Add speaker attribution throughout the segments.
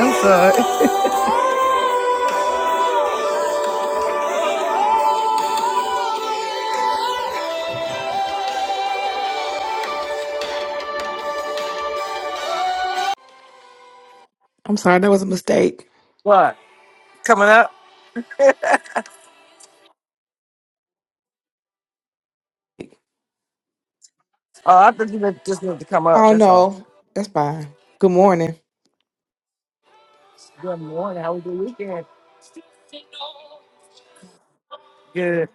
Speaker 1: I'm sorry.
Speaker 2: I'm sorry, that was a mistake.
Speaker 1: What? Coming up? Oh, I thought you meant just meant to come up.
Speaker 2: Oh
Speaker 1: That's all.
Speaker 2: no, that's fine. Good morning.
Speaker 1: Good morning. How was your weekend? Good.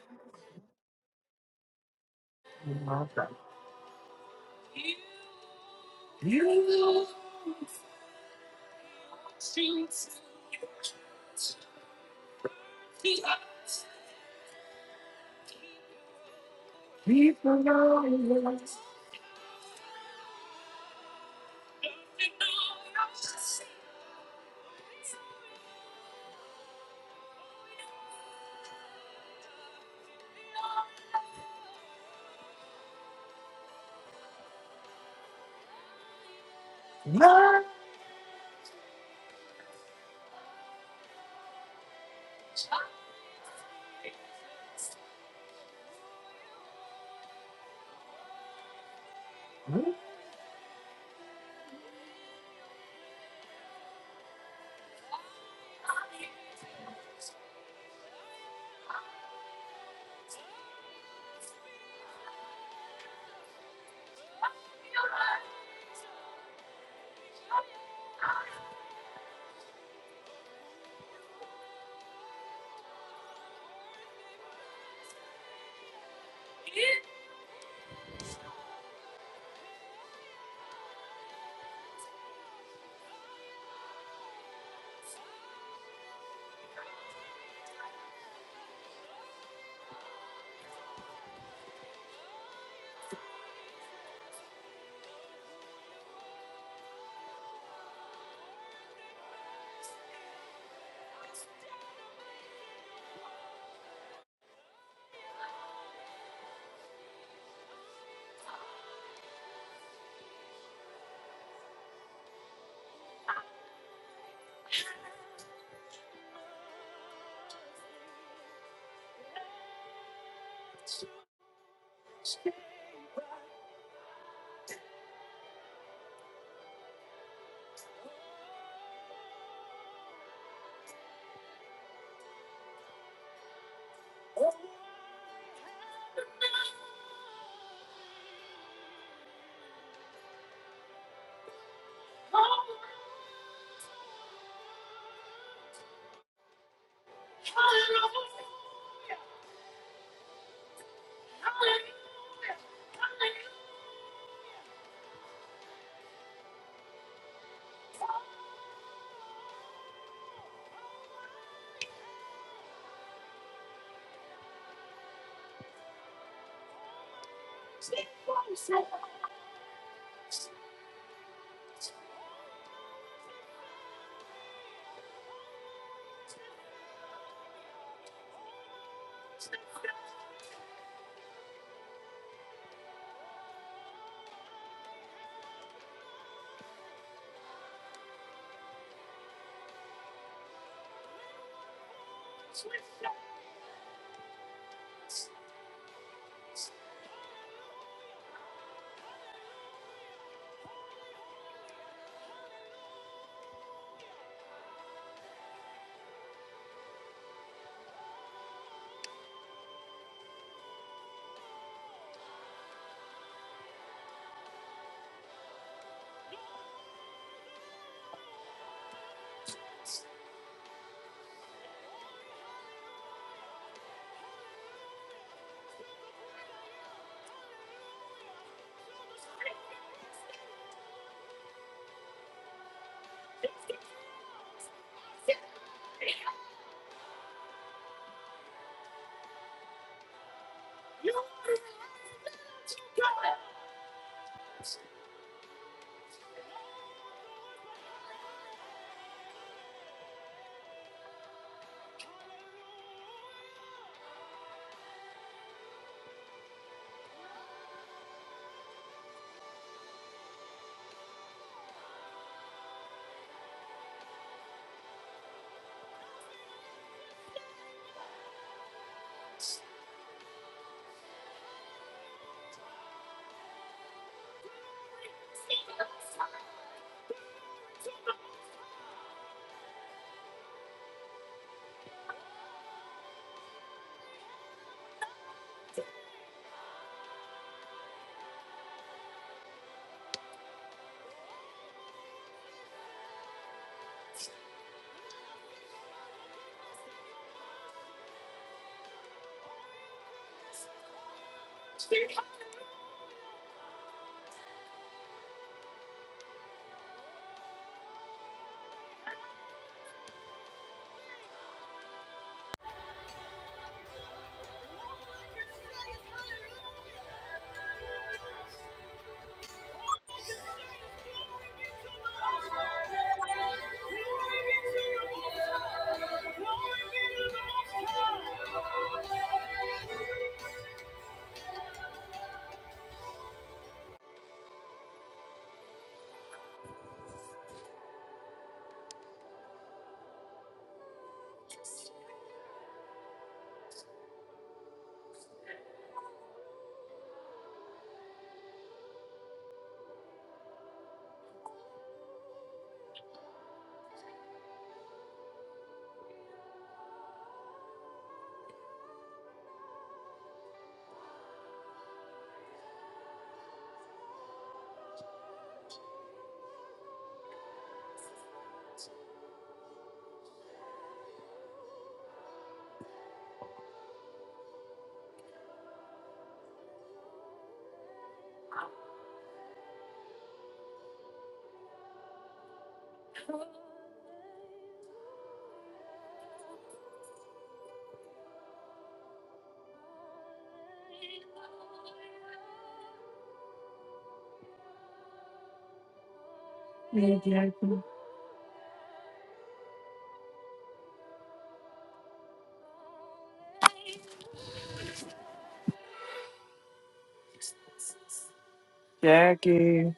Speaker 1: Jackie.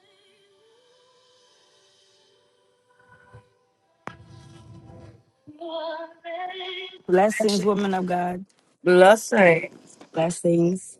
Speaker 3: Blessings, woman of God.
Speaker 1: Blessing.
Speaker 3: Blessings.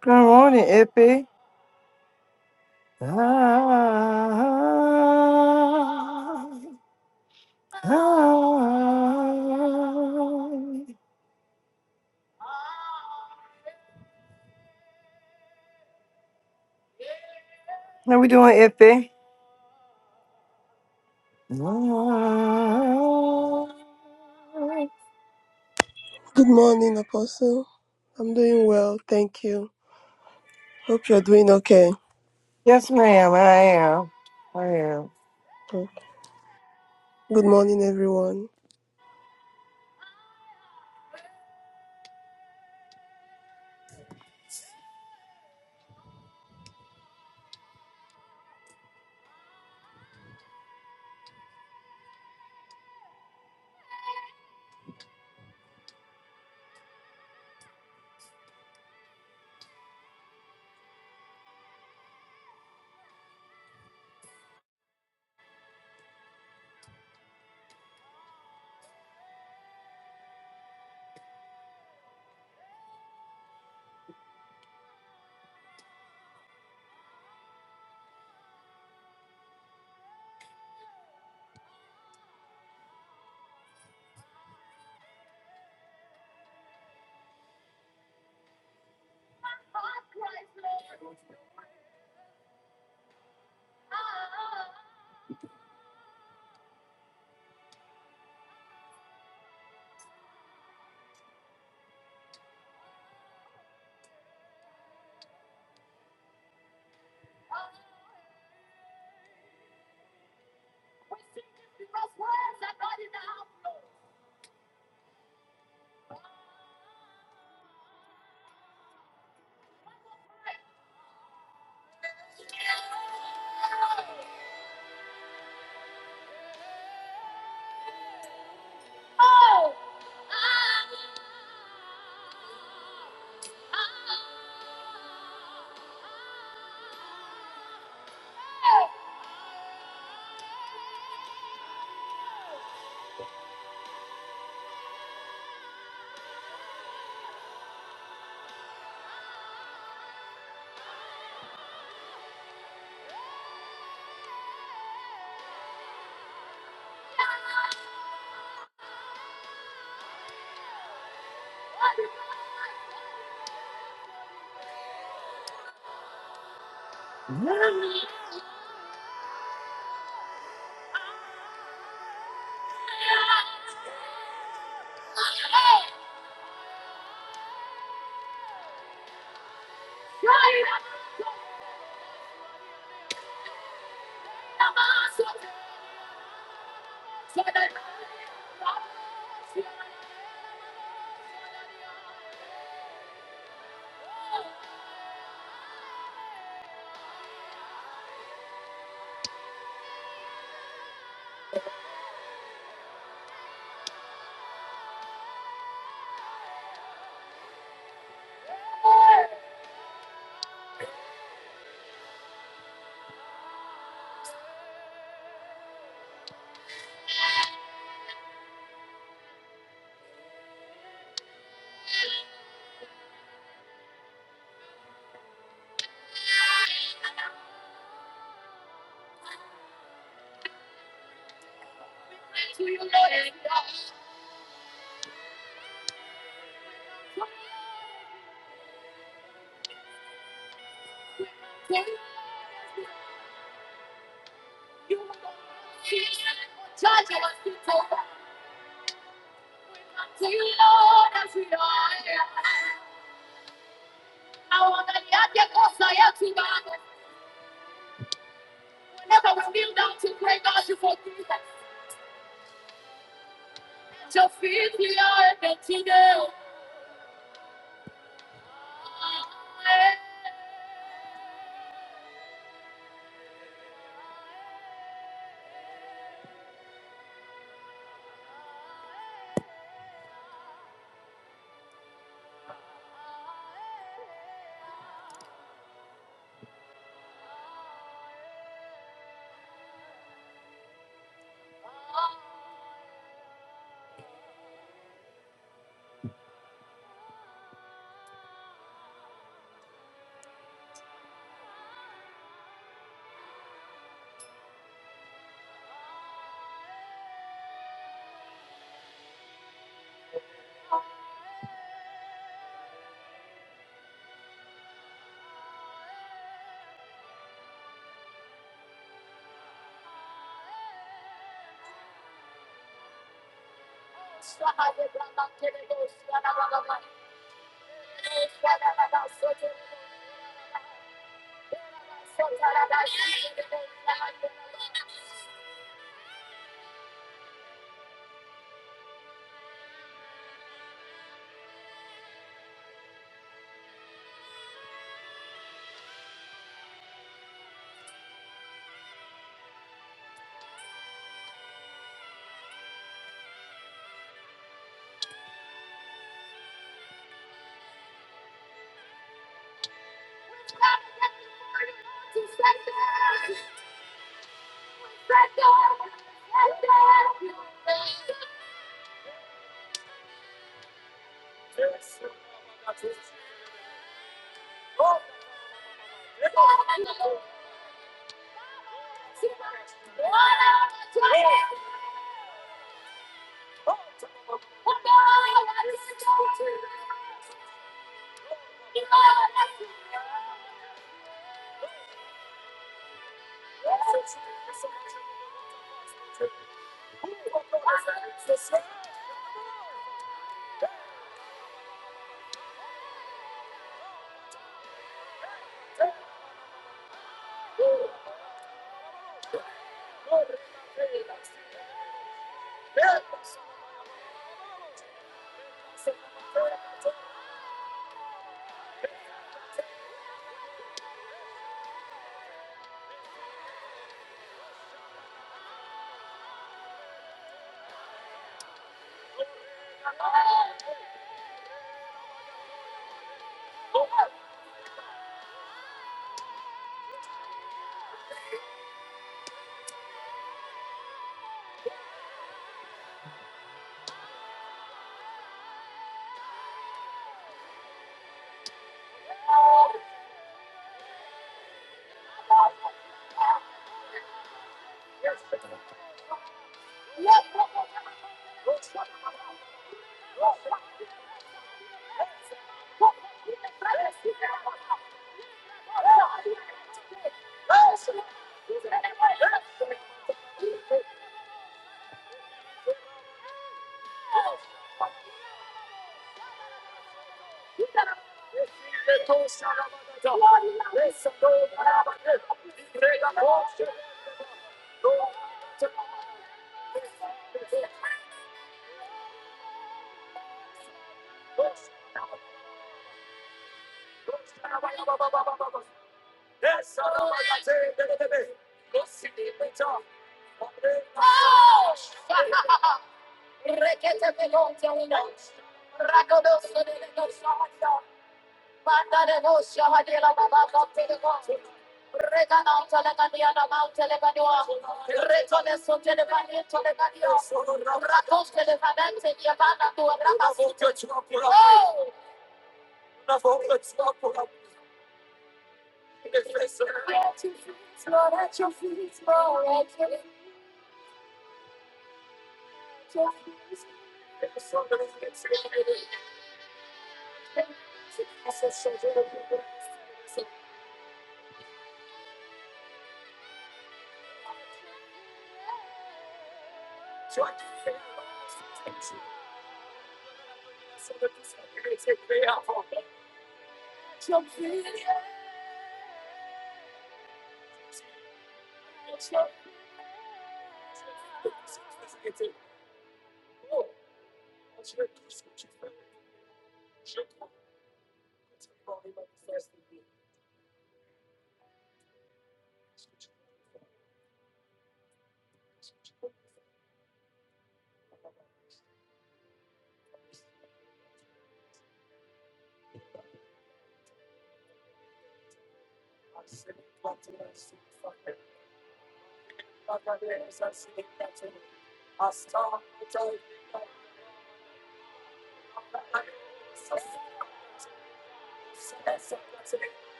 Speaker 1: Good morning, Ippy. How we doing, Ippy?
Speaker 4: Good morning, Apostle. I'm doing well, thank you. Hope you're doing okay.
Speaker 1: Yes, ma'am. I am. I am.
Speaker 4: Good morning, everyone.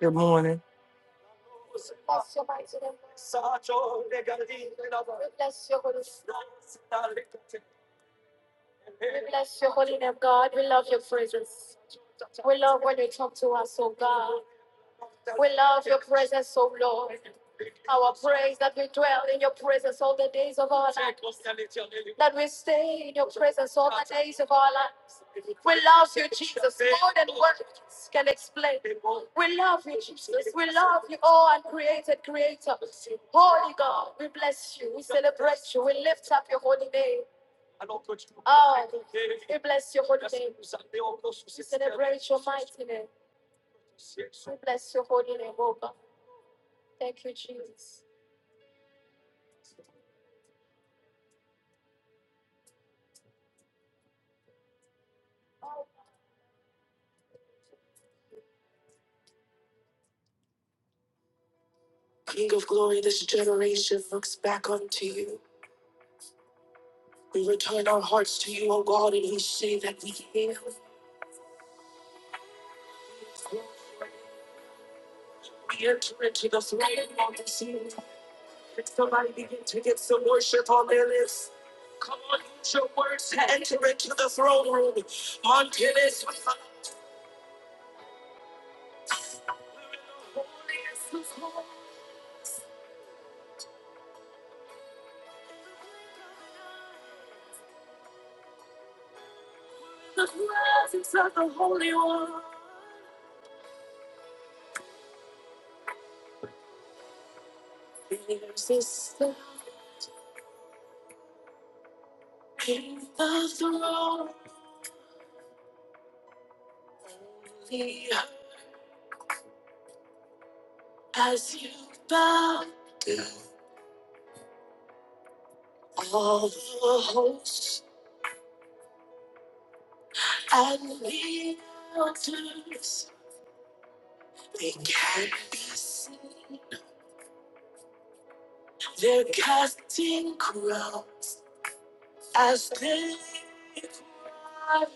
Speaker 1: Good morning. Bless your mighty name. Bless your holy Bless your holy name, God. We love your presence. They come to us, oh bless, oh Lord. Praise that we dwell in your presence all the days of our That we stay in your presence days of our lives. Can explain. We love you, oh uncreated creator. God, we bless you. We we lift up your holy name. Bless your holy name. your mighty name. We bless your holy name, oh God. Thank you, Jesus. As you bow, all the hosts And we others, they can't be seen. They're casting crowns as they are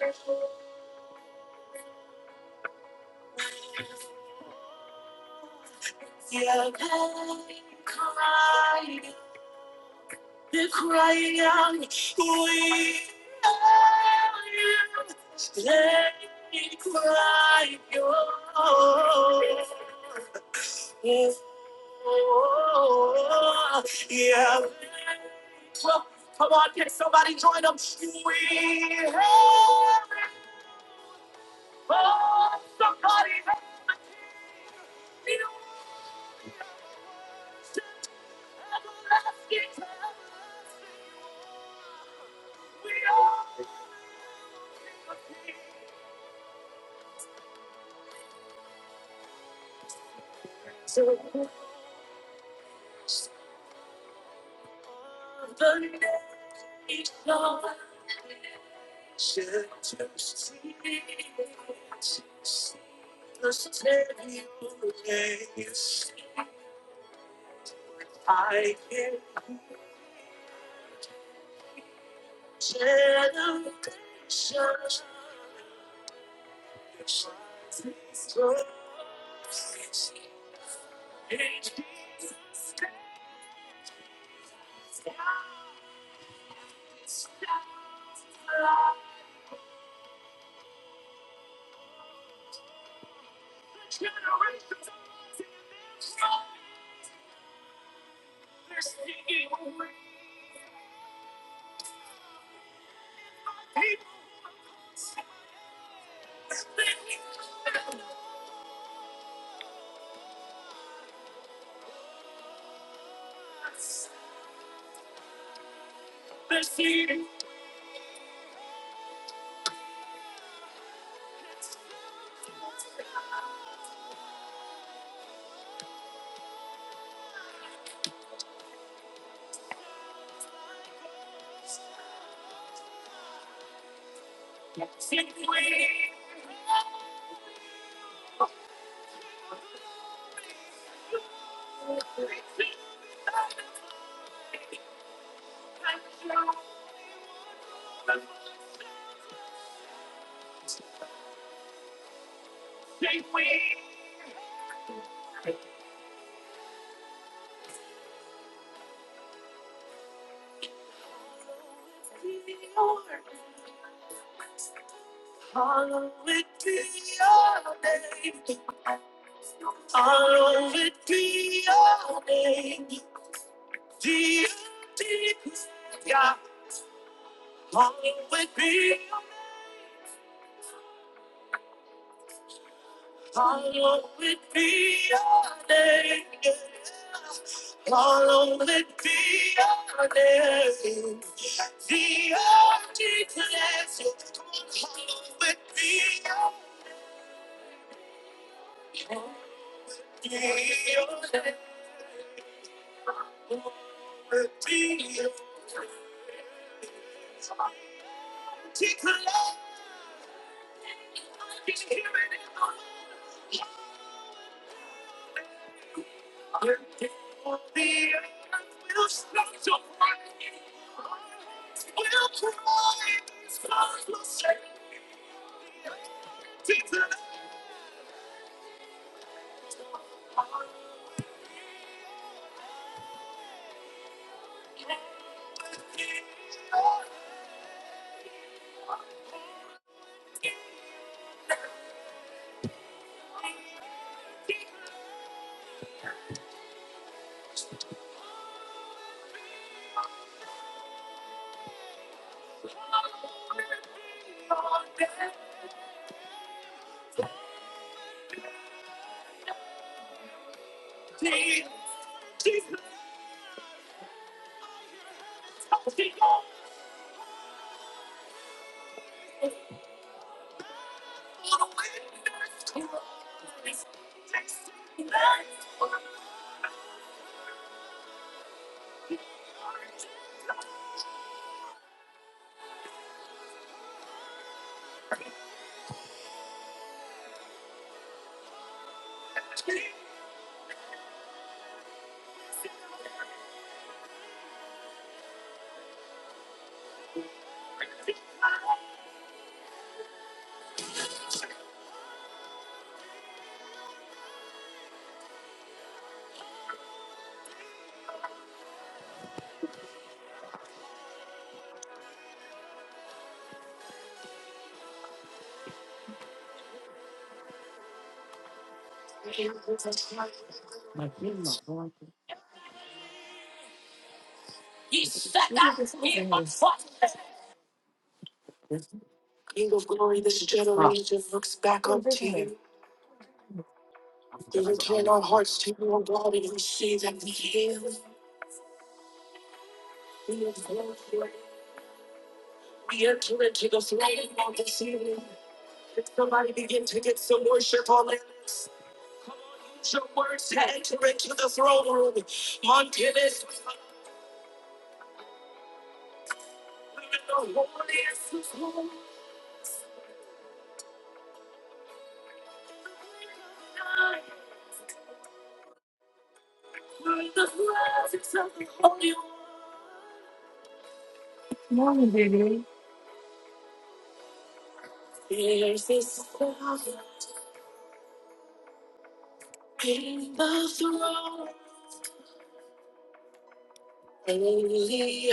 Speaker 1: holy.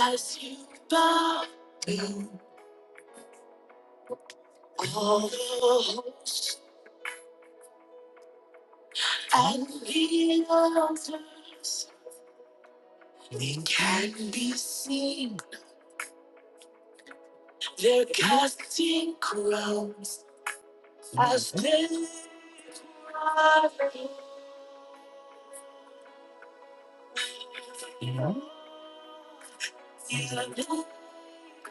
Speaker 1: As you bow to all the hope and the others, they can't be seen. They're casting crowns as they are holy. They're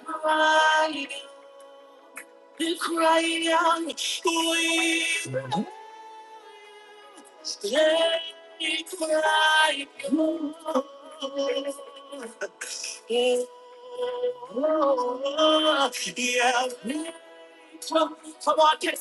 Speaker 1: crying The crying we let it cry. more. Oh, yeah, we come, come on, get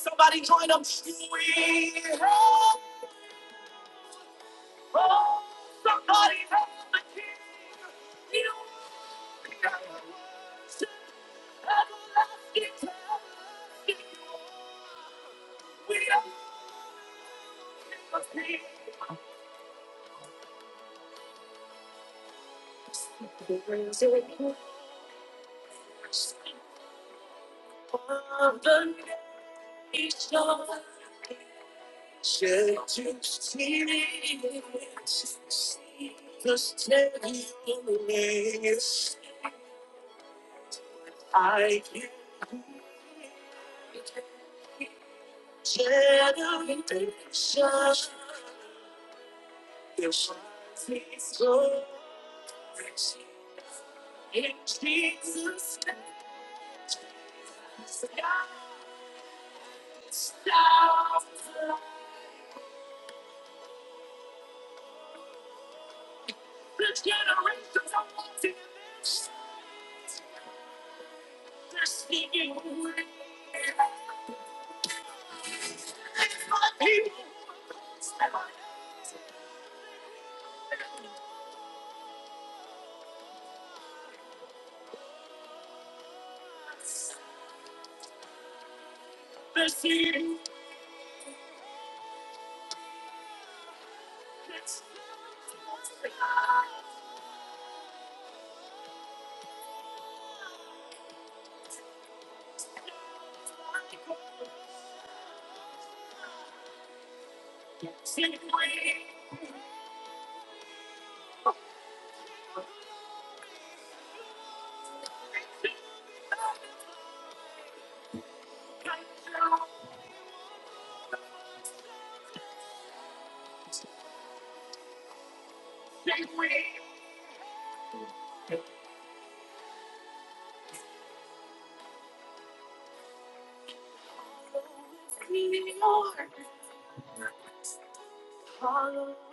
Speaker 1: on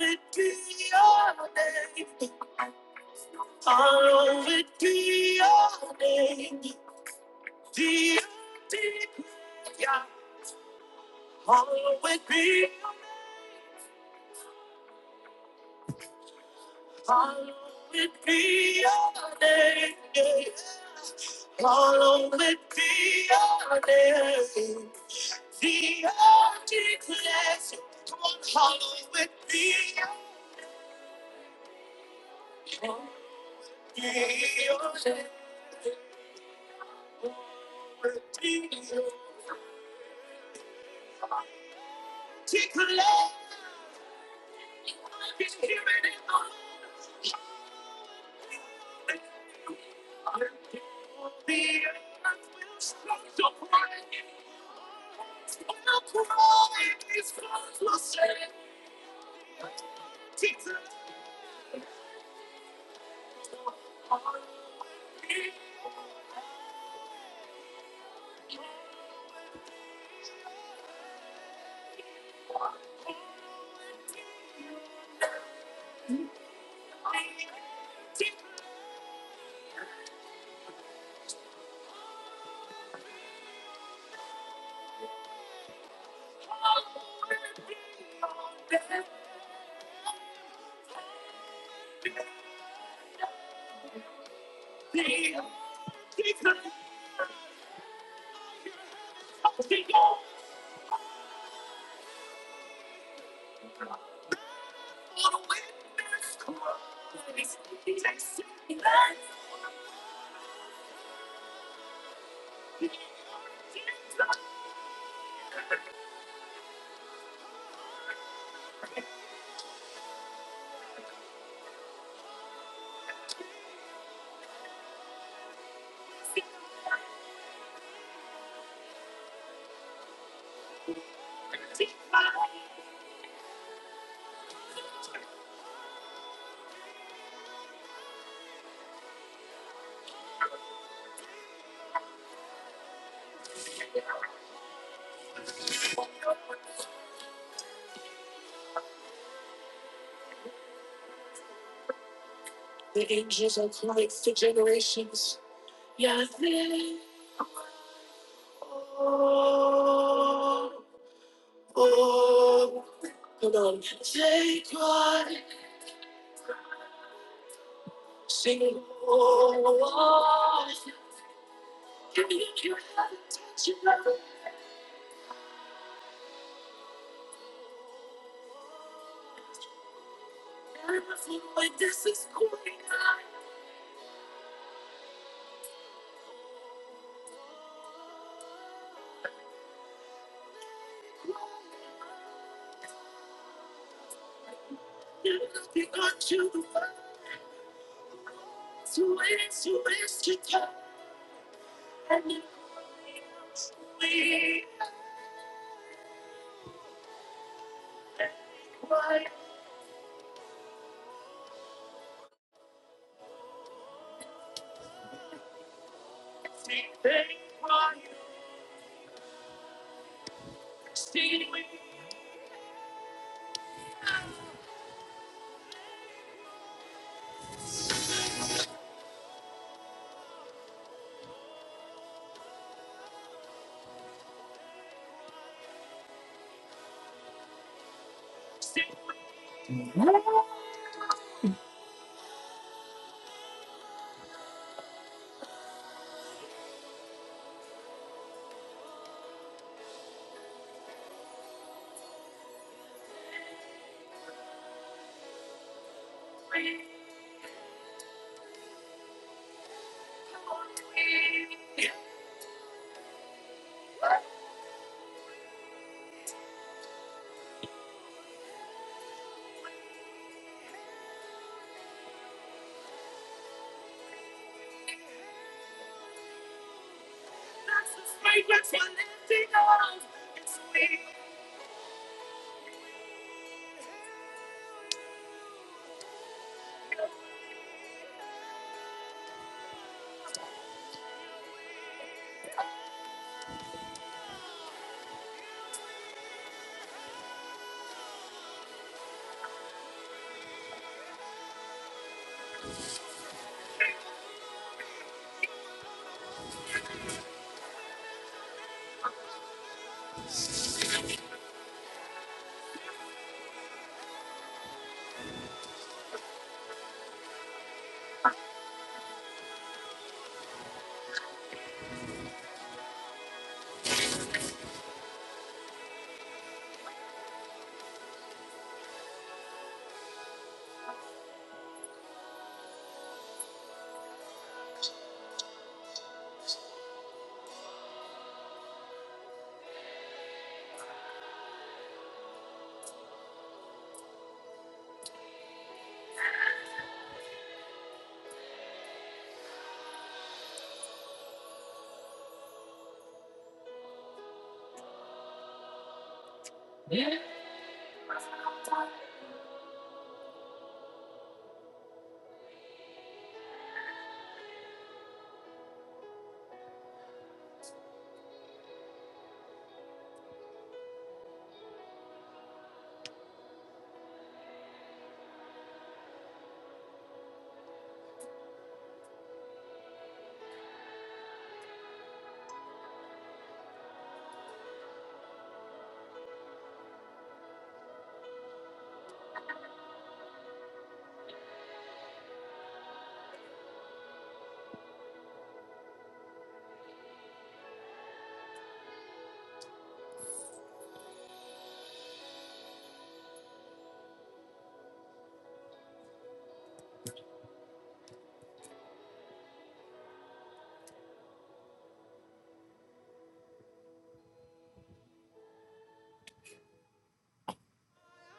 Speaker 1: it, be on the holiday. Follow it, be on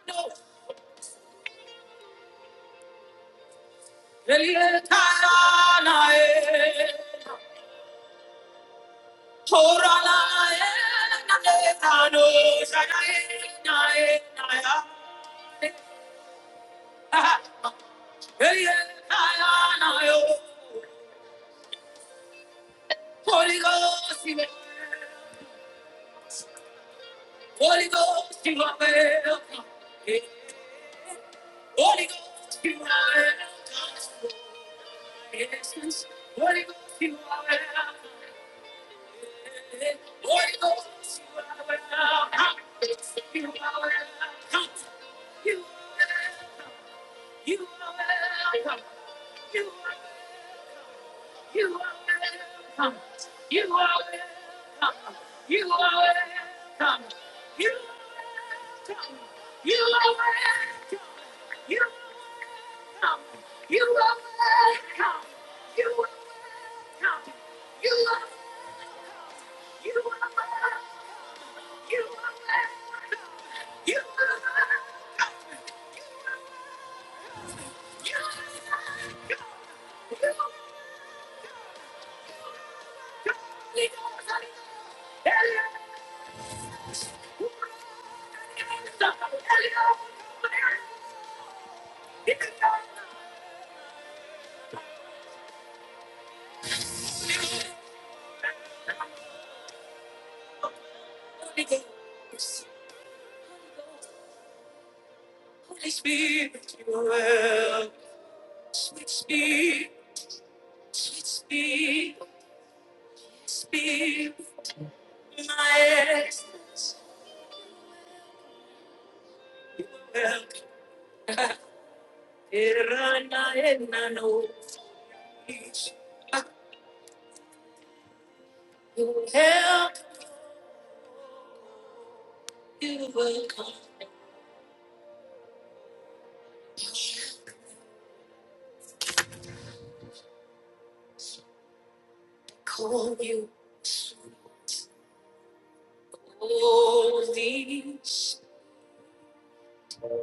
Speaker 1: the-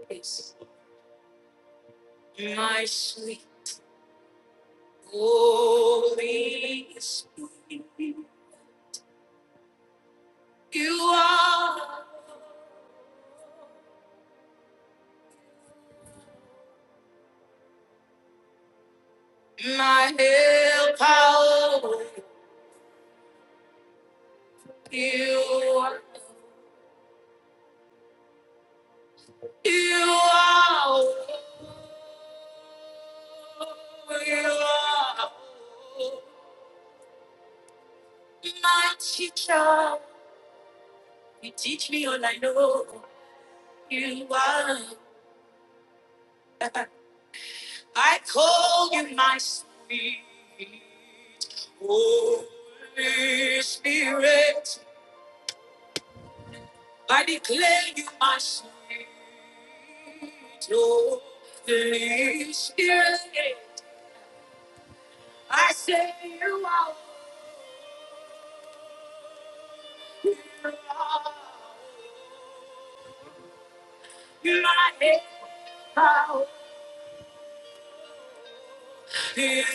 Speaker 1: Yes. my sweet, my help, you, you are, you are my teacher. You teach me all I know. You are, I call you my sweet. Holy Spirit. I know the Spirit. I say you are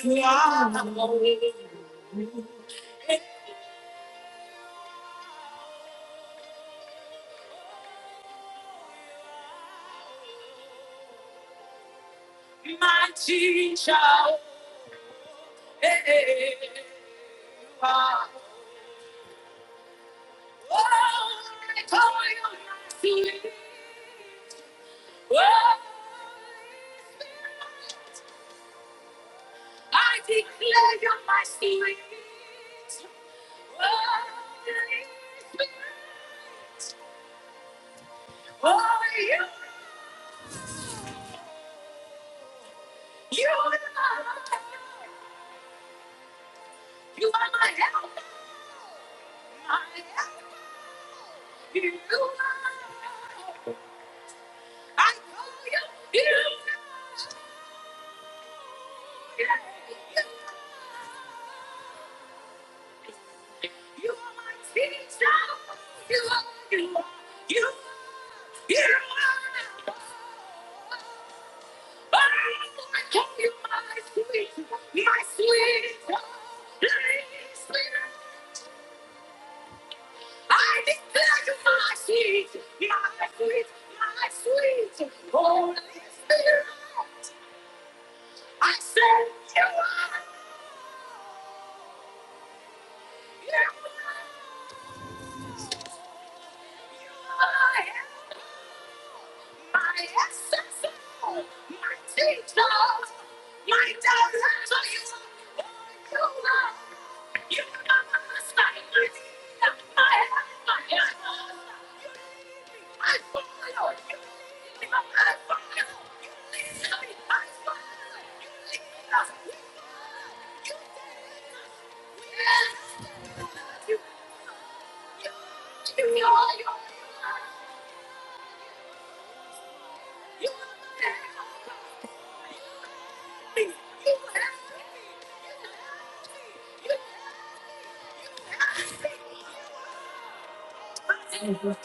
Speaker 1: my help.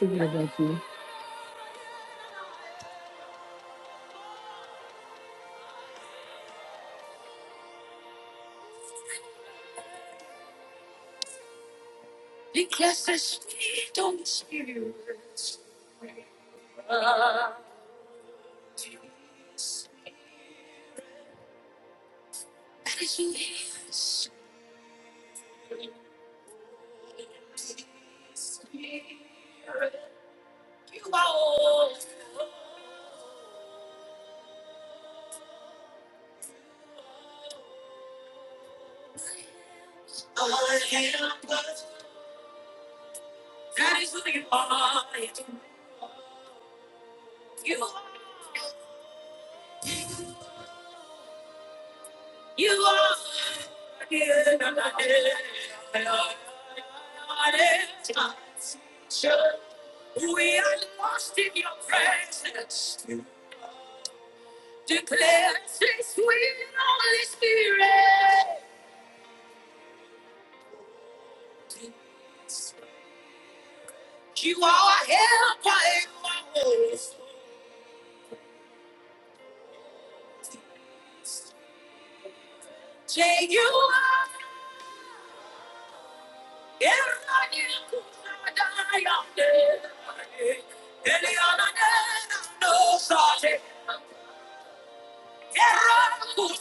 Speaker 1: You are. because the Spirit of Spirit is here. We are lost in your presence. Declare this sweet, holy spirit. You are helping my soul. Say you are. Eraniku Nadayande. Eliana Nana no Sate. Thank you, Lord.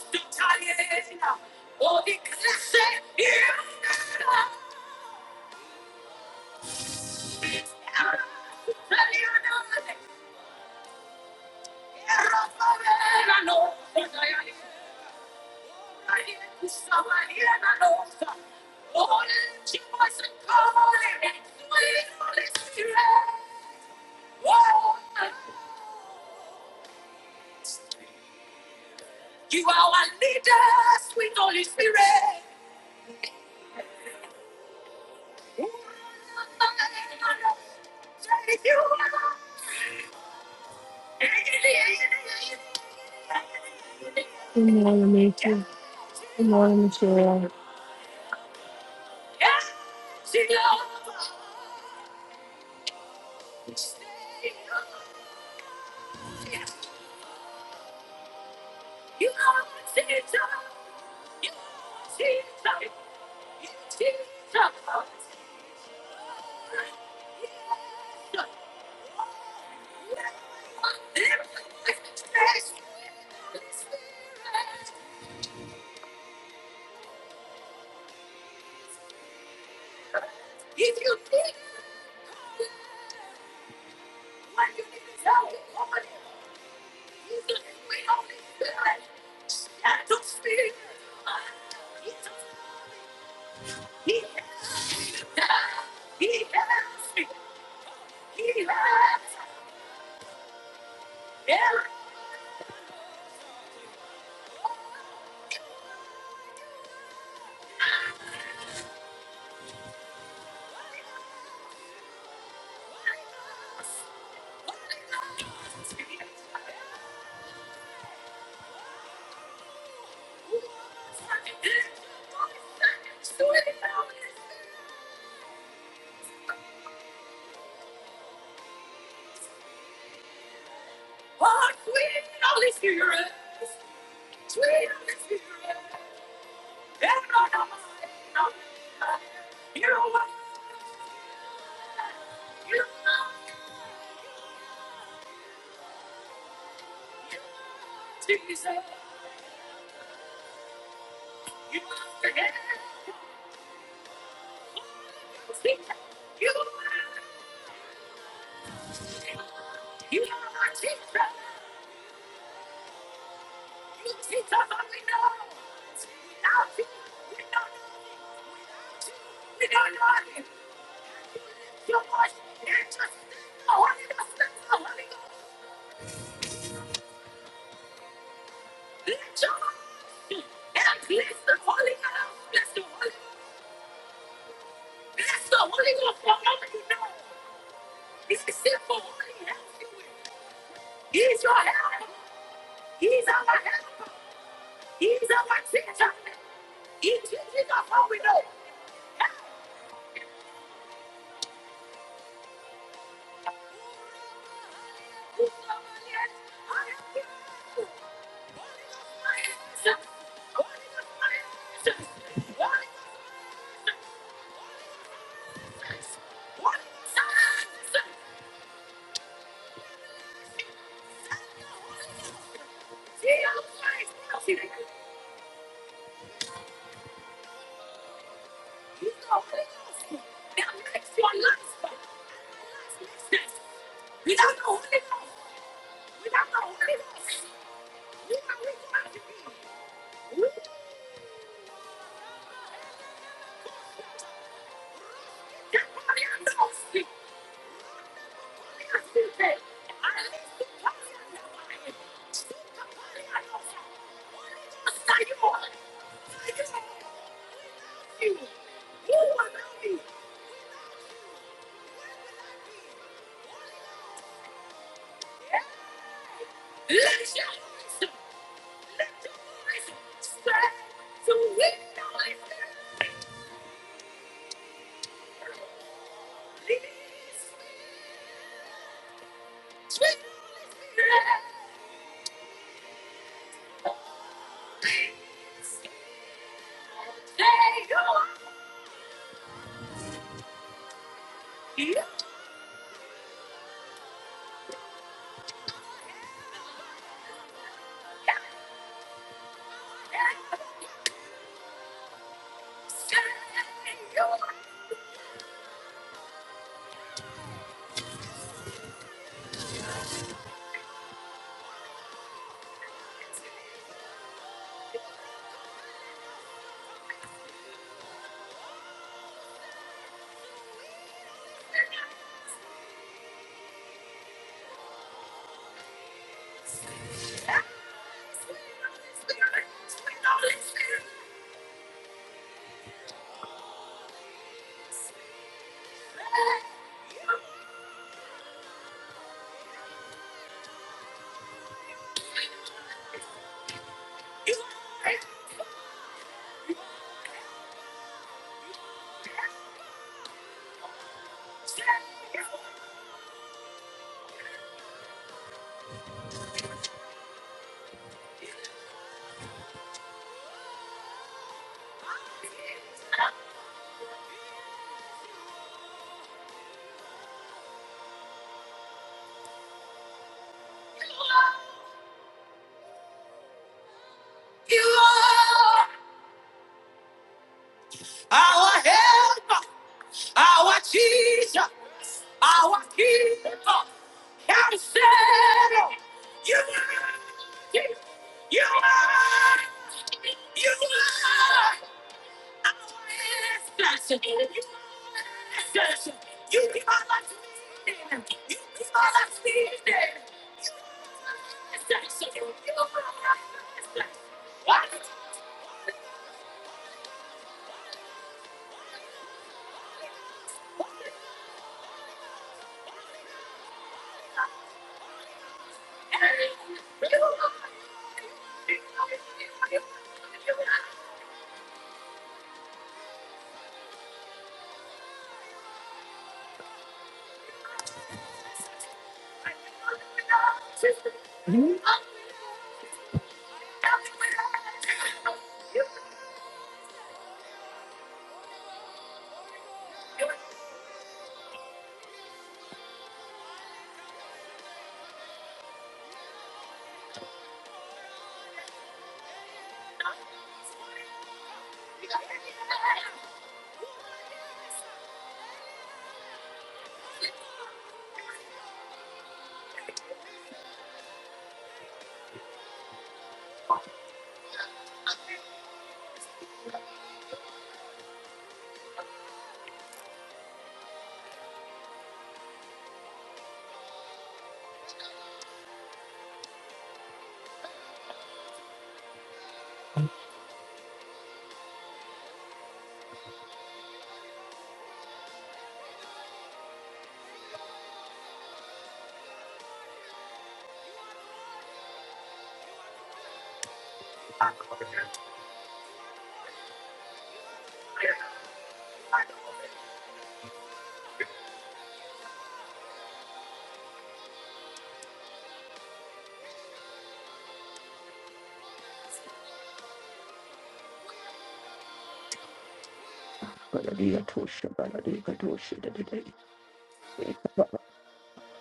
Speaker 5: Baladia Tosha, Baladia Kadosha, the day,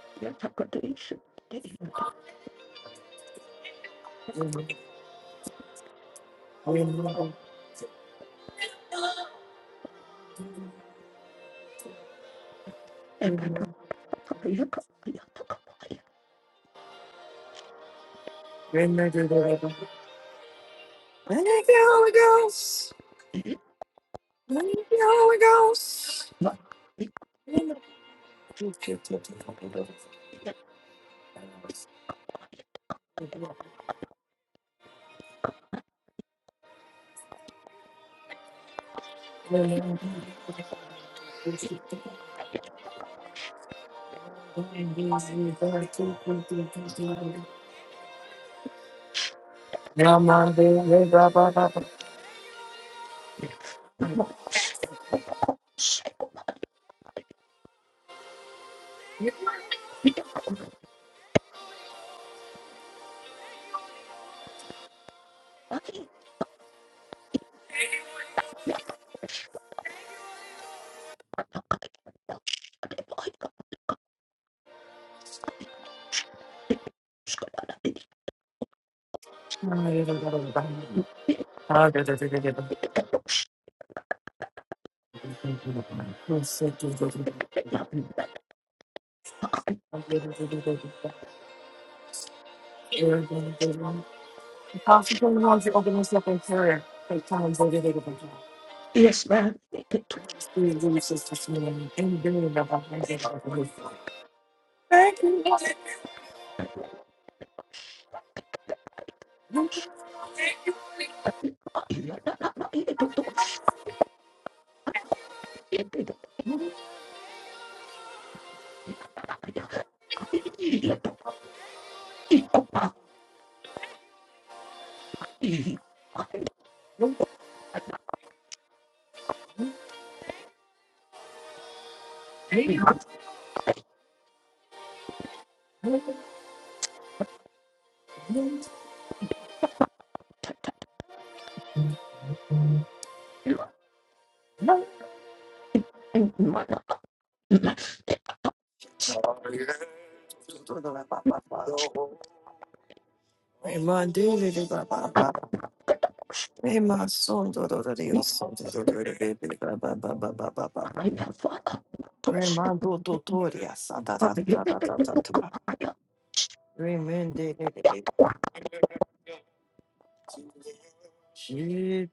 Speaker 5: Baladia Takadosha, the day, and Patapaya Kapaya.
Speaker 1: Thank you, Holy Ghost. Thank you, Holy Ghost. Thank you, Lord. The concentrated ones that open themselves in prayer, take time to get it over time.
Speaker 5: Yes,
Speaker 1: Spirit leads us this morning and bring it up and get it over with. Thank you. Hey, my dear, dear, ba, ba, ba. Hey, my son, do, do, do, do, your
Speaker 5: ma'am.
Speaker 1: son, do, do, do, do, do, do, ba, ba, ba, ba, ba, ba, ba. Hey, my do, do, do, do, yes, da, da, da, da, da, da, da, da. ba. Hey, man, dear, dear, dear, dear. You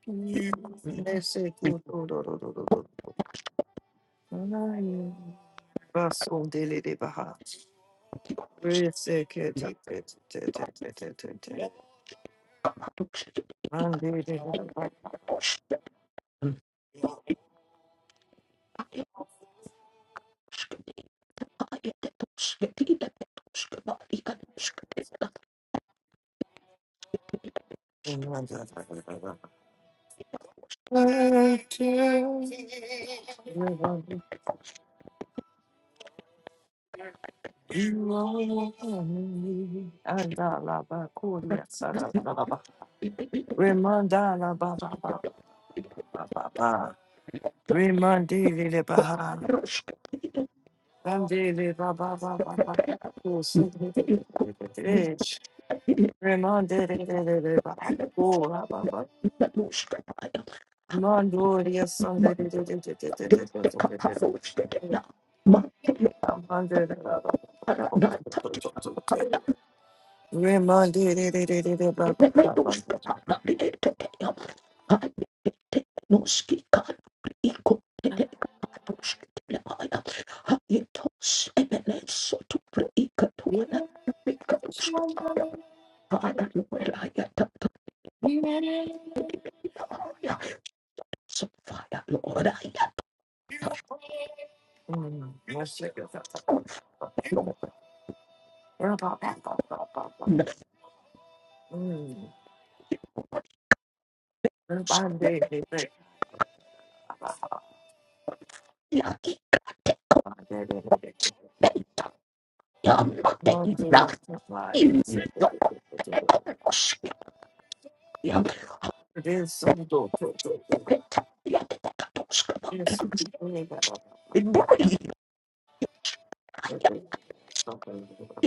Speaker 5: Thank
Speaker 1: are me. Andala ba koria sara ba ba ba. Remandala Baba Baba Baba Remandele Baha Ramdele Baba Baba Baba Rich Remandele Baba kura Baba Mandoria Sunday Remandele Baba
Speaker 5: you.
Speaker 1: Remandiri Baba Remandele Baba baba baba. Mm. Remandiri baba. Mandiri baba. Yes, I'm going to Yes,
Speaker 5: Thank you.
Speaker 1: I'm going to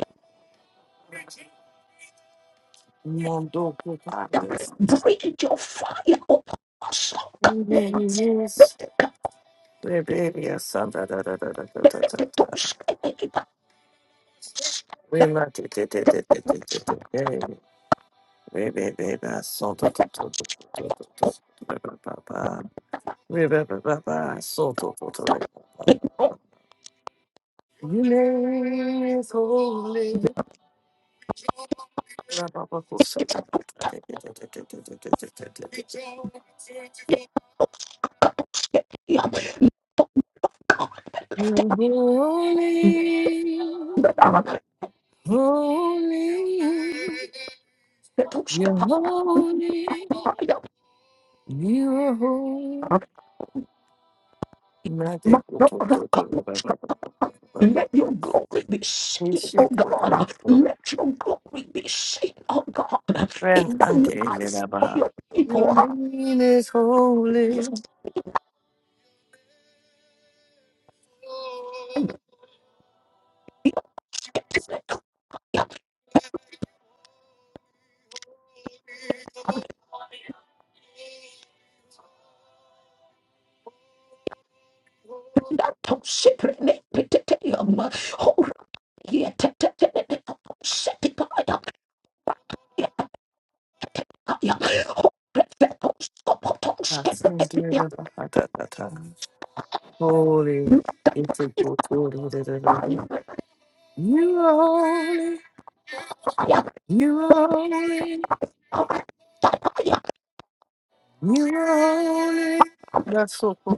Speaker 1: Mondo Putaris.
Speaker 5: Breathe your fire upon us. O God.
Speaker 1: Yes, Rebellia Santa da da da da da da da. We let it it it it it it it it. Rebellia Santa da da da da da da da. Rebellia Santa da da da da. You name is holy. Rababa Kusata. You're holy, holy, you're holy, you're holy. Magic.
Speaker 5: Let your glory be seen, oh God. Let your glory be seen, oh God. In
Speaker 1: Ren
Speaker 5: the lives of
Speaker 1: Ante
Speaker 5: your
Speaker 1: Your
Speaker 5: people,
Speaker 1: name is holy.
Speaker 5: oh
Speaker 1: That's in dear the Bahadatata. Holy. It's a You are holy. You are holy. You are holy. That's so cool.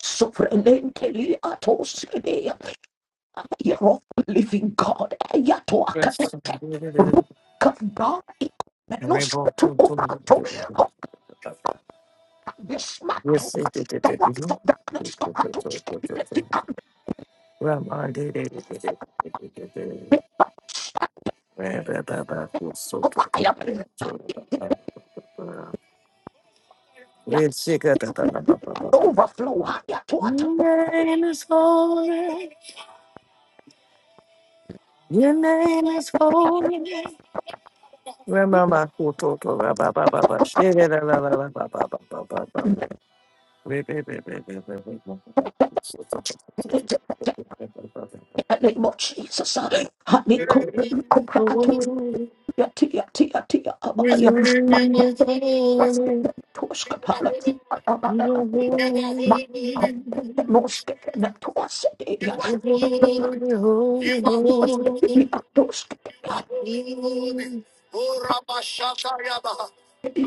Speaker 5: Sovereignly atos You're living God, Yatoaka,
Speaker 1: Yes.
Speaker 5: Rook of God, Menos
Speaker 1: Rainbow. Yes.
Speaker 5: dismantle the works of darkness. God, to step the
Speaker 1: Rama.
Speaker 5: fire. Yeah, overflow. Yeah, to water.
Speaker 1: Your name is holy. Your name is holy. Remama kuto to ra ba ba ba ba shere ra ra ra ra ba ba ba ba ba ba. Re re re re re re re re. So so so so
Speaker 5: In
Speaker 1: so.
Speaker 5: the name of Jesus.
Speaker 1: Re
Speaker 5: Honey, come,
Speaker 1: re re re re.
Speaker 5: come, to yeah, yeah, yeah, yeah, yeah. My was getting to us, Kapala. My no skipping to us. Yeah, was getting to us. Yeah,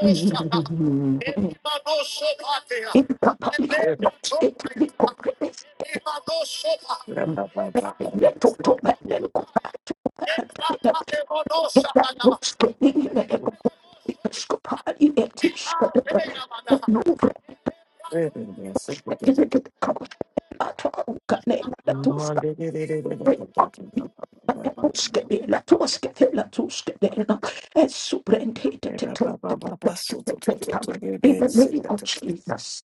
Speaker 5: yeah, yeah. In the public of the state of the Congress, let to to my medical and get that looks getting in the episcopal party and teach the and no records
Speaker 1: So so so
Speaker 5: in
Speaker 1: so so.
Speaker 5: the cost at all. Can I to
Speaker 1: Ma
Speaker 5: stop
Speaker 1: re re re re re re re
Speaker 5: bring
Speaker 1: re
Speaker 5: up the
Speaker 1: re
Speaker 5: Muscadilla la Toscadilla Toscadilla as superintendent
Speaker 1: re
Speaker 5: to
Speaker 1: ba
Speaker 5: take
Speaker 1: ba ba ba ba. Re ba ba ba
Speaker 5: the
Speaker 1: ba ba. So so so so so. Re
Speaker 5: in
Speaker 1: re
Speaker 5: the
Speaker 1: so
Speaker 5: name
Speaker 1: so
Speaker 5: of
Speaker 1: so so.
Speaker 5: Jesus,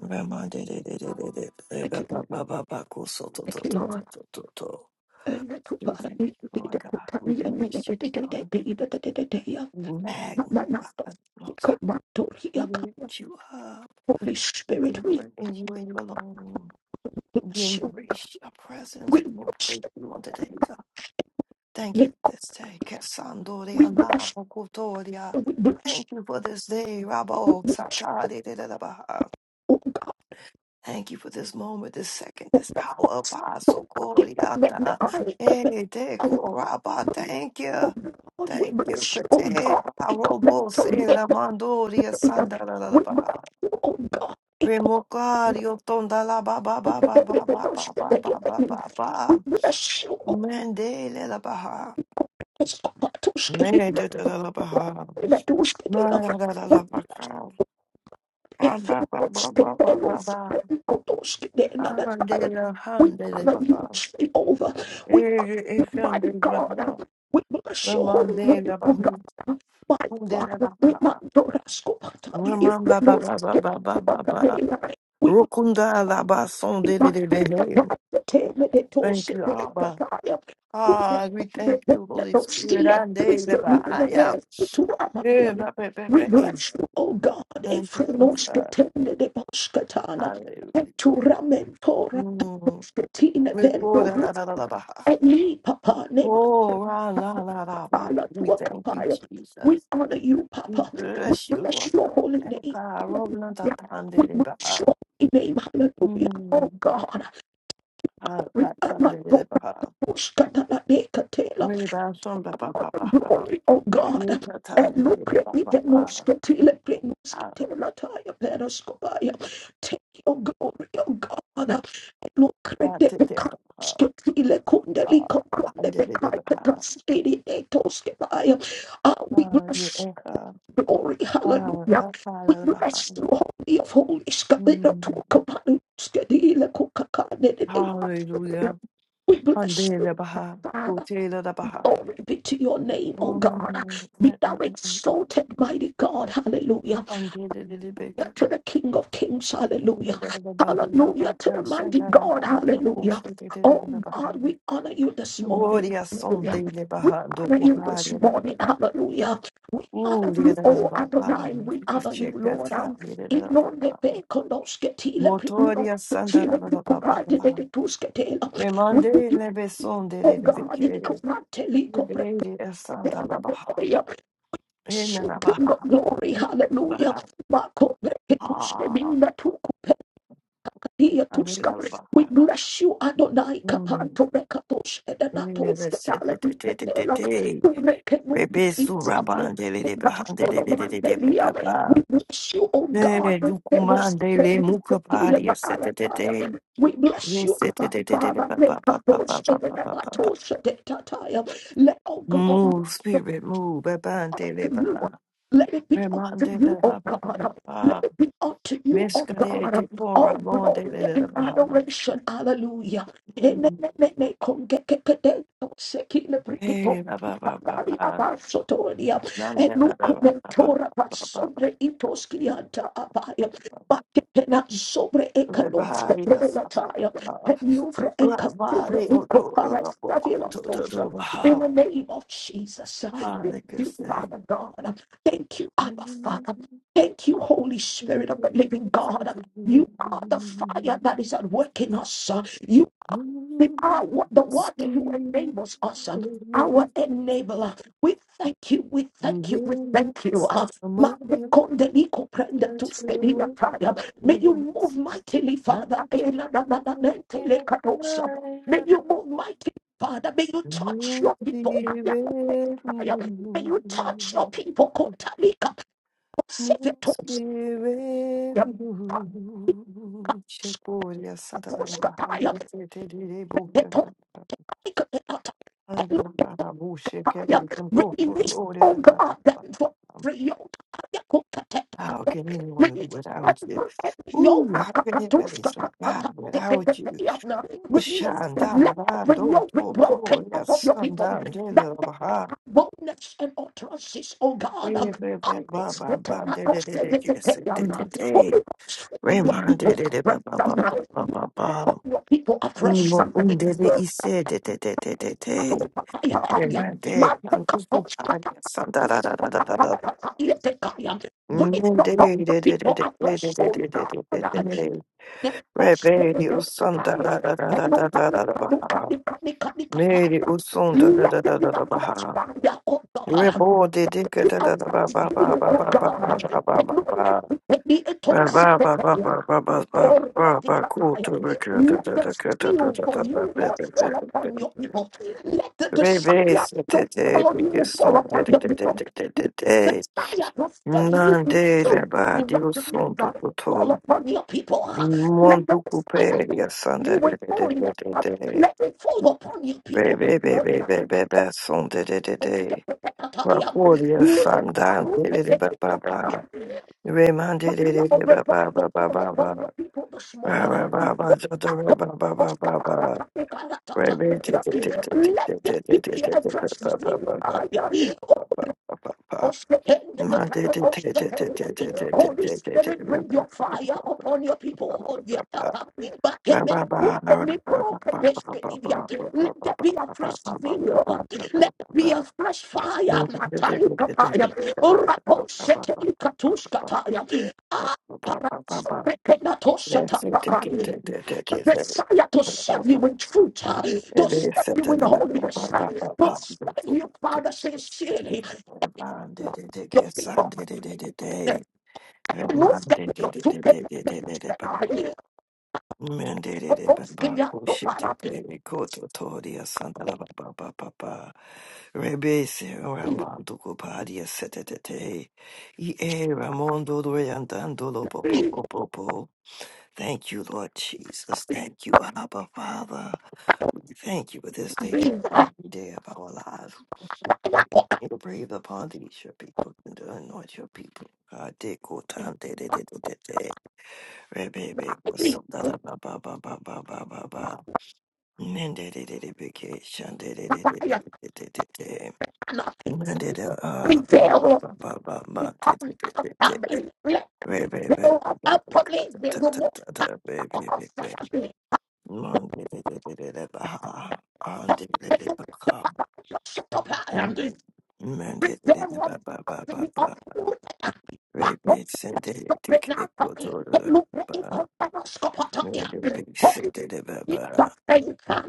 Speaker 1: Rema re re re re re re. Re
Speaker 5: thank
Speaker 1: ba
Speaker 5: you,
Speaker 1: ba
Speaker 5: Lord.
Speaker 1: ba ba ba. Ko so so so
Speaker 5: Thank you, Lord.
Speaker 1: so so so so. Thank you, Lord God. We bless you. Magnify, the Lord. We lift you up.
Speaker 5: Holy
Speaker 1: We
Speaker 5: Spirit, we
Speaker 1: glory in you and you alone. We
Speaker 5: bless you.
Speaker 1: embrace your presence.
Speaker 5: We
Speaker 1: We
Speaker 5: bless
Speaker 1: praise
Speaker 5: you.
Speaker 1: you on today, God. Thank you
Speaker 5: We
Speaker 1: for this day.
Speaker 5: bless you. We
Speaker 1: Kesandoria
Speaker 5: bless
Speaker 1: Nabokotoria.
Speaker 5: you.
Speaker 1: Thank you for this day,
Speaker 5: We
Speaker 1: Rabo
Speaker 5: bless you.
Speaker 1: Satari de la Baha.
Speaker 5: Oh God,
Speaker 1: Thank you for this moment, this second, this hour, Paso
Speaker 5: we commit the
Speaker 1: Coriata.
Speaker 5: eye. Commit the
Speaker 1: Thank you.
Speaker 5: Oh God, we
Speaker 1: Thank you,
Speaker 5: bless you. Oh
Speaker 1: Pate.
Speaker 5: God, we commit
Speaker 1: Robo
Speaker 5: to
Speaker 1: se
Speaker 5: live.
Speaker 1: la mandoria sanda la la la
Speaker 5: We
Speaker 1: ba.
Speaker 5: bless you. Oh God,
Speaker 1: Remocario tonda la ba ba
Speaker 5: we
Speaker 1: ba ba ba ba
Speaker 5: bless
Speaker 1: ba
Speaker 5: you.
Speaker 1: ba ba ba ba ba.
Speaker 5: We bless you. Oh
Speaker 1: Mende la ba.
Speaker 5: God,
Speaker 1: Mende de la la ba.
Speaker 5: la duske
Speaker 1: Ma
Speaker 5: dela.
Speaker 1: la la la ba ka. Ba ba ba ba ba ba ba ba. Ande la
Speaker 5: We
Speaker 1: hande le
Speaker 5: honor
Speaker 1: ba.
Speaker 5: you, Jehovah.
Speaker 1: E
Speaker 5: We honor
Speaker 1: e
Speaker 5: you, mighty
Speaker 1: fengri ba.
Speaker 5: God. We bless
Speaker 1: La
Speaker 5: your holy
Speaker 1: mande
Speaker 5: name,
Speaker 1: la ba
Speaker 5: O
Speaker 1: hu.
Speaker 5: God. My
Speaker 1: Hunde la
Speaker 5: Father, we
Speaker 1: baha.
Speaker 5: mandorasco patai, if the
Speaker 1: Remamba ba.
Speaker 5: most
Speaker 1: Ramamba ba ba ba ba ba
Speaker 5: important
Speaker 1: ba
Speaker 5: name.
Speaker 1: Rukunda alaba
Speaker 5: We
Speaker 1: sonde de
Speaker 5: bless
Speaker 1: de behe. Thank you, Abba. Ah, we thank you, Holy Spirit. Ande leba aya. Eh, la pe pe pe, eh.
Speaker 5: you, O God,
Speaker 1: Thank you,
Speaker 5: Efrenos
Speaker 1: Elsa.
Speaker 5: Katana de Boskatana,
Speaker 1: Hallelujah.
Speaker 5: and to Ramentora
Speaker 1: Mm.
Speaker 5: Katina
Speaker 1: Let's go da da
Speaker 5: Bendoris,
Speaker 1: da da da ba.
Speaker 5: and me, Papa,
Speaker 1: Oh, la la la la ba.
Speaker 5: Nematala to
Speaker 1: We
Speaker 5: a
Speaker 1: thank you,
Speaker 5: Kapaya. We
Speaker 1: Jesus.
Speaker 5: honor you,
Speaker 1: We
Speaker 5: Papa. We
Speaker 1: bless you. Lord.
Speaker 5: bless your holy name.
Speaker 1: Eka, robna ta
Speaker 5: Hallelujah.
Speaker 1: tande
Speaker 5: We
Speaker 1: de ba.
Speaker 5: bless your holy name. Hallelujah.
Speaker 1: Mm.
Speaker 5: Oh God.
Speaker 1: Ah,
Speaker 5: We
Speaker 1: ta
Speaker 5: cannot
Speaker 1: tande
Speaker 5: go
Speaker 1: de ba.
Speaker 5: to Scatalacatela
Speaker 1: We ba son ba ba
Speaker 5: for
Speaker 1: ba
Speaker 5: the
Speaker 1: ba.
Speaker 5: Glory, of God.
Speaker 1: Hallelujah.
Speaker 5: And look at me,
Speaker 1: Hallelujah.
Speaker 5: Venuskatila, Venuskatila, Taya, Venuskabaya. Take your glory, oh God. And Look at the Venuskatila, Kundali, Kokonde, Vekaika, Tasiri, Netoskabaya. Ah, we bless you, glory, hallelujah. We bless the Holy of Holies, Kabila, Tukabanu, Skadila, Kukakane,
Speaker 1: Hallelujah.
Speaker 5: We bless Father, glory be to your name, oh God. Be thou exalted, mighty God, hallelujah. To the King of Kings, hallelujah.
Speaker 1: Oria
Speaker 5: Hallelujah to the mighty God, hallelujah. Oh God, we honor you this morning,
Speaker 1: son
Speaker 5: hallelujah.
Speaker 1: dele
Speaker 5: We honor you this morning,
Speaker 1: bahando
Speaker 5: hallelujah. We
Speaker 1: Ooh,
Speaker 5: honor
Speaker 1: da
Speaker 5: you,
Speaker 1: da da da
Speaker 5: oh
Speaker 1: ba- ba. Ooh, shakata,
Speaker 5: Adonai,
Speaker 1: da da da da
Speaker 5: we honor you, Lord.
Speaker 1: ushekata,
Speaker 5: Um, inonde
Speaker 1: lirararababa.
Speaker 5: pe konoske tile pri- no-
Speaker 1: Motoria
Speaker 5: tile pri- kupate de
Speaker 1: sandararababa.
Speaker 5: de tuske tela. We give
Speaker 1: Remande
Speaker 5: you,
Speaker 1: lebesonde
Speaker 5: Oh God,
Speaker 1: lebebeke. Lebende sandarabaha.
Speaker 5: Hallelujah. King
Speaker 1: Enarabaha.
Speaker 5: of glory, hallelujah.
Speaker 1: Enarabaha.
Speaker 5: Mako beketuske
Speaker 1: Ah,
Speaker 5: minda tuku pekatia tuska. We
Speaker 1: anarabaha.
Speaker 5: bless you, Adonai
Speaker 1: Mm.
Speaker 5: kapanto bekatos
Speaker 1: Enarabaha.
Speaker 5: edenatos ketale biketela. Kurekenuke
Speaker 1: Rebesu
Speaker 5: itzus
Speaker 1: rabande lebebehande
Speaker 5: bekashoro mandelia.
Speaker 1: lebebebebebeba.
Speaker 5: We bless you, O God.
Speaker 1: Eh,
Speaker 5: Kenos
Speaker 1: dukumande le
Speaker 5: kenos ketile
Speaker 1: mukapari se- te- te- te.
Speaker 5: baayataya. We bless
Speaker 1: Yes,
Speaker 5: you,
Speaker 1: da- da-
Speaker 5: Abba
Speaker 1: da- da- da- da-
Speaker 5: Father.
Speaker 1: ba- ba- ba- ba- ba-
Speaker 5: Bekatos
Speaker 1: ba- ba- ba- ba- ba.
Speaker 5: edenatos edetataya. Let all
Speaker 1: Move,
Speaker 5: glory
Speaker 1: spirit, move. Abande le
Speaker 5: to
Speaker 1: ba.
Speaker 5: you.
Speaker 1: ba.
Speaker 5: Let it be unto
Speaker 1: Remande
Speaker 5: you,
Speaker 1: le ba
Speaker 5: O
Speaker 1: ba ba ba
Speaker 5: God. Let
Speaker 1: ba.
Speaker 5: it be unto you, O
Speaker 1: Miskade te
Speaker 5: God.
Speaker 1: mora
Speaker 5: All
Speaker 1: monde
Speaker 5: glory
Speaker 1: le le
Speaker 5: and
Speaker 1: ba. ha.
Speaker 5: adoration. Hallelujah. In the
Speaker 1: Eh, ba ba ba ba ba. Nande le le ba ba ba ba ba ba. ba ri la ba ba ba. ba ri o to ro to to to ba ha.
Speaker 5: name of Jesus
Speaker 1: Ah, like I
Speaker 5: you,
Speaker 1: say.
Speaker 5: Father God. Thank you, Abba Father. Thank you, Holy Spirit of the living God. You are the fire that is at work in us. We are wa- the one who enables us, um, our enabler. We thank you, we thank you, we thank you. uh, Ma- Rekonde Niko Prende Tuske Nia Taya. May you move mightily, Father. Eh, na- na- na- na- na- Tele Kadosa. May you move mightily. Father, may you touch your people. Aya Kute Taya. May you touch your people. Kota Nika. Koseve Toska. Yep. Touch Nika
Speaker 1: Checolha, Santa
Speaker 5: Toska
Speaker 1: Bárbara,
Speaker 5: Taya.
Speaker 1: Tererê, Bolsa,
Speaker 5: Eto Nika Eka
Speaker 1: Andara, Buxa,
Speaker 5: fire.
Speaker 1: Querem, Tambor,
Speaker 5: Release, oh
Speaker 1: Tororera,
Speaker 5: God, them to free your fire. Go to take.
Speaker 1: How can anyone live
Speaker 5: Release
Speaker 1: without you?
Speaker 5: unto every yoke.
Speaker 1: Ooh, how can anybody
Speaker 5: Kakatushka,
Speaker 1: survive
Speaker 5: kakata,
Speaker 1: without you?
Speaker 5: tikitikiana.
Speaker 1: Ooh,
Speaker 5: Release them.
Speaker 1: Shanda,
Speaker 5: Let every
Speaker 1: Bando,
Speaker 5: yoke be
Speaker 1: Toto,
Speaker 5: broken off of
Speaker 1: yes,
Speaker 5: your people.
Speaker 1: Sanda,
Speaker 5: That
Speaker 1: Dela,
Speaker 5: that
Speaker 1: Baha,
Speaker 5: boldness and utterances, oh God. um, Holy Ghost, fill your
Speaker 1: Raymond,
Speaker 5: people afresh. um, Burn your people afresh.
Speaker 1: Undele, Ise, de- de- de- de- de- de. Raymond, de- Kandu, Bupa,
Speaker 5: um,
Speaker 1: yes, Sanda, da- da- da- da- da- da.
Speaker 5: Bring the
Speaker 1: Mende,
Speaker 5: hope
Speaker 1: de-
Speaker 5: of
Speaker 1: de- de- de- de-
Speaker 5: people
Speaker 1: de-
Speaker 5: afresh,
Speaker 1: de-
Speaker 5: oh
Speaker 1: de- de- de-
Speaker 5: God.
Speaker 1: de- de.
Speaker 5: Then post
Speaker 1: Rebeli
Speaker 5: the
Speaker 1: usanda
Speaker 5: fire.
Speaker 1: da da da da
Speaker 5: And look
Speaker 1: da
Speaker 5: at
Speaker 1: da
Speaker 5: me,
Speaker 1: da da
Speaker 5: look at me, look at
Speaker 1: baha.
Speaker 5: me, look at me, look at
Speaker 1: Neri
Speaker 5: me.
Speaker 1: usunda da
Speaker 5: Let
Speaker 1: da
Speaker 5: there
Speaker 1: da
Speaker 5: be
Speaker 1: da
Speaker 5: a
Speaker 1: da
Speaker 5: fresh
Speaker 1: baha.
Speaker 5: fire, oh God.
Speaker 1: Rebo de dika
Speaker 5: Be
Speaker 1: da
Speaker 5: a
Speaker 1: da da ba ba
Speaker 5: fresh
Speaker 1: ba
Speaker 5: zeal,
Speaker 1: ba
Speaker 5: oh
Speaker 1: ba ba ba
Speaker 5: God.
Speaker 1: ba ba
Speaker 5: And
Speaker 1: ba
Speaker 5: look at
Speaker 1: ba.
Speaker 5: me, let me, it
Speaker 1: Ba
Speaker 5: all sit
Speaker 1: ba
Speaker 5: there.
Speaker 1: ba ba ba ba ba ba
Speaker 5: Oh Lord,
Speaker 1: ba
Speaker 5: the
Speaker 1: ba kutu
Speaker 5: fire.
Speaker 1: rika da
Speaker 5: let
Speaker 1: da da
Speaker 5: the
Speaker 1: ka da da
Speaker 5: zeal
Speaker 1: da
Speaker 5: for
Speaker 1: da da
Speaker 5: you, Lord,
Speaker 1: da da
Speaker 5: fall
Speaker 1: da
Speaker 5: upon your
Speaker 1: da.
Speaker 5: people. Let the desire
Speaker 1: Rebe se te
Speaker 5: to
Speaker 1: te
Speaker 5: follow
Speaker 1: dike
Speaker 5: you fall
Speaker 1: son de
Speaker 5: upon
Speaker 1: de
Speaker 5: your
Speaker 1: de de
Speaker 5: people.
Speaker 1: de de de de.
Speaker 5: Messiah will serve you in
Speaker 1: Nande la
Speaker 5: truth and
Speaker 1: ba
Speaker 5: in
Speaker 1: di
Speaker 5: righteousness.
Speaker 1: usundu
Speaker 5: uh, Call
Speaker 1: tutu.
Speaker 5: upon your people. uh, Let the
Speaker 1: Mondu
Speaker 5: Messiah
Speaker 1: kuperi
Speaker 5: serve
Speaker 1: asanda
Speaker 5: you
Speaker 1: de
Speaker 5: in
Speaker 1: de de
Speaker 5: holiness.
Speaker 1: de
Speaker 5: uh,
Speaker 1: de de.
Speaker 5: Let it fall upon your people this
Speaker 1: Baby,
Speaker 5: morning.
Speaker 1: baby,
Speaker 5: uh,
Speaker 1: baby, Besson, de de de de. Rapolia Sandan, de de de ba ba ba. Raymond, de de de
Speaker 5: Fire
Speaker 1: de
Speaker 5: of
Speaker 1: ba ba ba
Speaker 5: revival
Speaker 1: ba
Speaker 5: fall
Speaker 1: ba ba.
Speaker 5: upon your people this
Speaker 1: ba
Speaker 5: morning.
Speaker 1: ba
Speaker 5: uh,
Speaker 1: ba ba, ja da ra ba ba ba ba ba. Raymond, de de de de de
Speaker 5: let there
Speaker 1: de de
Speaker 5: be
Speaker 1: de de de
Speaker 5: a
Speaker 1: de ba ba ba ba ba
Speaker 5: transition.
Speaker 1: ba ba ba ba ba.
Speaker 5: Holy
Speaker 1: Ma de de de de de de de de de de de
Speaker 5: Spirit,
Speaker 1: de ba
Speaker 5: bring
Speaker 1: ba
Speaker 5: your
Speaker 1: ba ba
Speaker 5: fire upon your
Speaker 1: ba
Speaker 5: people.
Speaker 1: ba ba ba. ba ba ba, ba ba ba ba ba ba ba ba ba ba ba ba ba
Speaker 5: Let there be a
Speaker 1: ba
Speaker 5: fresh zeal.
Speaker 1: ba ba ba
Speaker 5: Let
Speaker 1: ba
Speaker 5: there be
Speaker 1: ba.
Speaker 5: a fresh fire.
Speaker 1: Yes,
Speaker 5: Matali kapaya. Urapo shete ikatush kataya. Ah, paraso rekenatosha tapaya. Messiah to serve you in truth, uh, to serve you in holiness, uh, to serve you, Father, sincerely, your people. Holy
Speaker 1: Mandere Baba Kushiti Koto Toria Santala Baba Baba Baba Rebese Ramando Copadia Setete E Ramondo Doyandandolo Popo Popo Thank you, Lord Jesus. Thank you, Abba Father. We thank you for this day, every day of our lives. You breathe upon these your people and to anoint your people. God, de ko de de de de de de. Rebe be baba baba baba da Mandate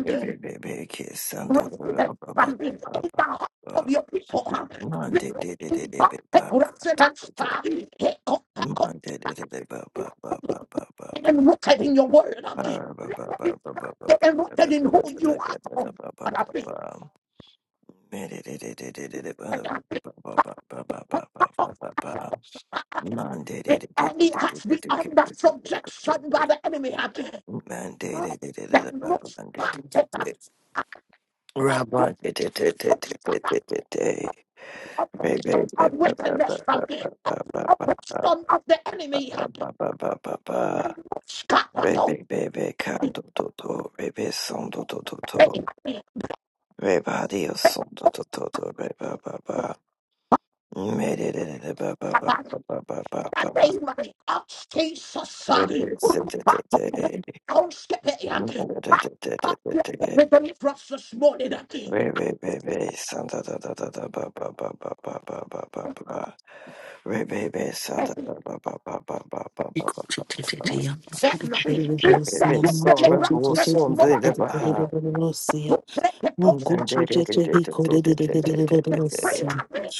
Speaker 5: you resident and be in the heart of your people.
Speaker 1: Man
Speaker 5: Be
Speaker 1: did it it it
Speaker 5: in
Speaker 1: it
Speaker 5: the
Speaker 1: it
Speaker 5: take
Speaker 1: back.
Speaker 5: residence uh, take up,
Speaker 1: Man did it it it ba ba ba ba ba ba ba
Speaker 5: and rooted in your word. uh, Be
Speaker 1: Ah, ba ba ba ba ba ba ba
Speaker 5: and rooted in who you are.
Speaker 1: Da, da, da, da, da, da, da, da,
Speaker 5: um,
Speaker 1: ba ba
Speaker 5: And I
Speaker 1: ba
Speaker 5: think
Speaker 1: ba. Man did it it it it it it
Speaker 5: and
Speaker 1: ba
Speaker 5: I think
Speaker 1: ba ba ba ba ba ba ba ba ba ba. Man did
Speaker 5: if
Speaker 1: it it it
Speaker 5: any
Speaker 1: it it
Speaker 5: has been
Speaker 1: it it
Speaker 5: under
Speaker 1: it it it it, da, da,
Speaker 5: subjection
Speaker 1: da.
Speaker 5: by the enemy, uh,
Speaker 1: Man did it it it it it
Speaker 5: then
Speaker 1: ba ba
Speaker 5: looks
Speaker 1: man
Speaker 5: like
Speaker 1: did it it
Speaker 5: it, uh,
Speaker 1: it.
Speaker 5: uh,
Speaker 1: Rabba did it it it it it
Speaker 5: obstruction
Speaker 1: it it it. Baby, baby,
Speaker 5: of
Speaker 1: ba ba ba
Speaker 5: wickedness from the
Speaker 1: ba ba ba ba ba.
Speaker 5: obstruction of the
Speaker 1: ba
Speaker 5: enemy. uh,
Speaker 1: ba ba ba ba
Speaker 5: Then
Speaker 1: ba.
Speaker 5: looks
Speaker 1: Rebe
Speaker 5: like
Speaker 1: bebe canto toto rebe sondo toto toto
Speaker 5: it,
Speaker 1: reba dio sondo toto toto reba ba ba mere re re re ba ba ba
Speaker 5: uh,
Speaker 1: ba ba ba ba ba
Speaker 5: the
Speaker 1: ba
Speaker 5: name of Jesus. uh, We
Speaker 1: rebe se te te te
Speaker 5: Don't skip it. yeah.
Speaker 1: mere te te te
Speaker 5: But
Speaker 1: te te
Speaker 5: Let
Speaker 1: te
Speaker 5: the deliverance this morning. uh,
Speaker 1: rebe bebe santa da da da da ba ba ba ba ba ba ba ba ba rebe bebe santa
Speaker 5: Let
Speaker 1: da ba ba ba ba ba ba ba ba
Speaker 6: Mana
Speaker 1: ba
Speaker 5: that line, let
Speaker 1: rebe
Speaker 5: that
Speaker 1: bebe sora
Speaker 5: deliverance
Speaker 1: bo
Speaker 5: this
Speaker 1: sondo de
Speaker 5: morning.
Speaker 1: ba
Speaker 5: uh, To break the doors of
Speaker 1: Glorious.
Speaker 5: our lives, to free our minds,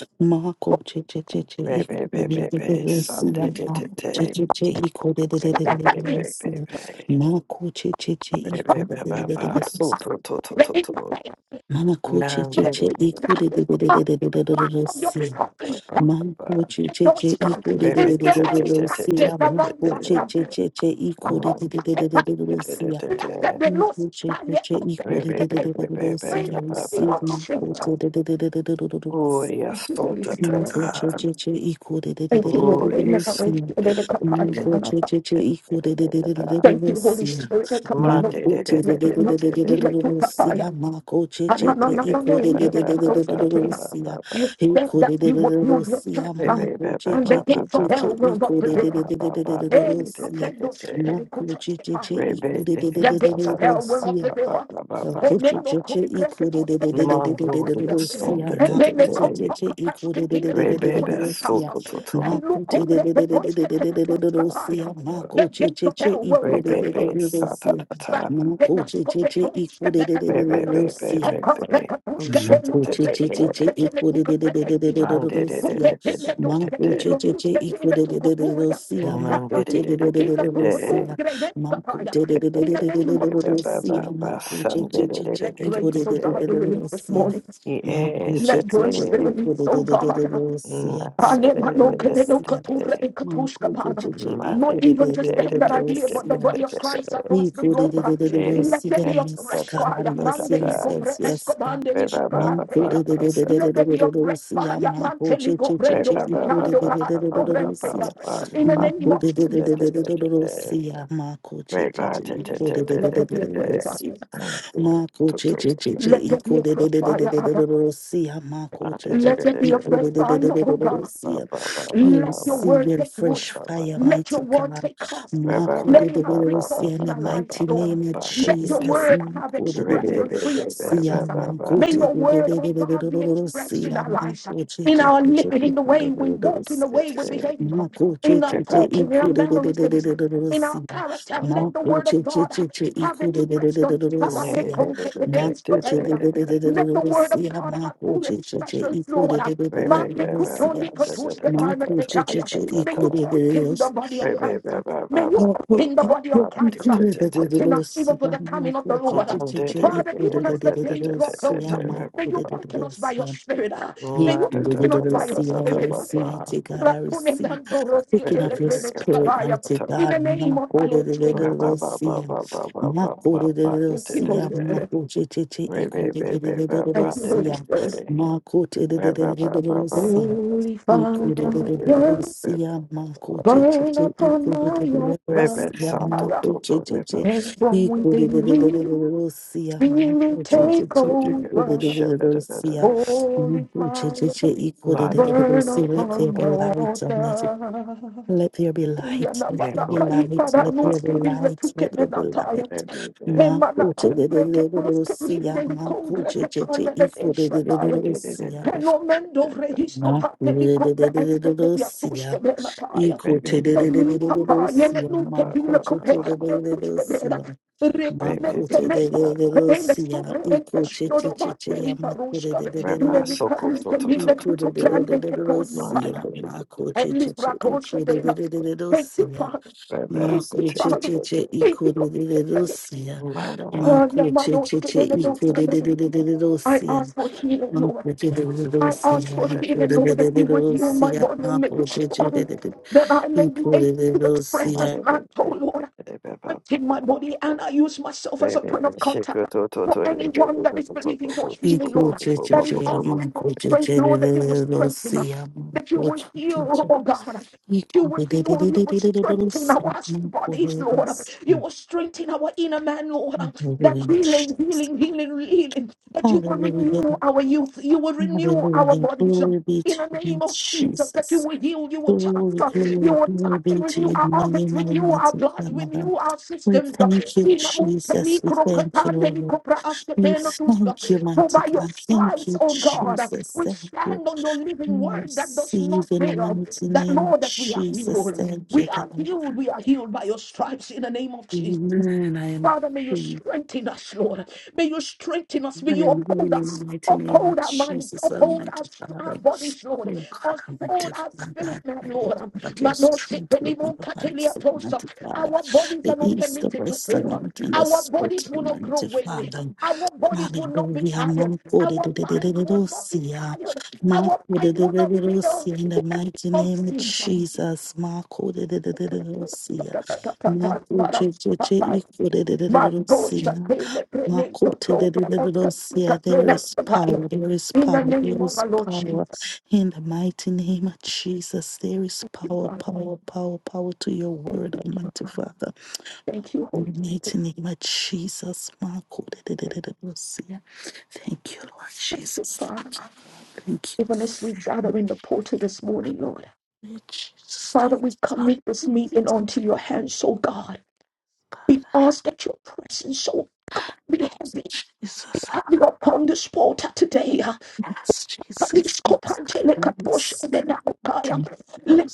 Speaker 5: to let that be the impact of
Speaker 6: coach,
Speaker 5: the
Speaker 6: equal
Speaker 5: sound of the life of your people.
Speaker 6: Manko che
Speaker 5: Let
Speaker 6: che che
Speaker 5: those come.
Speaker 6: iko de de de
Speaker 5: Is
Speaker 6: de
Speaker 5: there
Speaker 6: de de
Speaker 5: any
Speaker 6: de
Speaker 5: captive
Speaker 6: sia manko
Speaker 5: amongst us?
Speaker 6: che
Speaker 5: uh,
Speaker 6: che che che iko de de de de de de de de sia
Speaker 5: Let them be
Speaker 6: manko
Speaker 5: loosed
Speaker 6: che
Speaker 5: by
Speaker 6: che che iko de de de de
Speaker 5: your
Speaker 6: de de de
Speaker 5: Praise
Speaker 6: sia
Speaker 5: the name
Speaker 6: receive
Speaker 5: of Jesus.
Speaker 6: manko che de de de de de de de de
Speaker 5: Thank you, Holy Spirit.
Speaker 6: Mampochecheche equal
Speaker 5: Thank you, Lord.
Speaker 6: the
Speaker 5: Amen. I wish
Speaker 6: Russia.
Speaker 5: you did a kapari and a pa-
Speaker 6: Mampochecheche equal the
Speaker 5: Thank you, Holy
Speaker 6: Russia.
Speaker 5: Spirit. A
Speaker 1: Ray,
Speaker 5: kapano.
Speaker 1: baby,
Speaker 6: Mampoche
Speaker 5: Let it not be
Speaker 6: the
Speaker 5: like a papaya.
Speaker 6: Russia.
Speaker 5: Ah, No, no,
Speaker 6: Makochecheche
Speaker 5: no, no, no.
Speaker 6: equal
Speaker 5: You did a kapost
Speaker 6: the
Speaker 5: potato.
Speaker 6: Russia.
Speaker 5: You said
Speaker 6: Equal
Speaker 5: that you would
Speaker 6: the
Speaker 5: build your
Speaker 6: Russia.
Speaker 5: church um, and the
Speaker 6: Makochecheche
Speaker 5: gates of hell will not
Speaker 6: equal
Speaker 5: prevail.
Speaker 6: the
Speaker 5: Hey,
Speaker 6: Russia.
Speaker 5: kapendo skitani kuta
Speaker 6: Makochecheche equal
Speaker 5: The gates of
Speaker 6: the
Speaker 5: hell will not
Speaker 6: Russia.
Speaker 5: prevail. us. And then they come crack it was the men of those that are And then they come cock a pash to be the pretty horse get up. And look who let the horse get the horse get by. The gates of hell will not prevail.
Speaker 6: Rosia, Makoche che che che iko de de de de de de de de de de sia. Makoche che che iko de de de de de de sia.
Speaker 1: Yes,
Speaker 6: Makote de de de de de de sia. Makote de de de
Speaker 5: In
Speaker 6: de
Speaker 5: the
Speaker 6: de
Speaker 5: name of Jesus, let grace, oh
Speaker 6: de
Speaker 5: God,
Speaker 6: de
Speaker 5: be
Speaker 6: de de
Speaker 5: released this
Speaker 6: sia.
Speaker 5: morning.
Speaker 6: Makoche
Speaker 5: Let
Speaker 6: che
Speaker 5: grace
Speaker 6: che che
Speaker 5: be
Speaker 6: iko
Speaker 5: released,
Speaker 6: de
Speaker 5: oh
Speaker 6: de de de de de de sia. Makoche che che iko de de de de de de
Speaker 5: God.
Speaker 6: de sia. Iko de de
Speaker 5: Not
Speaker 6: de sia. Makoche che che iko de
Speaker 5: even
Speaker 6: de de
Speaker 5: just
Speaker 6: de
Speaker 5: them
Speaker 6: de de
Speaker 5: that are
Speaker 6: de
Speaker 5: here, but the
Speaker 6: sia.
Speaker 5: body of Christ
Speaker 6: We
Speaker 5: across the
Speaker 6: do do do
Speaker 5: globe.
Speaker 6: do do do do.
Speaker 5: Let
Speaker 6: See,
Speaker 5: there be a
Speaker 6: Yes,
Speaker 5: fresh
Speaker 6: God.
Speaker 5: fire.
Speaker 6: Yes,
Speaker 5: Mande
Speaker 6: yes,
Speaker 5: liko pre
Speaker 6: yes, yes, God.
Speaker 5: escobande liko
Speaker 6: No, do
Speaker 5: andea.
Speaker 6: do do do do do do
Speaker 5: Let
Speaker 6: do
Speaker 5: there
Speaker 6: do
Speaker 5: be a
Speaker 6: do do.
Speaker 5: fresh
Speaker 6: See, I'm
Speaker 5: fire.
Speaker 6: not go
Speaker 5: Mante
Speaker 6: che
Speaker 5: liko
Speaker 6: che che
Speaker 5: brendo
Speaker 6: che. You do do
Speaker 5: skiando
Speaker 6: do do do
Speaker 5: ba
Speaker 6: do do do
Speaker 5: asto
Speaker 6: do. See,
Speaker 5: brentea. In the
Speaker 6: no,
Speaker 5: name
Speaker 6: do
Speaker 5: of
Speaker 6: do do do do do do
Speaker 5: Jesus.
Speaker 6: do do do. See, I'm not go che
Speaker 1: Right,
Speaker 6: che
Speaker 1: God.
Speaker 6: che.
Speaker 1: T-
Speaker 6: You
Speaker 1: t-
Speaker 5: Holy
Speaker 6: do do
Speaker 1: t-
Speaker 5: Spirit,
Speaker 6: do
Speaker 1: t- t-
Speaker 5: let
Speaker 6: do
Speaker 1: t-
Speaker 6: do do
Speaker 5: there be a
Speaker 6: do do
Speaker 5: fresh
Speaker 6: do.
Speaker 5: fire.
Speaker 1: t-
Speaker 6: See,
Speaker 1: Mm, t-
Speaker 6: not go
Speaker 1: t-
Speaker 6: che
Speaker 1: t-
Speaker 6: che che
Speaker 1: t-
Speaker 6: che.
Speaker 5: Let
Speaker 6: You
Speaker 5: there
Speaker 6: do
Speaker 5: be a
Speaker 6: do do
Speaker 5: fresh
Speaker 6: do do
Speaker 1: ba-
Speaker 6: do
Speaker 5: fire,
Speaker 6: do do
Speaker 5: Abba.
Speaker 6: do do. See, I'm not go
Speaker 1: ba-
Speaker 6: che
Speaker 1: da-
Speaker 6: che
Speaker 1: da-
Speaker 5: Let
Speaker 1: da-
Speaker 6: che.
Speaker 5: there
Speaker 1: da-
Speaker 5: be
Speaker 6: You
Speaker 5: a
Speaker 1: da- da-
Speaker 5: fresh
Speaker 6: do do
Speaker 1: da-
Speaker 6: do do do
Speaker 5: fire, oh
Speaker 6: do do
Speaker 5: God.
Speaker 6: do. See.
Speaker 1: ba- ba- ba-
Speaker 6: We
Speaker 1: ba-
Speaker 5: Let
Speaker 1: ba- ba-
Speaker 5: your
Speaker 1: ba-
Speaker 6: receive
Speaker 5: word
Speaker 6: your
Speaker 5: take root.
Speaker 1: ba-
Speaker 6: fresh
Speaker 1: ba- ba-
Speaker 6: fire,
Speaker 1: ba-
Speaker 5: Let your
Speaker 6: mighty
Speaker 5: word
Speaker 6: God.
Speaker 5: take cost.
Speaker 1: Ba- ba- ba-
Speaker 5: Let
Speaker 1: ba-
Speaker 5: it have
Speaker 1: ba-
Speaker 5: free
Speaker 1: ba-
Speaker 5: course
Speaker 1: ba-
Speaker 6: Makodedededosi, in
Speaker 5: in
Speaker 6: the
Speaker 1: ba-
Speaker 5: our
Speaker 1: ba-
Speaker 5: lives,
Speaker 1: ba-
Speaker 6: mighty
Speaker 1: ba-
Speaker 5: Lord.
Speaker 6: name of
Speaker 1: ba- good
Speaker 5: Let
Speaker 1: day,
Speaker 5: your
Speaker 1: day.
Speaker 6: Jesus.
Speaker 5: word have
Speaker 1: Re- be-
Speaker 5: expressions,
Speaker 1: be-
Speaker 5: free
Speaker 1: be- ba-
Speaker 6: Makodedededosi,
Speaker 1: ba-
Speaker 5: expressions.
Speaker 1: ba- ba-
Speaker 5: May your word, oh God, be expressed
Speaker 6: amakotededededosi,
Speaker 5: in our lives, in our
Speaker 1: ba-
Speaker 5: living, in the way we walk, in the
Speaker 6: amakotededededosi,
Speaker 1: good
Speaker 5: way we
Speaker 1: day.
Speaker 5: behave, in our
Speaker 1: Re- ba-
Speaker 5: talking,
Speaker 1: ba-
Speaker 5: in our
Speaker 1: ba-
Speaker 5: mannerisms, in
Speaker 6: makotededededosi,
Speaker 5: our character.
Speaker 1: ba-
Speaker 5: Let
Speaker 1: ba-
Speaker 5: the
Speaker 1: ba-
Speaker 5: word of God
Speaker 6: makotededededosi,
Speaker 5: have expressions. Let
Speaker 1: Mm, da- da- da- da- da- da- da- da.
Speaker 5: the word of
Speaker 6: makotededededosi,
Speaker 5: God have full expressions, Lord.
Speaker 1: Re- be-
Speaker 5: Mande
Speaker 1: be- ba-
Speaker 6: makotededededosi,
Speaker 5: kutondi
Speaker 1: ba- da- da-
Speaker 5: kotuske
Speaker 1: da- da-
Speaker 5: bahana
Speaker 1: da-
Speaker 6: Marco
Speaker 1: da-
Speaker 5: tetaya.
Speaker 6: Chichichi
Speaker 1: da-
Speaker 5: May
Speaker 1: da-
Speaker 5: you
Speaker 1: da.
Speaker 5: quicken the
Speaker 6: Equidus,
Speaker 5: body of
Speaker 1: Re- be-
Speaker 5: Christ.
Speaker 1: be- ba-
Speaker 5: May
Speaker 1: ba-
Speaker 5: you
Speaker 1: ba-
Speaker 6: Marco
Speaker 1: ba-
Speaker 5: quicken the
Speaker 1: ba-
Speaker 5: body of
Speaker 1: ba- De-
Speaker 5: Christ.
Speaker 1: de- de- de- de-
Speaker 5: Quicken us even for
Speaker 6: Equidosia,
Speaker 5: the coming of the
Speaker 6: Marco
Speaker 1: Shut
Speaker 5: Lord.
Speaker 6: Chichichi
Speaker 5: Father, even as the days draw
Speaker 6: Equidosia,
Speaker 5: closer, may
Speaker 6: Marco de
Speaker 5: you quicken us by your
Speaker 6: Dosia,
Speaker 5: spirit. May you quicken us by your
Speaker 6: Equidosia,
Speaker 5: spirit.
Speaker 6: yes, mighty
Speaker 5: In
Speaker 6: God, I
Speaker 5: the
Speaker 6: receive. Speaking of your spirit, mighty God,
Speaker 5: name of our
Speaker 6: Marco de
Speaker 5: Lord Jesus.
Speaker 6: Dosia, Marco de
Speaker 5: Thank you,
Speaker 6: Dosia,
Speaker 5: Holy Spirit.
Speaker 6: Marco Chichichi Equidosia,
Speaker 5: Thank you, Holy Spirit.
Speaker 6: Marco de Dosia. Marco de Dosia.
Speaker 5: Holy
Speaker 6: Almighty.
Speaker 5: Father. Burn upon my altar. Fire. And from within me, spirit take over. Holy fire, burn upon my altar.
Speaker 6: Let there be light,
Speaker 5: Yana
Speaker 6: let there
Speaker 5: mana
Speaker 6: be
Speaker 5: kai
Speaker 6: light,
Speaker 5: para
Speaker 6: let there
Speaker 5: nos
Speaker 6: be
Speaker 5: que vive tu
Speaker 6: light,
Speaker 5: que
Speaker 6: let
Speaker 5: me
Speaker 6: there be
Speaker 5: nataya.
Speaker 6: light.
Speaker 5: He
Speaker 6: Ma,
Speaker 5: mana
Speaker 6: coche, de, de,
Speaker 5: cumbre que
Speaker 6: de, de, de,
Speaker 5: pros
Speaker 6: de,
Speaker 5: que vive
Speaker 6: sea,
Speaker 5: de
Speaker 6: ma,
Speaker 5: cumbre
Speaker 6: coche,
Speaker 5: que
Speaker 6: che, che,
Speaker 5: trone de
Speaker 6: equal, de, de, de, de,
Speaker 5: deshataya.
Speaker 6: de, Lucia.
Speaker 5: He no mendo fregis copa de mi cumbre ex que me ya que
Speaker 6: Makurererererosia,
Speaker 5: me nataya. Papa, yellow
Speaker 6: ikoterererererosia,
Speaker 5: look at you, look at the Custodera,
Speaker 6: makochochorerererosia,
Speaker 5: recommend Teleco, and the
Speaker 6: makotererererosia,
Speaker 5: Super Empress Dodova,
Speaker 6: ikochechechecheya,
Speaker 5: Teliparuska,
Speaker 6: makorererererero,
Speaker 5: Melicarus, the Miller to Cupran, the
Speaker 6: ikorererererosia,
Speaker 5: Tospana, and
Speaker 6: makochecheche,
Speaker 5: Libracosa Dela. Thank you,
Speaker 6: ikorererererosia,
Speaker 5: Father. Thank you, Father.
Speaker 6: makochecheche,
Speaker 5: Thank you for the
Speaker 6: ikorerererosia, makochecheche,
Speaker 5: sacrifice. I
Speaker 6: ikorererererosia,
Speaker 5: ask for healing, Lord.
Speaker 6: Hallelujah. Hallelujah.
Speaker 5: I ask for healing, Lord, that you would heal my body and make it strong, that I may be able to express this man, oh Lord. I take my body and I use myself as a point of contact for anyone that is believing for healing, Lord, that is asking for strength, Lord, that you will strengthen us, that you will heal, oh God. that You will heal, you will strengthen our bodies, Lord. You will strengthen our inner man, Lord. That
Speaker 6: Glory
Speaker 5: healing, healing, healing, healing. That you will renew our youth. You will renew our bodies
Speaker 6: be
Speaker 5: in
Speaker 6: to
Speaker 5: the
Speaker 6: you,
Speaker 5: name of Jesus, that you
Speaker 6: Jesus.
Speaker 5: will heal, you will touch,
Speaker 6: Glory,
Speaker 5: uh, you
Speaker 6: glory,
Speaker 5: will
Speaker 6: glory
Speaker 5: touch, and
Speaker 6: be to
Speaker 5: renew
Speaker 6: your
Speaker 5: our organs,
Speaker 6: name,
Speaker 5: renew our
Speaker 6: Almighty
Speaker 5: blood,
Speaker 6: Father.
Speaker 5: renew our
Speaker 6: We
Speaker 5: systems. uh, in
Speaker 6: thank
Speaker 5: the
Speaker 6: you,
Speaker 5: name of
Speaker 6: Jesus.
Speaker 5: me,
Speaker 6: We thank you,
Speaker 5: Krokatande,
Speaker 6: Lord.
Speaker 5: Nikopra,
Speaker 6: We
Speaker 5: Askepeno, Tuska.
Speaker 6: thank you,
Speaker 5: For
Speaker 6: mighty
Speaker 5: by your
Speaker 6: God. Thank
Speaker 5: stripes,
Speaker 6: you,
Speaker 5: oh God, uh,
Speaker 6: Jesus.
Speaker 5: we
Speaker 6: Thank you.
Speaker 5: stand on your living
Speaker 6: We
Speaker 5: word that does
Speaker 6: Receive
Speaker 5: not
Speaker 6: in the
Speaker 5: fail.
Speaker 6: mighty
Speaker 5: That
Speaker 6: name
Speaker 5: Lord,
Speaker 6: of
Speaker 5: that we are
Speaker 6: Jesus.
Speaker 5: healed.
Speaker 6: Thank you,
Speaker 5: We are
Speaker 6: God.
Speaker 5: healed. We are healed by your stripes in the name of Jesus.
Speaker 6: Amen. I am
Speaker 5: Father, may you
Speaker 6: healed.
Speaker 5: strengthen us, Lord. May you strengthen us. May
Speaker 6: I
Speaker 5: you
Speaker 6: am
Speaker 5: uphold
Speaker 6: healing in
Speaker 5: us.
Speaker 6: the mighty name
Speaker 5: Uphold
Speaker 6: of
Speaker 5: our minds,
Speaker 6: Jesus,
Speaker 5: uphold our,
Speaker 6: Almighty
Speaker 5: str- our
Speaker 6: Father.
Speaker 5: bodies, Lord.
Speaker 6: Oh God,
Speaker 5: Uphold
Speaker 6: Almighty
Speaker 5: our
Speaker 6: Father,
Speaker 5: spirit,
Speaker 6: I
Speaker 5: man,
Speaker 6: pray, Lord,
Speaker 5: Lord.
Speaker 6: that your
Speaker 5: But no sick
Speaker 6: strength will be
Speaker 5: anymore,
Speaker 6: upon us,
Speaker 5: Catelia Tosa.
Speaker 6: Almighty Father.
Speaker 5: Our bodies are
Speaker 6: The
Speaker 5: not
Speaker 6: east, the
Speaker 5: permitted to
Speaker 6: west, the
Speaker 5: fail.
Speaker 6: north, and the
Speaker 5: Our
Speaker 6: south,
Speaker 5: bodies will not grow
Speaker 6: Almighty
Speaker 5: weary.
Speaker 6: Father.
Speaker 5: Our bodies will not be
Speaker 6: Hallelujah.
Speaker 5: tired. Our mind will not be
Speaker 6: Makodededededorosia.
Speaker 5: tired. Our mind will not fail.
Speaker 6: Makodededededorosia. In
Speaker 5: In the
Speaker 6: the
Speaker 5: name
Speaker 6: mighty
Speaker 5: of
Speaker 6: name of
Speaker 5: Jesus.
Speaker 6: Jesus. Makodededededorosia.
Speaker 5: My God, shall
Speaker 6: Makochechecheikorededededorosia.
Speaker 5: pay the penny to throw for the customer's
Speaker 6: Makotededededorosia.
Speaker 5: good
Speaker 6: There
Speaker 5: and
Speaker 6: is
Speaker 5: the buyer.
Speaker 6: power, there is
Speaker 5: In the
Speaker 6: power,
Speaker 5: name
Speaker 6: there
Speaker 5: of
Speaker 6: is
Speaker 5: our Lord Jesus,
Speaker 6: power.
Speaker 5: thank
Speaker 6: In the mighty name of Jesus, there is
Speaker 5: you,
Speaker 6: power,
Speaker 5: Father.
Speaker 6: power, power, power to your
Speaker 5: Thank
Speaker 6: word, Almighty Father.
Speaker 5: thank you,
Speaker 6: In
Speaker 5: Holy
Speaker 6: the mighty name of Jesus, my God, da- da- da- da- da- see ya. thank you, Lord
Speaker 5: Spirit. Thank you,
Speaker 6: Jesus.
Speaker 5: Father.
Speaker 6: Thank
Speaker 5: Even as we gather in the portal this morning, Lord.
Speaker 6: you, Lord Jesus.
Speaker 5: Father,
Speaker 6: Thank
Speaker 5: we
Speaker 6: you, God.
Speaker 5: commit this
Speaker 6: Thank
Speaker 5: meeting
Speaker 6: you,
Speaker 5: onto your hands, oh God.
Speaker 6: God.
Speaker 5: We ask that your presence so be heavy,
Speaker 6: Jesus.
Speaker 5: heavy upon this portal today.
Speaker 6: Yes, Jesus.
Speaker 5: Let
Speaker 6: Yes, yes.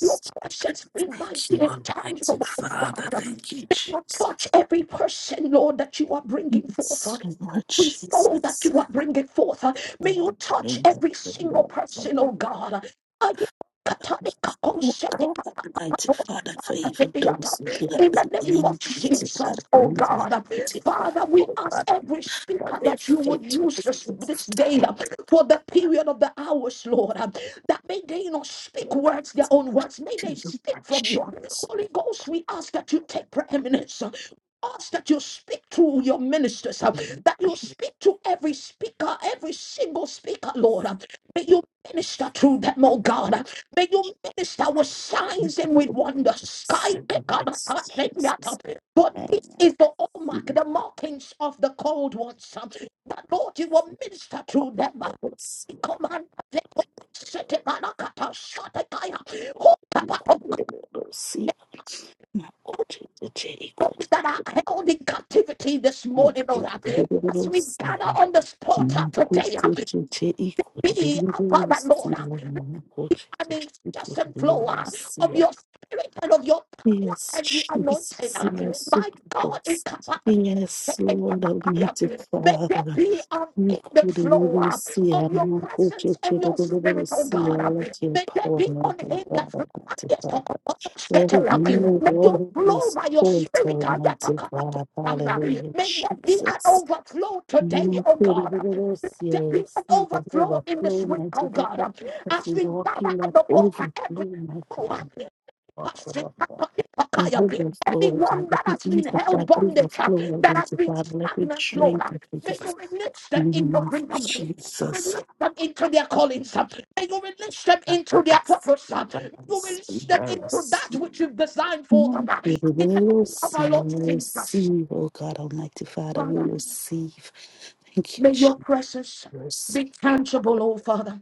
Speaker 5: your presence be
Speaker 6: Thank you,
Speaker 5: mighty and tangible,
Speaker 6: Almighty
Speaker 5: oh
Speaker 6: Father.
Speaker 5: God.
Speaker 6: Thank you,
Speaker 5: Let your touch
Speaker 6: Jesus.
Speaker 5: every person, Lord, that you are bringing forth.
Speaker 6: Yes, Lord
Speaker 5: Every soul that
Speaker 6: Jesus.
Speaker 5: you are bringing forth. May you touch every single person, oh God.
Speaker 6: Oh God, Almighty Father, for
Speaker 5: In
Speaker 6: even those who do not
Speaker 5: the name
Speaker 6: believe,
Speaker 5: of
Speaker 6: mighty
Speaker 5: Jesus,
Speaker 6: God, for
Speaker 5: oh
Speaker 6: even my
Speaker 5: God,
Speaker 6: mighty Father,
Speaker 5: Father, we
Speaker 6: oh
Speaker 5: ask
Speaker 6: God,
Speaker 5: every
Speaker 6: for
Speaker 5: speaker
Speaker 6: their
Speaker 5: that you would
Speaker 6: faith
Speaker 5: use
Speaker 6: was
Speaker 5: this, this
Speaker 6: moved.
Speaker 5: day
Speaker 6: My
Speaker 5: uh, for the period of the hours, Lord, uh, that may they not speak words, their own words, may they
Speaker 6: Jesus,
Speaker 5: speak
Speaker 6: my
Speaker 5: from you.
Speaker 6: Jesus,
Speaker 5: Holy Ghost, we ask that you take preeminence uh, ask that you speak to your ministers, uh, that you
Speaker 6: my
Speaker 5: speak to every speaker, every single speaker, Lord. uh, May you minister through them, oh God. uh, May you minister with signs and with wonders.
Speaker 6: Jesus,
Speaker 5: Sky pick up,
Speaker 6: yes,
Speaker 5: up, pick up.
Speaker 6: Jesus,
Speaker 5: But
Speaker 6: and
Speaker 5: this
Speaker 6: I
Speaker 5: is the
Speaker 6: see,
Speaker 5: hallmark, the markings of the cold ones. That Lord, you will minister to them.
Speaker 6: I will see, I
Speaker 5: Command the
Speaker 6: will see, I will see, I will see, my God, the Jericho,
Speaker 5: those that
Speaker 6: the
Speaker 5: are held in captivity this
Speaker 6: Jericho,
Speaker 5: morning, Lord. Um, As we
Speaker 6: the
Speaker 5: gather
Speaker 6: Jericho,
Speaker 5: on this portal today, um,
Speaker 6: Nikutsetse
Speaker 5: be our Father, Lord. Um,
Speaker 6: ikundelelosiwa namaphutsa
Speaker 5: an incessant flow uh, of
Speaker 6: ikundelelosiwa.
Speaker 5: your spirit and of your power
Speaker 6: Yes,
Speaker 5: and the anointing.
Speaker 6: Jesus,
Speaker 5: uh.
Speaker 6: yes,
Speaker 5: My God,
Speaker 6: Superboss.
Speaker 5: it come
Speaker 6: Yes, Lord Almighty
Speaker 5: May there
Speaker 6: Father.
Speaker 5: be an
Speaker 6: we
Speaker 5: in the
Speaker 6: couldn't
Speaker 5: flow uh, of
Speaker 6: Nikudelelosiwa
Speaker 5: your
Speaker 6: namaphutsa
Speaker 5: presence and your spirit, oh
Speaker 6: ikundelelosiwa.
Speaker 5: God. uh.
Speaker 6: Let your
Speaker 5: May there
Speaker 6: power
Speaker 5: be
Speaker 6: move,
Speaker 5: an
Speaker 6: O
Speaker 5: in the
Speaker 6: God
Speaker 5: flow. uh,
Speaker 6: Almighty
Speaker 5: yes, oh God,
Speaker 6: Father.
Speaker 5: oh
Speaker 6: Let
Speaker 5: scatter,
Speaker 6: it
Speaker 5: uh.
Speaker 6: move
Speaker 5: May
Speaker 6: all
Speaker 5: you
Speaker 6: over
Speaker 5: flow
Speaker 6: this
Speaker 5: by your
Speaker 6: altar,
Speaker 5: spirit. uh, that, uh,
Speaker 6: Almighty
Speaker 5: God,
Speaker 6: God.
Speaker 5: um, uh,
Speaker 6: Hallelujah,
Speaker 5: May there be an
Speaker 6: Jesus.
Speaker 5: overflow today,
Speaker 6: Lord,
Speaker 5: oh God. uh. Let there be an
Speaker 6: Sleep that
Speaker 5: overflow in this
Speaker 6: overflow,
Speaker 5: week,
Speaker 6: mighty
Speaker 5: oh
Speaker 6: God.
Speaker 5: God.
Speaker 6: As
Speaker 5: As
Speaker 6: we
Speaker 5: we
Speaker 6: walk
Speaker 5: gather
Speaker 6: in
Speaker 5: at
Speaker 6: that
Speaker 5: the altar
Speaker 6: overflow,
Speaker 5: every
Speaker 6: mighty
Speaker 5: hour,
Speaker 6: God. Walk, walk, walk. That overflow, God,
Speaker 5: anyone
Speaker 6: let
Speaker 5: that
Speaker 6: we
Speaker 5: has been
Speaker 6: eat of
Speaker 5: held
Speaker 6: that
Speaker 5: bondage,
Speaker 6: overflow,
Speaker 5: that has
Speaker 6: mighty
Speaker 5: been
Speaker 6: God. Let we
Speaker 5: stagnant, Lord,
Speaker 6: drink that we can
Speaker 5: may you release
Speaker 6: in
Speaker 5: them
Speaker 6: the name
Speaker 5: into
Speaker 6: of
Speaker 5: freedom. May you
Speaker 6: Jesus.
Speaker 5: release them into their callings. May you release them
Speaker 6: That I
Speaker 5: into their
Speaker 6: receive,
Speaker 5: purpose. May
Speaker 6: I
Speaker 5: you release
Speaker 6: receive,
Speaker 5: them
Speaker 6: I
Speaker 5: into that
Speaker 6: receive.
Speaker 5: which you've designed for them.
Speaker 6: Lord, We
Speaker 5: In the
Speaker 6: will
Speaker 5: name of our
Speaker 6: receive, and
Speaker 5: Lord
Speaker 6: we
Speaker 5: Jesus,
Speaker 6: receive, oh God, Almighty Father,
Speaker 5: Father,
Speaker 6: we receive. Thank
Speaker 5: may your
Speaker 6: you,
Speaker 5: presence
Speaker 6: Jesus.
Speaker 5: be tangible, oh Father.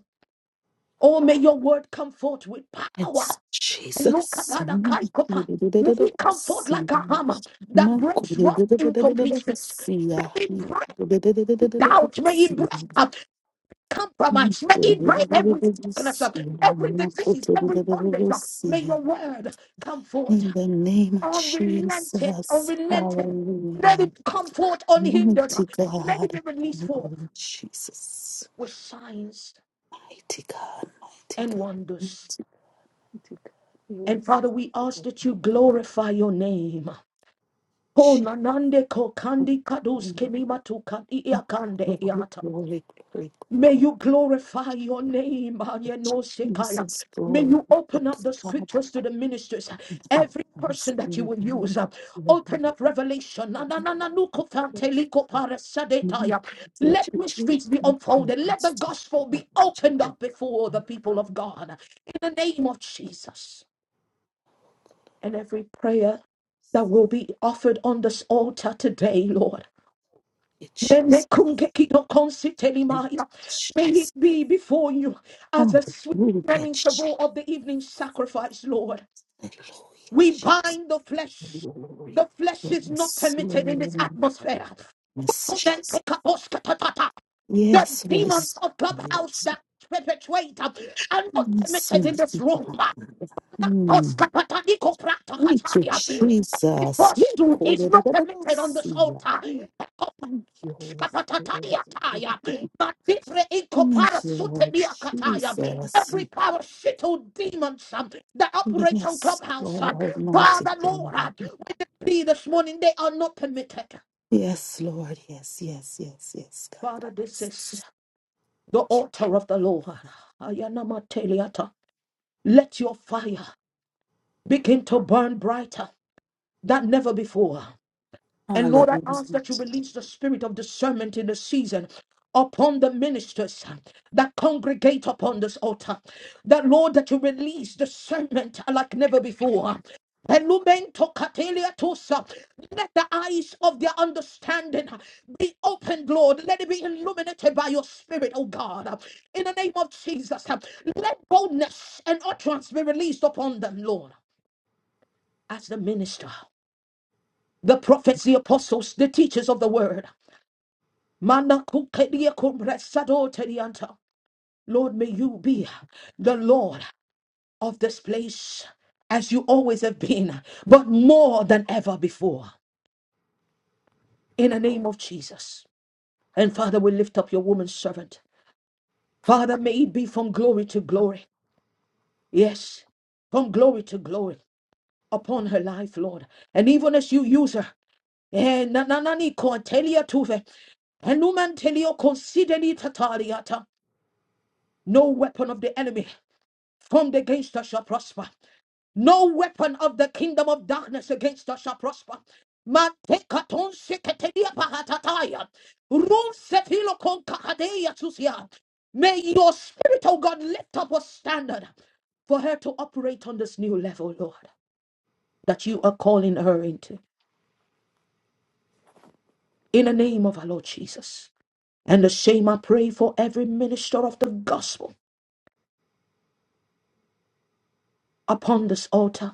Speaker 5: Oh, may your word come forth with power.
Speaker 6: It's Jesus.
Speaker 5: Elukabada
Speaker 6: In
Speaker 5: kaikopa. May
Speaker 6: the
Speaker 5: it come forth like a hammer that breaks rock into pieces. May it break doubt. May it break up compromise. May it break every sickness, uh, every disease, every bondage. uh. May your word come forth
Speaker 6: name of
Speaker 5: unrelented,
Speaker 6: Jesus.
Speaker 5: unrelented. Let
Speaker 6: Hallelujah.
Speaker 5: it come forth unhindered. uh.
Speaker 6: Mighty
Speaker 5: Let it be
Speaker 6: God.
Speaker 5: released forth
Speaker 6: Hallelujah, Jesus.
Speaker 5: with signs
Speaker 6: Mighty God. Mighty
Speaker 5: and
Speaker 6: God.
Speaker 5: wonders.
Speaker 6: Mighty, mighty God.
Speaker 5: And
Speaker 6: Yes.
Speaker 5: Father, we ask that you glorify your name. Ko
Speaker 6: Jesus.
Speaker 5: nanande ko kandi kadus kenimatu kandi
Speaker 6: Oh,
Speaker 5: iakande
Speaker 6: Glory,
Speaker 5: iata.
Speaker 6: glory, glory,
Speaker 5: May you glorify your name,
Speaker 6: glory.
Speaker 5: Ayano Sekaya.
Speaker 6: Jesus,
Speaker 5: May
Speaker 6: glory
Speaker 5: you
Speaker 6: to
Speaker 5: open up the
Speaker 6: God.
Speaker 5: scriptures to the ministers, every
Speaker 6: Receive
Speaker 5: person that you will
Speaker 6: me.
Speaker 5: use. uh,
Speaker 6: Lord, my
Speaker 5: Open up revelation. Na- na- na- na- nu ko fante
Speaker 6: praise.
Speaker 5: liko pare
Speaker 6: Me,
Speaker 5: sadetaya.
Speaker 6: the
Speaker 5: Let
Speaker 6: church, me,
Speaker 5: mysteries be
Speaker 6: God, my
Speaker 5: unfolded. Let
Speaker 6: Jesus,
Speaker 5: the gospel be opened up before the
Speaker 6: Thank
Speaker 5: people of God. In the name of Jesus. And every prayer that will be offered on this altar today, Lord.
Speaker 6: you,
Speaker 5: Me- me
Speaker 6: Jesus.
Speaker 5: kungeki no
Speaker 6: Thank you,
Speaker 5: konsitelimaya. May it
Speaker 6: Jesus.
Speaker 5: be before you as
Speaker 6: Thank
Speaker 5: a
Speaker 6: you, Jesus.
Speaker 5: sweet
Speaker 6: Hallelujah,
Speaker 5: smelling
Speaker 6: Jesus.
Speaker 5: savour of the evening sacrifice, Lord.
Speaker 6: Hallelujah,
Speaker 5: We
Speaker 6: Jesus.
Speaker 5: bind the flesh.
Speaker 6: Glory.
Speaker 5: The flesh is not
Speaker 6: Yes,
Speaker 5: permitted in this
Speaker 6: Lord.
Speaker 5: atmosphere.
Speaker 6: Yes, Jesus.
Speaker 5: Kubenkekaboshkatatata. The
Speaker 6: Yes, Holy
Speaker 5: demons of
Speaker 6: Spirit.
Speaker 5: clubhouse that perpetuate uh, are not permitted in this room.
Speaker 6: Mm. Thank you,
Speaker 5: Koskapatanikopraktakataya. The
Speaker 6: Jesus. Yeah,
Speaker 5: Prostitute is not permitted on this altar.
Speaker 6: Thank you, Holy Spirit.
Speaker 5: Skapatatayaataya. Matifre inkopara
Speaker 6: Thank you, Lord
Speaker 5: suteniakataya.
Speaker 6: Jesus.
Speaker 5: Every power shittle demon son, that operates on
Speaker 6: Yes,
Speaker 5: clubhouse
Speaker 6: Lord
Speaker 5: son.
Speaker 6: Almighty
Speaker 5: Father
Speaker 6: Father.
Speaker 5: Lord, uh, we decree this morning they are not permitted.
Speaker 6: Yes, Lord. Yes, yes, yes, yes, God.
Speaker 5: Father, this is the altar of the Lord. Ayanamateliata. Let your fire begin to burn brighter than never before. And Lord, I ask
Speaker 6: Hallelujah.
Speaker 5: that you release the spirit of discernment in the season upon the ministers that congregate upon this altar. That Lord, that you release discernment like never before. Elumento katelia tosa. Let the eyes of their understanding be opened, Lord. Let it be illuminated by your spirit, oh God. In the name of Jesus, let boldness and utterance be released upon them, Lord, as the minister, the prophets, the apostles, the teachers of the word. Mana kukedia kumresado tedianta. Lord, may you be the Lord of this place as you always have been, but more than ever before. In the name of Jesus. And Father, we lift up your woman servant. Father, may it be from glory to glory. Yes, from glory to glory upon her life, Lord. And even as you use her, eh, na- na- na- ni ko telia tuve, and no man tell you, consider it a tariata. No weapon of the enemy. formed against us shall prosper. No weapon of the kingdom of darkness against us shall prosper. Matekaton seketelia pahatataya. Run sefilo kon kakadeya tusia. May your spirit, O God, lift up a standard for her to operate on this new level, Lord, that you are calling her into. In the name of our Lord Jesus. And the same I pray for every minister of the gospel upon this altar.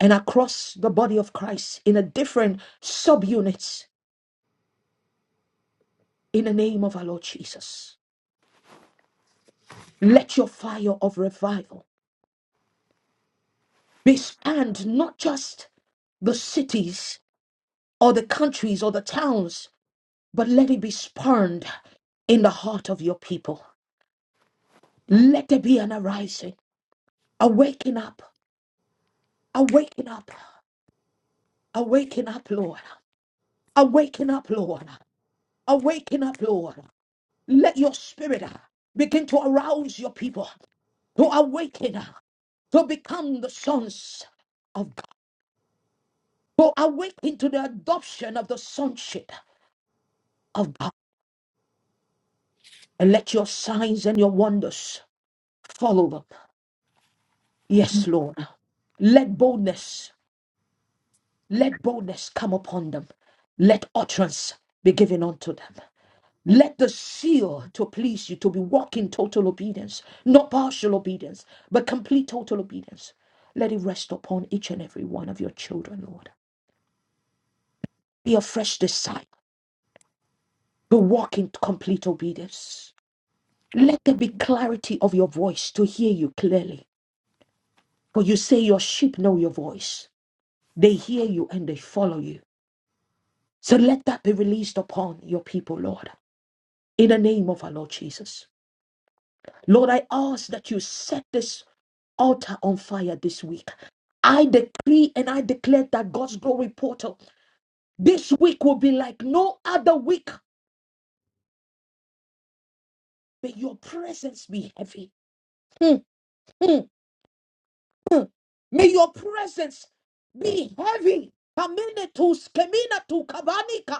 Speaker 5: and across the body of Christ in a different subunits in the name of our Lord Jesus. Let your fire of revival be spanned not just the cities or the countries or the towns, but let it be spurned in the heart of your people. Let there be an arising, a waking up, a waking up, a waking up, Lord, a waking up, Lord, a waking up, Lord. Let your spirit begin to arouse your people. to awaken, to become the sons of God, to awaken to the adoption of the sonship of God. And let your signs and your wonders follow them. Yes, Lord. Let boldness, let boldness come upon them. Let utterance be given unto them. Let the seal to please you to be walking total obedience, not partial obedience, but complete total obedience. Let it rest upon each and every one of your children, Lord. Be a fresh desire. to walk in complete obedience. Let there be clarity of your voice to hear you clearly. For you say your sheep know your voice. They hear you and they follow you. So let that be released upon your people, Lord, in the name of our Lord Jesus. Lord, I ask that you set this altar on fire this week. I decree and I declare that God's glory portal this week will be like no other week. May your presence be heavy. Mm, mm. May your presence be heavy. Kamine tu skemina tu kabanika.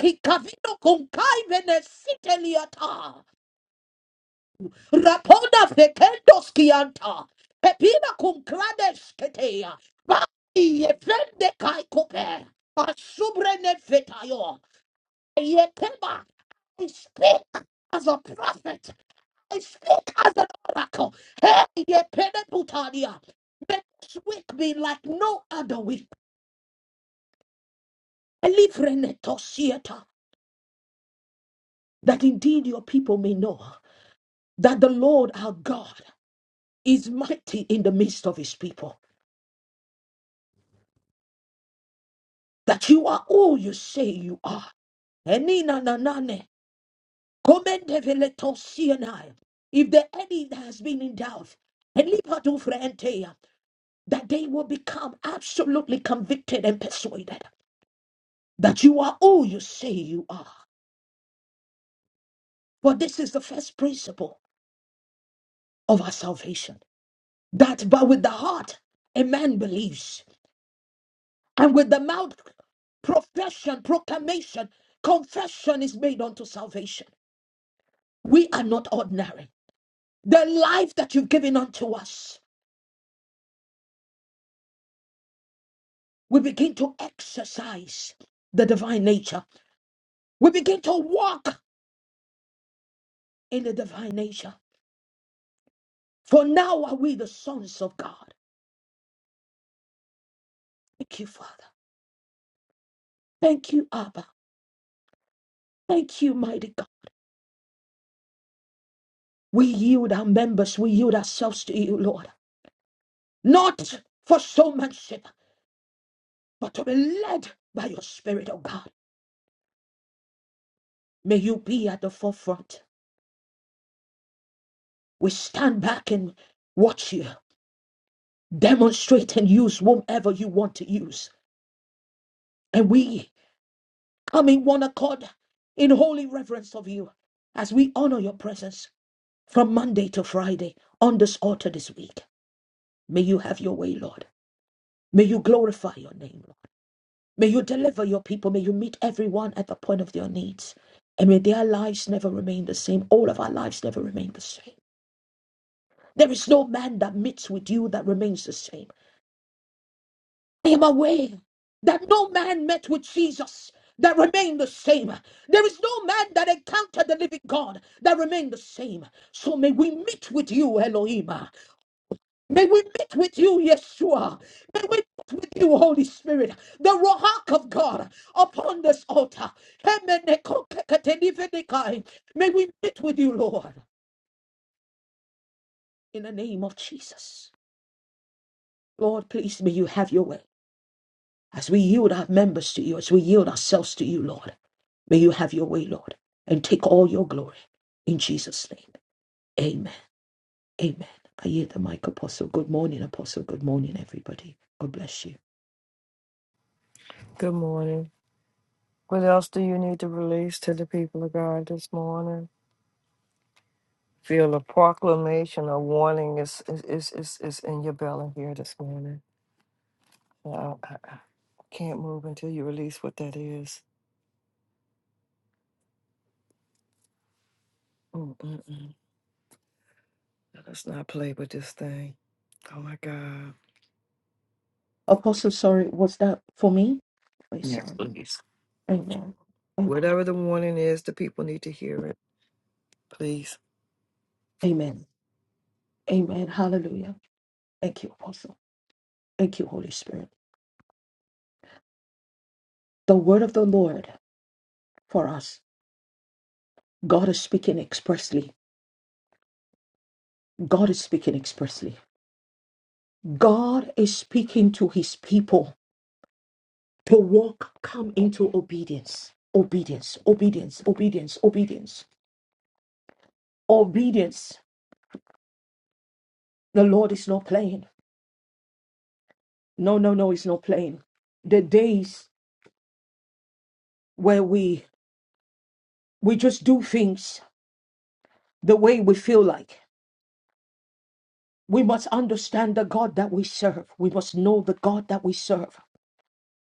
Speaker 5: Kikavino kunkai vene siteliata. raponda fekendos kianta. Pepina cum clades ketea. Ba ye vende kai kope. Asubre ne fetayo. Ye keba. I speak as a prophet. I speak as an oracle. Hey, ye peneputalia. May this week be like no other week. Elivrenetosieta. That indeed your people may know that the Lord our God is mighty in the midst of his people. That you are all you say you are. Enina nanane. komendeveletosienai. If the enemy has been in doubt, elipadufreenteia, that they will become absolutely convicted and persuaded. that you are who you say you are. But this is the first principle of our salvation that but with the heart a man believes, and with the mouth profession, proclamation, confession is made unto salvation. We are not ordinary. The life that you've given unto us, we begin to exercise the divine nature. We begin to walk in the divine nature. For now are we the sons of God. Thank you, Father. Thank you, Abba. Thank you, mighty God. We yield our members, we yield ourselves to you, Lord, not for showmanship, but to be led by your Spirit, oh God. May you be at the forefront. We stand back and watch you demonstrate and use whomever you want to use. And we come in one accord in holy reverence of you as we honor your presence from Monday to Friday on this altar this week. May you have your way, Lord. May you glorify your name, Lord. May you deliver your people. May you meet everyone at the point of their needs. And may their lives never remain the same. All of our lives never remain the same. There is no man that meets with you that remains the same. I am aware that no man met with Jesus that remained the same. There is no man that encountered the living God that remained the same. So may we meet with you, Elohim. May we meet with you, Yeshua. May we meet with you, Holy Spirit, the Rohak of God upon this altar. May we meet with you, Lord, in the name of Jesus. Lord, please may you have your way. As we yield our members to you, as we yield ourselves to you, Lord, may you have your way, Lord, and take all your glory. In Jesus' name, amen. Amen. I hear the mic, Apostle. Good morning, Apostle. Good morning, everybody. God bless you.
Speaker 1: Good morning. What else do you need to release to the people of God this morning? Feel a proclamation, a warning is is is is, is in your belly here this morning. I, I, I can't move until you release what that is. Mm, mm, mm. Let's not play with this thing. Oh my God.
Speaker 5: Apostle, sorry, was that for me? My
Speaker 1: Yes,
Speaker 5: son.
Speaker 1: please.
Speaker 5: Amen. Amen.
Speaker 1: Whatever the warning is, the people need to hear it, please.
Speaker 5: Amen. Hallelujah. Thank you, Apostle. Thank you, Holy Spirit. The word of the Lord for us. God is speaking expressly. God is speaking expressly. God is speaking to his people to walk, come into obedience. Obedience, obedience, obedience, obedience, obedience. The Lord is not playing. No, no, no, it's not playing. The days where we We just do things the way we feel like. We must understand the God that we serve. We must know the God that we serve,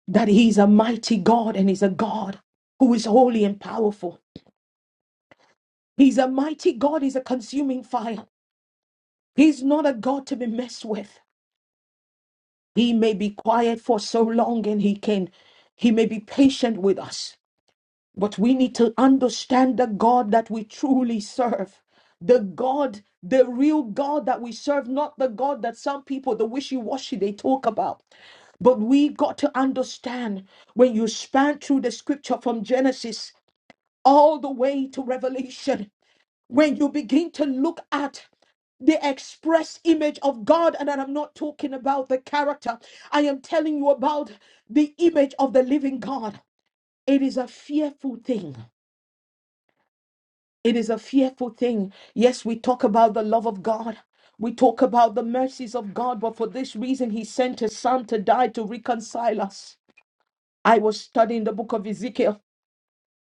Speaker 5: that He's a mighty God and He's a God who is holy and powerful. He's a mighty God, He's a consuming fire. He's not a God to be messed with. He may be quiet for so long and He can, He may be patient with us. But we need to understand the God that we truly serve. The God, the real God that we serve, not the God that some people, the wishy washy, they talk about. But we got to understand when you span through the scripture from Genesis all the way to Revelation, when you begin to look at the express image of God, and I'm not talking about the character, I am telling you about the image of the living God. It is a fearful thing It is a fearful thing. Yes, we talk about the love of God. We talk about the mercies of God, but for this reason, He sent His Son to die to reconcile us. I was studying the book of Ezekiel,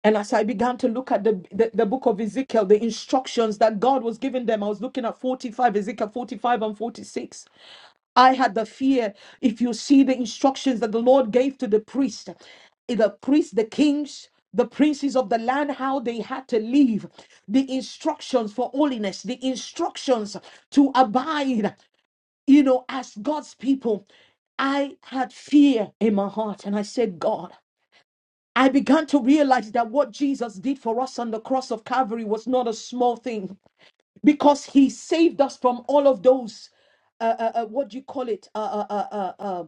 Speaker 5: and as I began to look at the, the, the book of Ezekiel, the instructions that God was giving them, I was looking at 45, Ezekiel 45 and 46. I had the fear. If you see the instructions that the Lord gave to the priest, eh, the priests, the kings, the princes of the land, how they had to live, the instructions for holiness, the instructions to abide, you know, as God's people. I had fear in my heart and I said, God, I began to realize that what Jesus did for us on the cross of Calvary was not a small thing because he saved us from all of those uh, uh, uh, what do you call it uh, uh, uh, uh,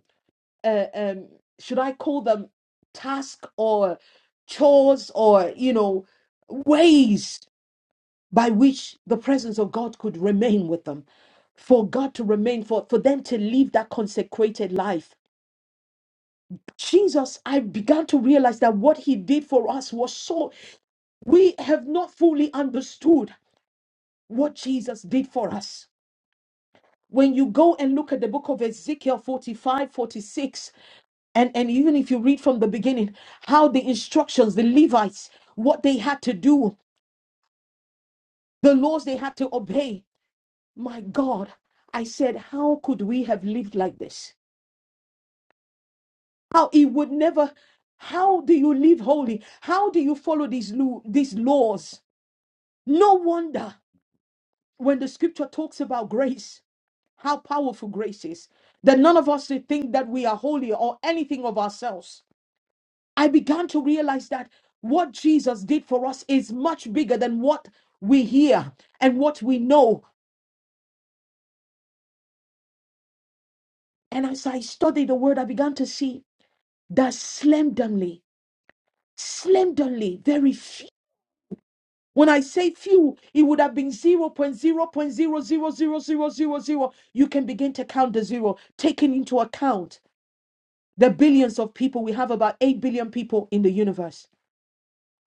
Speaker 5: uh, uh, um, should i call them task or chores or you know ways by which the presence of god could remain with them for god to remain for, for them to live that consecrated life jesus i began to realize that what he did for us was so we have not fully understood what jesus did for us when you go and look at the book of Ezekiel 45, 46, and, and even if you read from the beginning, how the instructions, the Levites, what they had to do, the laws they had to obey. My God, I said, how could we have lived like this? How it would never, how do you live holy? How do you follow these, lu- these laws? No wonder when the scripture talks about grace, how powerful grace is, that none of us should think that we are holy or anything of ourselves. I began to realize that what Jesus did for us is much bigger than what we hear and what we know. And as I studied the word, I began to see that slenderly, slenderly, very few. When I say few, it would have been zero point zero point zero zero zero zero zero zero. You can begin to count the zero, taking into account the billions of people. We have about 8 billion people in the universe.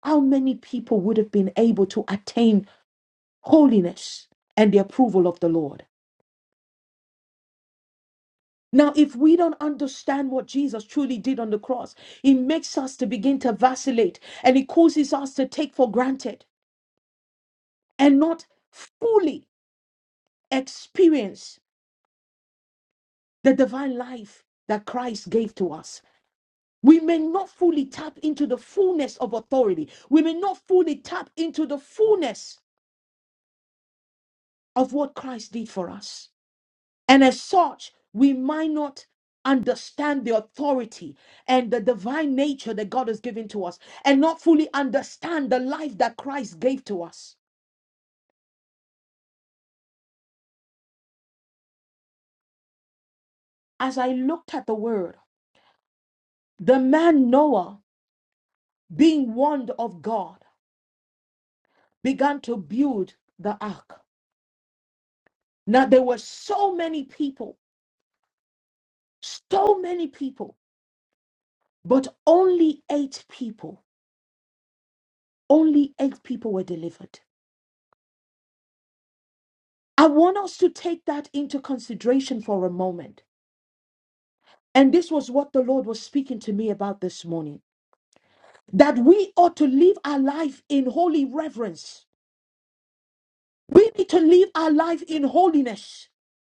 Speaker 5: How many people would have been able to attain? holiness and the approval of the Lord. Now, if we don't understand what Jesus truly did on the cross, it makes us to begin to vacillate and it causes us to take for granted and not fully experience the divine life that Christ gave to us. We may not fully tap into the fullness of authority. We may not fully tap into the fullness of what Christ did for us. And as such, we might not understand the authority and the divine nature that God has given to us and not fully understand the life that Christ gave to us. As I looked at the word, the man Noah, being warned of God, began to build the ark. Now, there were so many people, so many people, but only eight people, only eight people were delivered. I want us to take that into consideration for a moment And this was what the Lord was speaking to me about this morning that we ought to live our life in holy reverence. We need to live our life in holiness.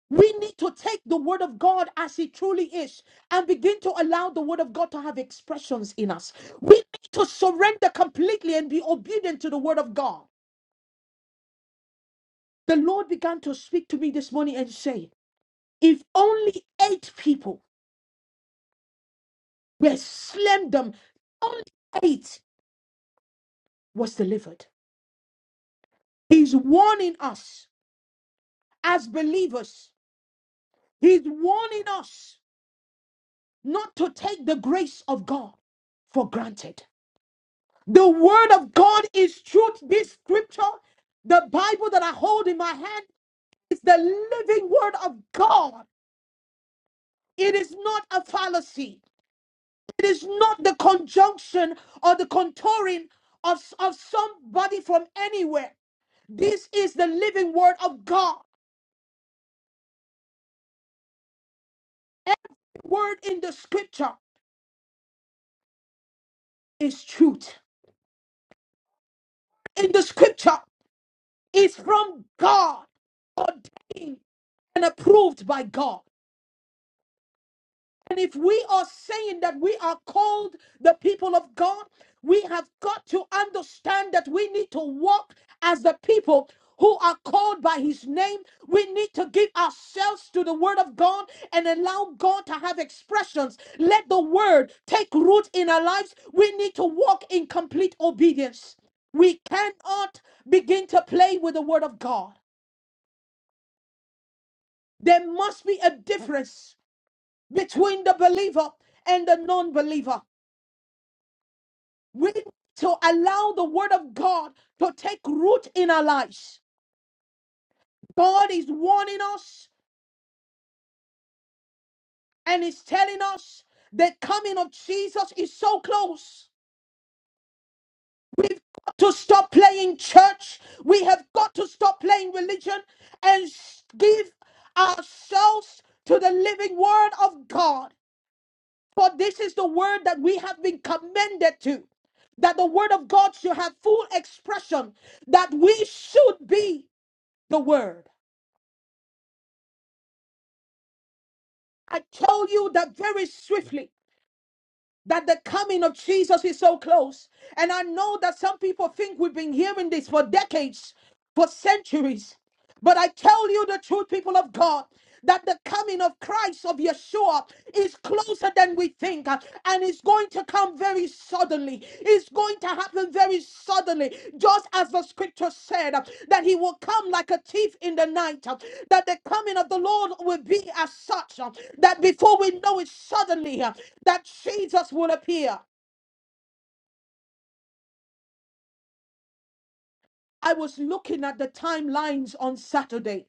Speaker 5: We need to take the word of God as it truly is and begin to allow the word of God to have expressions in us. We need to surrender completely and be obedient to the word of God. The Lord began to speak to me this morning and say, If only eight people were slammed them, only eight was delivered. He's warning us as believers. He's warning us not to take the grace of God for granted. The word of God is truth. This scripture, the Bible that I hold in my hand, is the living word of God. It is not a fallacy. It is not the conjunction or the contouring of, of somebody from anywhere. This is the living word of God. The Word in the scripture is truth. in the scripture is from God, ordained and approved by God. And if we are saying that we are called the people of God, we have got to understand that we need to walk as the people who are called by his name. We need to give ourselves to the word of God and allow God to have expressions. Let the word take root in our lives. We need to walk in complete obedience. We cannot begin to play with the word of God. There must be a difference between the believer and the non believer. We to allow the word of God to take root in our lives. God is warning us and is telling us the coming of Jesus is so close. We've got to stop playing church. We have got to stop playing religion and s- give ourselves to the living word of God. For this is the word that we have been commended to. That the word of God should have full expression. That we should be the word. I told you that very swiftly that the coming of Jesus is so close. And I know that some people think we've been hearing this for decades, for centuries. But I tell you the truth, people of God, that the coming of Christ of Yeshua is closer than we think, uh, and it's going to come very suddenly. It's going to happen very suddenly, just as the scripture said uh, that he will come like a thief in the night, uh, that the coming of the Lord will be as such uh, that before we know it, suddenly uh, that Jesus will appear. I was looking at the timelines on Saturday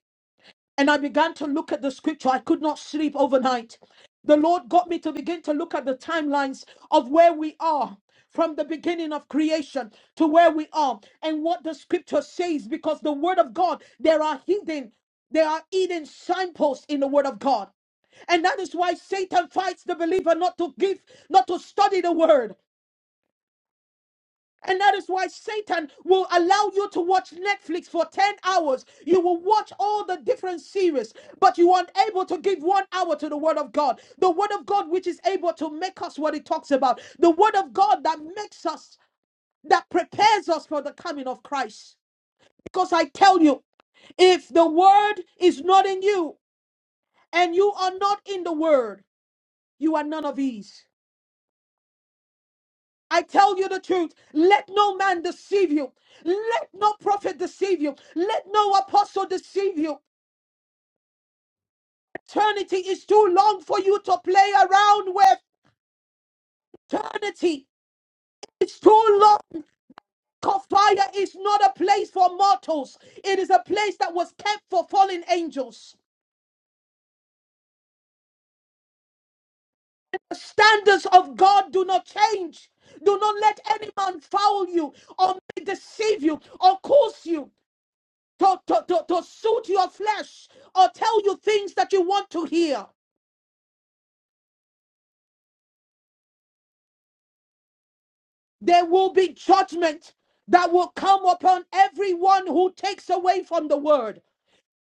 Speaker 5: and I began to look at the scripture. I could not sleep overnight. The Lord got me to begin to look at the timelines of where we are from the beginning of creation to where we are and what the scripture says because the word of God, there are hidden, there are hidden signposts in the word of God. And that is why Satan fights the believer not to give, not to study the word. And that is why Satan will allow you to watch Netflix for 10 hours. You will watch all the different series, but you aren't able to give one hour to the Word of God. The Word of God, which is able to make us what it talks about. The Word of God that makes us, that prepares us for the coming of Christ. Because I tell you, if the Word is not in you and you are not in the Word, you are none of these. I tell you the truth. Let no man deceive you. Let no prophet deceive you. Let no apostle deceive you. Eternity is too long for you to play around with. Eternity is too long. Fire is not a place for mortals, it is a place that was kept for fallen angels. The standards of God do not change. Do not let any man foul you or deceive you or curse you. to, to, to, to suit your flesh or tell you things that you want to hear. There will be judgment that will come upon everyone who takes away from the word.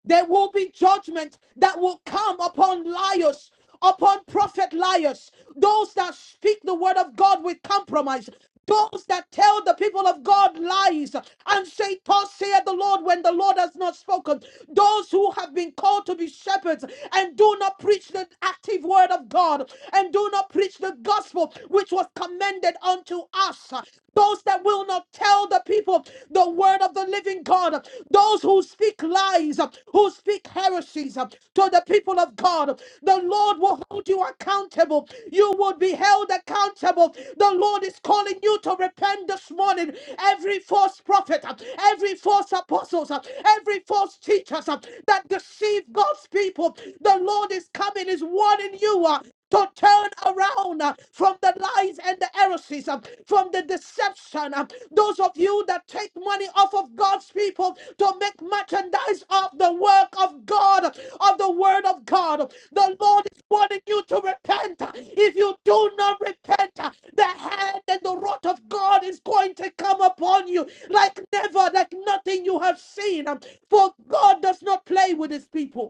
Speaker 5: There will be judgment that will come upon liars, upon prophet liars, those that speak the word of God with compromise, those that tell the people of God lies and say, Thus saith the Lord when the Lord has not spoken, those who have been called to be shepherds and do not preach the active word of God and do not preach the gospel which was commended unto us, those that will not tell tell the people the word of the living God. Those who speak lies, who speak heresies to the people of God, the Lord will hold you accountable. You will be held accountable. The Lord is calling you to repent this morning. Every false prophet, every false apostles, every false teachers that deceive God's people, the Lord is coming, is warning you to turn around uh, from the lies and the heresies, uh, from the deception. uh, Those of you that take money off of God's people to make merchandise of the work of God, of the word of God, the Lord is wanting you to repent. If you do not repent, uh, the hand and the wrath of God is going to come upon you like never, like nothing you have seen. um, For God does not play with his people.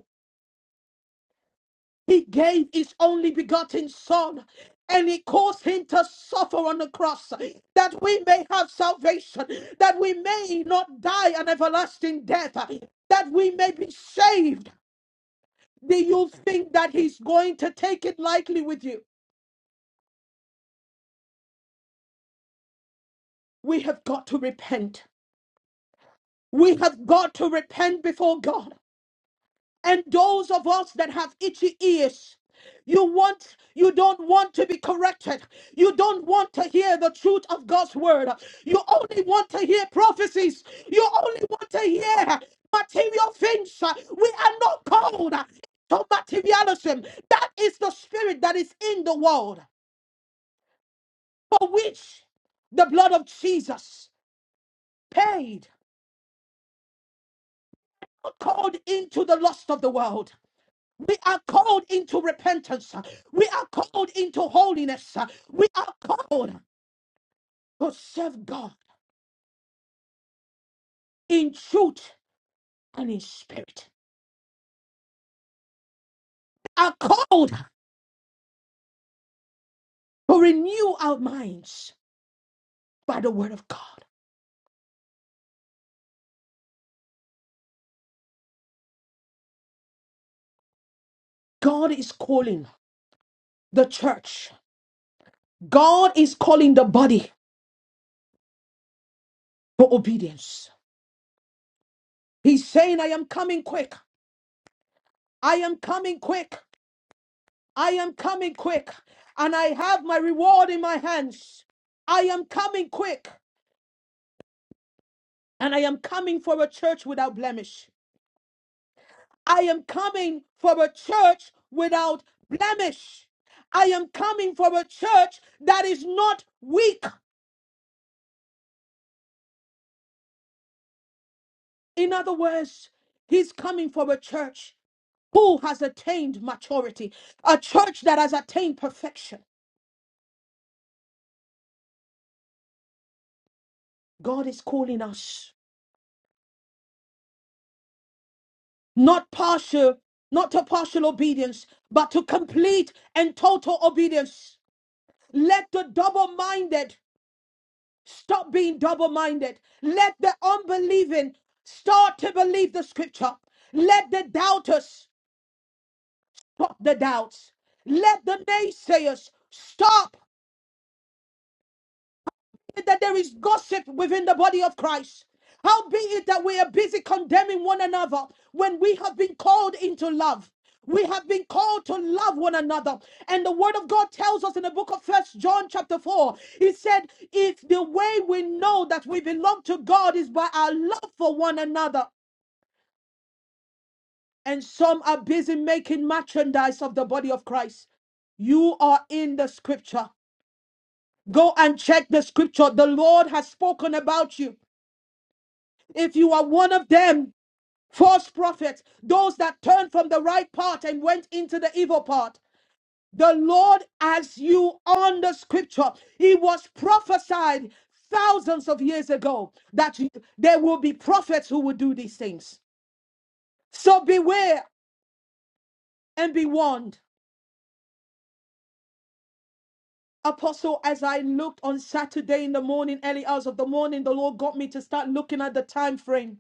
Speaker 5: He gave his only begotten Son and he caused him to suffer on the cross that we may have salvation, that we may not die an everlasting death, that we may be saved. Do you think that he's going to take it lightly with you? We have got to repent. We have got to repent before God. And those of us that have itchy ears, you want, you don't want to be corrected. You don't want to hear the truth of God's word. You only want to hear prophecies. You only want to hear material things. We are not called to materialism. That is the spirit that is in the world, for which the blood of Jesus paid, called into the lust of the world. We are called into repentance. We are called into holiness. We are called to serve God in truth and in spirit. We are called to renew our minds by the word of God. God is calling the church. God is calling the body to obedience. He's saying, I am coming quick. I am coming quick. I am coming quick. And I have my reward in my hands. I am coming quick. and I am coming for a church without blemish. I am coming for a church without blemish. I am coming for a church that is not weak. In other words, he's coming for a church who has attained maturity, a church that has attained perfection. God is calling us not partial, not to partial obedience, but to complete and total obedience. Let the double minded Stop being double minded. Let the unbelieving start to believe the scripture. Let the doubters stop the doubts. Let the naysayers stop. it that there is gossip within the body of Christ. How be it that we are busy condemning one another when we have been called into love. We have been called to love one another. And the word of God tells us in the book of First John chapter 4, he said, if the way we know that we belong to God is by our love for one another, and some are busy making merchandise of the body of Christ. You are in the scripture. Go and check the scripture. The Lord has spoken about you. If you are one of them, false prophets, those that turned from the right path and went into the evil path, the Lord, as you on the scripture, it was prophesied thousands of years ago that you- there will be prophets who will do these things. So beware and be warned. Apostle, as I looked on Saturday in the morning, early hours of the morning, the Lord got me to start looking at the time frame.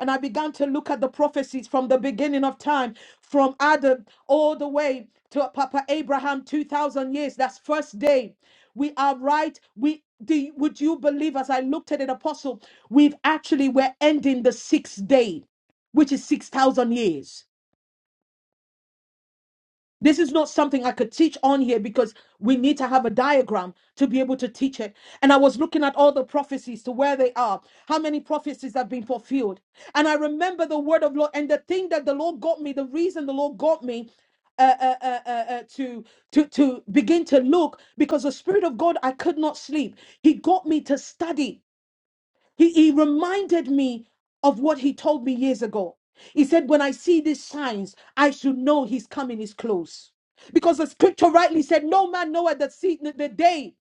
Speaker 5: And I began to look at the prophecies from the beginning of time, from Adam all the way to Papa Abraham, 2,000 years. That's first day. We are right. We do, would you believe as I looked at it, Apostle, we've actually we're ending the sixth day, which is 6,000 years. This is not something I could teach on here because we need to have a diagram to be able to teach it. And I was looking at all the prophecies to where they are, how many prophecies have been fulfilled. And I remember the word of Lord and the thing that the Lord got me, the reason the Lord got me uh, uh, uh, uh, uh, to to to begin to look because the Spirit of God, I could not sleep. He got me to study he, he reminded me of what he told me years ago. He said, When I see these signs, I should know his coming is close. Because the scripture rightly said, No man knoweth the, se- the the day.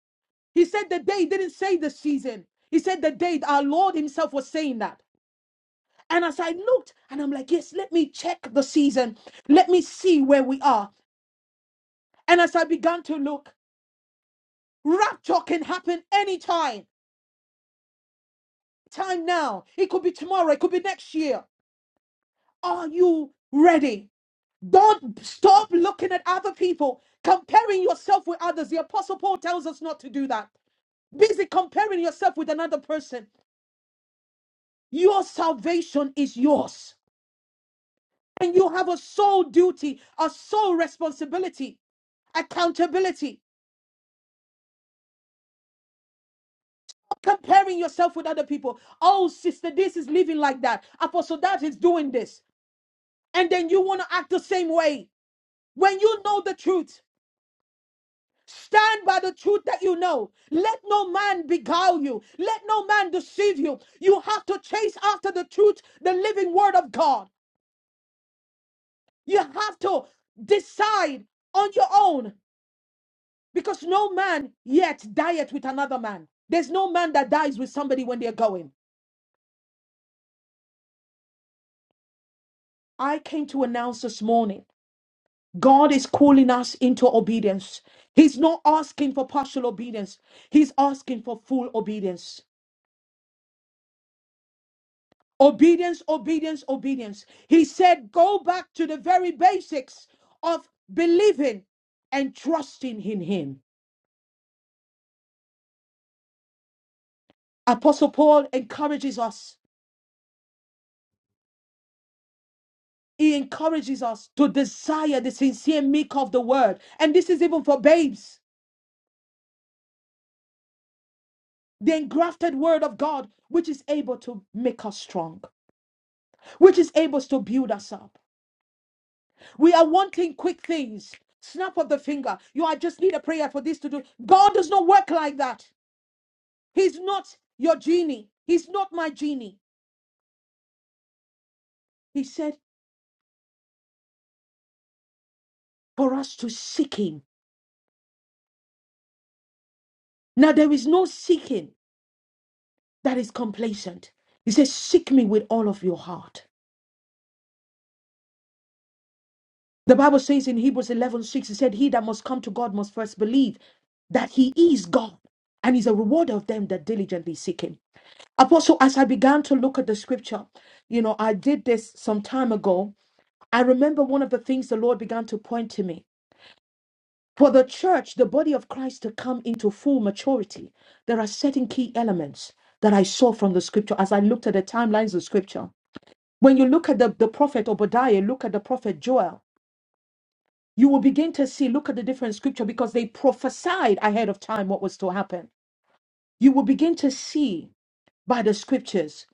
Speaker 5: He said the day, he didn't say the season. He said the day. Our Lord himself was saying that. And as I looked, and I'm like, Yes, let me check the season. Let me see where we are. And as I began to look, rapture can happen anytime. Time now. It could be tomorrow. It could be next year. Are you ready? Don't stop looking at other people, comparing yourself with others. The Apostle Paul tells us not to do that. Busy comparing yourself with another person. Your salvation is yours. And you have a sole duty, a sole responsibility, accountability. Comparing yourself with other people. Oh, sister, this is living like that. Apostle, that is doing this. And then you want to act the same way. When you know the truth, Stand by the truth that you know. Let no man beguile you. Let no man deceive you. You have to chase after the truth, the living word of God. You have to decide on your own because no man yet dieth with another man. There's no man that dies with somebody when they're going. I came to announce this morning God is calling us into obedience. He's not asking for partial obedience, He's asking for full obedience. Obedience, obedience, obedience. He said, go back to the very basics of believing and trusting in Him. Apostle Paul encourages us. He encourages us to desire the sincere meek of the word. And this is even for babes. The engrafted word of God, which is able to make us strong, which is able to build us up. We are wanting quick things. Snap of the finger. You, I just need a prayer for this to do. God does not work like that. He's not your genie. He's not my genie. He said, for us to seek him. Now, there is no seeking that is complacent. He says, Seek me with all of your heart. The Bible says in Hebrews 11 6. he said, He that must come to God must first believe that he is God and He's a rewarder of them that diligently seek him. Apostle, as I began to look at the scripture, you know, I did this some time ago. I remember one of the things the Lord began to point to me. For the church, the body of Christ, to come into full maturity, there are certain key elements that I saw from the scripture as I looked at the timelines of scripture. When you look at the, the prophet Obadiah, look at the prophet Joel, you will begin to see, look at the different scripture because they prophesied ahead of time what was to happen. You will begin to see by the scriptures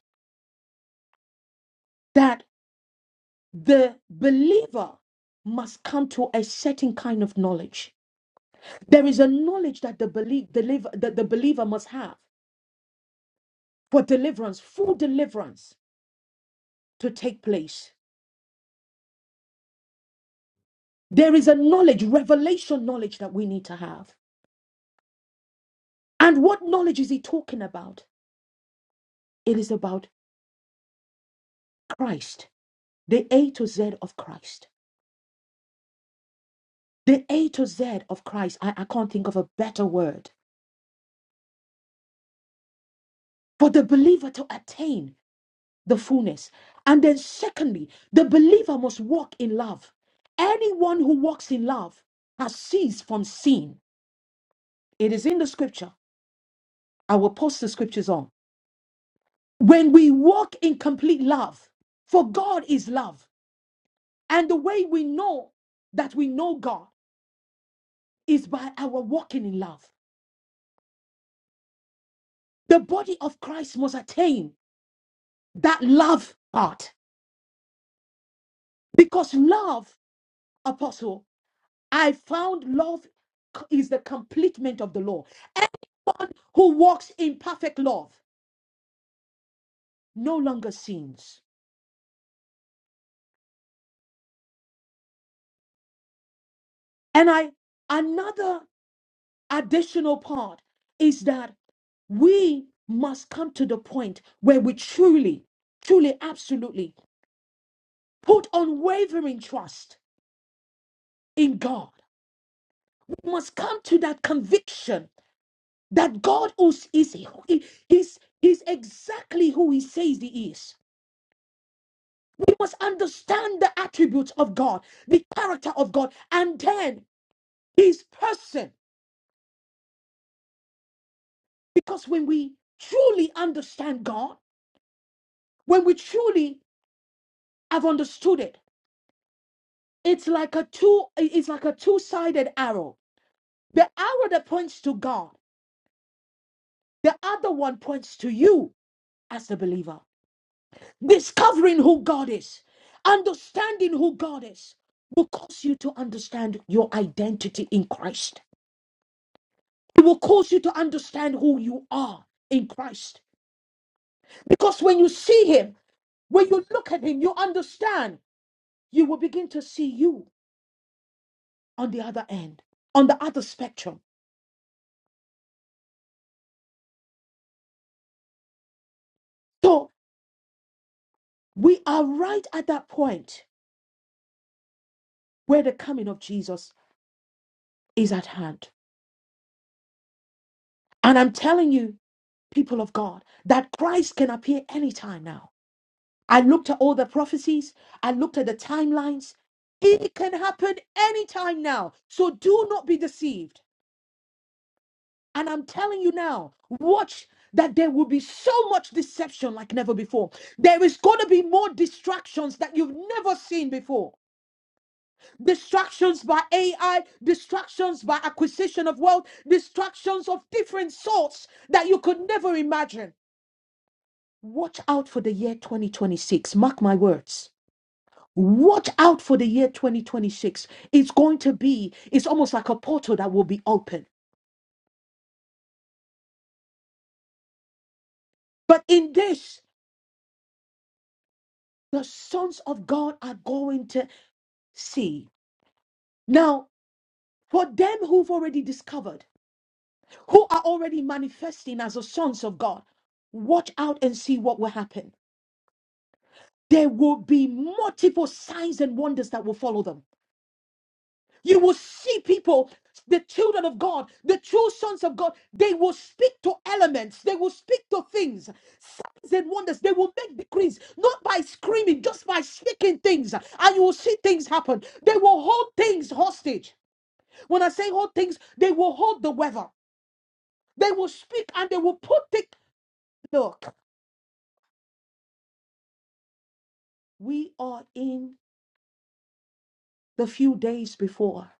Speaker 5: that the believer must come to a certain kind of knowledge. There is a knowledge that the, belie- the, liv- that the believer must have. for deliverance, full deliverance to take place. There is a knowledge, revelation knowledge that we need to have. And what knowledge is he talking about? It is about Christ, the A to Z of Christ. The A to Z of Christ. I, I can't think of a better word for the believer to attain the fullness. And then, secondly, the believer must walk in love. Anyone who walks in love has ceased from sin. It is in the scripture. I will post the scriptures on. When we walk in complete love, for God is love. And the way we know that we know God is by our walking in love. The body of Christ must attain that love part. Because love, apostle, I found love is the completement of the law. Anyone who walks in perfect love no longer sins. And I another additional part is that we must come to the point where we truly, truly, absolutely put unwavering trust in God. We must come to that conviction that God is, is, is, is exactly who He says He is. We must understand the attributes of God, the character of God, and then His person. Because when we truly understand God, when we truly have understood it, it's like a two it's like a two-sided arrow the arrow that points to god the other one points to you as the believer discovering who god is understanding who god is will cause you to understand your identity in christ it will cause you to understand who you are in christ because when you see him when you look at him you understand you will begin to see you on the other end on the other spectrum so we are right at that point where the coming of Jesus is at hand. And I'm telling you, people of God, that Christ can appear anytime now. I looked at all the prophecies, I looked at the timelines. It can happen anytime now. So do not be deceived. And I'm telling you now, watch that there will be so much deception like never before. There is going to be more distractions that you've never seen before. distractions by AI, distractions by acquisition of wealth, distractions of different sorts that you could never imagine. Watch out for the year 2026. Mark my words. Watch out for the year 2026. It's going to be, it's almost like a portal that will be open. But in this, the sons of God are going to see. Now, for them who've already discovered, who are already manifesting as the sons of God, watch out and see what will happen there will be multiple signs and wonders that will follow them. You will see people, the children of God, the true sons of God, they will speak to elements, they will speak to things, signs and wonders. They will make decrees, not by screaming, just by speaking things, and you will see things happen. They will hold things hostage. When I say hold things, they will hold the weather, they will speak and they will put it. Look, we are in the few days before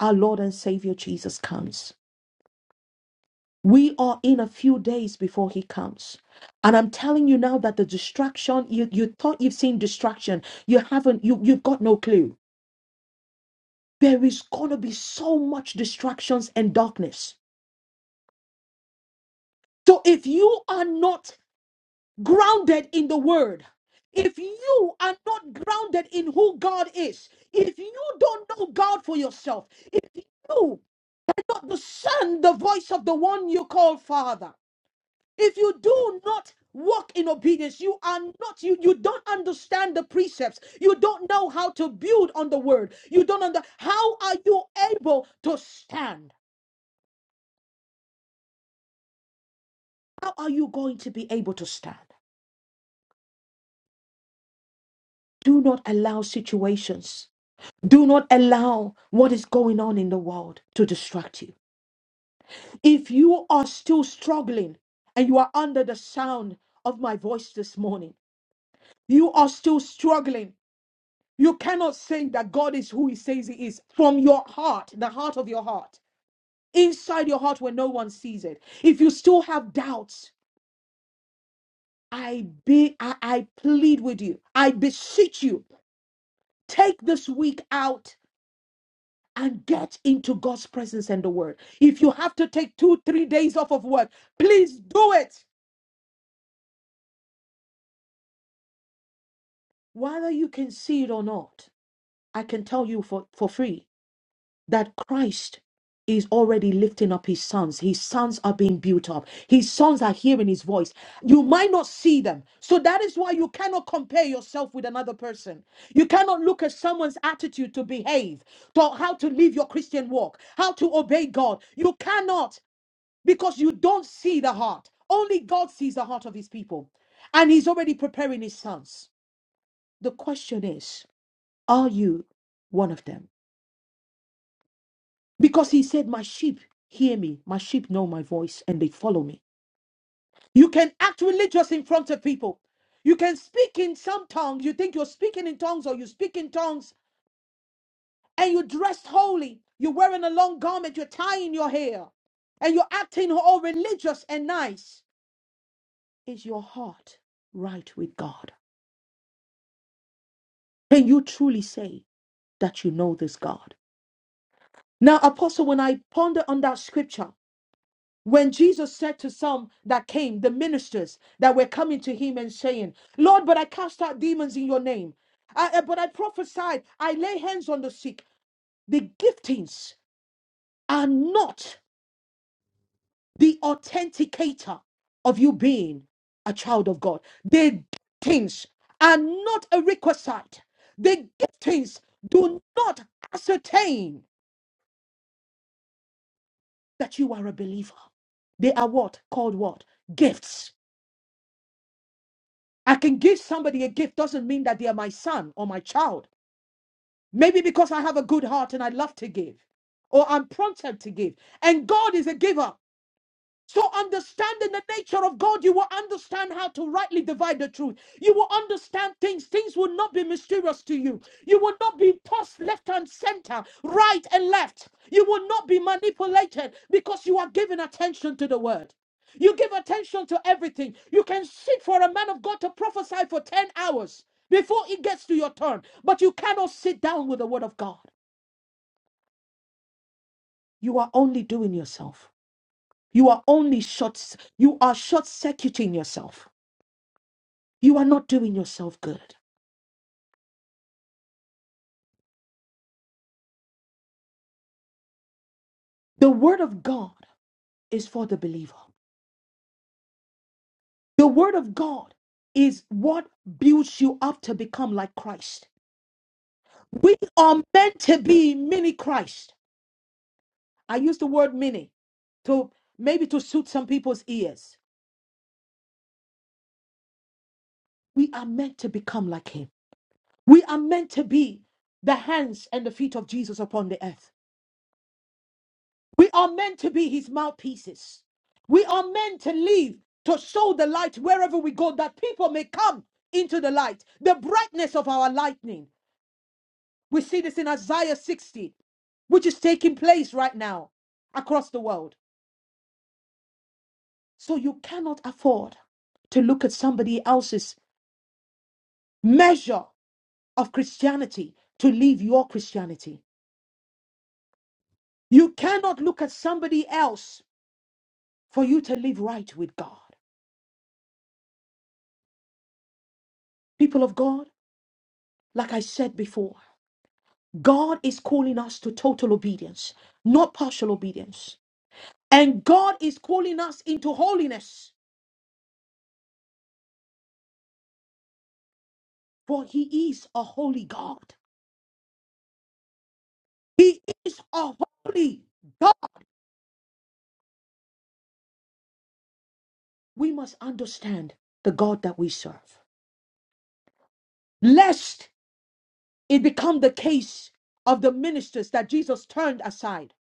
Speaker 5: our Lord and Savior Jesus comes. We are in a few days before he comes. And I'm telling you now that the distraction, you, you thought you've seen distraction, you haven't, you, you've got no clue. There is going to be so much distractions and darkness. So if you are not grounded in the word, if you are not grounded in who God is, if you don't know God for yourself, if you don't discern the voice of the one you call Father, if you do not walk in obedience you are not you you don't understand the precepts you don't know how to build on the word you don't under how are you able to stand how are you going to be able to stand do not allow situations do not allow what is going on in the world to distract you if you are still struggling and you are under the sound of my voice this morning you are still struggling You cannot say that God is who He says He is from your heart, the heart of your heart, inside your heart where no one sees it. If you still have doubts, I be I, I plead with you, I beseech you, take this week out and get into God's presence and the word. If you have to take two, three days off of work, please do it. Whether you can see it or not, I can tell you for, for free that Christ is already lifting up his sons. His sons are being built up. His sons are hearing his voice. You might not see them. So that is why you cannot compare yourself with another person. You cannot look at someone's attitude to behave, to how to live your Christian walk, how to obey God. You cannot because you don't see the heart. Only God sees the heart of his people. And he's already preparing his sons. The question is, are you one of them? Because he said, My sheep hear me, my sheep know my voice, and they follow me. You can act religious in front of people. You can speak in some tongues. You think you're speaking in tongues or you speak in tongues and you're dressed holy. You're wearing a long garment, you're tying your hair, and you're acting all religious and nice. Is your heart right with God? Can you truly say that you know this God? Now, Apostle, when I ponder on that scripture, When Jesus said to some that came, the ministers that were coming to him and saying, Lord, but I cast out demons in your name. I- I- but I prophesied, I lay hands on the sick. The giftings are not the authenticator of you being a child of God. The giftings are not a requisite. The giftings do not ascertain that you are a believer. They are what? Called what? Gifts I can give somebody a gift doesn't mean that they are my son or my child. Maybe because I have a good heart and I love to give, or I'm prompted to give. And God is a giver. So, understanding the nature of God, you will understand how to rightly divide the truth. You will understand things. Things will not be mysterious to you. You will not be tossed left and center, right and left. You will not be manipulated because you are giving attention to the word. You give attention to everything. You can sit for a man of God to prophesy for 10 hours before it gets to your turn, but you cannot sit down with the word of God. You are only doing yourself. You are only short, you are short circuiting yourself. You are not doing yourself good. The word of God is for the believer. The word of God is what builds you up to become like Christ. We are meant to be mini Christ. I use the word mini to maybe to suit some people's ears. We are meant to become like him. We are meant to be the hands and the feet of Jesus upon the earth. We are meant to be his mouthpieces. We are meant to live to show the light wherever we go that people may come into the light, the brightness of our lightning. We see this in Isaiah 60, which is taking place right now across the world. So you cannot afford to look at somebody else's measure of Christianity to live your Christianity. You cannot look at somebody else for you to live right with God. People of God, like I said before. God is calling us to total obedience, not partial obedience. And God is calling us into holiness, for He is a holy God. He is a holy God. We must understand the God that we serve, lest it become the case of the ministers that Jesus turned aside.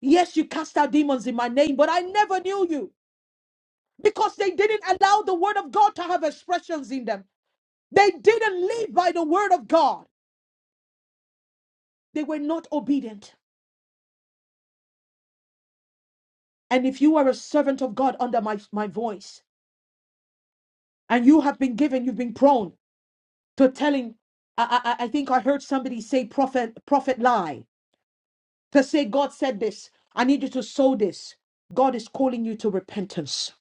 Speaker 5: Yes, you cast out demons in my name, but I never knew you because they didn't allow the word of God to have expressions in them. They didn't live by the word of God. They were not obedient. And if you are a servant of God under my, my voice, and you have been given, you've been prone to telling, I, I, I think I heard somebody say prophet, prophet lie, to say, God said this, I need you to sow this. God is calling you to repentance.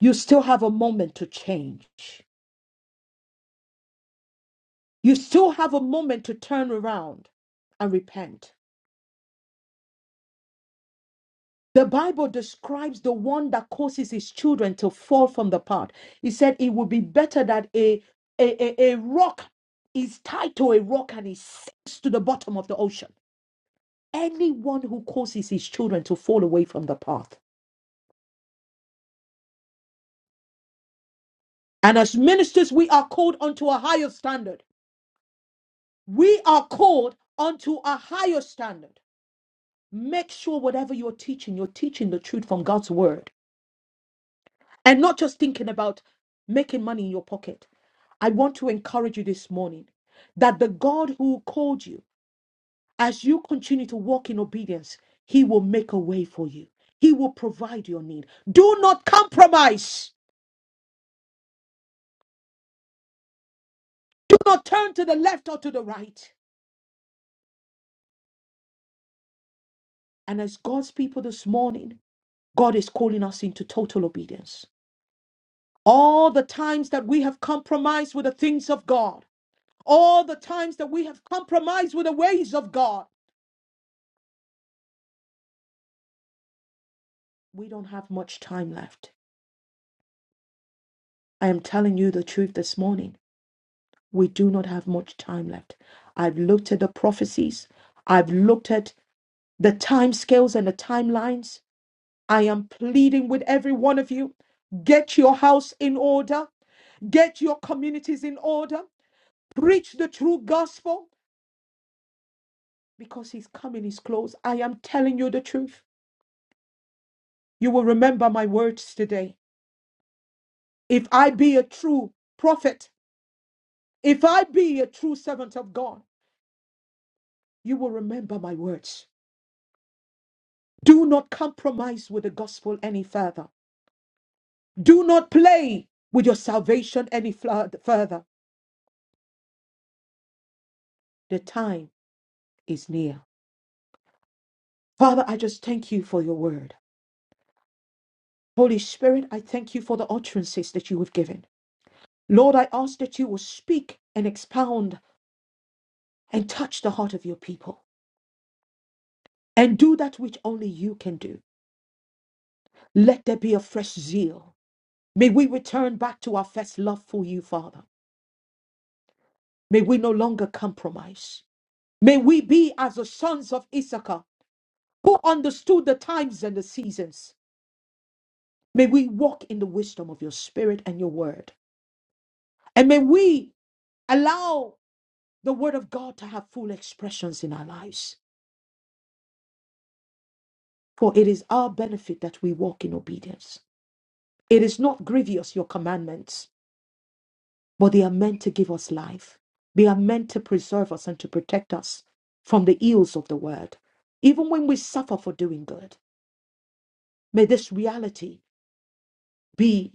Speaker 5: You still have a moment to change. You still have a moment to turn around and repent. The Bible describes the one that causes his children to fall from the path. He said it would be better that a, a, a, a rock is tied to a rock and it sinks to the bottom of the ocean. Anyone who causes his children to fall away from the path. And as ministers, we are called unto a higher standard. We are called unto a higher standard. Make sure whatever you're teaching, you're teaching the truth from God's word and not just thinking about making money in your pocket I want to encourage you this morning that the God who called you, as you continue to walk in obedience, He will make a way for you. He will provide your need. Do not compromise. Do not turn to the left or to the right. And as God's people this morning, God is calling us into total obedience. All the times that we have compromised with the things of God, all the times that we have compromised with the ways of God, we don't have much time left. I am telling you the truth this morning we do not have much time left. I've looked at the prophecies, I've looked at the time scales and the timelines. I am pleading with every one of you get your house in order, get your communities in order, preach the true gospel because his coming is close. I am telling you the truth. You will remember my words today. If I be a true prophet, if I be a true servant of God, you will remember my words. Do not compromise with the gospel any further. Do not play with your salvation any fla- further. The time is near. Father, I just thank you for your word. Holy Spirit, I thank you for the utterances that you have given. Lord, I ask that you will speak and expound and touch the heart of your people and do that which only you can do. Let there be a fresh zeal. May we return back to our first love for you, Father. May we no longer compromise. May we be as the sons of Issachar, who understood the times and the seasons. May we walk in the wisdom of your spirit and your word. And may we allow the word of God to have full expressions in our lives. For it is our benefit that we walk in obedience. It is not grievous, your commandments, but they are meant to give us life. They are meant to preserve us and to protect us from the ills of the world. Even when we suffer for doing good, may this reality be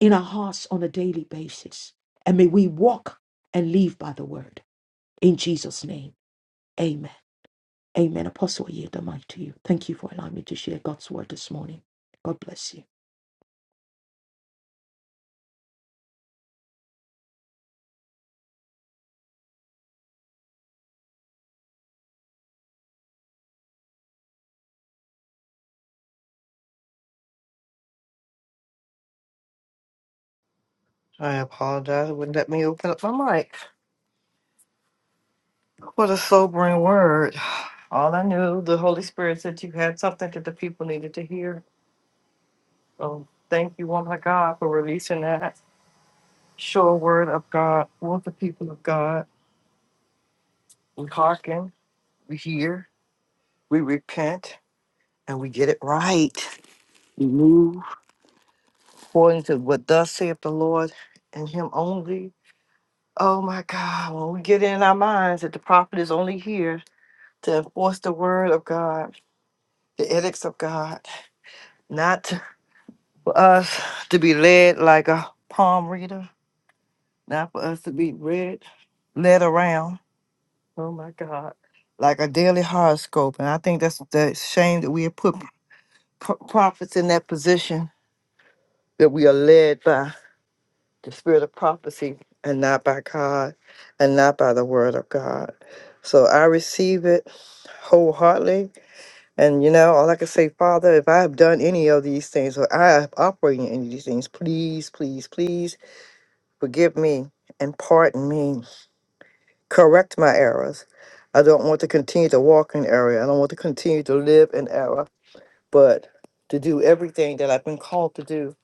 Speaker 5: in our hearts on a daily basis. And may we walk and live by the word. In Jesus' name, amen. Amen. Apostle, I yield the mic to you. Thank you for allowing me to share God's word this morning. God bless you.
Speaker 1: I apologize. It wouldn't let me open up my mic. What a sobering word. All I knew, the Holy Spirit said you had something that the people needed to hear. So thank you, woman of God, for releasing that sure word of God. Want the people of God. We hearken, we hear, we repent, and we get it right. We move according to what thus saith the Lord and Him only. Oh my God, when we get in our minds that the prophet is only here to enforce the word of God, the edicts of God, not to- for us to be led like a palm reader, not for us to be read, led around. Oh my God. Like a daily horoscope. And I think that's the shame that we have put pro- prophets in that position that we are led by the spirit of prophecy and not by God and not by the word of God. So I receive it wholeheartedly. And you know, all I can say, Father, if I have done any of these things or I have operated in any of these things, please, please, please forgive me and pardon me correct my errors. I don't want to continue to walk in error. I don't want to continue to live in error, but to do everything that I've been called to do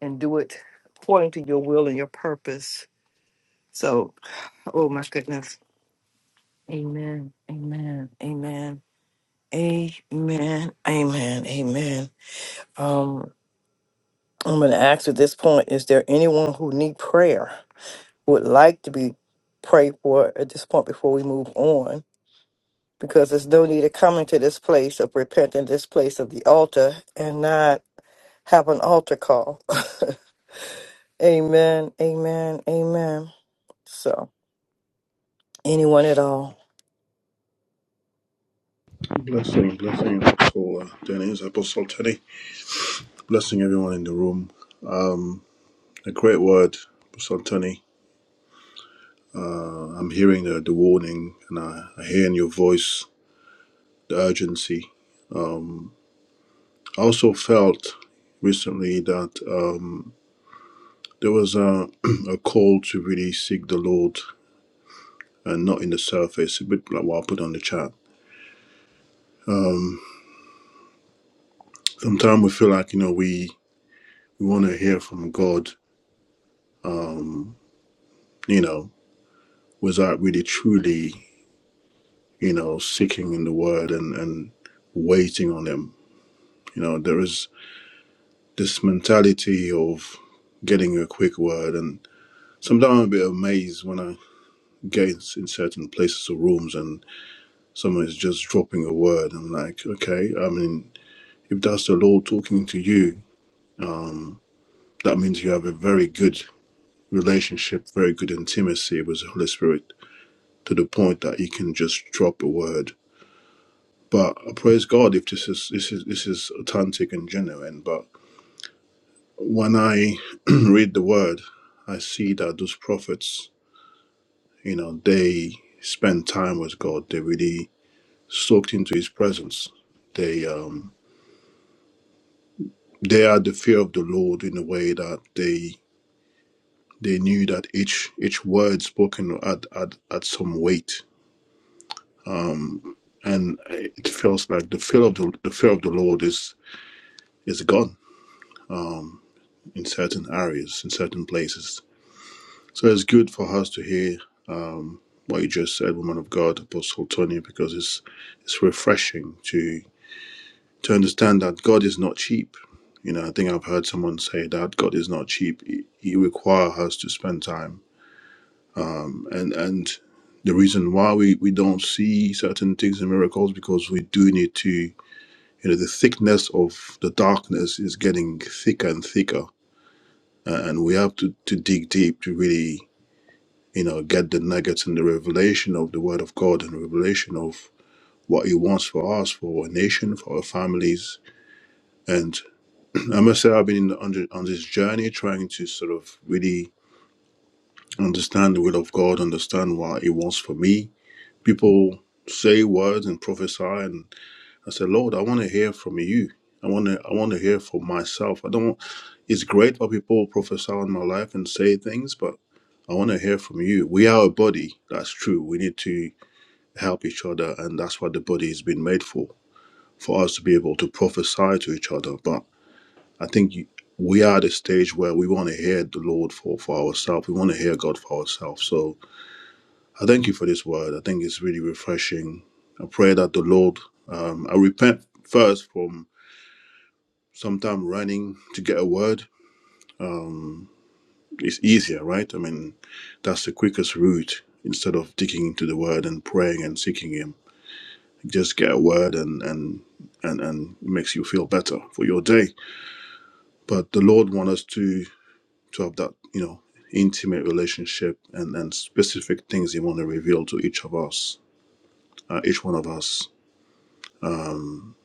Speaker 1: and do it according to your will and your purpose. So, oh my goodness. Amen. Amen. Amen. Amen. Amen. Amen. Um, I'm going to ask at this point is there anyone who need prayer, would like to be prayed for at this point before we move on? because there's no need of coming to this place of repenting, this place of the altar, and not have an altar call. amen, amen, amen. So, anyone at all.
Speaker 7: Blessing, blessing, Apostle uh, Dennis, Apostle Tony. Blessing everyone in the room. Um, a great word, Apostle Tony. I'm hearing the, the warning and I, I hear in your voice the urgency. I also felt recently that um, there was a, a call to really seek the Lord and not in the surface, a bit like what I put on the chat. Sometimes we feel like, you know, we, we want to hear from God, you know, without really truly you know, seeking in the word and, and waiting on him. You know, there is this mentality of getting a quick word and sometimes I'm a bit amazed when I get in certain places or rooms and someone is just dropping a word. I'm like, okay, I mean, if that's the Lord talking to you, that means you have a very good relationship, very good intimacy with the Holy Spirit to the point that you can just drop a word. But I praise God if this is this is this is authentic and genuine. But when I read the word, I see that those prophets, you know, they spend time with God. They really soaked into His presence. They um, they had the fear of the Lord in a way that they they knew that each each word spoken had had, had some weight, and it feels like the fear of the the fear of the Lord is is gone in certain areas, in certain places. So it's good for us to hear um, what you just said, woman of God, Apostle Tony, because it's it's refreshing to to understand that God is not cheap. You know, I think I've heard someone say that God is not cheap. He, he requires us to spend time, um, and and the reason why we we don't see certain things and miracles because we do need to. You know, the thickness of the darkness is getting thicker and thicker, a- and we have to to dig deep to really you know get the nuggets and the revelation of the Word of God and the revelation of what He wants for us, for our nation, for our families. And I must say, I've been in the, on, the, on this journey trying to sort of really understand the will of God, understand what He wants for me. People say words and prophesy, and I say, Lord, I want to hear from you. I want to. I want to hear for myself. I don't. It's great for people prophesy on my life and say things, but I want to hear from you. We are a body. That's true. We need to help each other, and that's what the body has been made for. for us to be able to prophesy to each other. But I think you- we are at a stage where we want to hear the Lord for, for ourselves. We want to hear God for ourselves. So I thank you for this word. I think it's really refreshing. I pray that the Lord, um, I repent first from sometime running to get a word. It's easier, right? I mean, that's the quickest route instead of digging into the word and praying and seeking Him. Just get a word and, and, and, and it makes you feel better for your day. But the Lord wants us to to have that you know intimate relationship and and specific things he want to reveal to each of us uh, each one of us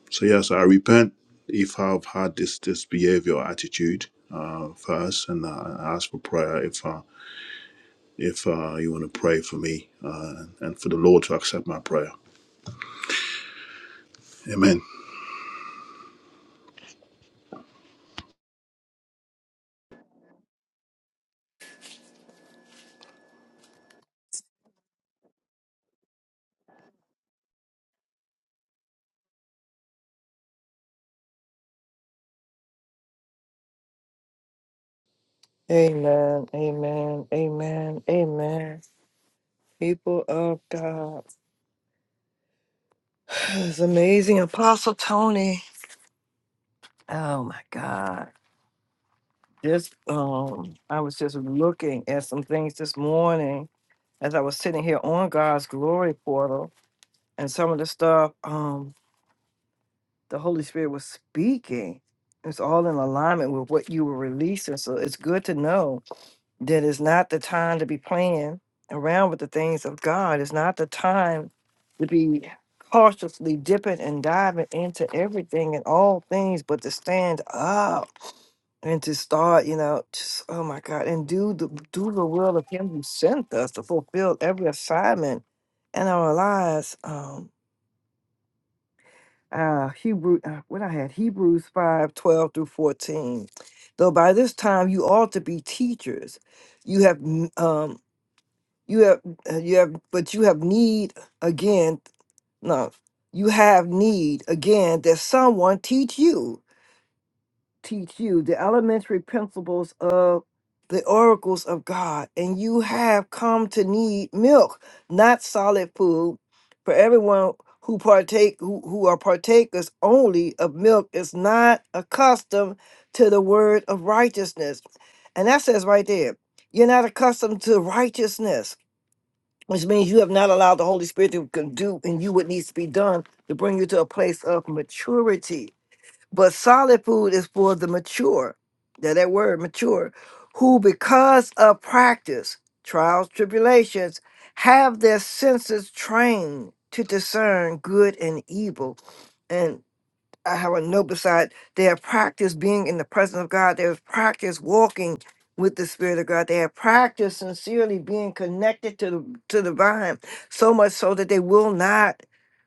Speaker 7: so yes i repent if i've had this this behavior or attitude uh first and uh, i ask for prayer if uh if uh you want to pray for me uh and for the lord to accept my prayer amen
Speaker 1: Amen, amen, amen, amen. People of God. It's amazing. Apostle Tony. Oh my God. Just um I was just looking at some things this morning as I was sitting here on God's glory portal and some of the stuff. Um the Holy Spirit was speaking. It's all in alignment with what you were releasing. So it's good to know that it's not the time to be playing around with the things of God. It's not the time to be cautiously dipping and diving into everything and all things, but to stand up and to start, you know, just oh my God, and do the do the will of Him who sent us to fulfill every assignment in our lives. Um, uh Hebrew uh, what I had Hebrews 5 12 through 14 though by this time you ought to be teachers you have n- um you have uh, you have but you have need again no you have need again that someone teach you teach you the elementary principles of the oracles of God, and you have come to need milk, not solid food. For everyone who partake, who, who are partakers only of milk, is not accustomed to the word of righteousness, and that says right there, you're not accustomed to righteousness, which means you have not allowed the Holy Spirit to can do and you what needs to be done to bring you to a place of maturity but solid food is for the mature. Now that word mature, who because of practice, trials, tribulations, have their senses trained to discern good and evil. and. I have a note beside they have practiced being in the presence of God. They have practiced walking with the Spirit of God. They have practiced sincerely being connected to the to the vine, so much so that they will not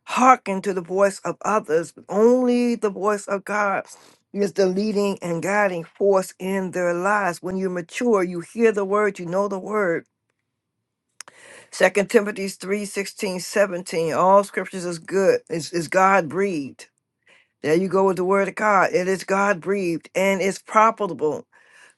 Speaker 1: hearken to the voice of others. But only the voice of God is the leading and guiding force in their lives. When you mature, you hear the word, you know the word. Second Timothy 3 16 17. All scriptures is good, is, is God breathed there you go with the word of God. It is God breathed and is profitable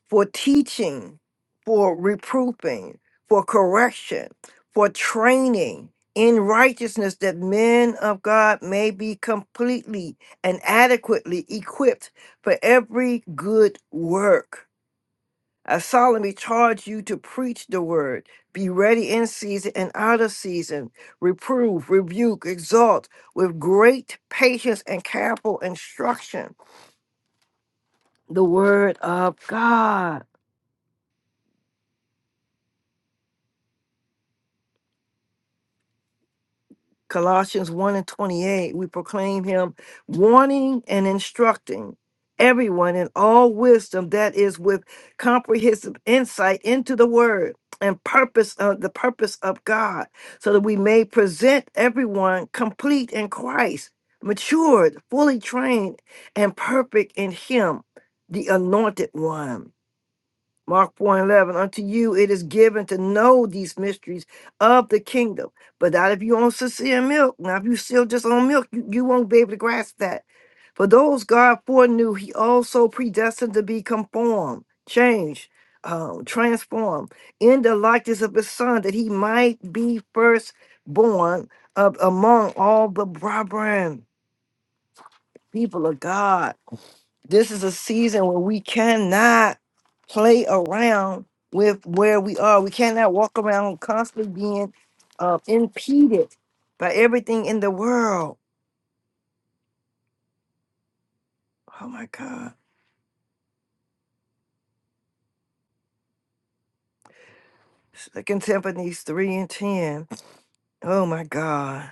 Speaker 1: for teaching, for reproofing, for correction, for training in righteousness that men of God may be completely and adequately equipped for every good work. I solemnly charge you to preach the word. Be ready in season and out of season. Reprove, rebuke, exhort with great patience and careful instruction the word of God. Colossians 1 and 28, we proclaim him warning and instructing everyone in all wisdom that is with comprehensive insight into the word and purpose of the purpose of God, so that we may present everyone complete in Christ, matured, fully trained, and perfect in him, the anointed one. Mark 4 and 11, unto the mysteries though. But not if you on Sicilian milk. Now, if you still just on milk, you, you won't be able to grasp that. For though God foreknew, he also predestined them, change um, um, in the like might be first one of them, people of God. This is a season where we cannot play around with where we are. We cannot walk around constantly being uh, impeded by everything in the world. Oh my God. Second Timothy 3 and 10 Oh my God.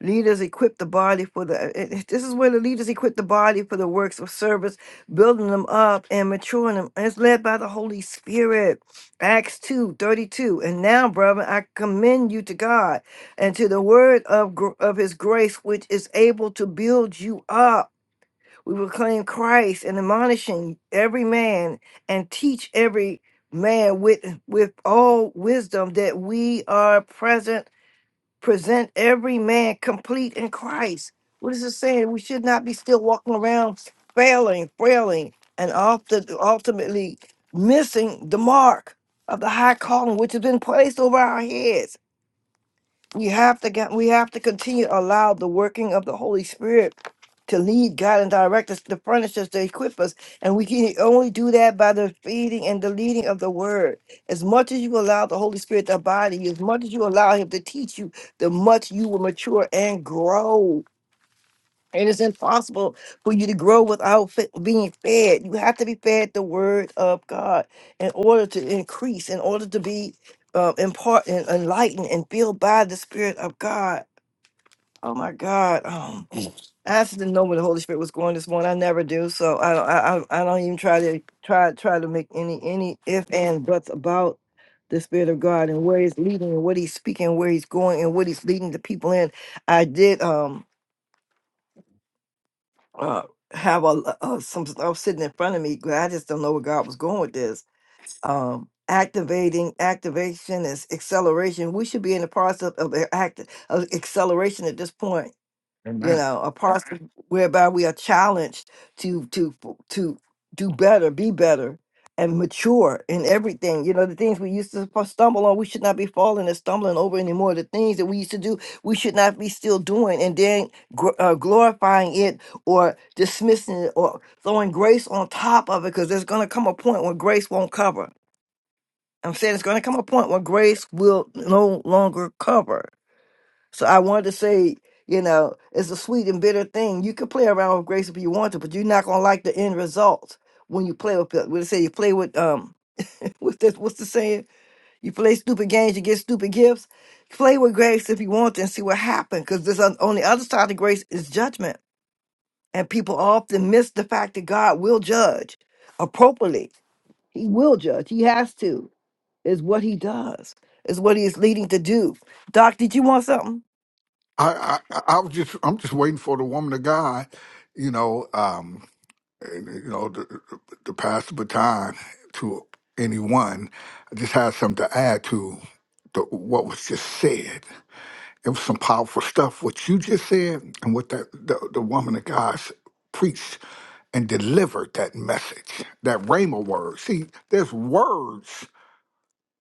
Speaker 1: Leaders equip the body for the, it- it- this is where the leaders equip the body for the works of service, building them up and maturing them. It's led by the Holy Spirit. Acts 2 32. And now, brother, I commend you to God and to the word of, gr- of his grace, which is able to build you up. We proclaim Christ and admonishing every man and teach every man with, with all wisdom that we are present present every man complete in Christ. What is it saying? We should not be still walking around failing, failing, and often ultimately missing the mark of the high calling which has been placed over our heads we have to get we have to continue to allow the working of the Holy Spirit to lead, guide, and direct us, to furnish us, to equip us. And we can only do that by the feeding and the leading of the word. As much as you allow the Holy Spirit to abide in you, as much as you allow him to teach you, the much you will mature and grow. It is impossible for you to grow without fe- being fed. You have to be fed the word of God in order to increase, in order to be uh, impart and enlightened and filled by the Spirit of God. Oh my God! Um, I actually didn't know where the Holy Spirit was going this morning. I never do, so I don't. I, I I don't even try to try try to make any any if and buts about the Spirit of God and where He's leading and what He's speaking, where He's going, and what He's leading the people in. I did. Um, uh, have a, l- uh, some stuff sitting in front of me. 'cause I just don't know where God was going with this. Um, activating, activation is acceleration. We should be in the process of a- act of acceleration at this point you
Speaker 8: Amen.
Speaker 1: know, a process whereby we are challenged to to to do better, be better, and mature in everything. You know, the things we used to fu- stumble on, we should not be falling and stumbling over anymore. The things that we used to do, we should not be still doing and then gr- uh, glorifying it or dismissing it or throwing grace on top of it, because there's going to come a point when grace won't cover. I'm saying it's going to come a point when grace will no longer cover so I wanted to say, you know, it's a sweet and bitter thing. You can play around with grace if you want to, but you're not gonna like the end result when you play with people. When they say you play with um, what's this? What's the saying? You play stupid games, you get stupid gifts. Play with grace if you want to, and see what happens. Because this on, on the other side of grace is judgment, and people often miss the fact that God will judge appropriately. He will judge. He has to. Is what he does. Is what he is leading to do. Doc, did you want something?
Speaker 8: I, I I was just I'm just waiting for the woman of God, you know, um, and, you know, to, to pass the baton to anyone. I just had something to add to the, what was just said. It was some powerful stuff what you just said and what that the, the woman of God s- preached and delivered that message, that rhema word. See, there's words,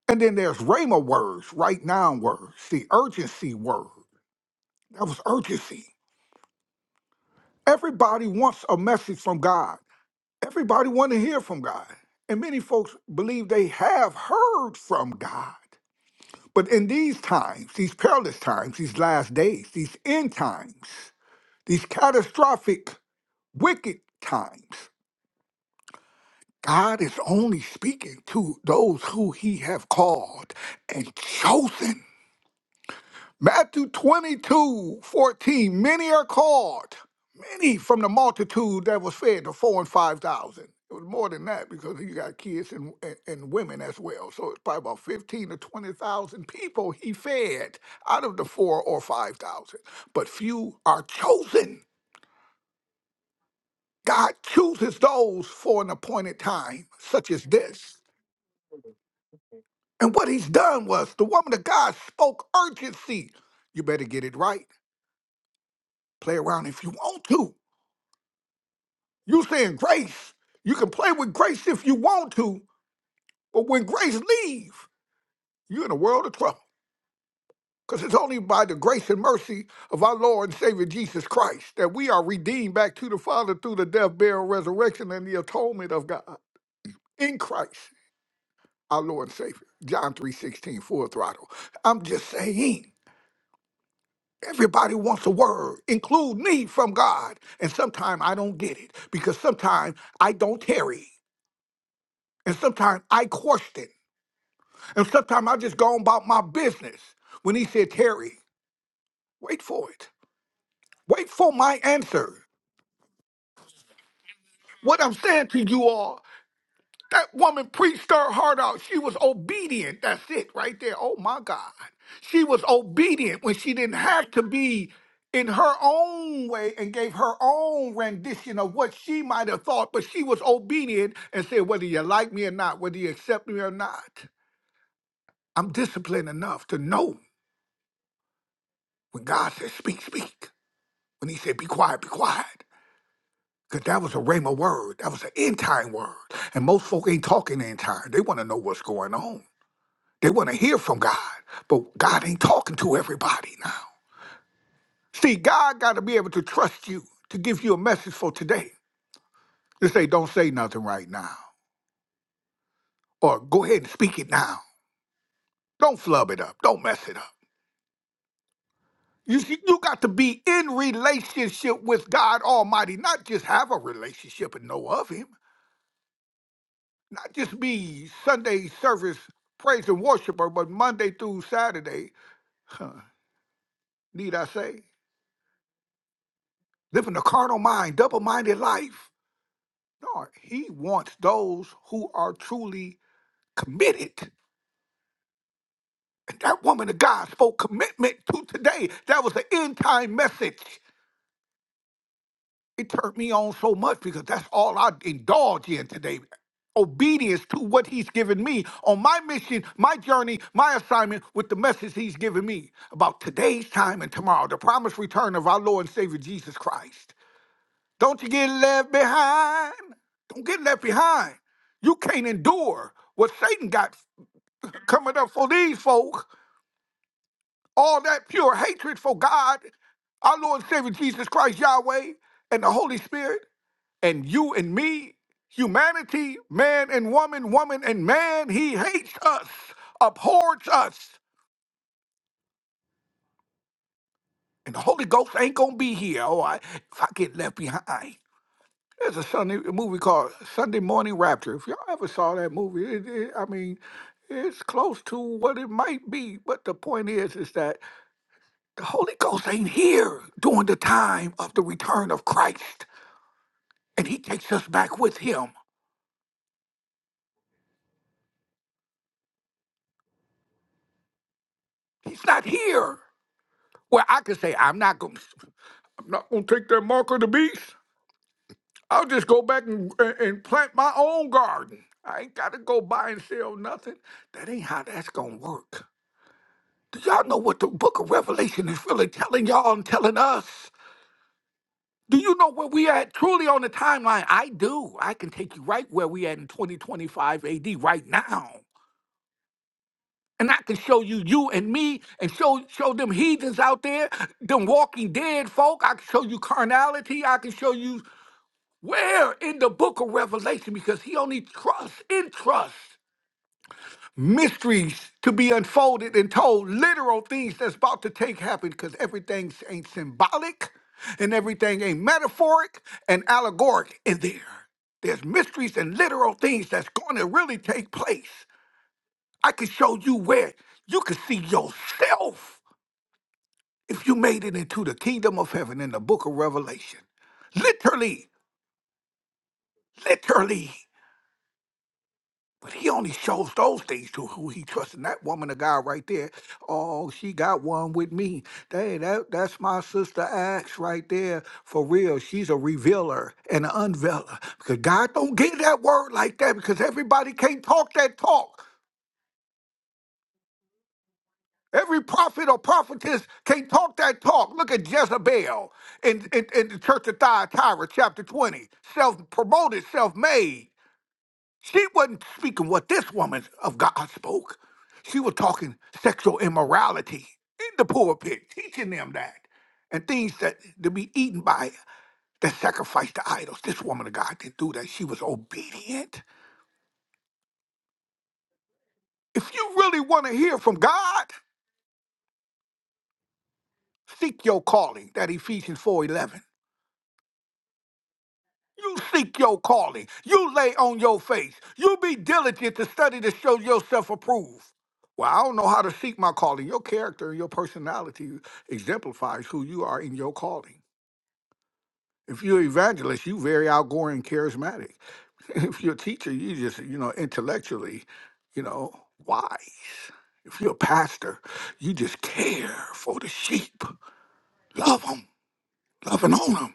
Speaker 8: and then there's rhema words, right now words, See, urgency word. That was urgency Everybody wants a message from God. Everybody want to hear from God. And many folks believe they have heard from God. But in these times, these perilous times, these last days, these end times, these catastrophic, wicked times, God is only speaking to those who he have called and chosen. Matthew 22 14. Many are called, many from the multitude that was fed, the four and five thousand. It was more than that because you got kids and, and, and women as well. So it's probably about 15 to 20,000 people he fed out of the four or five thousand. But few are chosen. God chooses those for an appointed time, such as this. And what he's done was the woman of God spoke urgency. You better get it right. Play around if you want to You saying grace. You can play with grace if you want to, but when grace leave, you're in a world of trouble. Because it's only by the grace and mercy of our Lord and Savior Jesus Christ that we are redeemed back to the Father through the death, burial, resurrection, and the atonement of God in Christ, our Lord and Savior. John 3 16 full throttle. I'm just saying, everybody wants a word, include me from God. And sometimes I don't get it because sometimes I don't tarry. And sometimes I question And sometimes I just go about my business. When he said, Terry, wait for it. Wait for my answer. What I'm saying to you all, that woman preached her heart out. She was obedient. That's it right there. Oh my God. She was obedient when she didn't have to be in her own way and gave her own rendition of what she might have thought, but she was obedient and said, whether you like me or not, whether you accept me or not, I'm disciplined enough to know when God says, speak, speak. when he said, Be quiet, be quiet. Because that was a Rhema word. That was an end time word. And most folk ain't talking end time. They want to know what's going on. They want to hear from God. But God ain't talking to everybody now. See, God got to be able to trust you to give you a message for today. To say, don't say nothing right now. Or go ahead and speak it now. Don't flub it up. Don't mess it up. You, see, you got to be in relationship with God Almighty, not just have a relationship and know of Him. not just be Sunday service praise and worshiper, but Monday through Saturday, huh, need I say, living a carnal mind, double-minded life. No, he wants those who are truly committed. And that woman of God spoke commitment to today. That was an end time message. It turned me on so much because that's all I indulge in today. Obedience to what he's given me on my mission, my journey, my assignment with the message he's given me about today's time and tomorrow, the promised return of our Lord and Savior Jesus Christ. Don't you get left behind. Don't get left behind. You can't endure what Satan got coming up for these folk. All that pure hatred for God, our Lord and Savior Jesus Christ, Yahweh, and the Holy Spirit. And you and me, humanity, man and woman, woman and man, he hates us, abhors us. And the Holy Ghost ain't gonna be here, all right, if I get left behind. There's a Sunday a movie called Sunday Morning Rapture. If y'all ever saw that movie, it, it, I mean, it's close to what it might be. But the point is, is that the Holy Ghost ain't here during the time of the return of Christ, and He takes us back with Him. He's not here. Well, I could say I'm not going. not gonna take that mark of the beast. I'll just go back and, and, and plant my own garden. I ain't gotta go buy and sell nothing. That ain't how that's gonna work. Do y'all know what the book of Revelation is really telling y'all and telling us? Do you know where we at truly on the timeline? I do. I can take you right where we at in 2025 AD right now. And I can show you you and me and show show them heathens out there, them walking dead folk. I can show you carnality. I can show you Where in the book of Revelation? Because he only trusts in trust mysteries to be unfolded and told, literal things that's about to take happen because everything ain't symbolic and everything ain't metaphoric and allegoric in there. There's mysteries and literal things that's going to really take place. I can show you where you can see yourself if you made it into the kingdom of heaven in the book of Revelation. Literally, literally. But he only shows those things to who he trusts. And that woman of God right there, oh, she got one with me. Dang, that, that's my sister Axe right there. For real, she's a revealer and an unveiler. Because God don't give that word like that because everybody can't talk that talk. Every prophet or prophetess can't talk that talk. Look at Jezebel in, in, in the church of Thyatira, chapter 20. Self-promoted, self-made. She wasn't speaking what this woman of God spoke. She was talking sexual immorality in the pulpit, teaching them that. And things that to be eaten by that sacrifice to idols. This woman of God didn't do that. She was obedient. If you really want to hear from God, seek your calling, that Ephesians 4:11. You seek your calling. You lay on your face. You be diligent to study to show yourself approved. Well, I don't know how to seek my calling. Your character and your personality exemplifies who you are in your calling. If you're an evangelist, you very outgoing, and charismatic. If you're a teacher, you just, you know, intellectually, you know, wise. If you're a pastor, you just care for the sheep. Love them, love and own them.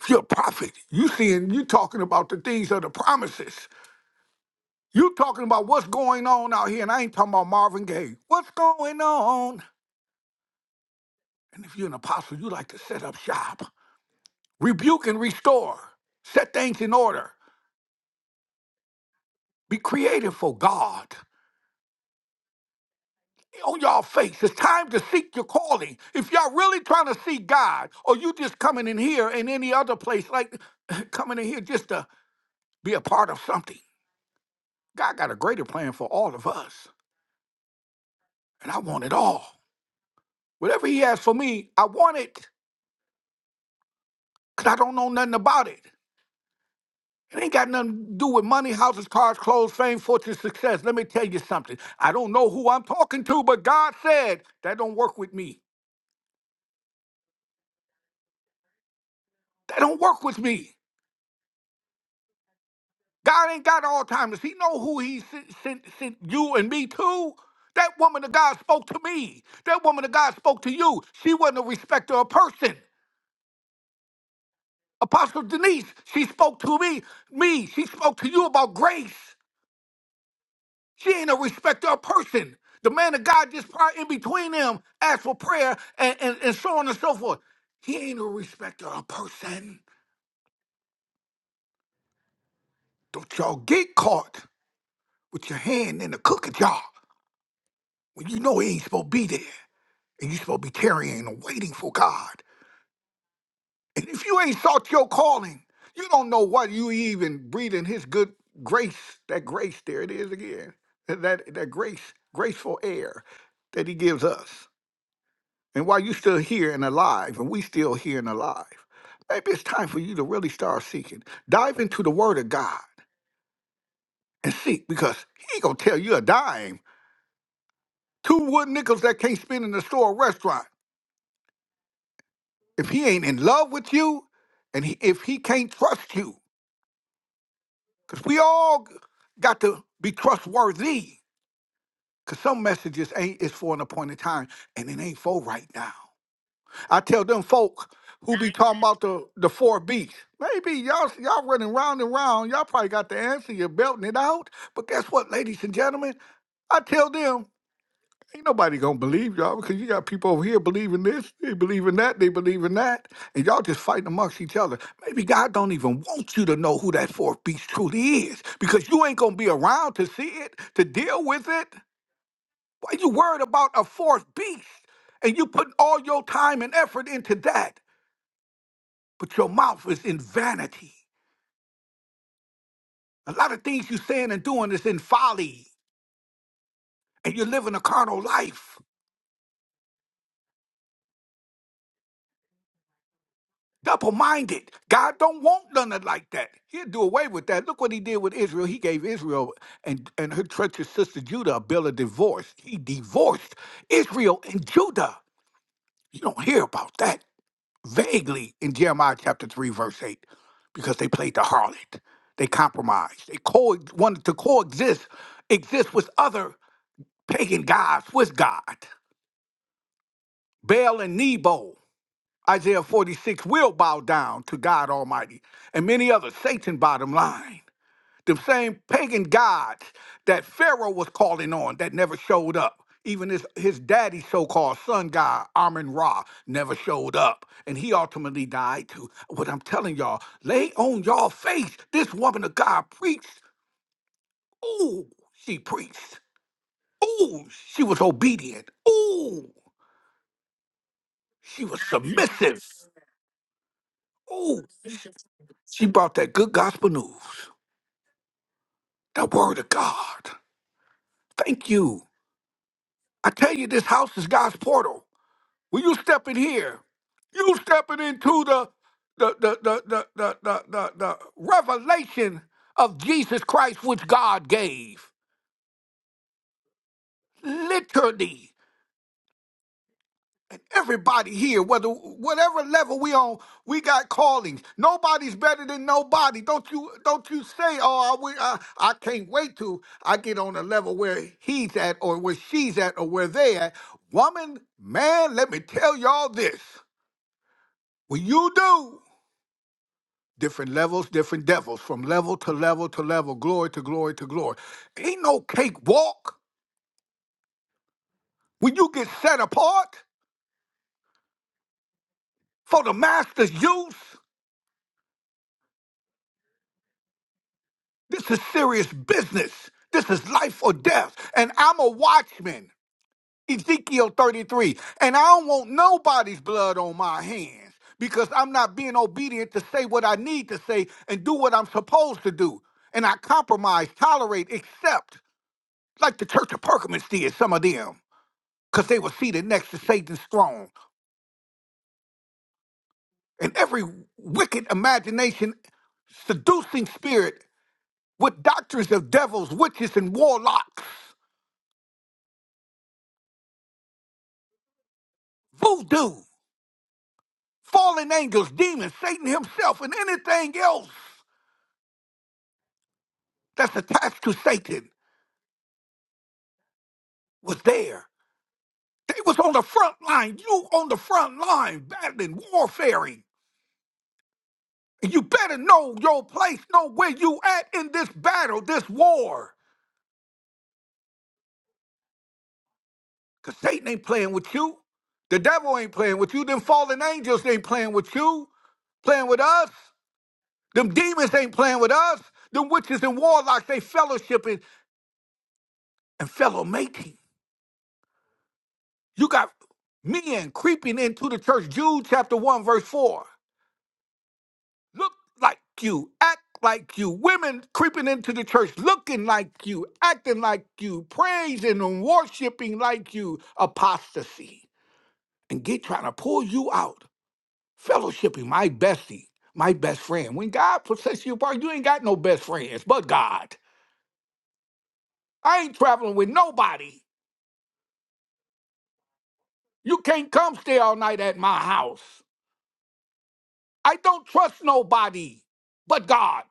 Speaker 8: If you're a prophet, you seeing, you talking about the things of the promises. You talking about what's going on out here, and I ain't talking about Marvin Gaye. What's going on? And if you're an apostle, you like to set up shop, rebuke and restore, set things in order, be creative for God. On y'all face, it's time to seek your calling. If y'all really trying to see God, or you just coming in here and any other place, like coming in here just to be a part of something, God got a greater plan for all of us, and I want it all. Whatever He has for me, I want it, cause I don't know nothing about it. It ain't got nothing to do with money, houses, cars, clothes, fame, fortune, success. Let me tell you something. I don't know who I'm talking to, but God said that don't work with me. That don't work with me. God ain't got Alzheimer's. He know who he sent, sent, sent you and me to. That woman of God spoke to me. That woman of God spoke to you. She wasn't a respecter of person. Apostle Denise, she spoke to me. Me, she spoke to you about grace. She ain't a respecter of person. The man of God just probably in between them asked for prayer and, and, and so on and so forth. He ain't a respecter of person. Don't y'all get caught with your hand in the cookie jar when you know it ain't supposed to be there and you supposed to be tarrying and waiting for God. And if you ain't sought your calling, you don't know what you even breathing His good grace. That grace, there it is again. That that grace, graceful air that He gives us. And while you're still here and alive, and we still here and alive, maybe it's time for you to really start seeking. Dive into the Word of God and seek, because He ain't gonna tell you a dime. Two wood nickels that can't spend in the store or restaurant. If He ain't in love with you, and he, if He can't trust you, because we all got to be trustworthy. Because some messages ain't is for an appointed time, and it ain't for right now. I tell them folk who be talking about the the four B's. Maybe y'all y'all running round and round. Y'all probably got the answer. You're belting it out. But guess what, ladies and gentlemen? I tell them ain't nobody gonna believe y'all because you got people over here believing this, they believe in that, they believe in that, and y'all just fighting amongst each other. Maybe God don't even want you to know who that fourth beast truly is because you ain't gonna be around to see it, to deal with it. Why you worried about a fourth beast? and you put all your time and effort into that but your mouth is in vanity. A lot of things you're saying and doing is in folly, and you're living a carnal life. Double minded. God don't want none of like that. He'll do away with that. Look what he did with Israel. He gave Israel and, and her treacherous sister Judah a bill of divorce. He divorced Israel and Judah. You don't hear about that vaguely in Jeremiah chapter 3, verse 8, because they played the harlot. They compromised. They co- wanted to coexist exist with other pagan gods with God. Baal and Nebo, Isaiah 46, will bow down to God Almighty, and many others, Satan bottom line. The same pagan gods that Pharaoh was calling on that never showed up. Even his, his daddy, so called sun god, Amun Ra, never showed up. And he ultimately died too. What I'm telling y'all, lay on y'all face. This woman of God preached. Ooh, she preached. Ooh, she was obedient. Ooh, She was submissive. Oh, she brought that good gospel news, that word of God. Thank you. I tell you, this house is God's portal. When you step in here, you stepping into the the the the the the the, the, the revelation of Jesus Christ, which God gave. Literally. And Everybody here, whether whatever level we on, we got callings. Nobody's better than nobody. Don't you don't you say, oh, I, wi- I, I can't wait till I get on a level where he's at or where she's at or where they at. Woman, man, let me tell y'all this. When you do, different levels, different devils, from level to level to level, glory to glory to glory. Ain't no cakewalk when you get set apart for the master's use. This is serious business. This is life or death. And I'm a watchman. Ezekiel 33. And I don't want nobody's blood on my hands because I'm not being obedient to say what I need to say and do what I'm supposed to do. And I compromise, tolerate, accept, like the Church of Perkins did, some of them, because they were seated next to Satan's throne. And every wicked imagination, seducing spirit with doctrines of devils, witches, and warlocks voodoo. fallen angels, demons, Satan himself, and anything else that's attached to Satan was there. They was on the front line. You on the front line, battling, warfaring. And you better know your place, know where you at in this battle, this war. Because Satan ain't playing with you. The devil ain't playing with you. Them fallen angels ain't playing with you, playing with us. Them demons ain't playing with us. Them witches and warlocks, they fellowshipping and fellow mating. You got men creeping into the church. Jude chapter 1, verse 4. Look like you, act like you. Women creeping into the church, looking like you, acting like you, praising and worshiping like you. Apostasy. And get trying to pull you out. Fellowshipping, my bestie, my best friend. When God sets you apart, you ain't got no best friends but God. I ain't traveling with nobody. You can't come stay all night at my house. I don't trust nobody but God.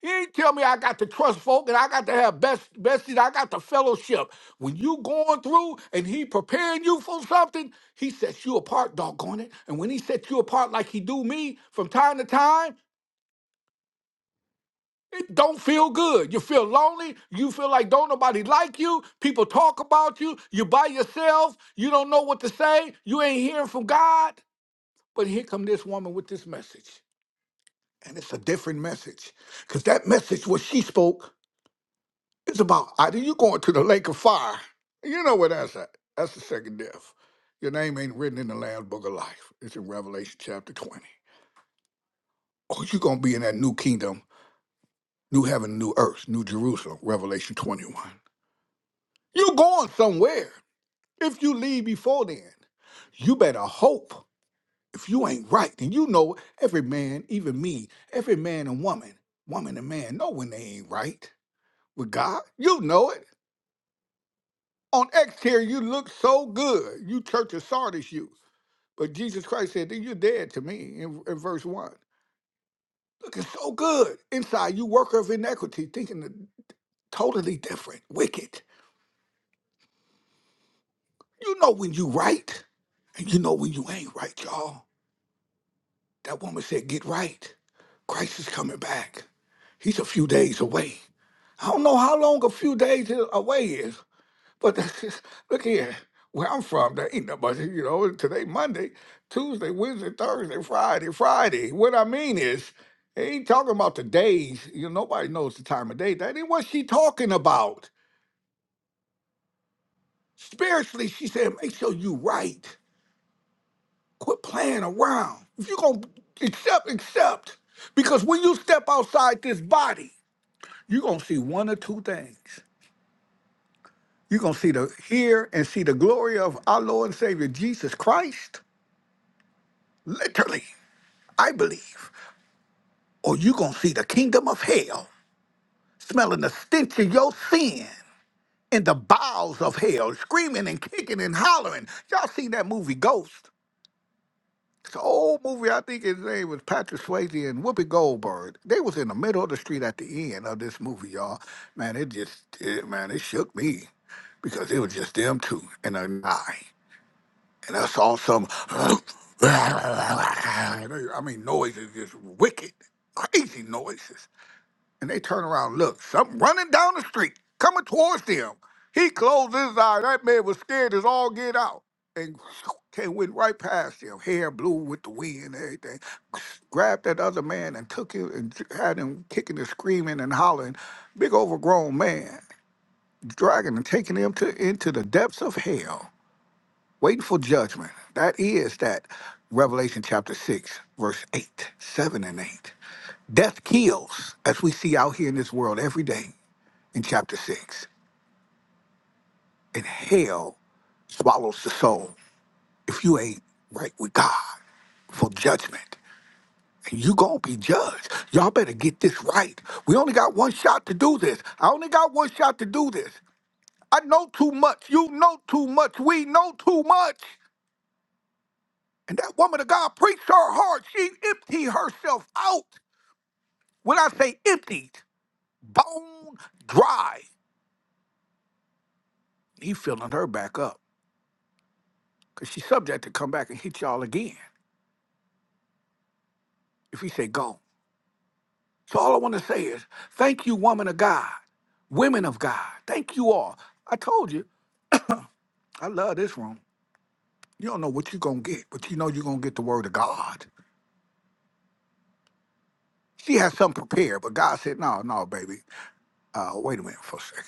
Speaker 8: He ain't tell me I got to trust folk and I got to have best besties. I got to fellowship. When you going through and he preparing you for something, he sets you apart, doggone it. And when he sets you apart like he do me from time to time, it don't feel good. You feel lonely. You feel like don't nobody like you. People talk about you. You by yourself. You don't know what to say. You ain't hearing from God. But here come this woman with this message. And it's a different message. Because that message, what she spoke, It's about either you going to the lake of fire. You know where that's at. That's the second death. Your name ain't written in the Lamb's Book of Life. It's in Revelation chapter 20. Or you going to be in that new kingdom, new heaven, new earth, new Jerusalem, Revelation 21. You're going somewhere. If you leave before then, you better hope. If you ain't right, then you know every man, even me, every man and woman, woman and man know when they ain't right with God. You know it. On exterior, you look so good. You church of Sardis, you. But Jesus Christ said, "Then you're dead to me in, in verse 1. Looking so good. Inside, you worker of inequity, thinking the- totally different, wicked. You know when you right, and you know when you ain't right, y'all. That woman said, get right. Christ is coming back. He's a few days away. I don't know how long a few days away is, But look here, where I'm from, there ain't nobody, you know, today Monday, Tuesday, Wednesday, Thursday, Friday, Friday. What I mean is, they ain't talking about the days. You know, nobody knows the time of day. That ain't what she talking about. Spiritually, she said, make sure you right. Quit playing around. If you're gonna accept, accept. Because when you step outside this body, you're gonna see one or two things. You're gonna see the hear and see the glory of our Lord and Savior Jesus Christ. Literally. I believe, or you're going to see the kingdom of hell smelling the stench of your sin in the bowels of hell, screaming and kicking and hollering. Y'all seen that movie Ghost? It's an old movie. I think his name was Patrick Swayze and Whoopi Goldberg. They was in the middle of the street at the end of this movie, y'all. Man, it just, it, man, it shook me because it was just them two and an I. And I saw some, I mean, noises, just wicked, crazy noises. and they turn around look. Something running down the street, coming towards them. He closed his eye. That man was scared as all get out and came, went right past him, hair blew with the wind and everything. Grabbed that other man and took him and had him kicking and screaming and hollering. Big overgrown man, dragging and taking him to into the depths of hell. Waiting for judgment. That is that Revelation chapter 6, verse 8, 7 and 8. Death kills, as we see out here in this world every day in chapter 6. And hell swallows the soul if you ain't right with God for judgment. And you gonna be judged. Y'all better get this right. We only got one shot to do this. I only got one shot to do this. I know too much. You know too much. We know too much. And that woman of God preached her heart. She emptied herself out. When I say emptied, bone dry. He filling her back up because she's subject to come back and hit y'all again if he say go. So all I want to say is thank you, woman of God, women of God. Thank you all. I told you, I love this room. You don't know what you're going to get, but you know you're going to get the word of God. She had something prepared, but God said, no, no, baby. Uh, wait a minute for a second.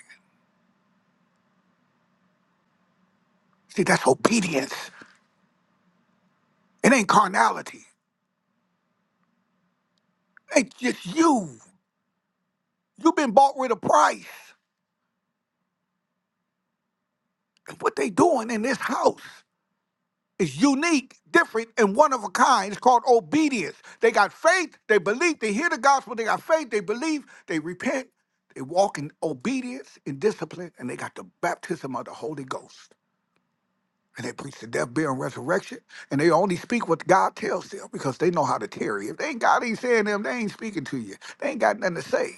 Speaker 8: See, that's obedience. It ain't carnality. They just you. You've been bought with a price. And what they doing in this house is unique, different, and one of a kind. It's called obedience. They got faith, they believe, they hear the gospel, they got faith, they believe, they repent, they walk in obedience and discipline, and they got the baptism of the Holy Ghost. And they preach the death, burial, and resurrection. And they only speak what God tells them because they know how to tarry. If they ain't God ain't saying them, they ain't speaking to you. They ain't got nothing to say.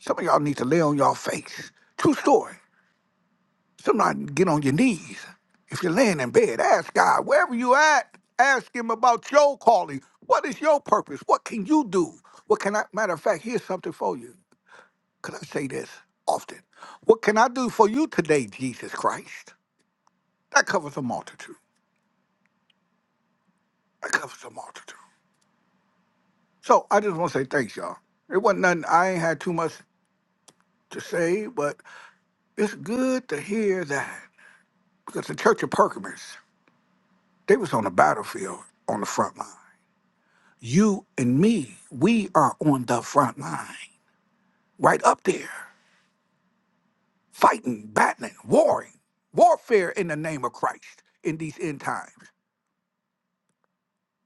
Speaker 8: Some of y'all need to lay on y'all face. True story. Sometimes get on your knees. If you're laying in bed, ask God, wherever you at, ask him about your calling. What is your purpose? What can you do? What can I matter of fact, here's something for you. Could I say this often? What can I do for you today, Jesus Christ? That covers a multitude. That covers a multitude. So I just want to say thanks, y'all. It wasn't nothing I ain't had too much to say, but it's good to hear that. Because the Church of Pergamers, they was on the battlefield on the front line You and me, we are on the front line, right up there, fighting, battling, warring, warfare in the name of Christ in these end times.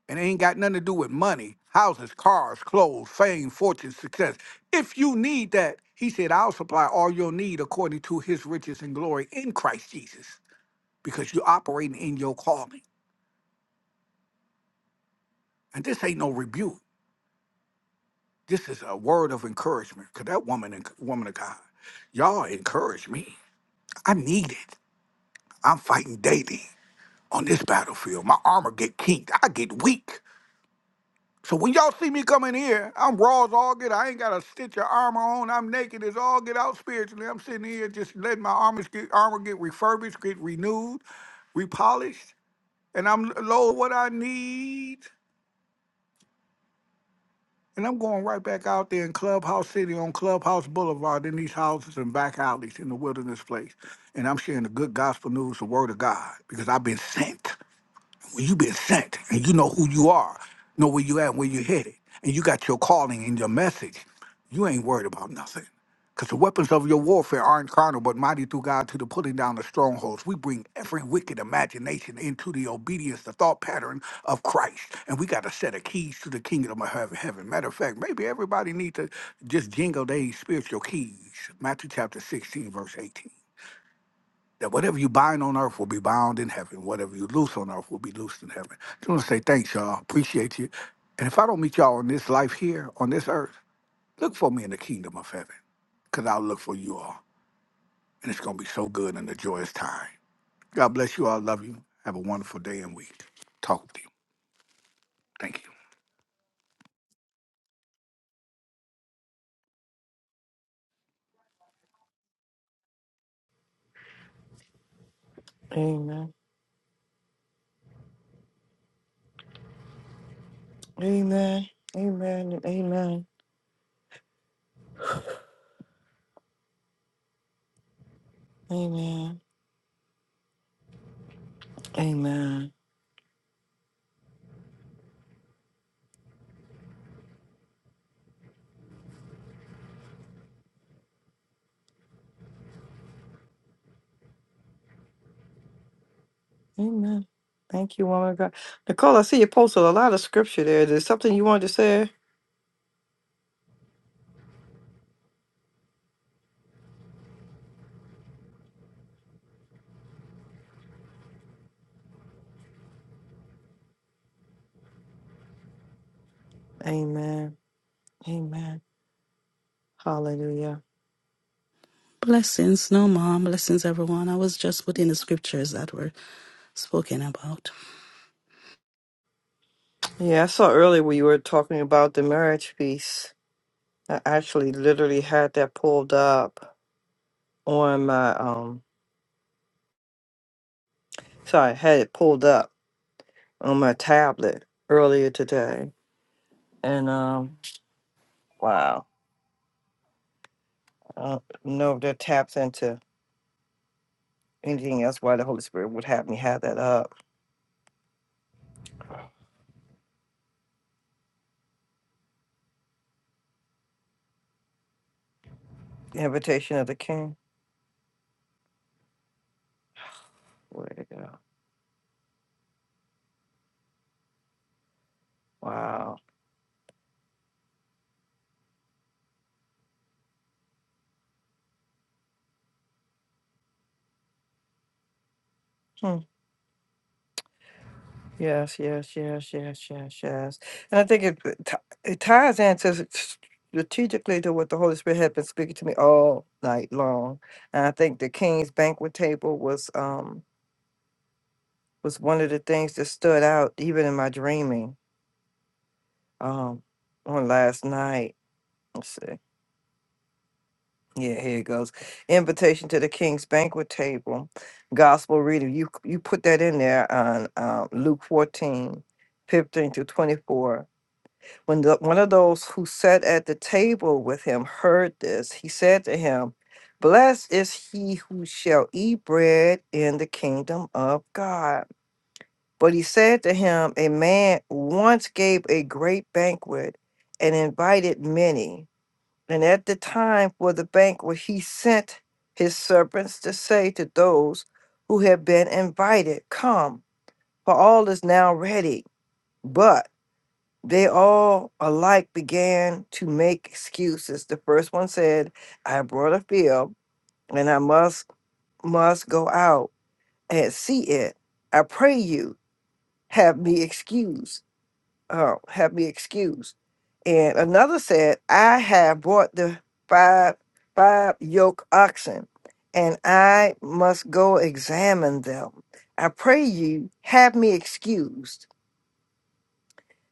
Speaker 8: And it ain't got nothing to do with money, houses, cars, clothes, fame, fortune, success. If you need that, he said, I'll supply all your need according to his riches and glory in Christ Jesus, because you're operating in your calling. And this ain't no rebuke. This is a word of encouragement, because that woman, woman of God, y'all encourage me. I need it. I'm fighting daily on this battlefield. My armor get kinked. I get weak. So when y'all see me coming here, I'm raw as all get. I ain't got a stitch of armor on. I'm naked as all get out spiritually. I'm sitting here just letting my armor get, armor get refurbished, get renewed, repolished, and I'm low what I need. And I'm going right back out there in Clubhouse City on Clubhouse Boulevard in these houses and back alleys in the wilderness place. And I'm sharing the good gospel news, the word of God, because I've been sent. Well, you've been sent and you know who you are, know where you at and where you're headed, and you got your calling and your message, you ain't worried about nothing. Because the weapons of your warfare aren't carnal, but mighty through God to the pulling down of strongholds. We bring every wicked imagination into the obedience, the thought pattern of Christ. And we got a set of keys to the kingdom of heaven. heaven. Matter of fact, maybe everybody need to just jingle their spiritual keys. Matthew chapter 16, verse 18 that whatever you bind on earth will be bound in heaven. Whatever you loose on earth will be loosed in heaven. Just want to say thanks, y'all. Appreciate you. And if I don't meet y'all in this life here, on this earth, look for me in the kingdom of heaven, because I'll look for you all. And it's going to be so good and a joyous time. God bless you all. Love you. Have a wonderful day and week. Talk with you. Thank you.
Speaker 1: Amen. Amen. and Amen. Amen. Amen. Amen. Thank you, woman of God. Nicole, I see you posted a lot of scripture there. Is there something you wanted to say? Amen. Amen. Hallelujah. Yeah, I saw earlier when you were talking about the marriage piece. I actually literally had that pulled up on my um sorry, I had it pulled up on my tablet earlier today. And um wow. I don't know if that taps into anything else why the Holy Spirit would have me have that up. The invitation of the King. Wow. Hmm. Yes, yes, yes, yes, yes, yes. And I think it it ti- it ties into s- strategically to what the Holy Spirit had been speaking to me all night long. And I think the King's banquet table was um was one of the things that stood out even in my dreaming um on last night. Let's see. Yeah, here it goes. Invitation to the King's banquet table. You, you put that in there on um, Luke 14, 15 to 24. When the him heard to him, Blessed is he who shall eat bread in the kingdom of God. But he said to him, A man once gave a great banquet and invited many. And at the time for the banquet, he sent his servants to say to those who had been invited, Come, for all now ready. But they all to make excuses. The first one said, I brought a bill and I must must go out and see it. I pray you have me excused. Uh, have me excused. And another said, I have brought the five five yoke oxen, and I must go examine them. I pray you have me excused.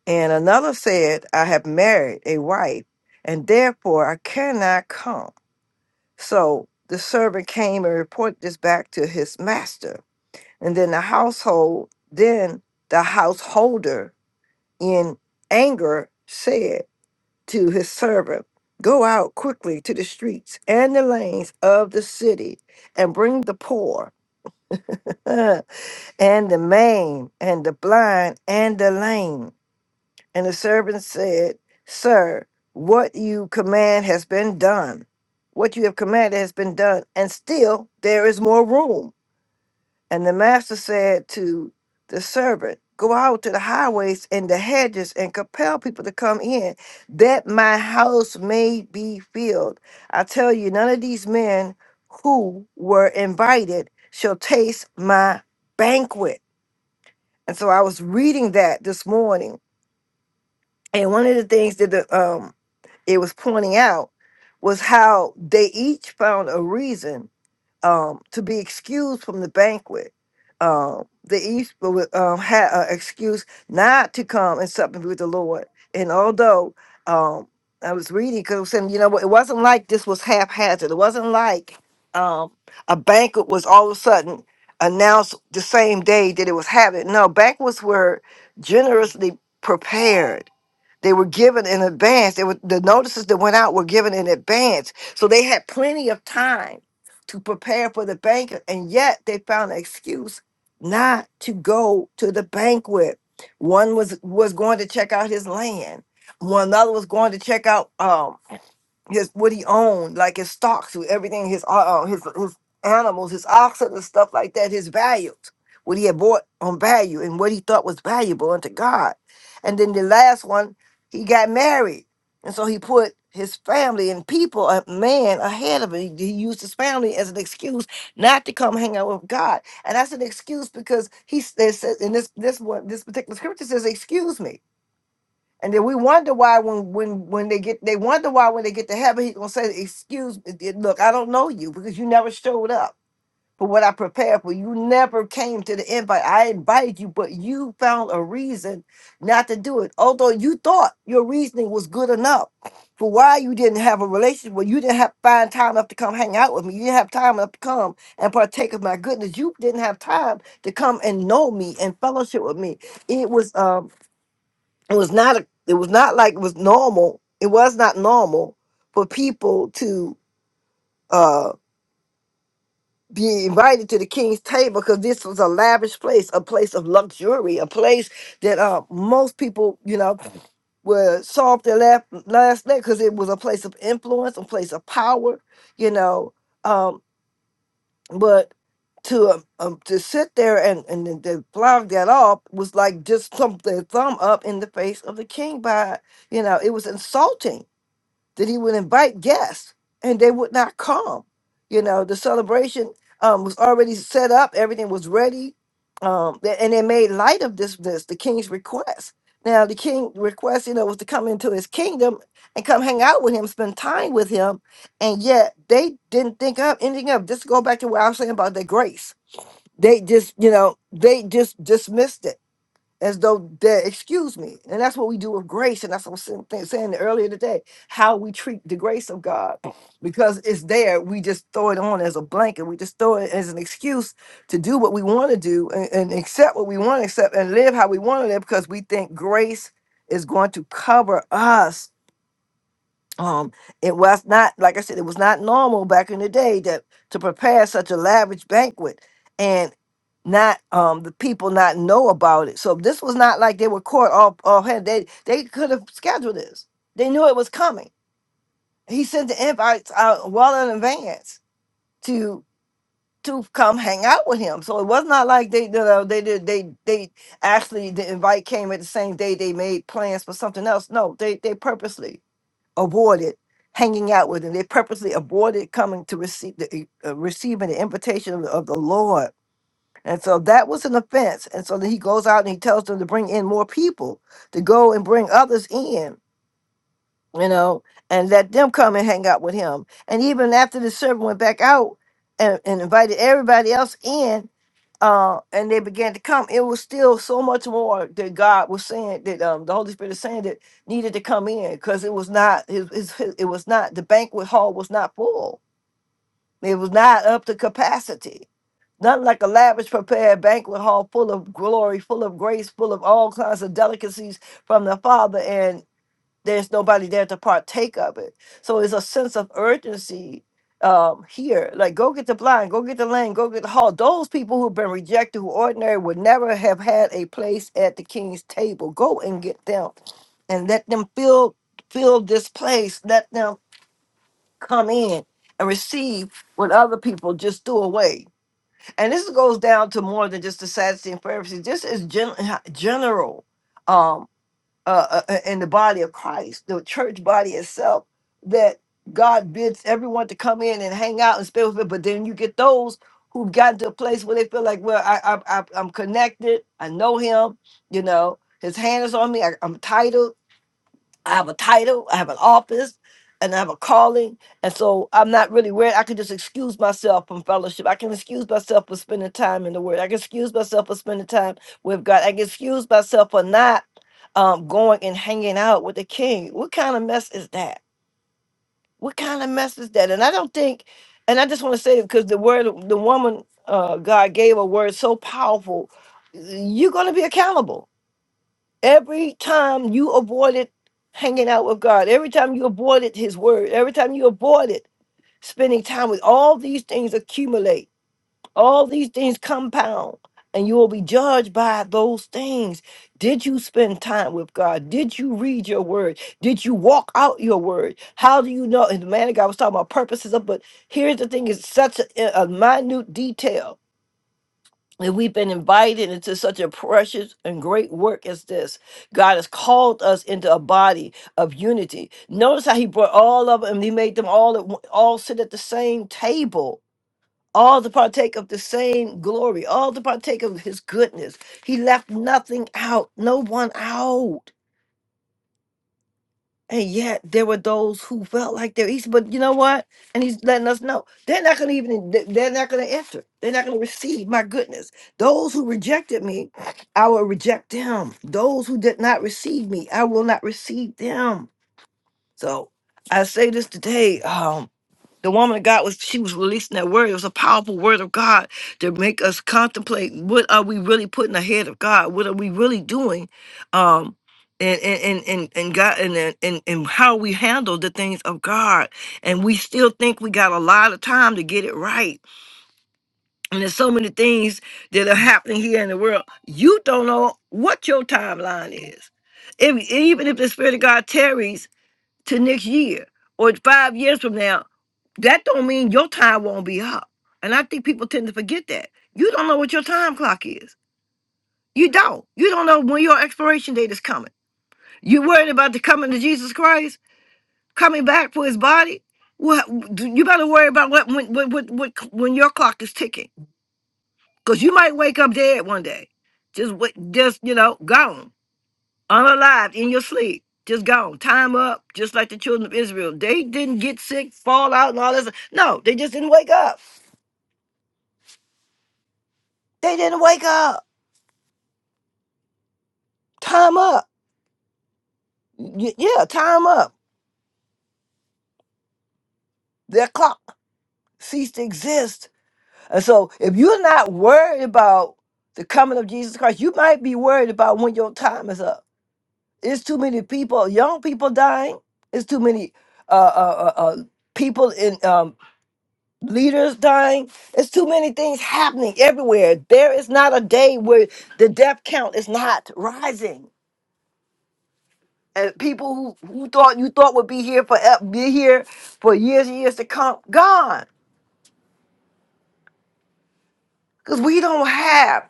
Speaker 1: And another said, I have married a wife, and therefore I cannot come. So the servant came and reported this back to his master. And then the household, then the householder in anger said to his servant, Go out quickly to the streets and the lanes of the city and bring the poor and the maimed and the blind and the lame. And the servant said, Sir, what you command has been done what you have commanded has been done, and still there is more room. And the master said to the servant, Go out to the highways and the hedges and compel people to come in, that my house may be filled. I tell you, none of these men who were invited shall taste my banquet. And so I was reading that this morning. And one of the things that the um it was pointing out was how they each found a reason um, to be excused from the banquet. Um, the East would um, had an excuse not to come and supplement with the Lord. And although um, I was reading, because I was saying, you know what, it wasn't like this was haphazard. It wasn't like um, a banquet was all of a sudden announced the same day that it was happening. No, banquets were generously prepared they were given in advance. They were, the notices that went out were given in advance. So they had plenty of time to prepare for the banquet. And yet they found an excuse not to go to the banquet. One was was going to check out his land. One other was going to check out um, his what he owned, like his stocks, with everything, his uh, uh, his his animals, his oxen and stuff like that, his values, what he had bought on value and what he thought was valuable unto God. And then the last one, he got married, and so he put his family and people, a man ahead of it. He used his family as an excuse not to come hang out with God, and that's an excuse because he s- they said in this this one this particular scripture says, "Excuse me." And then we wonder why when when when they get they wonder why when they get to heaven he's gonna say, "Excuse me, eh, look, I don't know you because you never showed up for what I prepared for. You never came to the invite. I invited you, but you found a reason not to do it. Although you thought your reasoning was good enough for why you didn't have a relationship, well, you didn't have find time enough to come hang out with me. You didn't have time enough to come and partake of my goodness. You didn't have time to come and know me and fellowship with me. It was um." it was not a, it was not like it was normal it was not normal for people to uh be invited to the king's table because this was a lavish place a place of luxury a place that uh most people you know were saw off their last last leg because it was a place of influence a place of power you know um, but to um, um to sit there and and then to plow that off was like just thump their thumb up in the face of the king by you know it was insulting that he would invite guests and they would not come. You know, the celebration um, was already set up, everything was ready. Um, th- and they made light of this, this, the king's request. Now, the king request, you know, was to come into his kingdom and come hang out with him, spend time with him. And yet they didn't think of anything of. Just go back to what I was saying about the grace. They just, you know, they just dismissed it as though that excuse me and that's what we do with grace and that's what i was saying saying earlier today how we treat the grace of god because it's there we just throw it on as a blanket we just throw it as an excuse to do what we want to do and, and accept what we want to accept and live how we want to live because we think grace is going to cover us um, it was not, like I said, it was not normal back in the day that to prepare such a lavish banquet and not um the people not know about it. So this was not like they were caught off off hand. They they could have scheduled this. They knew it was coming. He sent the invites out well in advance to to come hang out with him. So it was not like they you know, they did they they actually the invite came at the same day they made plans for something else. No, they they purposely avoided hanging out with him. They purposely avoided coming to receive the uh, receiving the invitation of the, of the Lord. And so that was an offense. And so then he goes out and he tells them to bring in more people to go and bring others in, you know, and let them come and hang out with him. And even after the servant went back out and, and invited everybody else in, uh, and they began to come, it was still so much more that God was saying that um, the Holy Spirit is saying that needed to come in because it was not his, his, his- it was not the banquet hall was not full. It was not up to capacity. Nothing like a lavish prepared banquet hall full of glory, full of grace, full of all kinds of delicacies from the Father there's nobody there to partake of it. So it's a sense of urgency um, here. Like, go get the blind, go get the lame, go get the halt. Those people who've been rejected, who ordinary would never have had a place at the king's table. Go and get them and let them feel, feel, let them come in and receive what other people just threw away. And this goes down to more than just the Sadducees and Pharisees. This is gen- general. um, uh, uh, uh, in the body of Christ, the church body itself, that God bids everyone to come in and hang out and spend with it. But then you get those who've gotten to a place where they feel like, well, I, I, I I'm connected. I know Him. You know, His hand is on me. I, I'm titled. I have a title, I have an office, and I have a calling. And so I'm not really worried. I can just excuse myself from fellowship. I can excuse myself for spending time in the Word. I can excuse myself for spending time with God. I can excuse myself for not um, going and hanging out with the King. What kind of mess is that? What kind of mess is that? And I don't think, and I just want to say, because the word, the woman uh, God gave a word so powerful, you're going to be accountable Every time you avoided hanging out with God, every time you avoided His Word, every time you avoided spending time with all these things accumulate, all these things compound, and you will be judged by those things. Did you spend time with God? Did you read your Word? Did you walk out your Word? How do you know? And the man of God was talking about purposes, of, but here's the thing: is such a, a minute detail and we've been invited into such a precious and great work as this. God has called us into a body of unity. Notice how He brought all of them. He made them all at one- all sit at the same table, all to partake of the same glory, all to partake of His goodness. He left nothing out, no one out. And yet there were those who felt like they're Easter, but you know what? And he's letting us know they're not going to even th- they're not going to enter. They're not going to receive. My goodness, those who rejected me, I will reject them. Those who did not receive me, I will not receive them. So I say this today. um, the woman of God was she was releasing that word. It was a powerful word of God to make us contemplate what are we really putting ahead of God? What are we really doing? Um and and and and, and God and, and and and how we handle the things of God. And we still think we got a lot of time to get it right. And there's so many things that are happening here in the world. You don't know what your timeline is. If, even if the Spirit of God tarries, to next year or five years from now, that don't mean your time won't be up. And I think people tend to forget that. You don't know what your time clock is. You don't. You don't know when your expiration date is coming. You worried about the coming of Jesus Christ coming back for His body. Well, you better worry about what when what, what, what when your clock is ticking, because you might wake up dead one day. Just what? Just you know, gone. unalive in your sleep, just gone, time up, just like the children of Israel. They didn't get sick, fall out, and all this. No, they just didn't wake up. They didn't wake up. Time up. Y- yeah, time up. Their clock ceased to exist. And so, if you're not worried about the coming of Jesus Christ, you might be worried about when your time is up. It's too many people, young people dying. It's too many uh, uh, uh, uh, people in um, leaders dying. It's too many things happening everywhere. There is not a day where the death count is not rising. And people who, who thought you thought would be here for uh, be here for years and years to come, gone. Because we don't have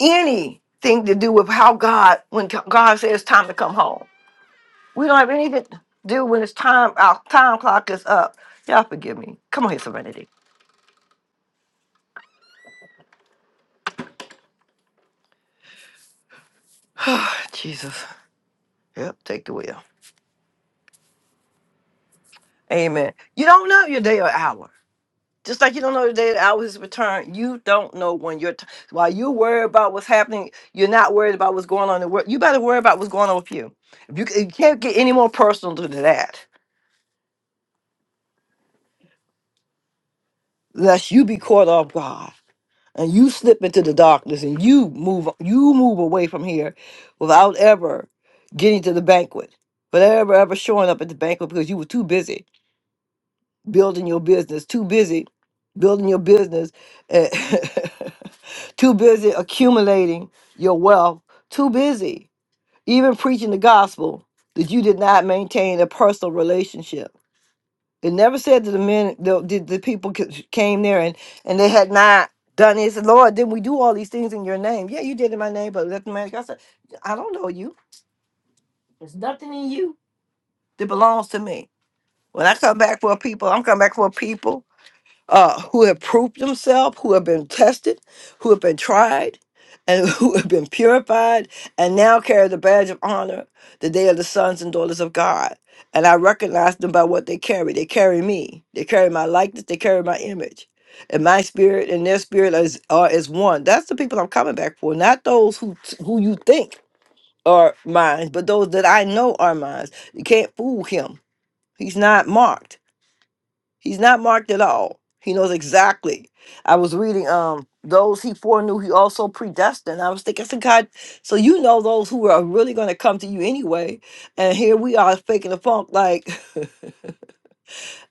Speaker 1: anything to do with how God when God says it's time to come home. We don't have anything to do when it's time our time clock is up. Y'all forgive me. Come on here, Serenity. Jesus. Yep, take the wheel. Amen. You don't know your day or hour. Just like you don't know the day, the hour of his return, you don't know when your t- while you worry about what's happening, you're not worried about what's going on in the world. You better worry about what's going on with you. If you, c- you can't get any more personal than that, lest you be caught off guard and you slip into the darkness and you move you move away from here without ever getting to the banquet, but ever ever showing up at the banquet because you were too busy building your business, too busy building your business, eh, too busy accumulating your wealth, too busy even preaching the gospel that you did not maintain a personal relationship. It never said that the men, the, the, the people c- came there and, and they had not done it. It said, Lord, didn't we do all these things in your name? Yeah, you did in my name, but let the man, I said, I don't know you. There's nothing in you that belongs to me. When I come back for a people, I'm coming back for a people uh, who have proved themselves, who have been tested, who have been tried, and who have been purified, and now carry the badge of honor that they are the sons and daughters of God. And I recognize them by what they carry. They carry me, they carry my likeness, they carry my image. And my spirit and their spirit is are is one. That's the people I'm coming back for, not those who who you think are mine, but those that I know are mine. You can't fool him. He's not marked. He's not marked at all. He knows exactly. I was reading um those he foreknew he also predestined. I was thinking, I said, God, so you know those who are really gonna come to you anyway. And here we are faking the funk like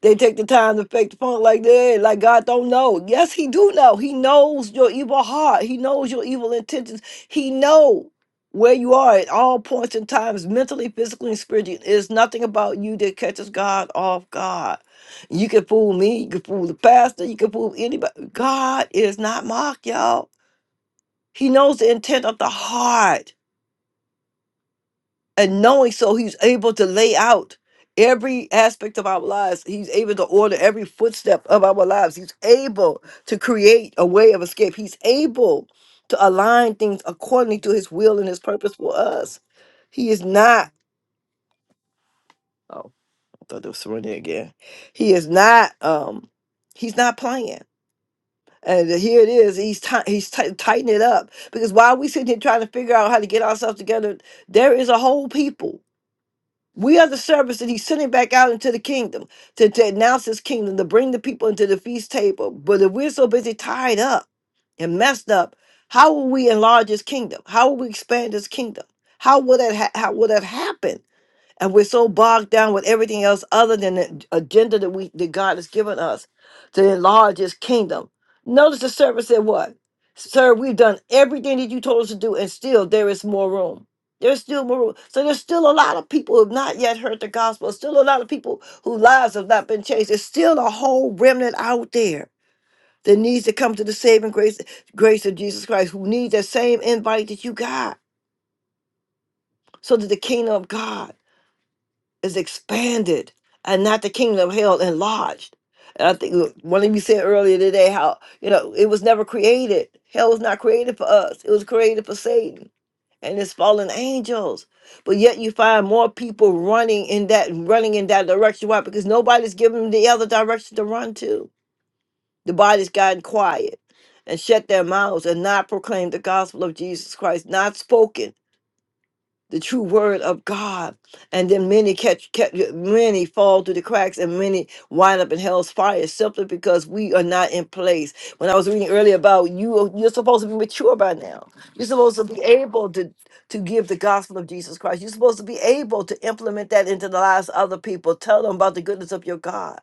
Speaker 1: They take the time to fake the punk like that, like God don't know. Yes, He do know. He knows your evil heart. He knows your evil intentions. He know where you are at all points in times, mentally, physically, and spiritually. It's nothing about you that catches God off guard. You can fool me. You can fool the pastor. You can fool anybody. God is not mocked, y'all. He knows the intent of the heart and knowing so he's able to lay out every aspect of our lives he's able to order every footstep of our lives he's able to create a way of escape he's able to align things according to his will and his purpose for us he is not oh i thought it was surrender again he is not um he's not playing and here it is he's ti- he's ti- tightening it up because while we sitting here trying to figure out how to get ourselves together there is a whole people We are the servants that he's sending back out into the kingdom to, to announce his kingdom, to bring the people into the feast table. But if we're so busy tied up and messed up, how will we enlarge his kingdom? How will we expand his kingdom? How will that ha- how will that happen and we're so bogged down with everything else other than the agenda that we that God has given us to enlarge His kingdom. Notice the servant said, "What, sir? We've done everything that you told us to do, and still there is more room. There's still more room. So there's still a lot of people who have not yet heard the gospel. Still a lot of people whose lives have not been changed. There's still a whole remnant out there." That needs to come to the saving grace, grace of Jesus Christ, who needs that same invite that you got, so that the kingdom of God is expanded and not the kingdom of hell enlarged. And I think one of you said earlier today how, you know, it was never created. Hell was not created for us, it was created for Satan and his fallen angels. But yet you find more people running in that running in that direction. Why? Because nobody's giving them the other direction to run to. The body's gotten quiet and shut their mouths and not proclaimed the gospel of Jesus Christ, not spoken the true word of God. And then many catch, catch many fall through the cracks and many wind up in hell's fire simply because we are not in place. When I was reading earlier about you you're supposed to be mature by now. You're supposed to be able to to give the gospel of Jesus Christ. You're supposed to be able to implement that into the lives of other people. Tell them about the goodness of your God.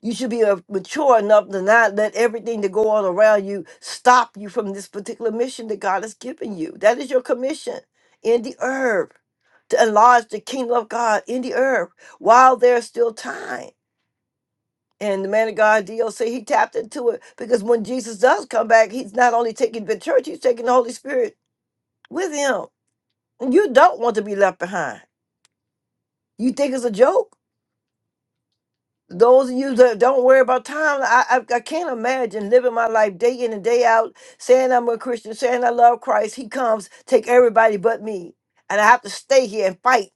Speaker 1: You should be uh, mature enough to not let everything that go on around you stop you from this particular mission that God has given you. That is your commission in the earth to enlarge the kingdom of God in the earth while there's still time. And the man of God, DLC, he tapped into it because when Jesus does come back, he's not only taking the church, he's taking the Holy Spirit with him. And you don't want to be left behind. You think it's a joke? those of you that don't worry about time, I, I I can't imagine living my life day in and day out, saying I'm a Christian, saying I love Christ. He comes, take everybody but me, and I have to stay here and fight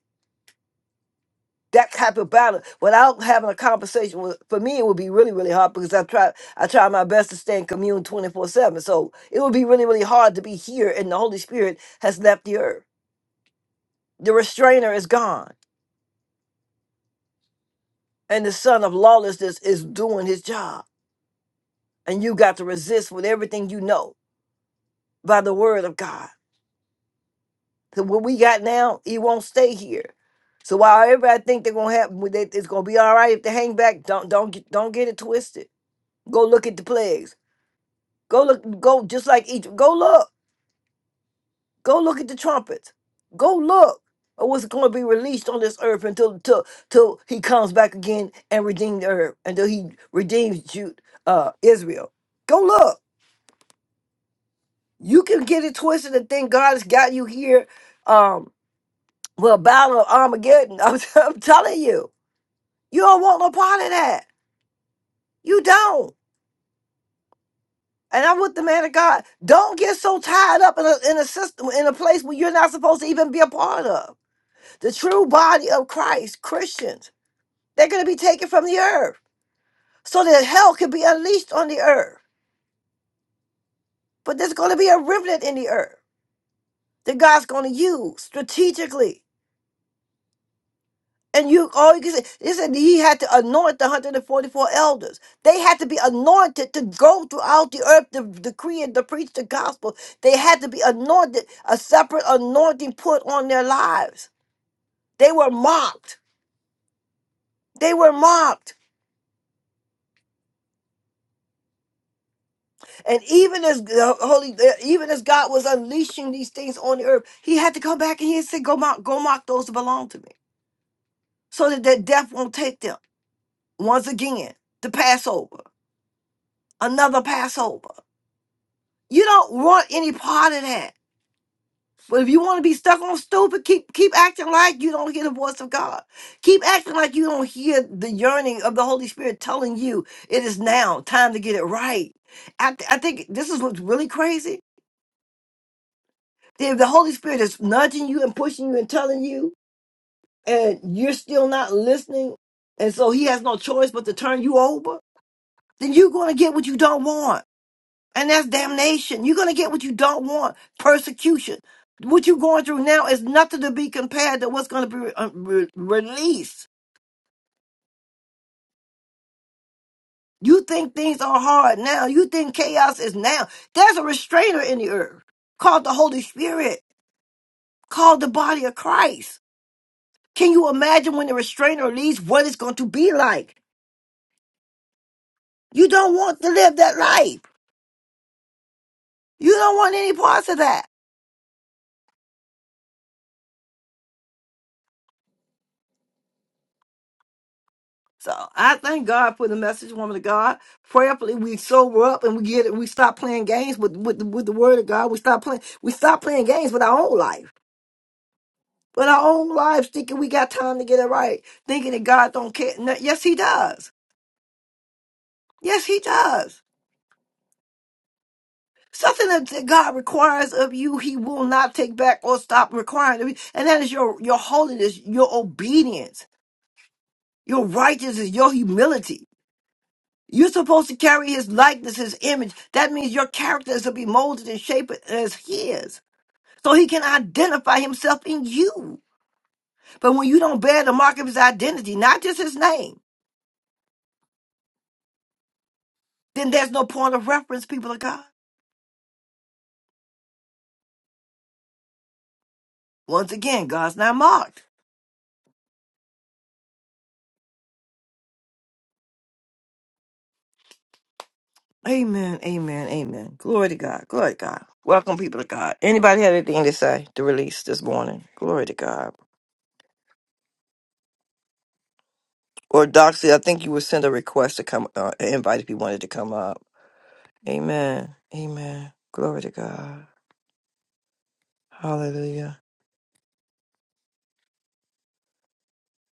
Speaker 1: that type of battle without having a conversation. With, for me, it would be really really hard because I try I try my best to stay in commune twenty four seven. So it would be really really hard to be here, and the Holy Spirit has left the earth. The restrainer is gone, and the son of lawlessness is doing his job, and you got to resist with everything you know by the word of God. So what we got now, it won't stay here. So while everybody think they're gonna have, that it's gonna be all right if they hang back, don't don't get don't get it twisted. Go look at the plagues. Go look. Go just like Egypt. Go look. Go look at the trumpets. Go look at what's going to be released on this earth until till till he comes back again and redeem the earth until he redeems Jude, uh, Israel. Go look. You can get it twisted and think God has got you here Um. Well, Battle of Armageddon, I'm, I'm telling you, you don't want no part of that. You don't. And I'm with the man of God. Don't get so tied up in a, in a system, in a place where you're not supposed to even be a part of. The true body of Christ, Christians, they're going to be taken from the earth so that hell can be unleashed on the earth. But there's going to be a remnant in the earth that God's going to use strategically And you all you can say, they said he had to anoint the 144 elders. They had to be anointed to go throughout the earth to decree and to preach the gospel. They had to be anointed, a separate anointing put on their lives. They were mocked. They were mocked. And even as the holy, uh, even as God was unleashing these things on the earth, He had to come back and He said, "Go mock, go mock those that belong to me, so that, that death won't take them." Once again, the Passover, another Passover. You don't want any part of that. But if you want to be stuck on stupid, keep keep acting like you don't hear the voice of God. Keep acting like you don't hear the yearning of the Holy Spirit telling you it is now time to get it right. I, th- I think this is what's really crazy. That If the Holy Spirit is nudging you and pushing you and telling you, and you're still not listening, and so He has no choice but to turn you over, then you're going to get what you don't want and that's damnation. You're gonna get what you don't want, persecution. What you're going through now is nothing to be compared to what's gonna be uh, re- released. You think things are hard now. You think chaos is now. There's a restrainer in the earth called the Holy Spirit, called the body of Christ. Can you imagine when the restrainer leaves what it's going to be like? You don't want to live that life. You don't want any parts of that. So I thank God for the message, woman of God. Prayerfully, we sober up and we get it. We stop playing games with with the, with the Word of God. We stop playing. We stop playing games with our own life, with our own lives, thinking we got time to get it right, thinking that God don't care. No, yes, He does. Yes, He does. Something that that God requires of you, He will not take back or stop requiring of you, and that is your your holiness, your obedience, your righteousness, your humility. You're supposed to carry his likeness, his image. That means your character is to be molded and shaped as his. So he can identify himself in you. But when you don't bear the mark of his identity, not just his name, then there's no point of reference, people of God. Once again, God's not marked. Anyway, this morning, uh, or Doxy, I think you would send a request to come uh, if you wanted to come up. Amen. Amen. God, hallelujah.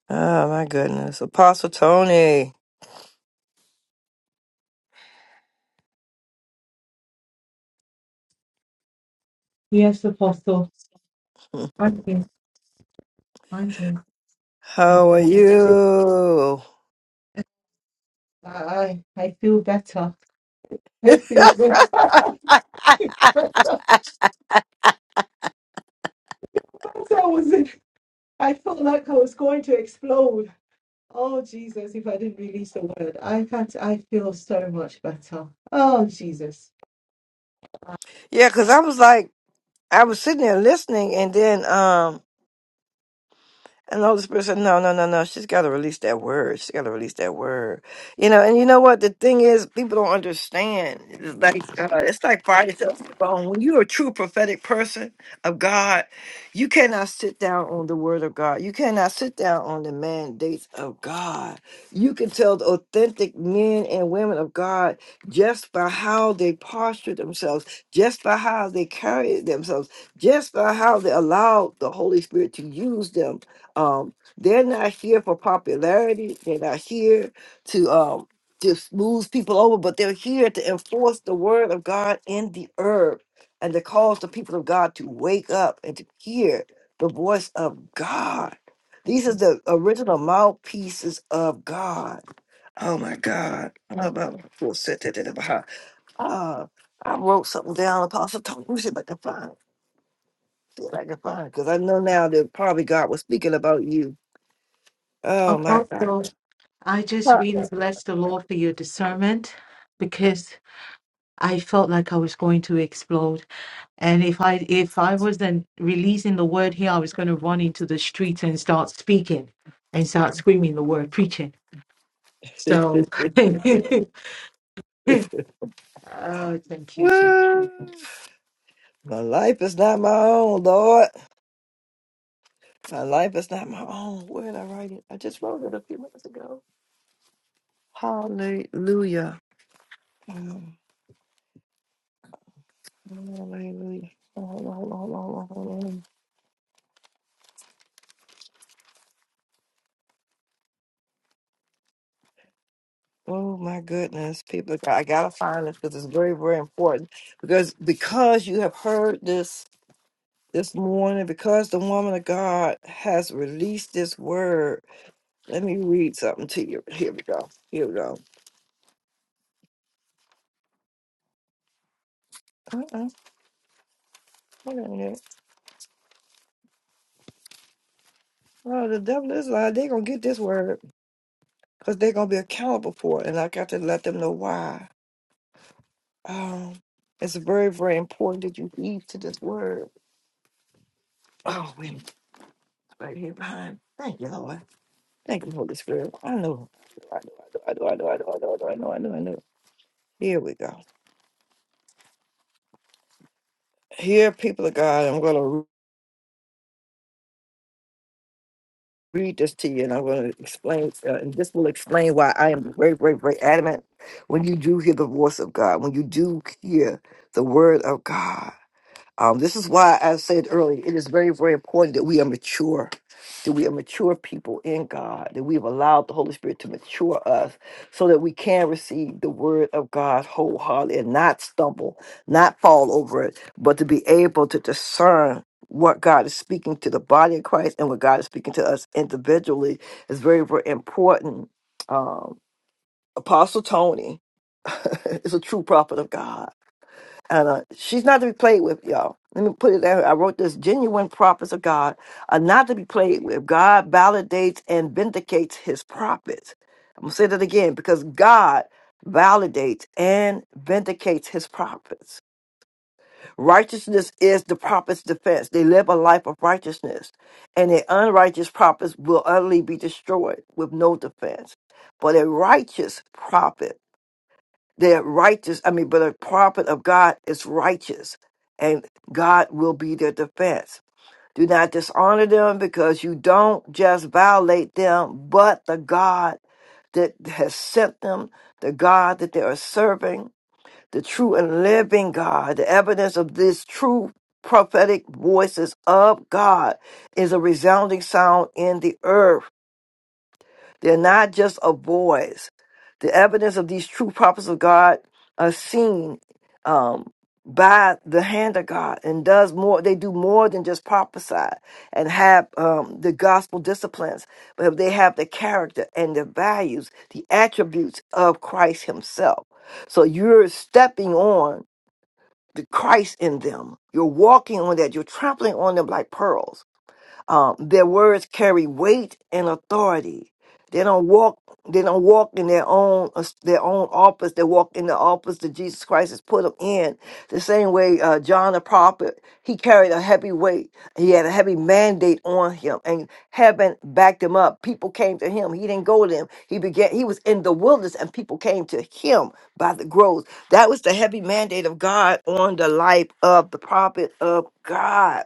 Speaker 1: Oh, my goodness. Apostle Tony,
Speaker 5: Yes, Apostle. I'm here. I'm here. Yes,
Speaker 1: how are
Speaker 5: sir.
Speaker 1: you?
Speaker 5: I, I I feel better. I feel better. I feel better. As I was, I felt like I was going to explode. Oh Jesus! If I didn't release the word, I can't. I feel so much better. Oh Jesus!
Speaker 1: It's like uh, it's like fire to the bone. When you're a true prophetic person of God, you cannot sit down on the word of God. You cannot sit down on the mandates of God. You can tell the authentic men and women of God just by how they posture themselves, just by how they carry themselves, just by how they allow the Holy Spirit to use them. Um, they're not here for popularity. They're not here to. um just moves people over, but they're here to enforce the word of God in the earth and to cause the people of God to wake up and to hear the voice of God. These are the original mouthpieces of God. Oh my God. Oh, my- who said that in the Bible? Uh, I wrote something down, Apostle Tony. Let me see if I can find it. See if I can find it. Because I know now that probably God was speaking about you. Oh my God.
Speaker 5: Apostle, I just really bless the Lord for your discernment because I felt like I was going to explode. And if I if I wasn't releasing the word here, I was going to run into the streets and start speaking and start screaming the word, preaching. So Oh, thank you, Jesus.
Speaker 1: My life is not my own, Lord. My life is not my own. Where did I write it? I just wrote it a few minutes ago. Hallelujah. Mm, Hallelujah. Hold on, hold on, hold on, hold on, hold on. Oh my goodness, people! I gotta find this because it's very, very important. Because because you have heard this this morning, because the woman of God has released this word. Let me read something to you. Here we go. Here we go. Uh-uh. Hold on a minute. Oh, the devil is lying. They gonna get this word. because they're going to be accountable for it. And I got to let them know why. Um, it's very, very important that you heed to this word. Oh, wait, it's right here behind. Thank you, Lord. Thank you, Holy Spirit. I know. I know, I know, I know, I know, I know, I know, I know, I know. I know. Here we go. Here, people of God, I'm going to read this to you and I'm going to explain, uh, and this will explain why I am very, very, very adamant when you do hear the voice of God, when you do hear the word of God Um, this is why I said earlier, it is very, very important that we are mature, that we are mature people in God, that we have allowed the Holy Spirit to mature us so that we can receive the word of God wholeheartedly and not stumble, not fall over it, but to be able to discern what God is speaking to the body of Christ and what God is speaking to us individually is very, very important. Um, Apostle Tony is a true prophet of God and uh, she's not to be played with, y'all. Let me put it there. I wrote this genuine prophets of God are not to be played with. God validates and vindicates his prophets. I'm going to say that again because God validates and vindicates his prophets. Righteousness is the prophet's defense. They live a life of righteousness, and the unrighteous prophets will utterly be destroyed with no defense. But a righteous prophet they're righteous. I mean, but a prophet of God is righteous, and God will be their defense. Do not dishonor them because you don't just violate them, but the God that has sent them, the God that they are serving, the true and living God. The evidence of this true prophetic voices of God is a resounding sound in the earth. They're not just a voice. The evidence of these true prophets of God are seen um, by the hand of God and does more. They do more than just prophesy and have um, the gospel disciplines, but they have the character and the values, the attributes of Christ Himself. So you're stepping on the Christ in them. You're walking on that. You're trampling on them like pearls um, their words carry weight and authority. They don't walk. They don't walk in their own their own office. They walk in the office that Jesus Christ has put them in. The same way uh, John the prophet, he carried a heavy weight. He had a heavy mandate on him, and heaven backed him up. People came to him. He didn't go to them. He began. He was in the wilderness, and people came to him by the groves. That was the heavy mandate of God on the life of the prophet of God.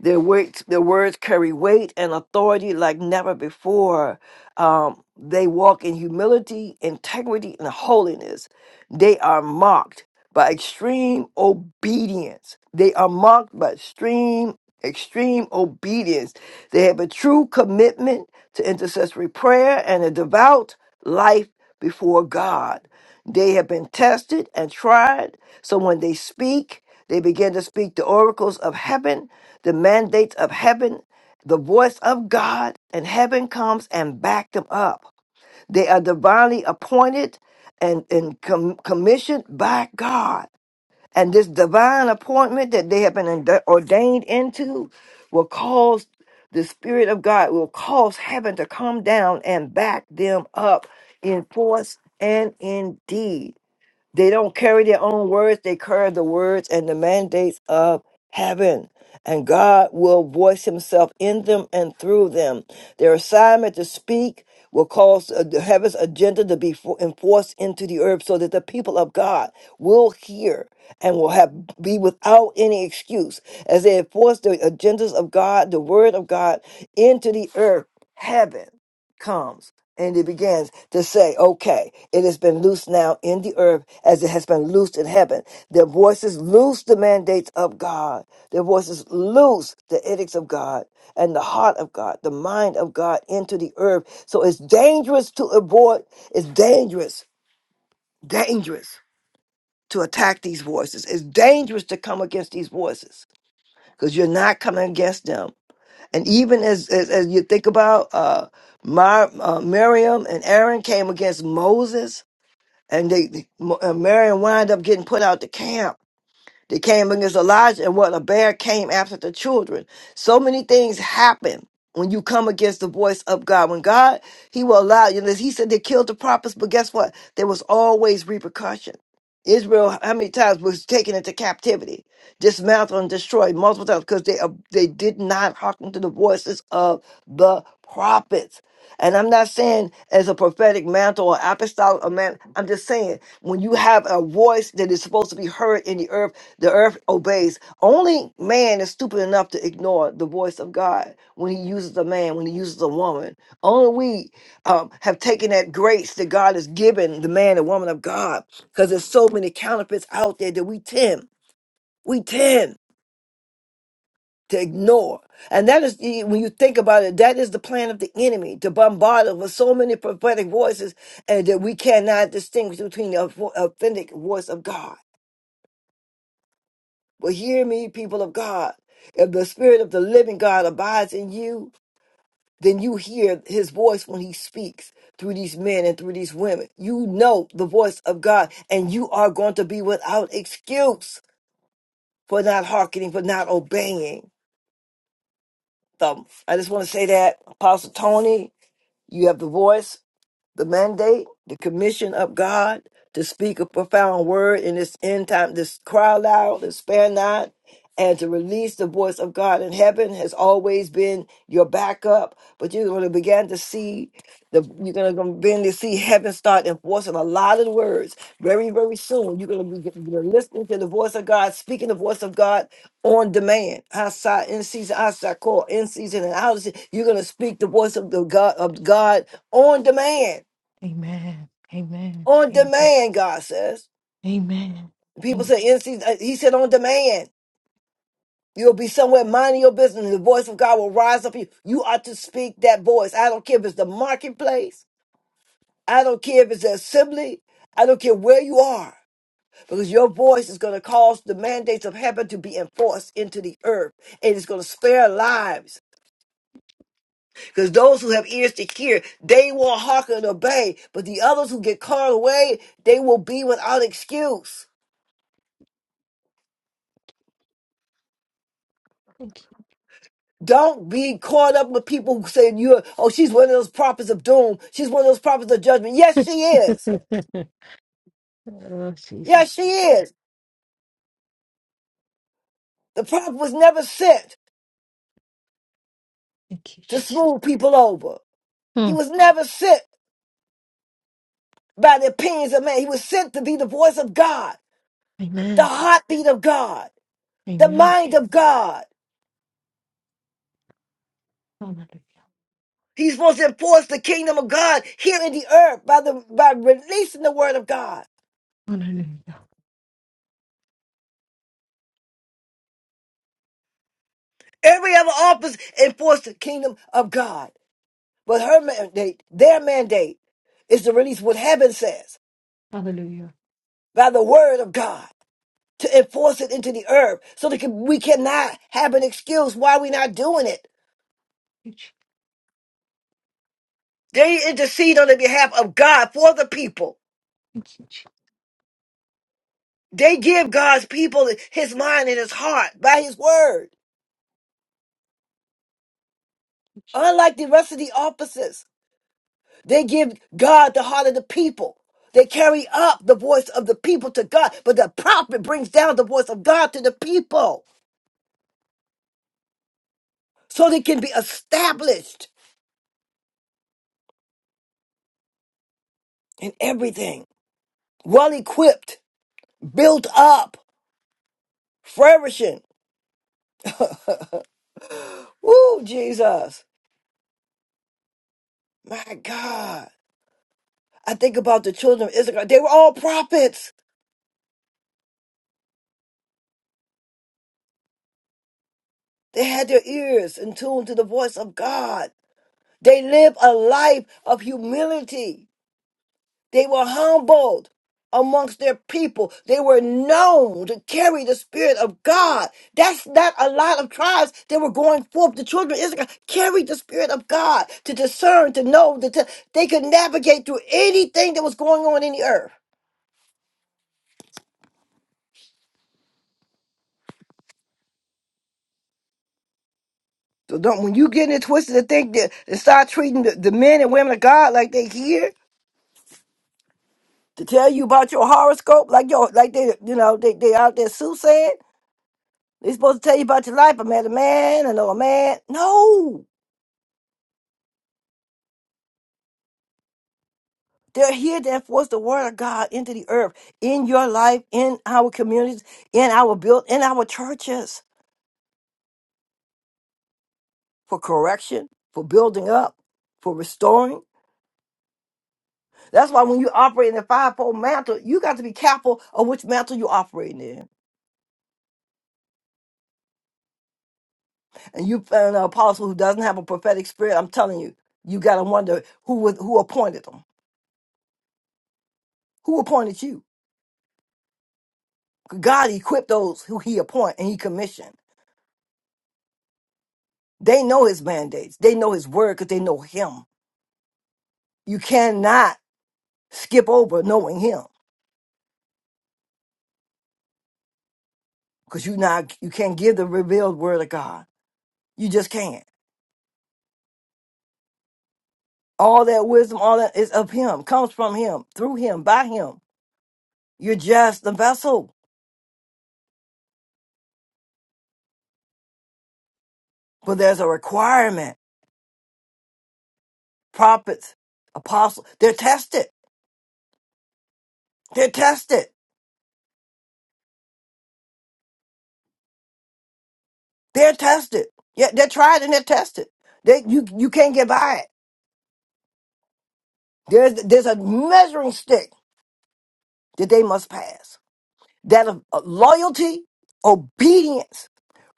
Speaker 1: Their words, their words carry weight and authority like never before. Um, they walk in humility, integrity, and holiness. They are marked by extreme obedience. They are marked by extreme, extreme obedience. They have a true commitment to intercessory prayer and a devout life before God. They have been tested and tried, so when they speak, they began to speak the oracles of heaven, the mandates of heaven, the voice of God, and heaven comes and backed them up. They are divinely appointed and, and com- commissioned by God. And this divine appointment that they have been inde- ordained into will cause the Spirit of God, will cause heaven to come down and back them up in force and in deed. They don't carry their own words, they carry the words and the mandates of heaven. And God will voice himself in them and through them. Their assignment to speak will cause uh, the heaven's agenda to be fo- enforced into the earth so that the people of God will hear and will have be without any excuse as they enforce the agendas of God, the word of God into the earth. Heaven comes. And it begins to say, okay, it has been loosed now in the earth as it has been loosed in heaven. Their voices loose the mandates of God. Their voices loose the edicts of God and the heart of God, the mind of God into the earth. So it's dangerous to abort. It's dangerous, dangerous to attack these voices. It's dangerous to come against these voices because you're not coming against them. And even as as, as you think about uh, Mar- uh, Miriam and Aaron came against Moses, and they they- Mo- and Miriam wound up getting put out the camp. They came against Elijah, and what a bear came after the children. So many things happen when you come against the voice of God. When God, He will allow you. He said they killed the prophets, but guess what? There was always repercussion. Israel, how many times was taken into captivity, dismantled and destroyed multiple times because they uh, they did not hearken to the voices of the prophets. And I'm not saying as a prophetic mantle or apostolic a man. I'm just saying when you have a voice that is supposed to be heard in the earth the earth obeys. Only man is stupid enough to ignore the voice of God when he uses a man, when he uses a woman. Only we um, have taken that grace that God has given the man and woman of God because there's so many counterfeits out there that we tend, we tend to ignore. And that is, the- when you think about it, that is the plan of the enemy to bombard us with so many prophetic voices and that we cannot distinguish between the authentic voice of God. But hear me, people of God. If the Spirit of the living God abides in you, then you hear his voice when he speaks through these men and through these women. You know the voice of God, and you are going to be without excuse for not hearkening, for not obeying them. I just want to say that, Apostle Tony, you have the voice the mandate, the commission of God to speak a profound word in this end time, this cry loud, to spare not, and to release the voice of God in heaven has always been your backup. But you're going to begin to see the you're going to begin to see heaven start enforcing a lot of the words very very soon. You're going to be you're listening to the voice of God, speaking the voice of God on demand, outside in season, outside call, in season and out of season. You're going to speak the voice of the God of God on demand
Speaker 5: Amen. Amen.
Speaker 1: on
Speaker 5: Amen.
Speaker 1: demand, God says.
Speaker 5: Amen.
Speaker 1: People
Speaker 5: Thank,
Speaker 1: say, NC, uh, he said on demand. You'll be somewhere minding your business. and The voice of God will rise up for you. You ought to speak that voice. I don't care if it's the marketplace. I don't care if it's the assembly. I don't care where you are. Because your voice is going to cause the mandates of heaven to be enforced into the earth. And it's going to spare lives. Because those who have ears to hear, they will hearken and obey. But the others who get carried away, they will be without excuse.
Speaker 5: thank
Speaker 1: Don't be caught up with people saying you're, oh, she's one of those prophets of doom. She's one of those prophets of judgment. Yes, she is.
Speaker 5: you. Oh,
Speaker 1: Yes,
Speaker 5: Jesus.
Speaker 1: she is. The prophet was never sent
Speaker 5: Thank you,
Speaker 1: to
Speaker 5: Jesus.
Speaker 1: smooth people over.
Speaker 5: Hmm.
Speaker 1: He was never sent by the opinions of man. He was sent to be the voice of God, the
Speaker 5: Amen.
Speaker 1: heartbeat of God, the
Speaker 5: Amen.
Speaker 1: mind of God.
Speaker 5: Hallelujah.
Speaker 1: He's supposed to enforce the kingdom of God here in the earth by the by releasing the word of God.
Speaker 5: Hallelujah.
Speaker 1: Every other office enforce the kingdom of God. But her mandate, their mandate, is to release what heaven says
Speaker 5: Hallelujah.
Speaker 1: by the word of God to enforce it into the earth so that we cannot have an excuse why we're not doing it.
Speaker 5: Thank you,
Speaker 1: They intercede on the behalf of God for the people.
Speaker 5: Jesus. Thank
Speaker 1: They give God's people his mind and his heart by his word.
Speaker 5: you, Jesus.
Speaker 1: Unlike the rest of the offices, they give God the heart of the people. They carry up the voice of the people to God, but the prophet brings down the voice of God to the people. so they can be established in everything, well equipped, built up, flourishing. Woo, Jesus. My God. I think about the children of Israel. They were all prophets. They had their ears in tune to the voice of God. They lived a life of humility. They were humbled amongst their people. They were known to carry the Spirit of God. That's not a lot of tribes that were going forth. The children of Israel carried the Spirit of God to discern, to know, that to- they could navigate through anything that was going on in the earth. So don't when you get in it twisted to think that and start treating the, the men and women of God like they here to tell you about your horoscope, like your like they you know, they they out there soothsaying. They supposed to tell you about your life. I met a man, I know a man. No. There, here, therefore, was the word of God into the earth, in your life, in our communities, in our build, in our churches, for correction, for building up, for restoring. That's why when you operate in the fivefold mantle, you got to be careful of which mantle you're operating in. And you, find an apostle who doesn't have a prophetic spirit, I'm telling you, you got to wonder who was, who appointed them, who appointed you. God equipped those who He appoint and He commissioned. They know His mandates. They know His word because they know Him. You cannot skip over knowing him because you not you can't give the revealed word of God. You just can't. All that wisdom, all that is of him, comes from him, through him, by him. You're just the vessel. But there's a requirement. Prophets, apostles, they're tested. They're tested. They're tested. Yeah, they're tried and they're tested. They you you can't get by it. There's there's a measuring stick that they must pass. That of of loyalty, obedience,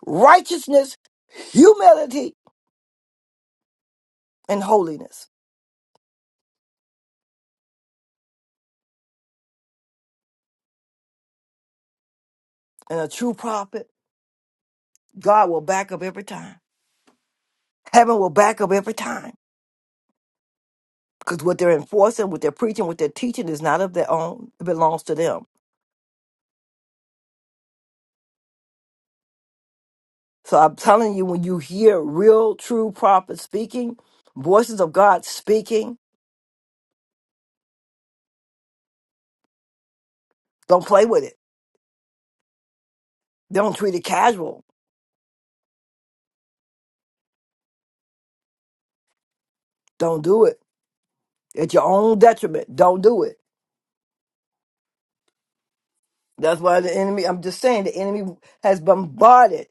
Speaker 1: righteousness, humility, and holiness. And a true prophet, God will back up every time. Heaven will back up every time. Because what they're enforcing, what they're preaching, what they're teaching is not of their own. It belongs to them. So I'm telling you, when you hear real, true prophets speaking, voices of God speaking, don't play with it. Don't treat it casual. Don't do it. At your own detriment. Don't do it. That's why the enemy, I'm just saying, the enemy has bombarded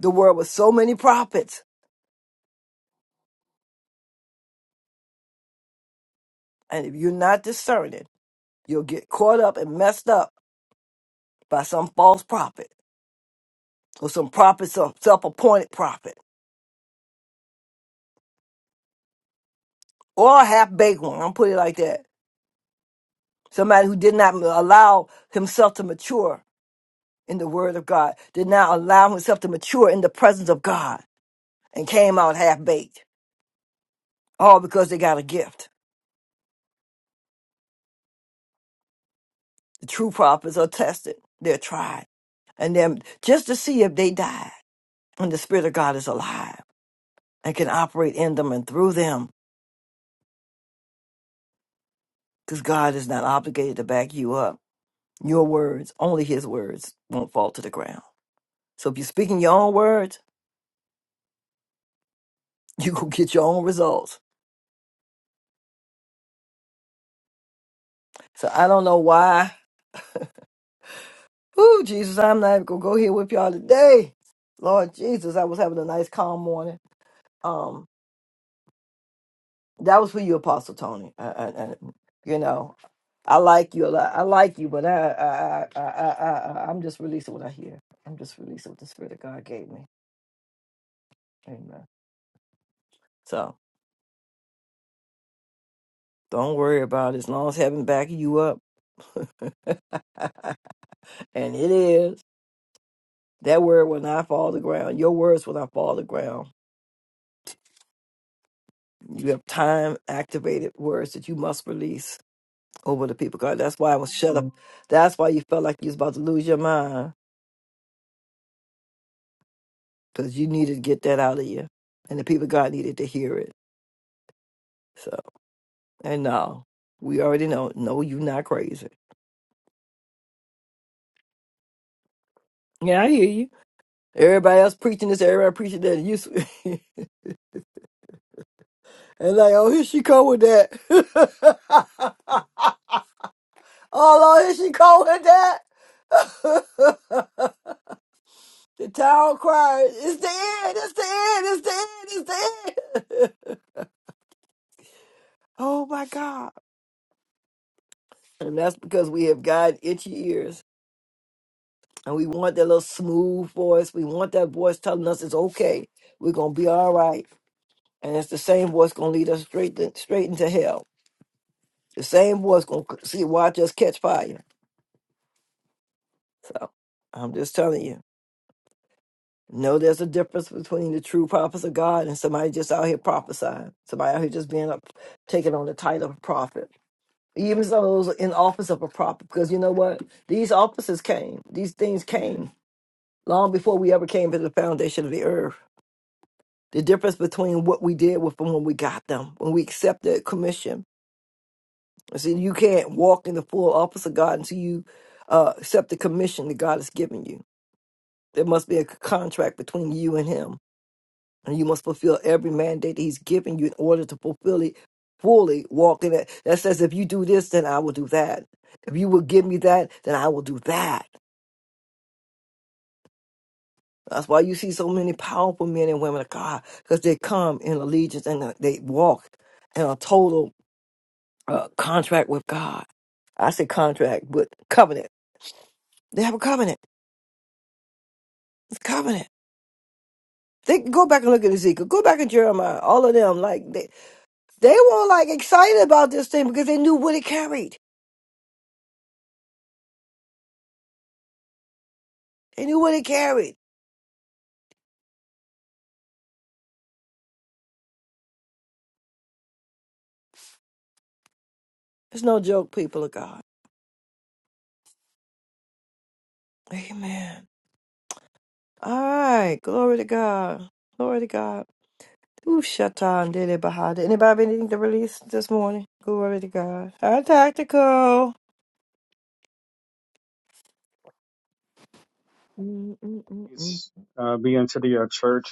Speaker 1: the world with so many prophets. And if you're not discerning, You'll get caught up and messed up by some false prophet or some prophet, some self appointed prophet or a half baked one. I'll put it like that. Somebody who did not allow himself to mature in the word of God, did not allow himself to mature in the presence of God and came out half baked, all because they got a gift. The true prophets are tested, they're tried, and then just to see if they died and the Spirit of God is alive and can operate in them and through them because God is not obligated to back you up. Your words, only his words, won't fall to the ground. So if you're speaking your own words, you gonna get your own results. So I don't know why. Ooh, Jesus, I'm not even gonna go here with y'all today. Lord Jesus, I was having a nice calm morning. Um, that was for you, Apostle Tony. I, I, I, you know, I like you a lot. I like you, but I, I, I, I, I, I, I'm just releasing what I hear. I'm just releasing what the Spirit of God gave me. Amen. So don't worry about it. As long as heaven backing you up, and it is. That word will not fall to the ground. Your words will not fall to the ground. You have time activated words that you must release over the people. God, that's why I was shut up. That's why you felt like you was about to lose your mind because you needed to get that out of you. And the people, of God, needed to hear it. So, and now we already know, no, you not crazy. Yeah, I hear you. Everybody else preaching this, everybody preaching that. You, and like, oh, here she come with that. Oh Lord, is she cold with that? the town cried, It's the end, it's the end, it's the end, it's the end. oh my God. And that's because we have got itchy ears. And we want that little smooth voice. We want that voice telling us it's okay. We're gonna be all right. And it's the same voice gonna lead us straight to, straight into hell. The same voice gonna see watch us catch fire. So I'm just telling you. No, there's a difference between the true prophets of God and somebody just out here prophesying. Somebody out here just being up, taking on the title of prophet. Even those in office of a prophet, because you know what? These offices came. These things came long before we ever came to the foundation of the earth. The difference between what we did with them when we got them, when we accepted commission. I said, you can't walk in the full office of God until you uh, accept the commission that God has given you. There must be a contract between you and Him And you must fulfill every mandate that he's given you in order to fulfill it fully, walk in it. That says, if you do this, then I will do that. If you will give me that, then I will do that. That's why you see so many powerful men and women of God, because they come in allegiance and uh, they walk in a total uh, contract with God. I say contract, but covenant. They have a covenant. It's covenant. They go back and look at Ezekiel. Go back at Jeremiah. All of them, like they, they were like excited about this thing because they knew what it carried. and you would have carried. It's no joke, people of God. Amen. All right. Glory to God. Glory to God. Ooh, Shatan did it behind it. Anybody have anything to release this morning? Glory to God. How tactical. Mm, mm, mm, mm.
Speaker 9: It's, uh, being to the uh, church.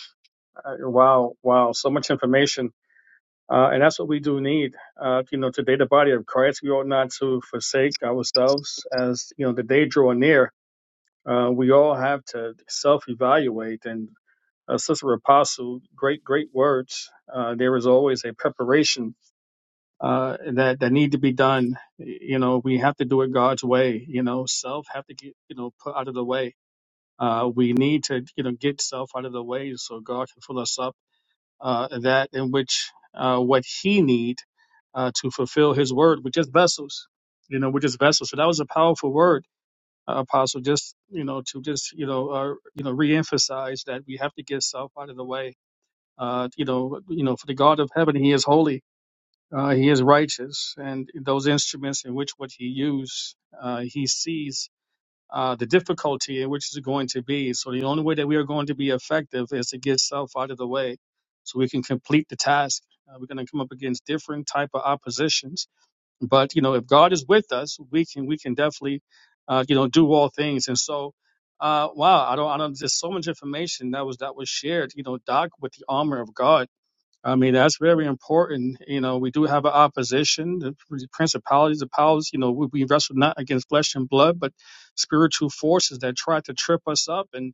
Speaker 9: Uh, wow, wow, so much information. Uh, and that's what we do need. Uh, you know, today the body of Christ, we ought not to forsake ourselves as, you know, the day draw near. Uh, we all have to self-evaluate and uh, Sister Apostle, great, great words. Uh, there is always a preparation uh, that that need to be done. You know, we have to do it God's way. You know, self have to get you know put out of the way uh, we need to, you know, get self out of the way so God can fill us up uh, that in which uh, what He need uh, to fulfill His word, which is vessels. You know, we're just vessels. So that was a powerful word, uh, Apostle. Just you know, to just you know, uh, you know, reemphasize that we have to get self out of the way. Uh, you know, you know, for the God of heaven, He is holy. Uh, he is righteous, and those instruments in which what he used, uh, he sees uh, the difficulty in which is going to be. So the only way that we are going to be effective is to get self out of the way, so we can complete the task. Uh, we're going to come up against different type of oppositions, but you know, if God is with us, we can we can definitely, uh, you know, do all things. And so, uh, wow, I don't, I don't. There's so much information that was that was shared. You know, Doc with the armor of God I mean, that's very important. You know, we do have an opposition, the principalities, the powers, you know, we, we wrestle not against flesh and blood, but spiritual forces that try to trip us up and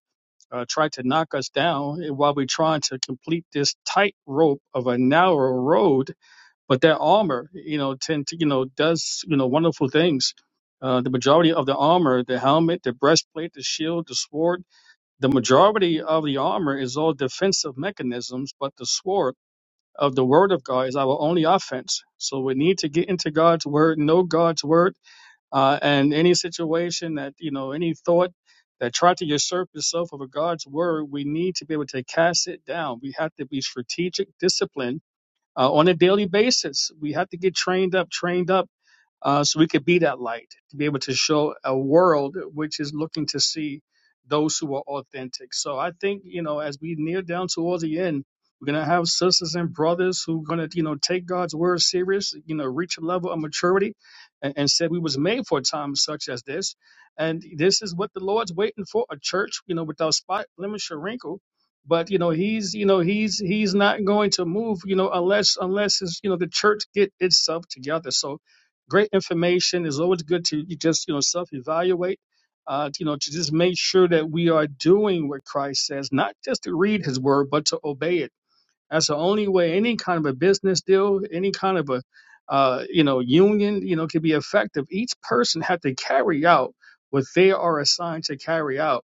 Speaker 9: uh, try to knock us down eh, while we're trying to complete this tight rope of a narrow road. But that armor, you know, tend to, you know, does, you know, wonderful things. Uh, the majority of the armor, the helmet, the breastplate, the shield, the sword, the majority of the armor is all defensive mechanisms, but the sword of the word of God is our only offense. So we need to get into God's word, know God's word, uh, and any situation that, you know, any thought that tried to usurp itself over God's word, we need to be able to cast it down. We have to be strategic, disciplined uh, on a daily basis. We have to get trained up, trained up uh, so we could be that light to be able to show a world which is looking to see those who are authentic. So I think you know, as we near down towards the end, we're gonna have sisters and brothers who are gonna you know take God's word serious, you know, reach a level of maturity, and, and said we was made for a time such as this, and this is what the Lord's waiting for a church, you know, without spot, blemish, or wrinkle. But you know he's you know he's he's not going to move you know unless unless it's, you know the church get itself together. So great information. It's always good to you just you know self-evaluate, uh, you know, to just make sure that we are doing what Christ says, not just to read His word, but to obey it that's the only way any kind of a business deal, any kind of a uh, you know union, you know, can be effective. Each person had to carry out what they are assigned to carry out.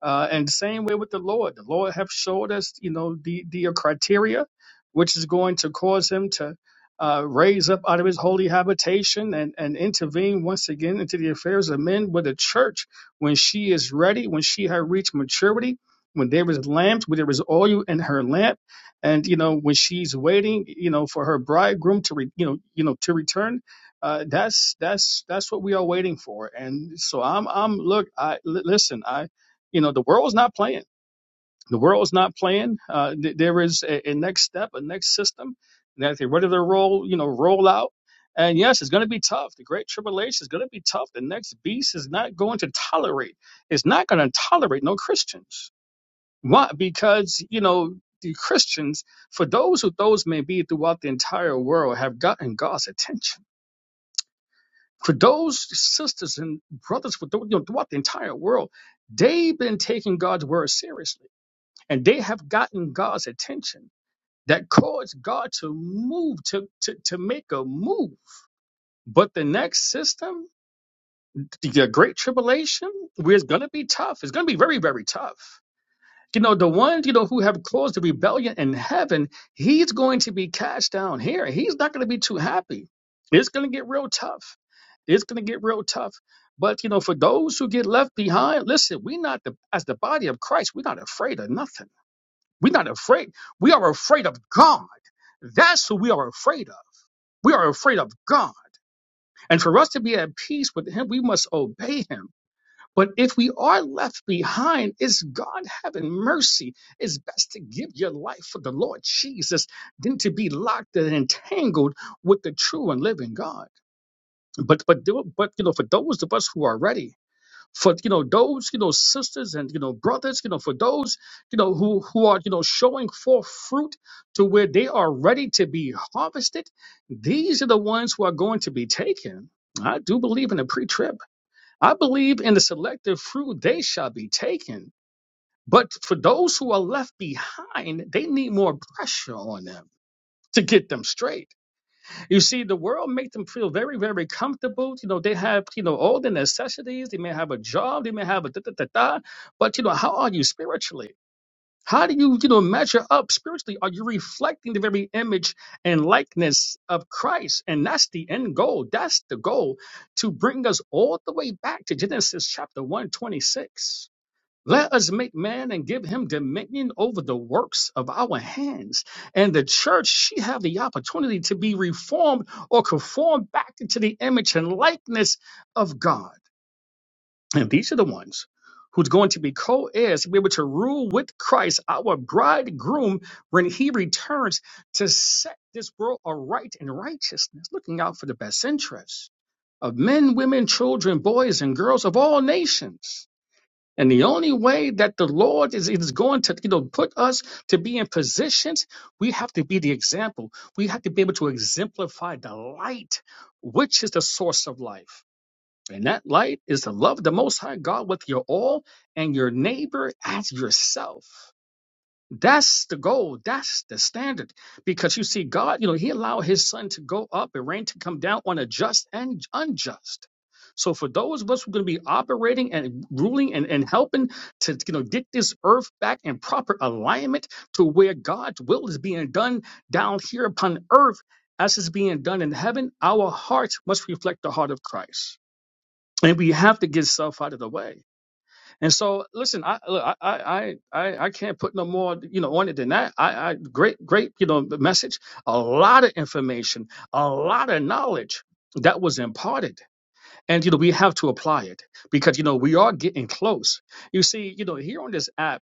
Speaker 9: Uh, and same way with the Lord. The Lord have showed us, you know, the the uh, criteria, which is going to cause him to uh, raise up out of his holy habitation and and intervene once again into the affairs of men with the church when she is ready, when she had reached maturity, when there is lamps, when there is oil in her lamp and you know when she's waiting you know for her bridegroom to re- you know you know to return uh that's that's that's what we are waiting for and so i'm i'm look I li- listen i you know the world's not playing the world's not playing uh th- there is a, a next step a next system that they're ready to roll you know roll out and yes, it's going to be tough. The Great Tribulation is going to be tough. The next beast is not going to tolerate. It's not going to tolerate no Christians. Why? Because, you know, the Christians, for those who those may be throughout the entire world, have gotten God's attention. For those sisters and brothers for thro- you know, throughout the entire world, they've been taking God's word seriously and they have gotten God's attention that caused God to move, to, to, to make a move. But the next system, the great tribulation, where it's going to be tough, it's going to be very, very tough You know, the ones, you know, who have caused the rebellion in heaven, he's going to be cast down here. He's not going to be too happy. It's going to get real tough. It's going to get real tough. But, you know, for those who get left behind, listen, we're not, the, as the body of Christ, we're not afraid of nothing. We're not afraid. We are afraid of God. That's who we are afraid of. We are afraid of God. And for us to be at peace with Him, we must obey Him. But if we are left behind, it's God having mercy. It's best to give your life for the Lord Jesus than to be locked and entangled with the true and living God. But but do- but you know, for those of us who are ready, for you know those you know sisters and you know brothers, you know for those you know who who are you know showing forth fruit to where they are ready to be harvested, these are the ones who are going to be taken. I do believe in a pre-trib. I believe in the selective fruit they shall be taken. But for those who are left behind, they need more pressure on them to get them straight. You see, the world make them feel very, very comfortable. You know, they have, you know, all the necessities. They may have a job. They may have a da da da da. But, you know, how are you spiritually? How do you, you know, measure up spiritually? Are you reflecting the very image and likeness of Christ? And that's the end goal. That's the goal to bring us all the way back to Genesis chapter 126. Let us make man and give him dominion over the works of our hands. And the church, she have the opportunity to be reformed or conformed back into the image and likeness of God. And these are the ones who's going to be co heirs to be able to rule with Christ, our bridegroom, when he returns to set this world aright in righteousness, looking out for the best interests of men, women, children, boys, and girls of all nations. And the only way that the Lord is, is going to you know, put us to be in positions, we have to be the example. We have to be able to exemplify the light, which is the source of life. And that light is to love the Most High God with your all and your neighbor as yourself. That's the goal. That's the standard. Because you see, God, you know, He allowed His sun to go up and rain to come down on a just and unjust. So for those of us who are going to be operating and ruling and, and helping to you know get this earth back in proper alignment to where God's will is being done down here upon earth as it's being done in heaven, our hearts must reflect the heart of Christ and we have to get stuff out of the way. And so, listen, I look, I, I, I, I can't put no more, you know, on it than that. I, I, great, great, you know, message. A lot of information, a lot of knowledge that was imparted, and you know, we have to apply it because you know we are getting close. You see, you know, here on this app.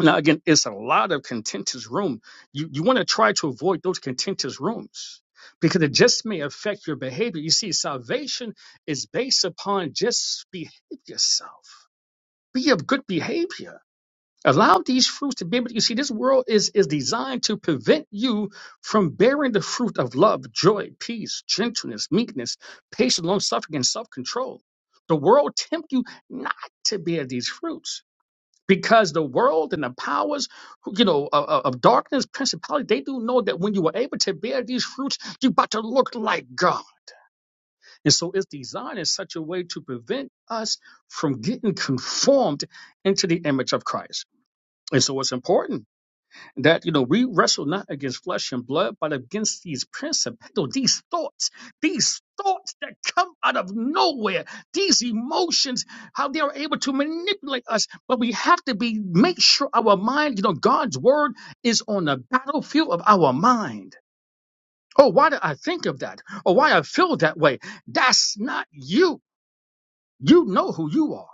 Speaker 9: Now, again, it's a lot of contentious room. You you want to try to avoid those contentious rooms because it just may affect your behavior. You see, salvation is based upon just behave yourself, be of good behavior. Allow these fruits to be able. to, You see, this world is is designed to prevent you from bearing the fruit of love, joy, peace, gentleness, meekness, patience, long suffering, and self control. The world tempt you not to bear these fruits because the world and the powers you know of, of of darkness principality they do know that when you were able to bear these fruits you're about to look like god and so it's designed in such a way to prevent us from getting conformed into the image of christ and so it's important that you know we wrestle not against flesh and blood but against these principles these thoughts these thoughts that come out of nowhere these emotions how they are able to manipulate us but we have to be make sure our mind you know god's word is on the battlefield of our mind oh why did i think of that or why i feel that way that's not you you know who you are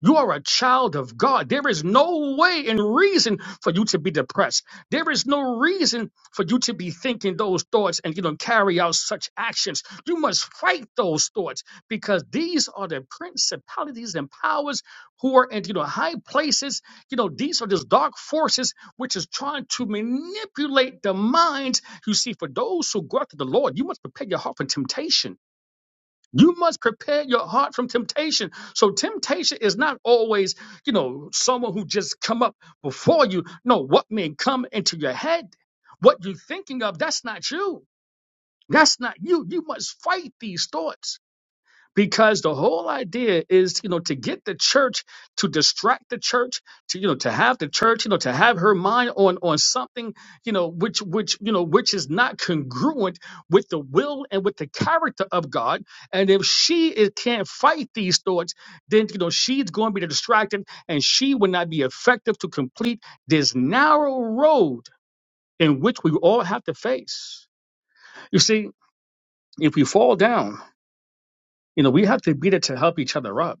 Speaker 9: you are a child of God. There is no way and reason for you to be depressed. There is no reason for you to be thinking those thoughts and you know carry out such actions. You must fight those thoughts because these are the principalities and powers who are in you know high places. You know these are just dark forces which is trying to manipulate the minds. You see, for those who go after the Lord, you must prepare your heart for temptation you must prepare your heart from temptation. So temptation is not always, you know, someone who just come up before you. No, what may come into your head, what you're thinking of, that's not you. That's not you. You must fight these thoughts because the whole idea is you know to get the church to distract the church to you know to have the church you know to have her mind on on something you know which which you know which is not congruent with the will and with the character of god and if she is, can't fight these thoughts then you know she's going to be distracted and she will not be effective to complete this narrow road in which we all have to face you see if we fall down you know we have to be there to help each other up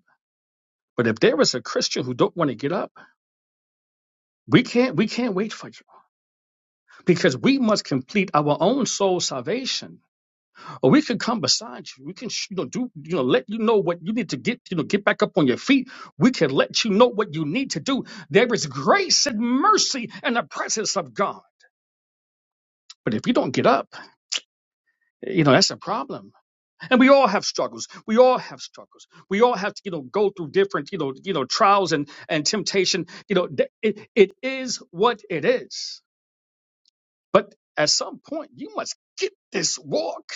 Speaker 9: But if there is a Christian who don't want to get up, we can't we can't wait for you because we must complete our own soul salvation. Or we can come beside you. We can you know do you know let you know what you need to get you know get back up on your feet. We can let you know what you need to do. There is grace and mercy in the presence of God. But if you don't get up, you know that's a problem. And we all have struggles. We all have struggles. We all have to you know go through different you know you know trials and and temptation. You know th- it, it is what it is But at some point, you must get this walk.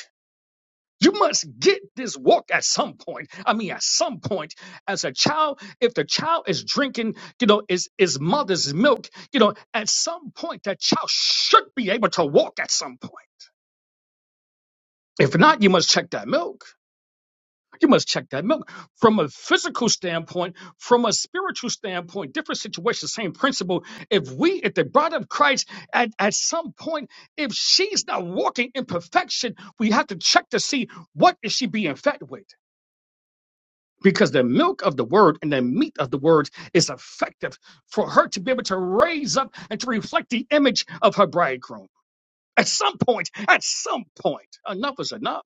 Speaker 9: You must get this walk at some point. I mean, at some point, as a child, if the child is drinking, you know, is is mother's milk, you know, at some point that child should be able to walk at some point. If not, you must check that milk. You must check that milk from a physical standpoint, from a spiritual standpoint, different situation, same principle. If we, if the bride of Christ, at, at some point, if she's not walking in perfection, we have to check to see what is she being fed with. Because the milk of the word and the meat of the word is effective for her to be able to raise up and to reflect the image of her bridegroom. At some point, at some point, enough is enough.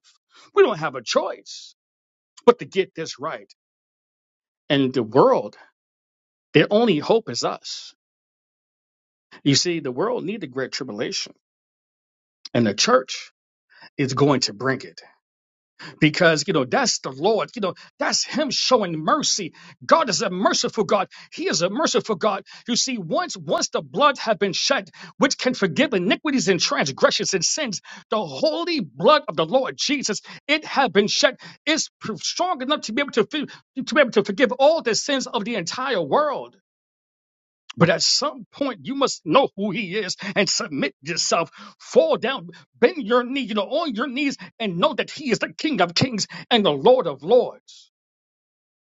Speaker 9: We don't have a choice but to get this right. And the world, their only hope is us. You see, the world need the great tribulation, and the church is going to bring it because you know that's the Lord. You know that's Him showing mercy. God is a merciful God. He is a merciful God. You see, once once the blood have been shed, which can forgive iniquities and transgressions and sins, the holy blood of the Lord Jesus, it have been shed. It's pr- strong enough to be able to fi- to be able to forgive all the sins of the entire world. But at some point, you must know who he is and submit yourself. Fall down, bend your knee, you know, on your knees, and know that he is the King of kings and the Lord of lords.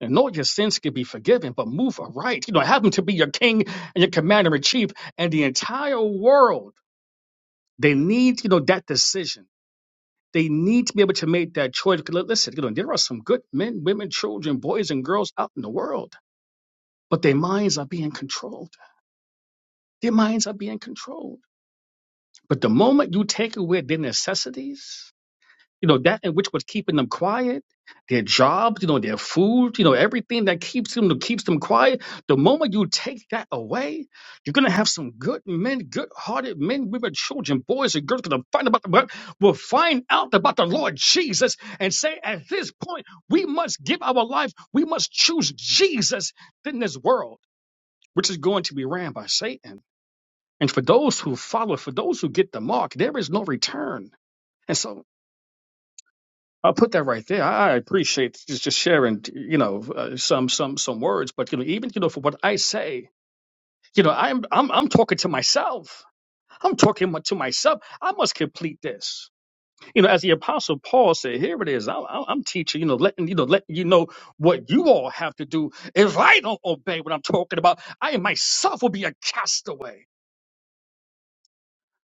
Speaker 9: And know your sins can be forgiven, but move aright. You know, have him to be your king and your commander in chief and the entire world. They need, you know, that decision. They need to be able to make that choice. 'Cause li- Listen, you know, there are some good men, women, children, boys, and girls out in the world, but their minds are being controlled. Their minds are being controlled But the moment you take away their necessities, you know, that in which was keeping them quiet, their jobs, you know, their food, you know, everything that keeps them that keeps them quiet, the moment you take that away, you're gonna have some good men, good hearted men, women, children, boys, and girls gonna find about the will find out about the Lord Jesus and say, at this point, we must give our life, we must choose Jesus than this world, which is going to be ran by Satan. And for those who follow, for those who get the mark, there is no return. And so I'll put that right there. I appreciate just, just sharing, you know, uh, some some some words, but you know, even you know, for what I say, you know, I'm I'm I'm talking to myself. I'm talking to myself. I must complete this. You know, as the apostle Paul said, here it is. I, I, I'm teaching. You know, letting you know, letting you know what you all have to do. If I don't obey what I'm talking about, I myself will be a castaway.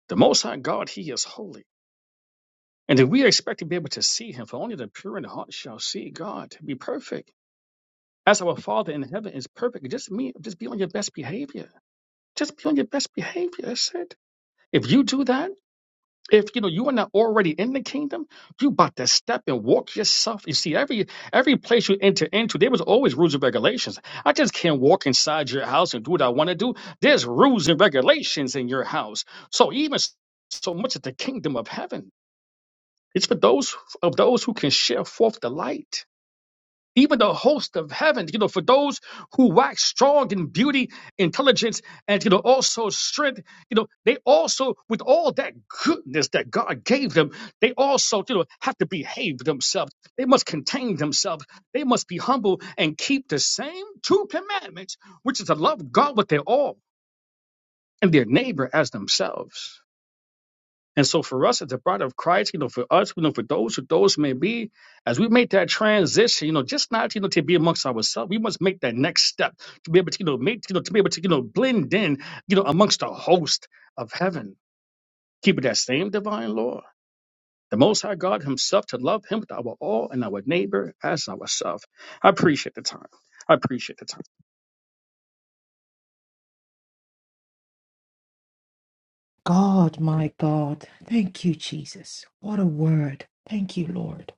Speaker 9: The Most High God, He is holy. And if we expect to be able to see him, for only the pure in heart shall see God, be perfect. As our Father in heaven is perfect, just me, just be on your best behavior. Just be on your best behavior. That's it. If you do that, if you know you are not already in the kingdom, you about to step and walk yourself. You see, every every place you enter into, there was always rules and regulations. I just can't walk inside your house and do what I want to do. There's rules and regulations in your house. So even so much of the kingdom of heaven. It's for those of those who can share forth the light. Even the host of heaven, you know, for those who wax strong in beauty, intelligence, and you know, also strength, you know, they also, with all that goodness that God gave them, they also, you know, have to behave themselves. They must contain themselves. They must be humble and keep the same two commandments, which is to love God with their all and their neighbor as themselves. And so for us as the bride of Christ, you know, for us, you know, for those who those may be, as we make that transition, you know, just not, you know, to be amongst ourselves, we must make that next step to be able to, you know, make, you know, to be able to, you know, blend in, you know, amongst the host of heaven, keeping that same divine law. The Most High God Himself to love Him with our all and our neighbor as ourselves. I appreciate the time. I appreciate the time.
Speaker 5: God, my God. Thank you, Jesus. What a word. Thank you, Lord.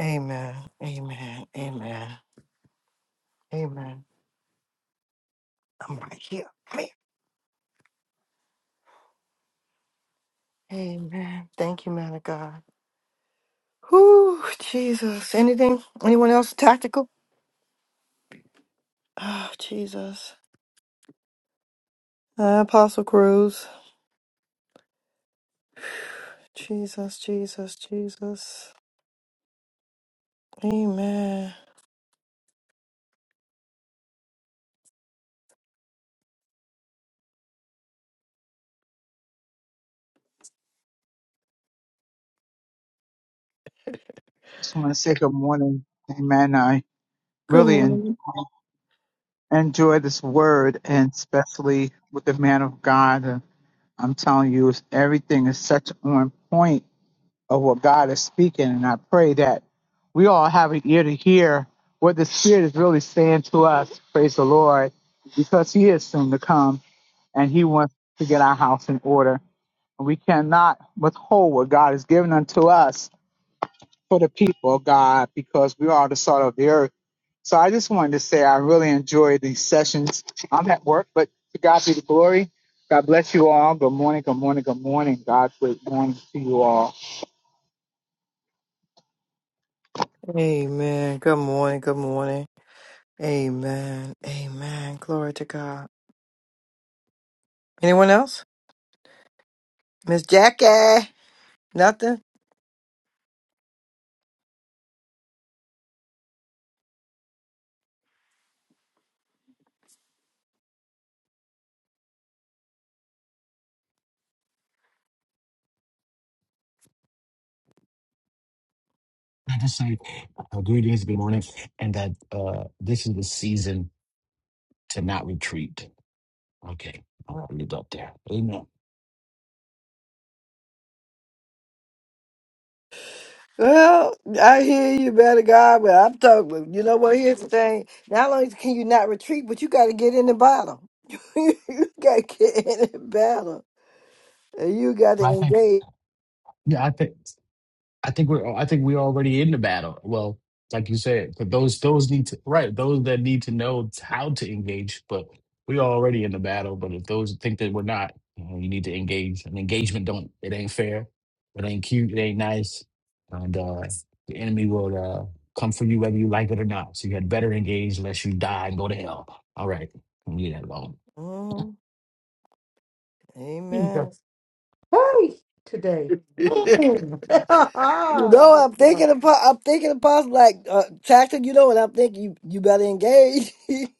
Speaker 1: Amen. Amen. Amen. Amen. Amen. Thank you, man of God. Whew, Jesus. Anything? Anyone else tactical? Oh, Jesus. Uh, Apostle Cruz. Jesus, Jesus, Jesus. Amen.
Speaker 10: Just want to say good morning. Amen. I really en- enjoy this word, and especially with the man of God. Uh, I'm telling you, it's- everything is such on point of what God is speaking, and I pray that we all have an ear to hear what the Spirit is really saying to us. Praise the Lord, because He is soon to come, and He wants to get our house in order. We cannot withhold what God has given unto us for the people, of God, because we are the salt of the earth. So I just wanted to say I really enjoyed these sessions. I'm at work, but to God be the glory. God bless you all. Good morning, good morning, good morning. God's great morning to you all.
Speaker 1: Amen. Good morning. Good morning. Amen. Amen. Glory to God. Anyone else? Miss Jackie. Nothing?
Speaker 11: I just say uh, greetings, good morning, and that uh, this is the season to not retreat. Okay, I'll leave it up there. Amen.
Speaker 1: Well, I hear you, man of God, but I'm talking. You know what? Here's the thing. Not only can you not retreat, but you got to get in the battle. you got to get in the battle. And you got to
Speaker 11: I think,
Speaker 1: engage.
Speaker 11: yeah, I think. I think we're I think we're already in the battle. Well, like you said, but those those need to right, those that need to know how to engage, but we're already in the battle. But if those think that we're not, you, know, you need to engage. And engagement don't it ain't fair, it ain't cute, it ain't nice. And uh the enemy will uh come for you whether you like it or not. So you had better engage unless you die and go to hell. All right. Leave that alone.
Speaker 1: Mm, amen.
Speaker 5: Jesus. Hey, today. Mm.
Speaker 1: You
Speaker 5: my
Speaker 1: know, I'm
Speaker 5: God.
Speaker 1: thinking of, po- I'm thinking of possible like uh, tactic. You know, and I'm thinking you, you better engage.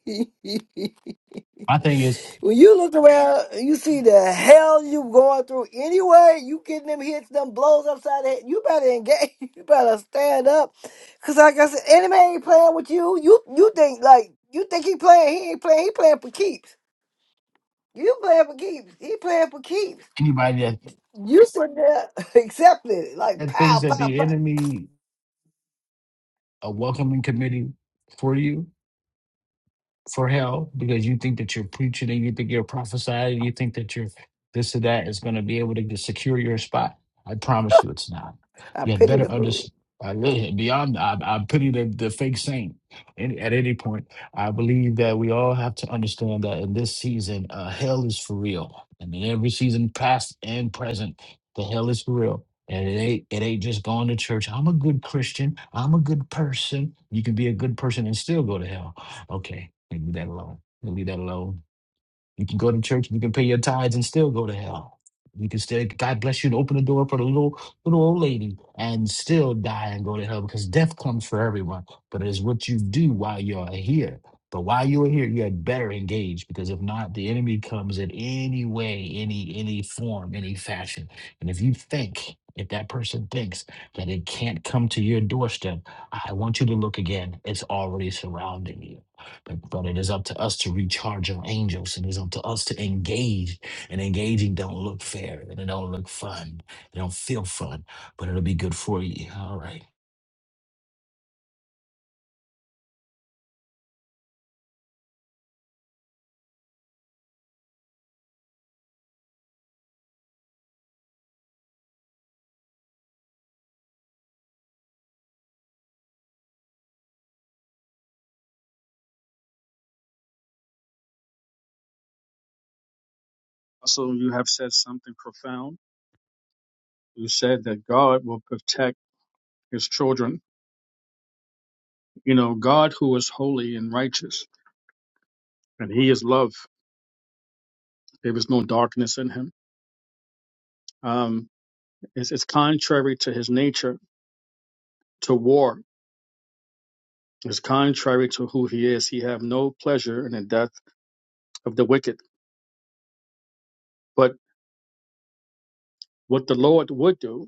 Speaker 11: My thing is
Speaker 1: when you look around, you see the hell you going through anyway. You getting them hits, them blows upside the head. You better engage. You better stand up, cause like I said, enemy ain't playing with you. You you think like you think he playing? He ain't playing. He playing for keeps. You playing for keeps. He playing for keeps.
Speaker 11: anybody that,
Speaker 1: You sitting there accepting it like
Speaker 11: that thinks
Speaker 1: pow
Speaker 11: that
Speaker 1: pow
Speaker 11: the
Speaker 1: pow.
Speaker 11: enemy a welcoming committee for you for hell because you think that you're preaching and you think you're prophesying, you think that you're this or that is going to be able to get- secure your spot. I promise you it's not.
Speaker 1: I
Speaker 11: You had
Speaker 1: pity the
Speaker 11: better
Speaker 1: fool.
Speaker 11: understand. I really, Beyond, I, I pity the, the fake saint. And at any point, I believe that we all have to understand that in this season, uh, hell is for real. I mean, every season, past and present, the hell is for real. And it ain't, it ain't just going to church. I'm a good Christian. I'm a good person. You can be a good person and still go to hell Okay, leave that alone. We'll Leave that alone. You can go to church. You can pay your tithes and still go to hell. You can still God bless you and open the door for the little little old lady and still die and go to hell because death comes for everyone. But it's what you do while you're here. But while you're here, you had better engage because if not, the enemy comes in any way, any any form, any fashion. And if you think, if that person thinks that it can't come to your doorstep, I want you to look again. It's already surrounding you. Like, But it is up to us to recharge our angels, and it's up to us to engage. And engaging don't look fair, and it don't look fun. It don't feel fun, but it'll be good for you. All right.
Speaker 9: Also, you have said something profound. You said that God will protect His children. You know, God who is holy and righteous. and he is love. There is no darkness in him. Um, it's, it's contrary to his nature to war. It's contrary to who he is. He have no pleasure in the death of the wicked. But what the Lord would do,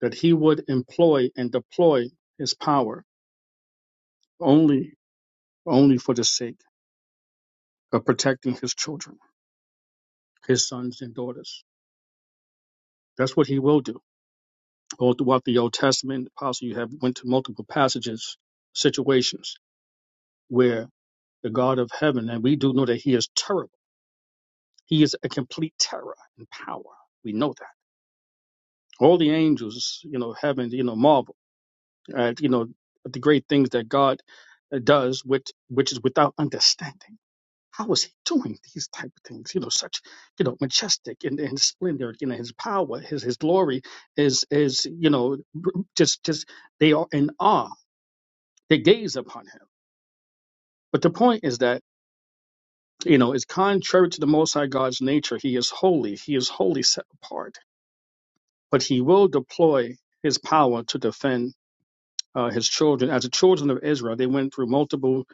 Speaker 9: that he would employ and deploy his power only, only for the sake of protecting his children, his sons and daughters. That's what he will do. All throughout the Old Testament, possibly you have went to multiple passages, situations where the God of heaven, and we do know that he is terrible. He is a complete terror and power. We know that. All the angels, you know, heaven, you know, marvel at, you know, the great things that God uh, does, which, which is without understanding. How is he doing these type of things? You know, such, you know, majestic and, and splendor, you know, his power, his, his glory is, is, you know, just, just, they are in awe. They gaze upon him. But the point is that You know, it's contrary to the Most High God's nature. He is holy. He is wholly set apart. But he will deploy his power to defend uh, his children. As the children of Israel, they went through multiple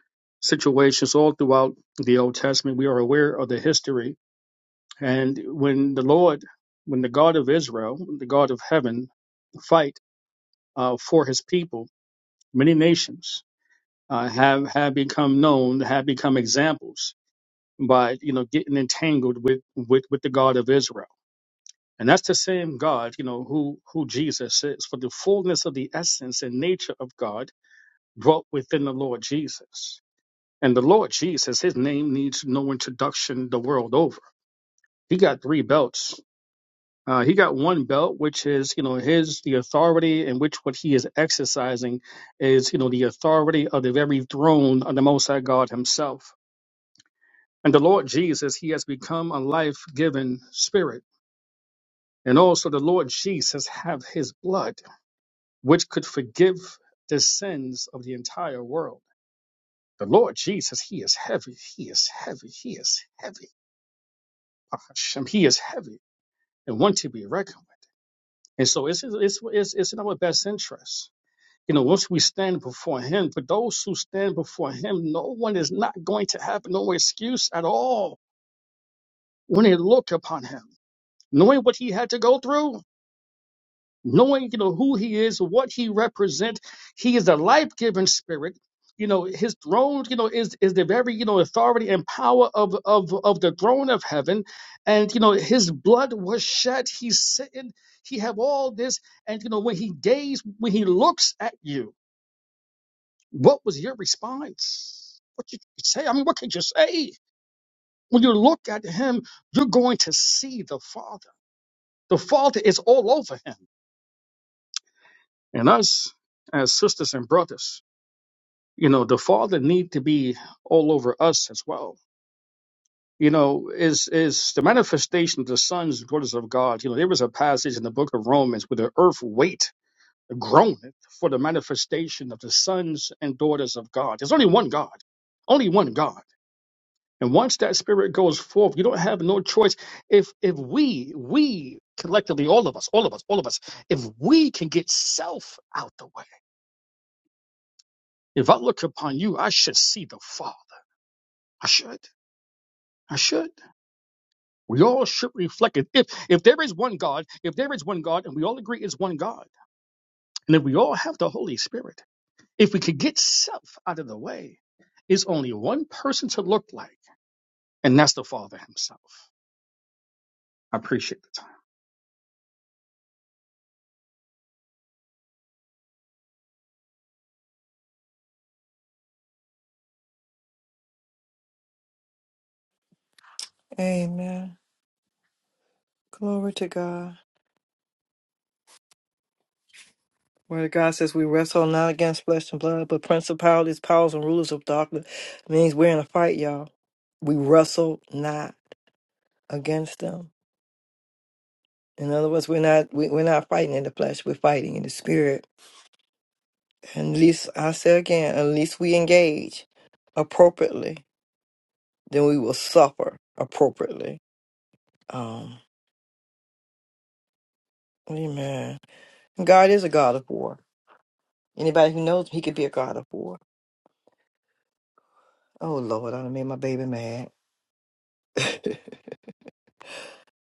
Speaker 9: situations all throughout the Old Testament. We are aware of the history. And when the Lord, when the God of Israel, the God of heaven, fight uh, for his people, many nations uh, have, have become known, have become examples by, you know, getting entangled with, with, with the God of Israel And that's the same God, you know, who, who Jesus is. For the fullness of the essence and nature of God dwelt within the Lord Jesus. And the Lord Jesus, his name needs no introduction the world over. He got three belts. Uh, he got one belt, which is, you know, his, the authority in which what he is exercising is, you know, the authority of the very throne of the Most High God himself. And the Lord Jesus, he has become a life-giving spirit. And also the Lord Jesus have his blood which could forgive the sins of the entire world. The Lord Jesus, He is heavy, He is heavy, He is heavy. Hashem, He is heavy and one to be reckoned with. And so it's, it's, it's, it's in our best interest. You know, once we stand before Him, for those who stand before Him, no one is not going to have no excuse at all when they look upon Him. Knowing what He had to go through, knowing you know who he is what he represents he is a life-giving spirit you know his throne you know is is the very you know authority and power of of of the throne of heaven and you know his blood was shed he's sitting he have all this and you know when he gazed when he looks at you what was your response what did you say i mean what could you say when you look at him you're going to see the father the father is all over him and us as sisters and brothers you know the father need to be all over us as well you know is is the manifestation of the sons and daughters of god you know there was a passage in the book of romans where the earth wait groaneth for the manifestation of the sons and daughters of god there's only one god only one god and once that spirit goes forth you don't have no choice if if we we collectively all of us all of us all of us if we can get self out the way if i look upon you i should see the father i should i should We all should reflect it. If if there is one God, if there is one God, and we all agree it's one God, and if we all have the Holy Spirit, if we could get self out of the way, it's only one person to look like, and that's the Father Himself. I appreciate the time.
Speaker 1: Amen. Glory to God. Where God says we wrestle not against flesh and blood, but principalities, powers, and rulers of darkness means we're in a fight, y'all. We wrestle not against them. In other words, we're not we, we're not fighting in the flesh. We're fighting in the spirit. And at least I say again, at least we engage appropriately, then we will suffer appropriately. Um, amen. God is a God of war. Anybody who knows, Him, He could be a God of war. Oh Lord, I done made my baby mad.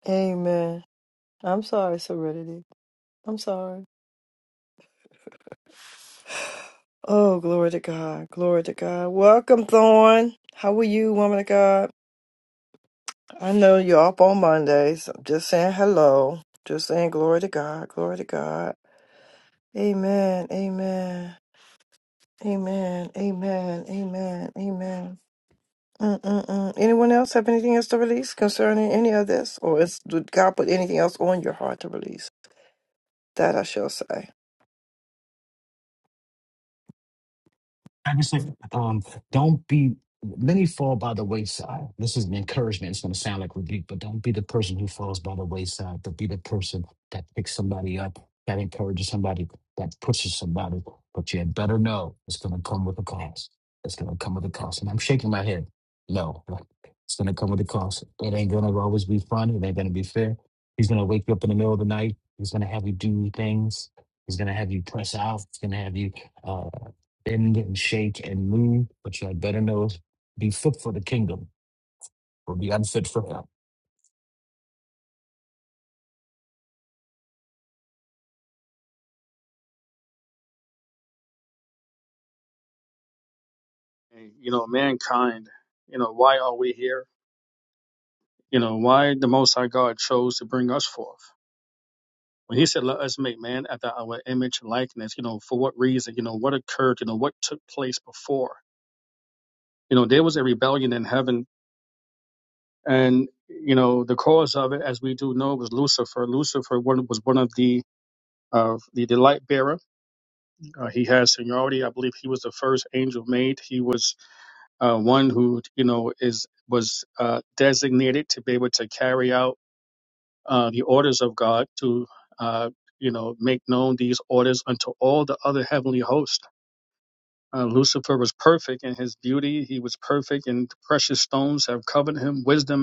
Speaker 1: Amen. I'm sorry, Serenity. I'm sorry. Oh, glory to God. Glory to God. Welcome, Thorn. How are you, woman of God? I know you're up on Mondays. I'm just saying hello. Just saying glory to God. Glory to God. Amen. Amen. Amen. Amen. Amen. Amen. Mm-mm-mm. Anyone else have anything else to release concerning any of this? Or is, did God put anything else on your heart to release? That I shall say.
Speaker 11: I just say, um, don't be. Many fall by the wayside. This is an encouragement. It's going to sound like rebuke, but don't be the person who falls by the wayside. But be the person that picks somebody up, that encourages somebody, that pushes somebody. But you had better know it's going to come with a cost. It's going to come with a cost. And I'm shaking my head. No, like, it's going to come with a cost. It ain't going to always be fun. It ain't going to be fair. He's going to wake you up in the middle of the night. He's going to have you do things. He's going to have you press out. He's going to have you. uh, bend and shake and move, but you had better know be fit for the kingdom or be unfit for hell.
Speaker 9: And, you know, mankind. You know, why are we here? You know, why the Most High God chose to bring us forth. When he said, "Let us make man after our image and likeness," you know, for what reason? You know, what occurred? You know, what took place before? You know, there was a rebellion in heaven and you know the cause of it, as we do know, was Lucifer. Lucifer one, was one of the uh, the, the light bearer. Uh, he has seniority. I believe he was the first angel made. He was uh, one who you know is was uh, designated to be able to carry out uh, the orders of God to uh, you know make known these orders unto all the other heavenly host. Uh, Lucifer was perfect in his beauty. He was perfect, in precious stones have covered him. Wisdom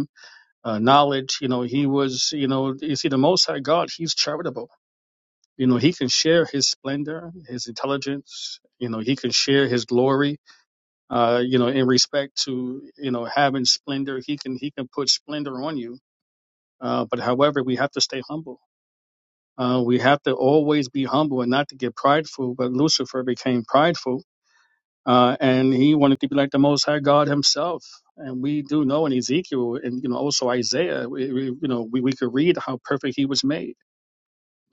Speaker 9: uh, knowledge. You know, he was, you know, you see, the Most High God, he's charitable. You know, he can share his splendor, his intelligence. You know, he can share his glory. Uh, you know, in respect to you know having splendor, he can he can put splendor on you. Uh, but however, we have to stay humble. Uh, we have to always be humble and not to get prideful. But Lucifer became prideful uh, and he wanted to be like the Most High God Himself. And we do know in Ezekiel and you know also Isaiah, we, we, you know, we, we could read how perfect He was made,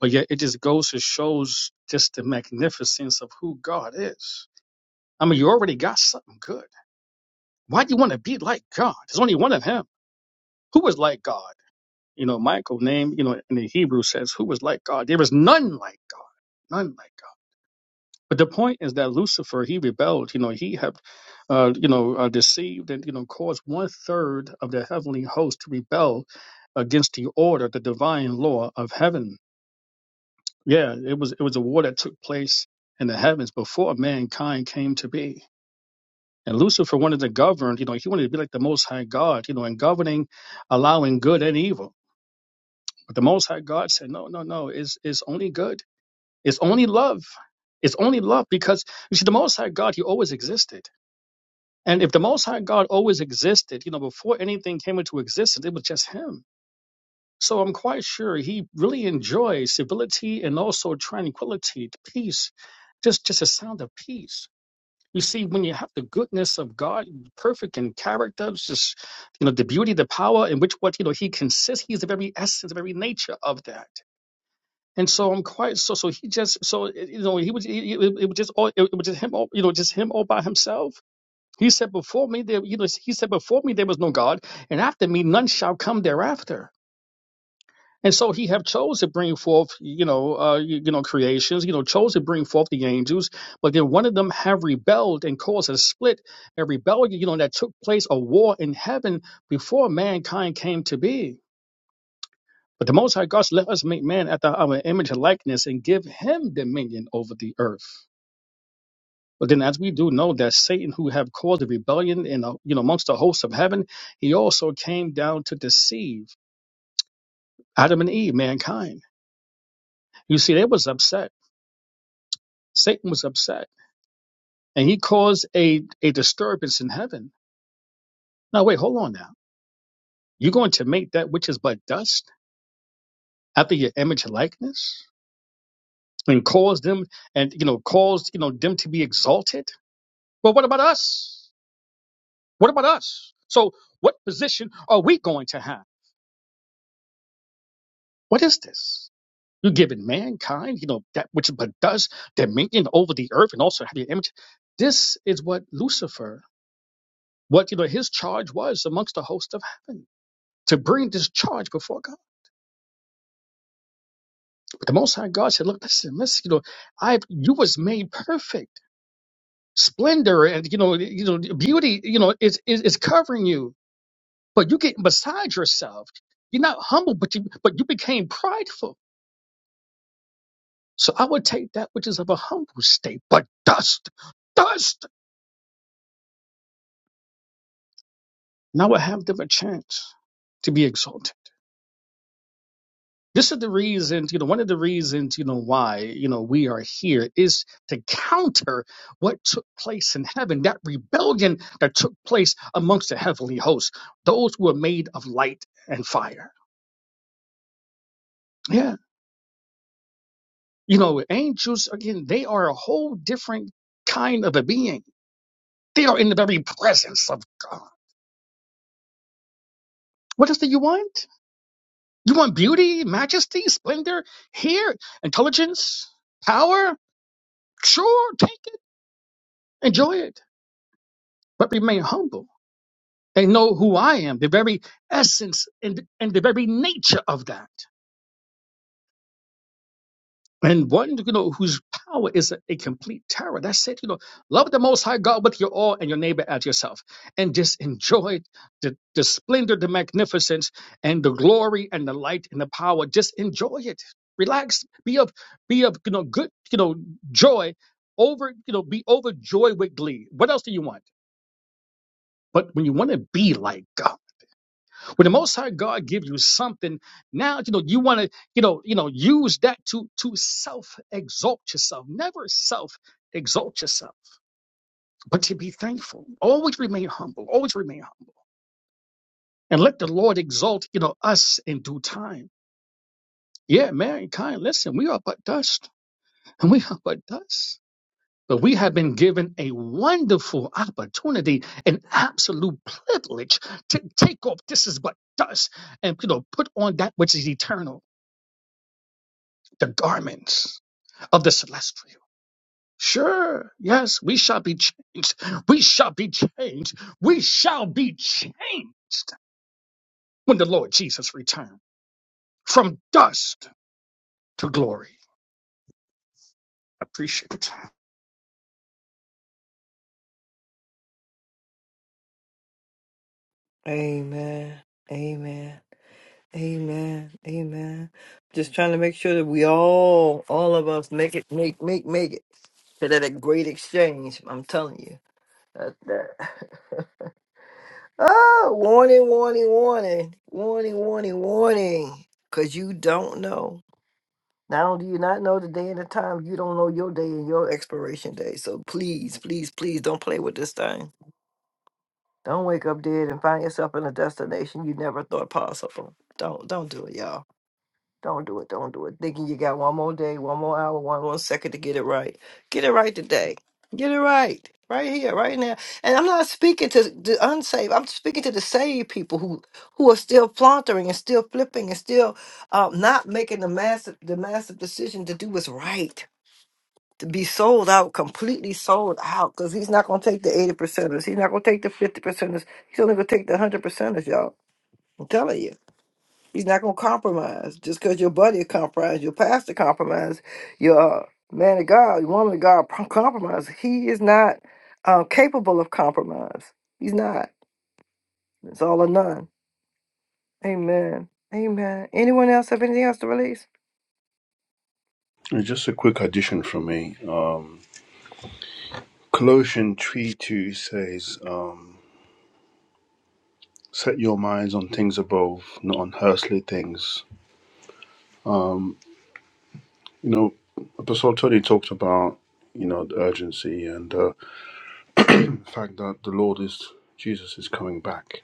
Speaker 9: but yet it just goes to shows just the magnificence of who God is. I mean, you already got something good. Why do you want to be like God? There's only one of Him. Who was like God? You know, Michael name, you know, in the Hebrew says, who was like God? There is none like God, none like. God. But the point is that Lucifer, he rebelled. You know, he had, uh, you know, uh, deceived and you know caused one third of the heavenly host to rebel against the order, the divine law of heaven. Yeah, it was it was a war that took place in the heavens before mankind came to be. And Lucifer wanted to govern. You know, he wanted to be like the Most High God. You know, and governing, allowing good and evil. But the Most High God said, no, no, no. It's it's only good. It's only love. It's only love because you see, the Most High God, he always existed And if the Most High God always existed, you know, before anything came into existence, it was just Him. So I'm quite sure He really enjoys civility and also tranquility, peace, just just a sound of peace. You see, when you have the goodness of God, perfect in character, just you know, the beauty, the power in which what you know He consists, He's the very essence, the very nature of that. And so I'm quite so so he just so you know he was he, it, it was just all it, it was just him all you know just him all by himself he said, Before me there you know, he said, Before me there was no God, and after me none shall come thereafter. And so he have chose to bring forth, you know, uh, you, you know, creations, you know, chose to bring forth the angels, but then one of them have rebelled and caused a split, a rebellion, you know, that took place, a war in heaven before mankind came to be. But the Most High God let us make man after our image and likeness and give him dominion over the earth. But then, as we do know that Satan, who have caused a rebellion in the, you know amongst the hosts of heaven, he also came down to deceive Adam and Eve, mankind. You see, they was upset. Satan was upset, and he caused a a disturbance in heaven. Now, wait, hold on now. You're going to make that which is but dust after your image and likeness, and cause them, and you know, cause you know them to be exalted. Well, what about us? What about us? So, what position are we going to have? What is this? You've given mankind, you know, that which but does dominion over the earth and also have your image. This is what Lucifer, what you know, his charge was amongst the host of heaven. To bring this charge before God. But the Most High God said, Look, listen, listen, you know, I've you was made perfect. Splendor and you know, you know, beauty, you know, is is, is covering you. But you get beside yourself. You're not humble, but you but you became prideful. So I would take that which is of a humble state, but dust, dust. Now I have them a chance to be exalted. This is the reason, you know, one of the reasons, you know, why, you know, we are here is to counter what took place in heaven, that rebellion that took place amongst the heavenly hosts, those who are made of light and fire. Yeah. You know, angels, again, they are a whole different kind of a being. They are in the very presence of God. What else do you want? You want beauty, majesty, splendor, here, intelligence, power? Sure, take it, enjoy it, but remain humble and know who I am, the very essence and, and the very nature of that. And one, you know, whose power is a, a complete terror. That's it, you know. Love the Most High God with your all and your neighbor as yourself, and just enjoy the, the splendor, the magnificence, and the glory and the light and the power. Just enjoy it. Relax. Be of be of you know good you know joy over you know be overjoyed with glee. What else do you want? But when you want to be like God, when the Most High God gives you something, now you know you want to, you know, you know, use that to to self exalt yourself. Never self exalt yourself, but to be thankful. Always remain humble. Always remain humble, and let the Lord exalt, you know, us in due time. Yeah, mankind. Listen, we are but dust, and we are but dust. But we have been given a wonderful opportunity, an absolute privilege to take off this is but dust and you know put on that which is eternal, the garments of the celestial. Sure, yes, we shall be changed. We shall be changed. We shall be changed when the Lord Jesus returns from dust to glory. Appreciate it.
Speaker 1: Amen. Amen. Amen. Amen. Just trying to make sure that we all, all of us, make it, make, make, make it to that great exchange. I'm telling you. That, that. oh, warning, warning, warning, warning, warning, warning. Because you don't know. Not only do you not know the day and the time, you don't know your day and your expiration day. So please, please, please don't play with this thing. Don't wake up dead and find yourself in a destination you never thought possible. Don't, don't do it, y'all. Don't do it. Don't do it. Thinking you got one more day, one more hour, one more second to get it right. Get it right today. Get it right. Right here, right now. And I'm not speaking to the unsaved. I'm speaking to the saved people who who are still flauntering and still flipping and still uh, not making the massive the massive decision to do what's right. To be sold out, completely sold out, because he's not gonna take the 80 percenters. He's not gonna take the 50 percenters. He's only gonna take the 100 percenters, y'all. I'm telling you. He's not going to compromise. Just because your buddy compromised, your pastor compromised, your uh, man of God, woman of God pro- compromise, he is not uh, capable of compromise. He's not. It's all or none. Amen. Amen. Anyone else have anything else to release?
Speaker 7: and just a quick addition from me um colossians 3 2 says um set your minds on things above not on earthly things You know, Apostle Tony talked about, you know, the urgency and uh, the fact that the Lord is, Jesus is coming back.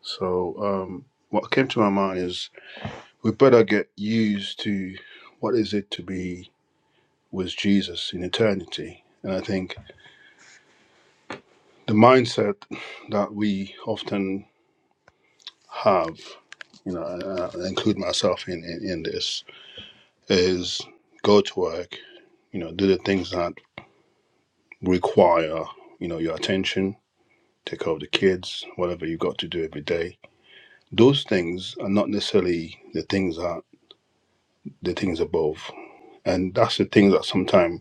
Speaker 7: So, um, what came to my mind is we better get used to what is it to be with Jesus in eternity. And I think the mindset that we often have, you know, and I include myself in, in, in this, is go to work, you know, do the things that require, you know, your attention, take care of the kids, whatever you got to do every day. Those things are not necessarily the things that the things above. And that's the thing that sometimes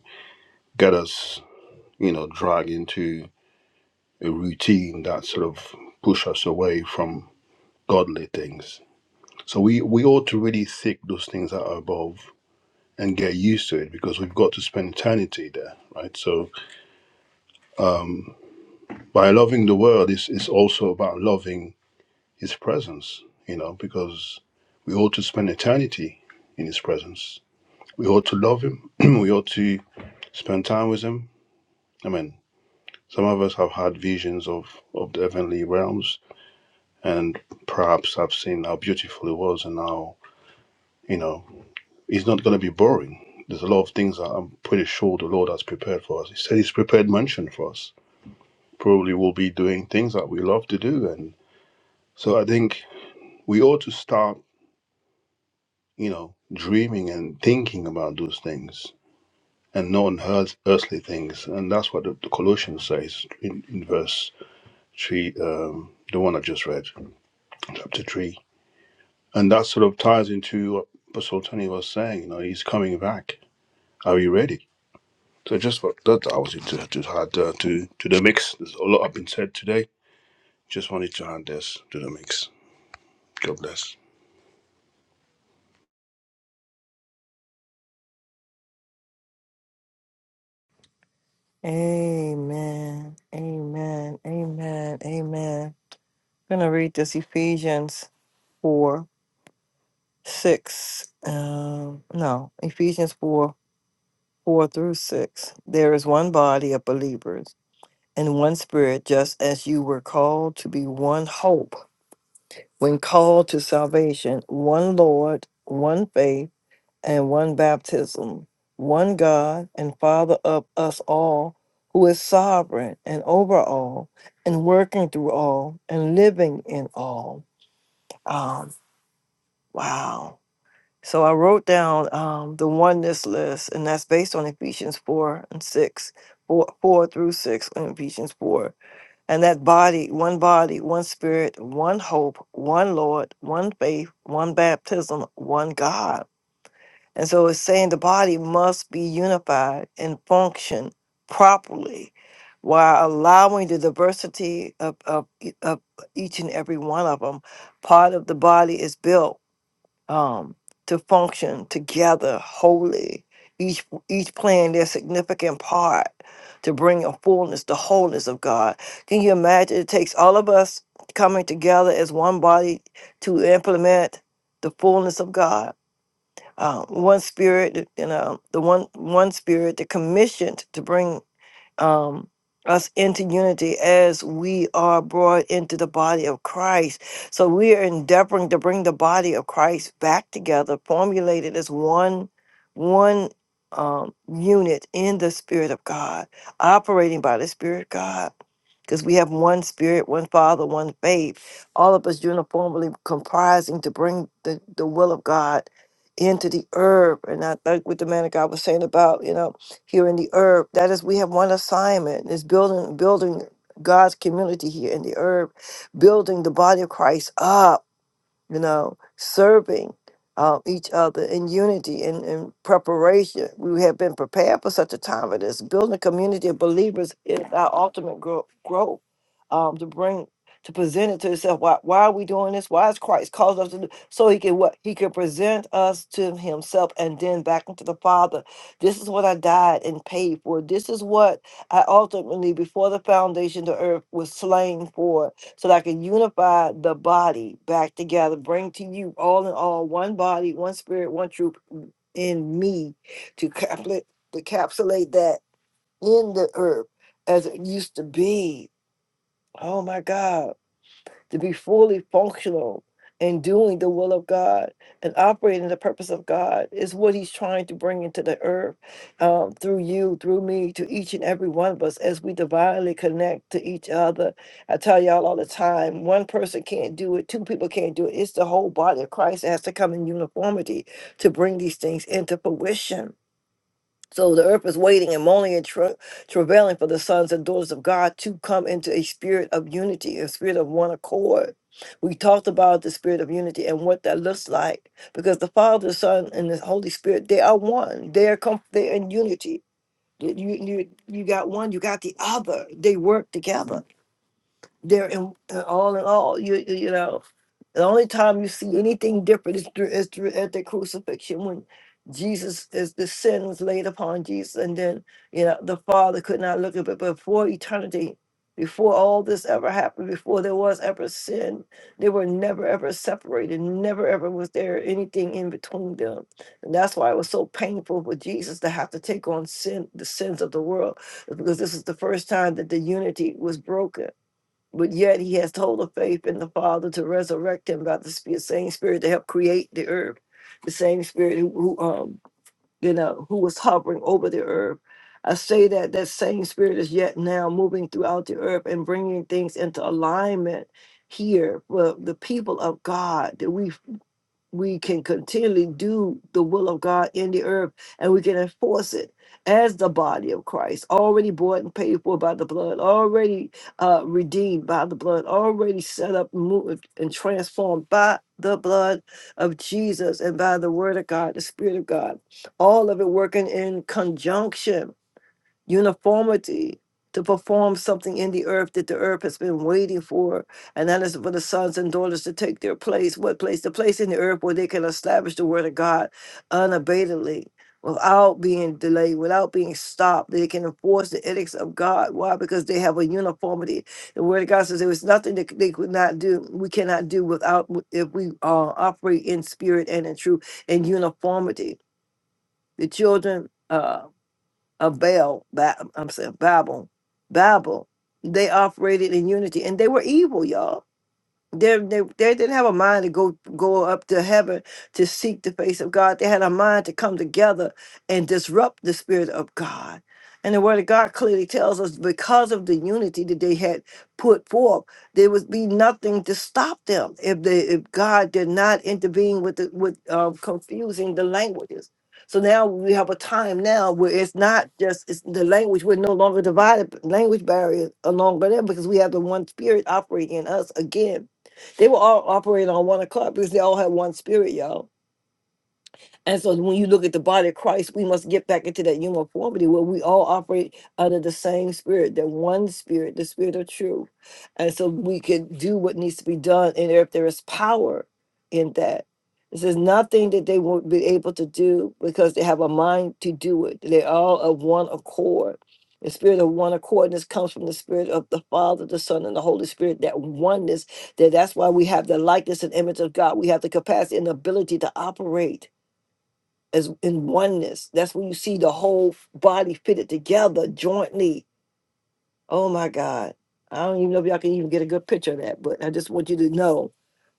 Speaker 7: get us, you know, dragged into a routine that sort of push us away from godly things. So we, we ought to really seek those things that are above and get used to it because we've got to spend eternity there, right? So um, by loving the world is is also about loving His presence, you know, because we ought to spend eternity in His presence. We ought to love Him. we ought to spend time with Him. I mean, some of us have had visions of, of the heavenly realms and perhaps have seen how beautiful it was and how, you know, it's not going to be boring. There's a lot of things that I'm pretty sure the Lord has prepared for us. He said He's prepared mansion for us. Probably we'll be doing things that we love to do. And so I think we ought to start you know, dreaming and thinking about those things and non earth, earthly things. And that's what the, the Colossians says in, in verse 3, um, the one I just read, chapter 3. And that sort of ties into what Apostle Tony was saying, you know, he's coming back. Are you ready? So just for that, I was to, to add uh, to, to the mix. There's a lot I've been said today. Just wanted to add this to the mix. God bless.
Speaker 1: Amen. Amen. Amen. Amen. I'm going to read this Ephesians 4 6. Um, no, Ephesians 4 4 through 6. There is one body of believers. and one spirit, just as you were called to be one hope when called to salvation, one Lord, one faith, and one baptism, one God and Father of us all, who is sovereign and over all, and working all, and living in all. Um, wow. So I wrote down um, the oneness list, and that's based on Ephesians 4 and 6, 4 4 through 6 in Ephesians 4 And that body, one body, one spirit, one hope, one Lord, one faith, one baptism, one God. And so it's saying the body must be unified and function properly while allowing the diversity of, of, e- of each and every one of them. Part of the body is built um, to function together wholly. Each each playing their significant part to bring a fullness, the wholeness of God. Can you imagine? It takes all of us coming together as one body to implement the fullness of God. Uh, one spirit, you know, the one one spirit, the commissioned to bring um, us into unity as we are brought into the body of Christ. So we are endeavoring to bring the body of Christ back together, formulated as one, one um, unit in the Spirit of God, operating by the Spirit of God because we have one spirit, one Father, one faith, all of us uniformly comprising to bring the, the will of God into the herb. And I think what the man of God was saying about, you know, here in the herb, that is we have one assignment is building building God's community here in the herb, building the body of Christ up you know, serving uh, each other in unity and in preparation. We have been prepared for such a time as this. Building a community of believers is our ultimate grow- growth um, to bring to present it to yourself. Why, why are we doing this? Why is Christ called us to do so he can what he can present us to himself and then back into the Father. This is what I died and paid for. This is what I ultimately before the foundation of the earth was slain for so that I can unify the body back together, bring to you all in all one body, one spirit, one truth in me to capla- to encapsulate that in the earth as it used to be. Oh my God to be fully functional in doing the will of God and operating the purpose of God is what He's trying to bring into the earth um, through you, through me, to each and every one of us as we divinely connect to each other. I tell y'all all the time one person can't do it, two people can't do it. It's the whole body of Christ that has to come in uniformity to bring these things into fruition so the earth is waiting and moaning and tra- travailing for the sons and daughters of God to come into a spirit of unity, a spirit of one accord. We talked about the spirit of unity and what that looks like because the Father, the Son, and the Holy Spirit, they are one. They are com- they're in unity. You, you, you you got one, you got the other. They work together. They're in, uh, all in all, you you you know, the only time you see anything different is through, is through at the crucifixion when Jesus is the sin was laid upon Jesus, and then you know the Father could not look at it before eternity. Before all this ever happened, before there was ever sin, they were never ever separated. Never ever was there anything in between them, and that's why it was so painful for Jesus to have to take on sin, the sins of the world, because this is the first time that the unity was broken but yet he has total faith in the Father to resurrect him by the spi- same Spirit to help create the earth, the same Spirit who, who um you know who was hovering over the earth. I say that that same Spirit is yet now moving throughout the earth and bringing things into alignment here for the people of God that we we can continually do the will of God in the earth and we can enforce it as the body of Christ, already bought and paid for by the blood, already uh, redeemed by the blood, already set up, moved, and transformed by the blood of Jesus and by the word of God, the Spirit of God. All of it working in conjunction uniformity to perform something in the earth that the earth has been waiting for. And that is for the sons and daughters to take their place. What place? The place in the earth where they can establish the word of God unabatedly. Without being delayed, without being stopped, they can enforce the edicts of God. Why? Because they have a uniformity. The Word of God says there is nothing that they could not do, we cannot do without if we uh, operate in spirit and in truth and uniformity. The children uh, of Baal, ba- I'm saying Babel, Babel, they operated in unity and they were evil, y'all they, they, they didn't have a mind to go go up to heaven to seek the face of God. They had a mind to come together and disrupt the spirit of God. And the word of God clearly tells us because of the unity that they had put forth, there would be nothing to stop them if they if God did not intervene with the, with um, confusing the languages. So now we have a time now where it's not just it's the language. We're no longer divided language barriers along by them because we have the one spirit operating in us again they were all operating on one accord because they all had one spirit, y'all. And so when you look at the body of Christ, we must get back into that uniformity where we all operate under the same spirit, that one spirit, the spirit of truth. And so we can do what needs to be done. And if there is power in that, this is nothing that they won't be able to do because they have a mind to do it. They're all of one accord. The spirit of one accordness comes from the spirit of the Father, the Son, and the Holy Spirit, that oneness, that that's why we have the likeness and image of God. We have the capacity and ability to operate as in oneness. That's when you see the whole body fitted together jointly. Oh my God. I don't even know if y'all can even get a good picture of that, but I just want you to know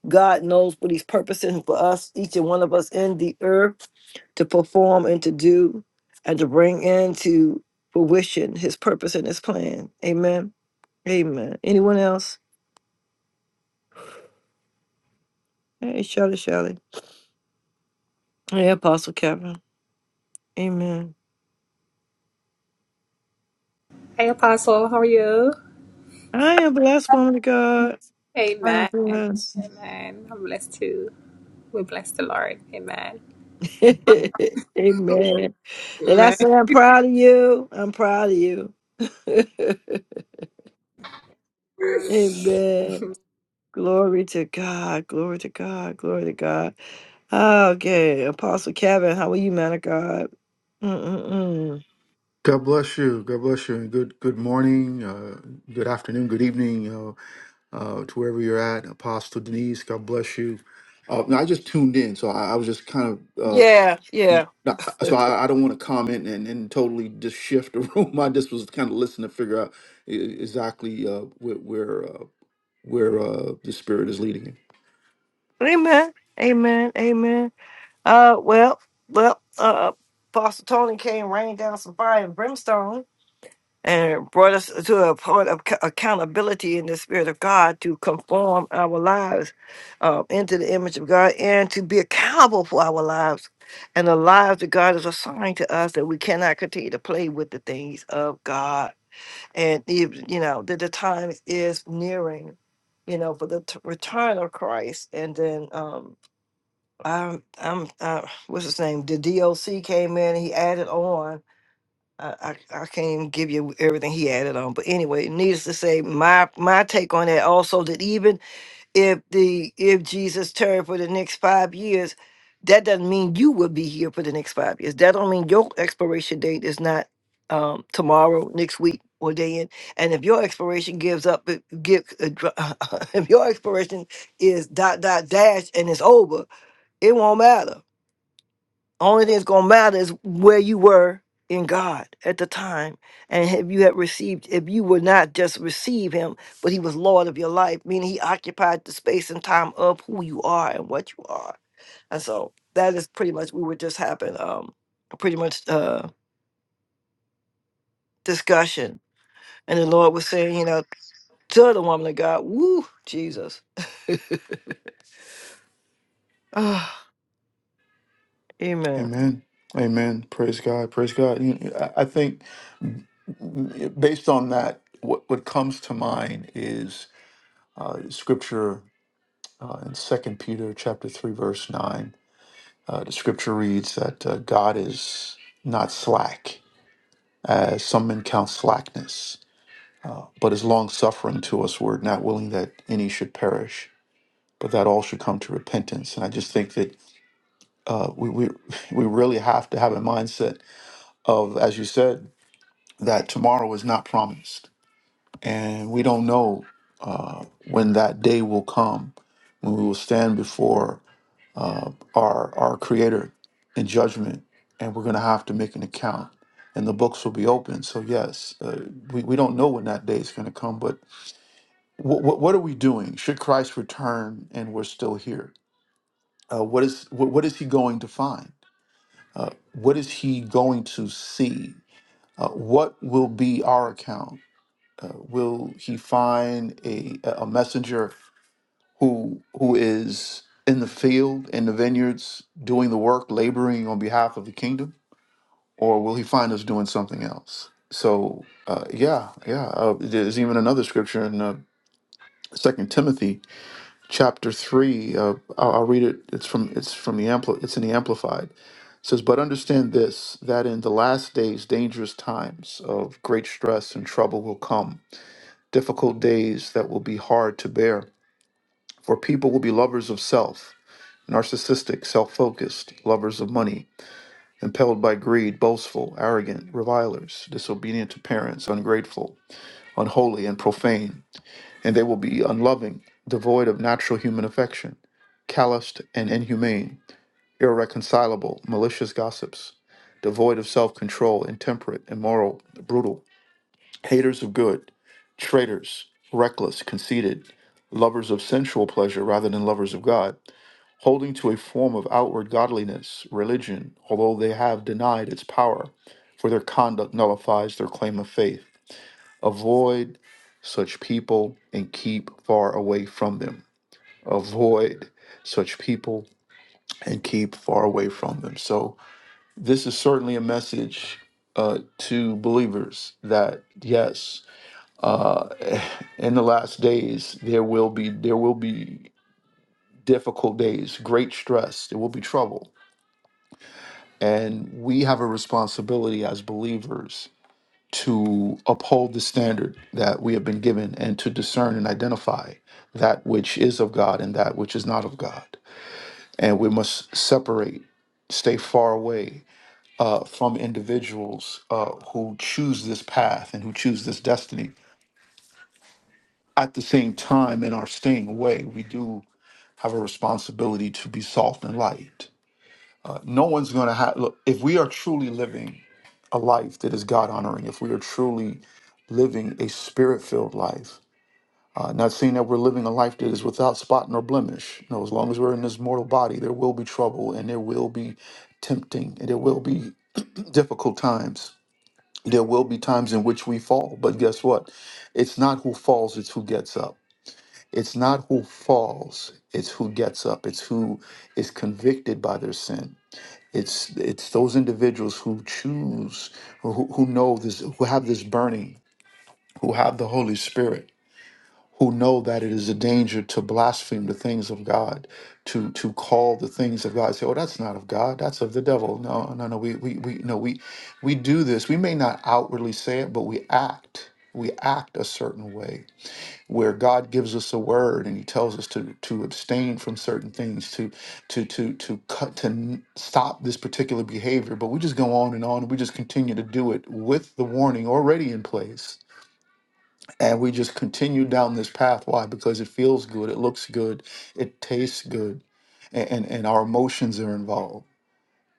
Speaker 1: God knows what He's purposing for us, each and one of us in the earth to perform and to do and to bring into fruition His purpose and His plan. Amen. Amen. Anyone else? Hey, Shelley, Shelley. Hey, Apostle Kevin. Amen.
Speaker 12: Hey, Apostle, how are you?
Speaker 1: I am blessed, woman of God. I am
Speaker 12: Amen.
Speaker 1: blessed.
Speaker 12: Amen. I'm blessed too. We bless the Lord. Amen.
Speaker 1: Amen. And I say, I'm proud of you. I'm proud of you. Amen. Glory to God. Glory to God. Glory to God. Okay. Apostle Kevin, how are you, man of God? Mm-mm-mm.
Speaker 13: God bless you. God bless you. And good good morning, uh, good afternoon, good evening, uh, uh, to wherever you're at. Apostle Denise, God bless you. Uh, now I just tuned in, so I, I was just kind of uh,
Speaker 1: Yeah, yeah.
Speaker 13: not, so I, I don't want to comment and, and totally just shift the room. I just was kind of listening to figure out e- e, exactly uh, where where, uh, where uh, the Spirit is leading you.
Speaker 1: Eh, eh, eh. Uh, well, well, uh, Apostle Tony came, rained down some fire and brimstone, and brought us to a point of ac- accountability in the Spirit of God to conform our lives uh, into the image of God and to be accountable for our lives and the lives that God has assigned to us that we cannot continue to play with the things of God. And if, you know that the time is nearing, you know, for the t- return of Christ. And then um, I'm, I'm, uh, what's his name? The DOC came in and he added on. I, I, I can't even give you everything he added on, but anyway, needless to say, my my take on that also that even if the if Jesus turned for the next five years, that doesn't mean you will be here for the next five years. That don't mean your expiration date is not um, tomorrow, next week, or day in. And if your expiration gives up, it give if your expiration is dot dot dash and it's over, it won't matter only thing that's gonna matter is where you were in God at the time, and if you had received, if you were not just receive Him, but He was Lord of your life, meaning He occupied the space and time of who you are and what you are. And so that is pretty much we were just having um a pretty much uh discussion, and the Lord was saying, you know, to the woman of God, woo, Jesus, Ah, Amen,
Speaker 13: Amen. Amen. Praise God. Praise God. You- I I think based on that, what, what comes to mind is uh, the scripture uh, in Second Peter chapter three verse nine. Uh, the scripture reads that uh, God is not slack, as some men count slackness, uh, but is long suffering to us, word not willing that any should perish, but that all should come to repentance. And I just think that uh, we, we we really have to have a mindset of, as you said, that tomorrow is not promised, and we don't know uh, when that day will come when we will stand before uh, our our Creator in judgment, and we're going to have to make an account. And the books will be open. So yes, uh, we we don't know when that day is going to come, but wh- wh- what are we doing? Should Christ return and we're still here? Uh, what is wh- what is He going to find? Uh, what is He going to see? Uh, what will be our account? Uh, will He find a a messenger who who is in the field in the vineyards doing the work laboring on behalf of the kingdom or will he find us doing something else so uh, yeah yeah uh, there's even another scripture in uh, second timothy chapter 3 uh, I'll, I'll read it it's from it's from the ampli- it's in the amplified it says but understand this that in the last days dangerous times of great stress and trouble will come difficult days that will be hard to bear for people will be lovers of self narcissistic, self focused, lovers of money, impelled by greed, boastful, arrogant, revilers, disobedient to parents, ungrateful, unholy, and profane. And they will be unloving, devoid of natural human affection, calloused and inhumane, irreconcilable, malicious gossips, devoid of self control, intemperate, immoral, brutal, haters of good, traitors, reckless, conceited, lovers of sensual pleasure rather than lovers of God holding to a form of outward godliness, religion, although they have denied its power, for their conduct nullifies their claim of faith. Avoid such people and keep far away from them. Avoid such people and keep far away from them. So, this is certainly a message uh, to believers that yes, in the last days there will be there will be difficult days, great stress, there will be trouble And we have a responsibility as believers to uphold the standard that we have been given and to discern and identify that which is of God and that which is not of God. And we must separate, stay far away uh, from individuals uh, who choose this path and who choose this destiny. At the same time, in our staying away, we do have a responsibility to be salt and light. No one's going to have, look, if we are truly living a life that is God honoring, if we are truly living a spirit filled life, uh, not saying that we're living a life that is without spot nor blemish. No, as long as we're in this mortal body, there will be trouble and there will be tempting and there will be difficult times. There will be times in which we fall, but guess what? It's not who falls, it's who gets up. It's not who falls, it's who gets up. It's who is convicted by their sin it's it's those individuals who choose, who, who know this, who have this burning, who have the Holy Spirit, who know that it is a danger to blaspheme the things of God, to to call the things of God. Say, oh, that's not of God, that's of the devil. No, no, no. We we we no we we do this. We may not outwardly say it, but we act. We act a certain way where God gives us a word and He tells us to to abstain from certain things, to to to to cut to n- stop this particular behavior, but we just go on and on, and we just continue to do it with the warning already in place, and we just continue down this path. Why? Because it feels good, it looks good, it tastes good, a- and and our emotions are involved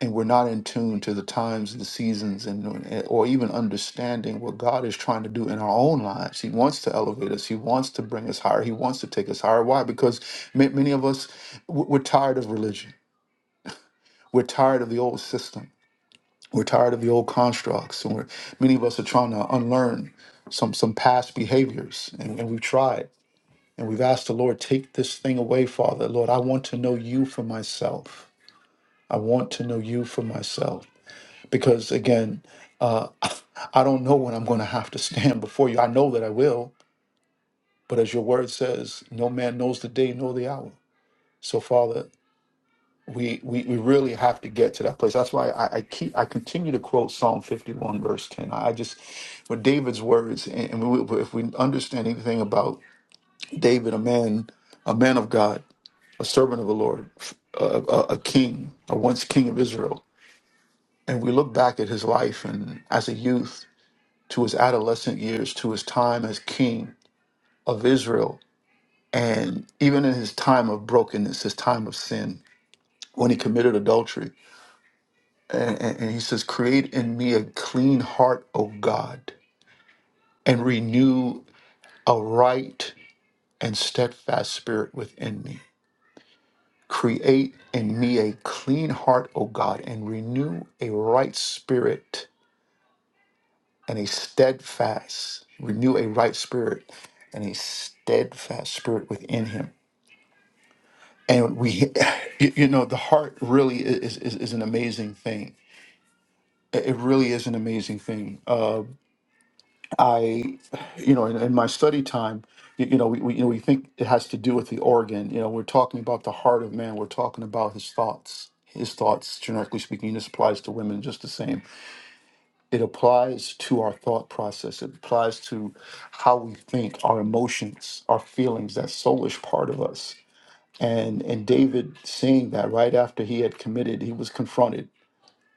Speaker 13: and we're not in tune to the times the seasons and or even understanding what god is trying to do in our own lives he wants to elevate us he wants to bring us higher he wants to take us higher why because ma- many of us w- we're tired of religion we're tired of the old system we're tired of the old constructs and we're, many of us are trying to unlearn some some past behaviors and, and we've tried and we've asked the lord take this thing away father lord i want to know you for myself i want to know you for myself because again, uh, I don't know when I'm going to have to stand before you. I know that I will, but as your word says, no man knows the day nor the hour. So, Father, we we, we really have to get to that place. That's why I, I keep I continue to quote Psalm 51 verse 10. I I just with David's words, and, and we, if we understand anything about David, a man, a man of God, a servant of the Lord, a, a, a king, a once king of Israel, and we look back at his life and as a youth to his adolescent years, to his time as king of Israel, and even in his time of brokenness, his time of sin, when he committed adultery. And, and- and he says, Create in me a clean heart, O God, and renew a right and steadfast spirit within me. Create in me a clean heart, O God, and renew a right spirit and a steadfast, renew a right spirit and a steadfast spirit within him. and we you you know the heart really is is, is an amazing thing it it really is an amazing thing uh, i you know in, in my study time you, you know we, we you know we think it has to do with the organ you know we're talking about the heart of man we're talking about his thoughts his thoughts generically speaking this applies to women just the same it applies to our thought process it applies to how we think our emotions our feelings that soulish part of us and and David seeing that right after he had committed, he was confronted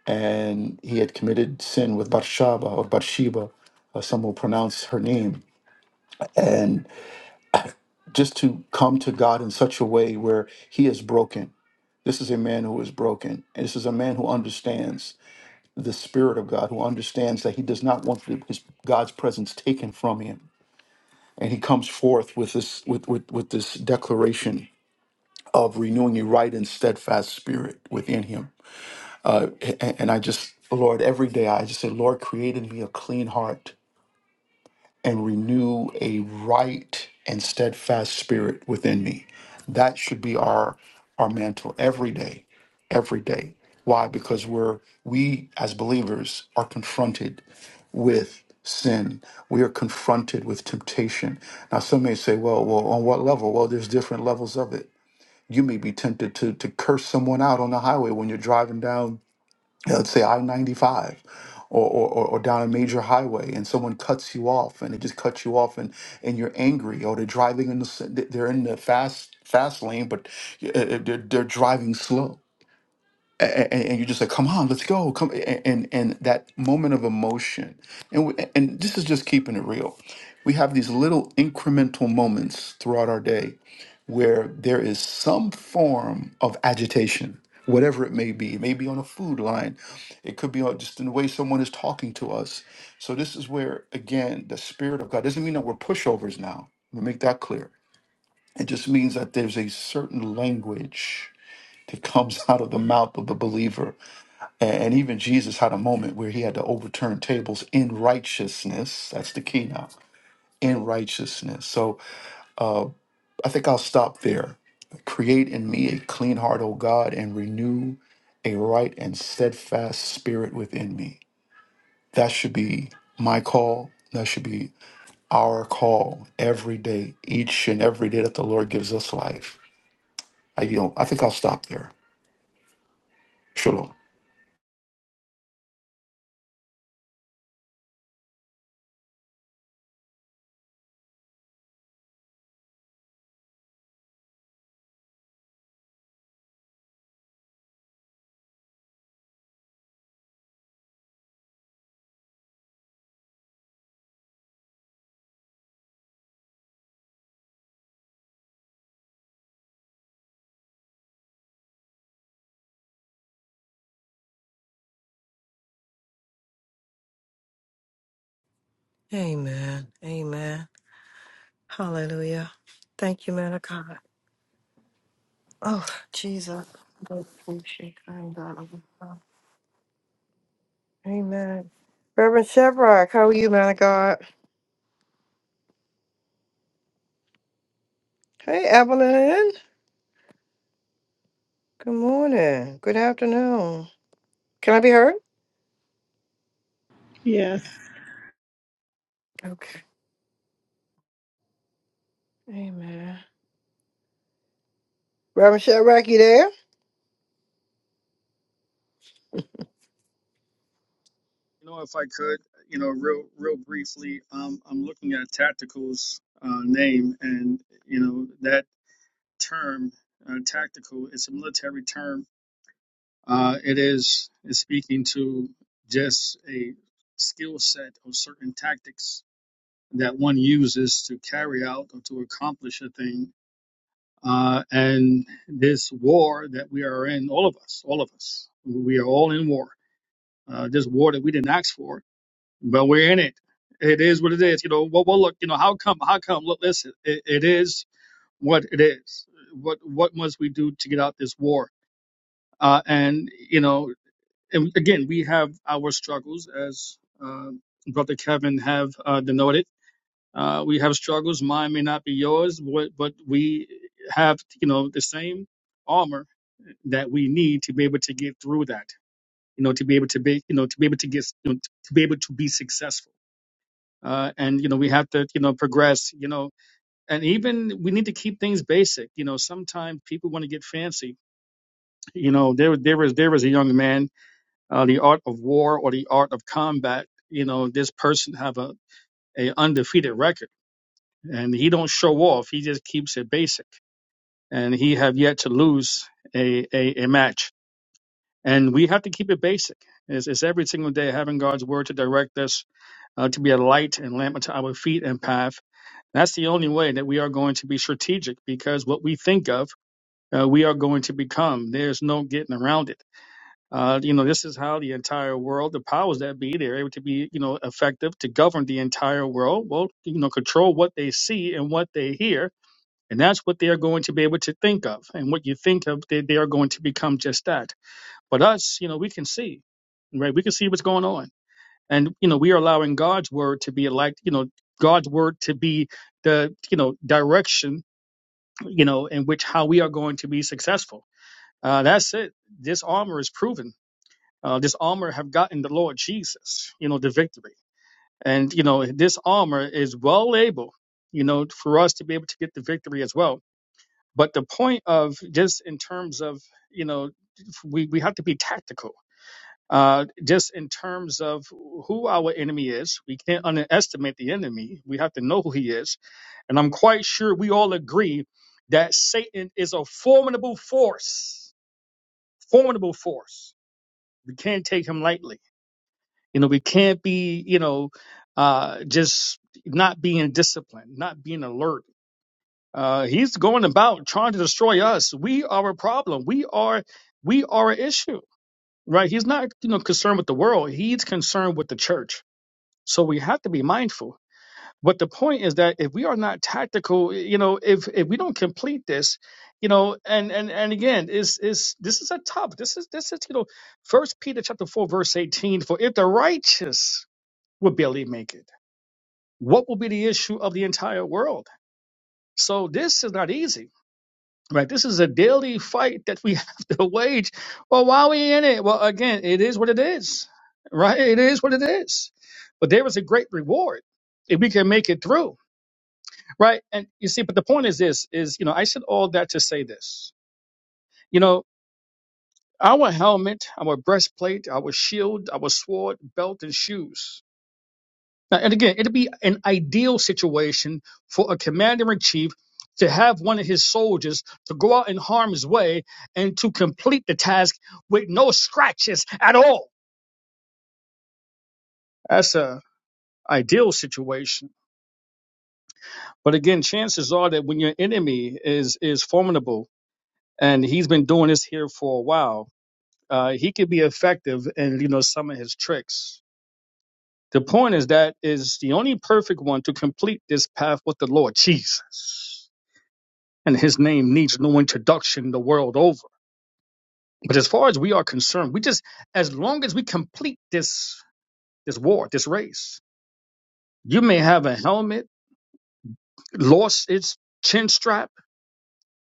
Speaker 13: and he had committed sin with Bathsheba or Bathsheba, uh, some will pronounce her name, and just to come to God in such a way where he is broken. This is a man who is broken. And this is a man who understands the spirit of God, who understands that he does not want the- his God's presence taken from him. And he comes forth with this with, with, with this declaration of renewing a right and steadfast spirit within him And I just, Lord, every day I just say, Lord, create in me a clean heart and renew a right and steadfast spirit within me. That should be our our mantle every day, every day. Why? Because we're we as believers are confronted with sin. We are confronted with temptation. Now, some may say, well, well, on what level? Well, there's different levels of it. You may be tempted to to curse someone out on the highway when you're driving down let's say I 95 or, or, or or down a major highway and someone cuts you off and it just cuts you off and, and you're angry or they're driving in the, s- th- they're in the fast, fast lane, but y- uh, uh, they're, they're driving slow. A- And, you're just like, come on, let's go. Come. a- And, and that moment of emotion. And, we, and this is just keeping it real. We have these little incremental moments throughout our day where there is some form of agitation, whatever it may be. It may be on a food line, it could be on just in the way someone is talking to us. So, this is where, again, the Spirit of God doesn't mean that we're pushovers now. Let me make that clear. It just means that there's a certain language that comes out of the mouth of the believer. A- And even Jesus had a moment where he had to overturn tables in righteousness. That's the key now. In righteousness. So uh, I think I'll stop there. Create in me a clean heart, O God, and renew a right and steadfast spirit within me. That should be my call. That should be our call every day, each and every day that the Lord gives us life. I, you know, I think I'll stop there. Shalom.
Speaker 1: Amen, Amen, Hallelujah. Thank you, man of God. Oh, Jesus. Lord, we shake and God of God. Amen. Reverend Shevrock, how are you, man of God? Hey, Evelyn. Good morning. Good afternoon. Can I be heard?
Speaker 14: Yes.
Speaker 1: Okay. Reverend Shevrock, you there?
Speaker 9: You know, if I could, you know, real real briefly, um, I'm looking at Tactical's uh, name, and you know that term, uh, tactical, it's a military term. Uh, it is is speaking to just a skill set of certain tactics that one uses to carry out or to accomplish a thing. Uh, and this war that we are in, all of us, all of us, we are all in war. Uh, this war that we didn't ask for, but we're in it. It is what it is. You know, well, well look, you know, how come, how come, look, listen, it, it is what it is. What, what must we do to get out this war? Uh, and, you know, and again, we have our struggles as, uh, Brother Kevin have, uh, denoted. Uh, we have struggles. Mine may not be yours, but, but we have, you know, the same armor that we need to be able to get through that, you know, to be able to be, you know, to be able to get, you know, to be able to be successful uh, and you know we have to you know progress you know and even we need to keep things basic you know sometimes people want to get fancy you know there there was there was a young man uh, the art of war or the art of combat you know this person have a, a undefeated record and he don't show off he just keeps it basic and he have yet to lose a a, a match and we have to keep it basic it's, it's every single day having god's word to direct us uh, to be a light and lamp unto our feet and path That's the only way that we are going to be strategic because what we think of, uh, we are going to become. There's no getting around it. Uh, you know, this is how the entire world, the powers that be, they're able to be, you know, effective to govern the entire world. Well, you know, control what they see and what they hear. And that's what they are going to be able to think of. And what you think of, they, they are going to become just that. But us, you know, we can see, right? We can see what's going on and you know we are allowing god's word to be like you know god's word to be the you know direction you know in which how we are going to be successful uh, that's it this armor is proven uh, this armor have gotten the lord jesus you know the victory and you know this armor is well able you know for us to be able to get the victory as well but the point of just in terms of you know we, we have to be tactical uh, just in terms of who our enemy is. We can't underestimate the enemy. We have to know who he is. And I'm quite sure we all agree that Satan is a formidable force, formidable force. We can't take him lightly. You know, we can't be, you know, uh, just not being disciplined, not being alert. Uh, he's going about trying to destroy us. We are a problem. We are, we are an issue, right? He's not, you know, concerned with the world. He's concerned with the church So we have to be mindful. But the point is that if we are not tactical, you know, if if we don't complete this, you know, and and and again, is is this is a tough. This is this is you know, First Peter chapter four verse eighteen. For if the righteous would barely make it, what will be the issue of the entire world? So this is not easy Right. This is a daily fight that we have to wage. Well, why are we in it? Well, again, it is what it is. Right? It is what it is. But there is a great reward if we can make it through. Right. And you see, but the point is this is, you know, I said all that to say this. You know, our helmet, our breastplate, our shield, our sword, belt, and shoes. Now, and again, it'd be an ideal situation for a commander in chief to have one of his soldiers to go out in harm's way and to complete the task with no scratches at all. That's a ideal situation. But again, chances are that when your enemy is is formidable and he's been doing this here for a while, uh, he could be effective in you know some of his tricks. The point is that is the only perfect one to complete this path with the Lord Jesus. and his name needs no introduction the world over. But as far as we are concerned, we just as long as we complete this this war, this race, you may have a helmet, lost its chin strap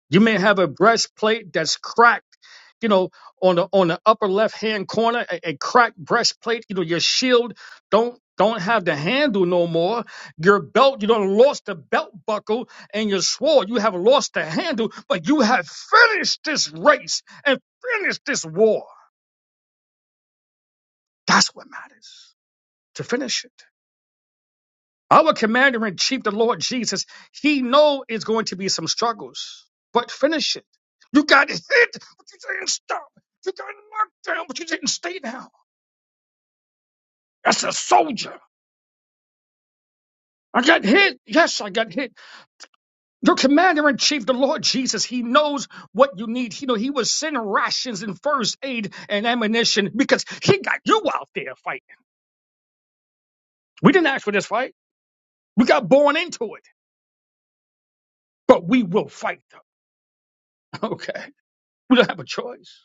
Speaker 9: You may have a breastplate that's cracked, you know, on the on the upper left hand corner, a, a cracked breastplate. You know, your shield don't don't have the handle no more. Your belt, you don't lost the belt buckle and your sword. You have lost the handle, but you have finished this race and finished this war. That's what matters. To finish it. Our commander in chief, the Lord Jesus, he know it's going to be some struggles, but finish it. You got hit, but you didn't stop. You got knocked down, but you didn't stay down. That's a soldier. I got hit. Yes, I got hit. Your commander in chief, the Lord Jesus, he knows what you need. He know he was sending rations and first aid and ammunition because he got you out there fighting. We didn't ask for this fight. We got born into it, but we will fight them. Okay. We don't have a choice.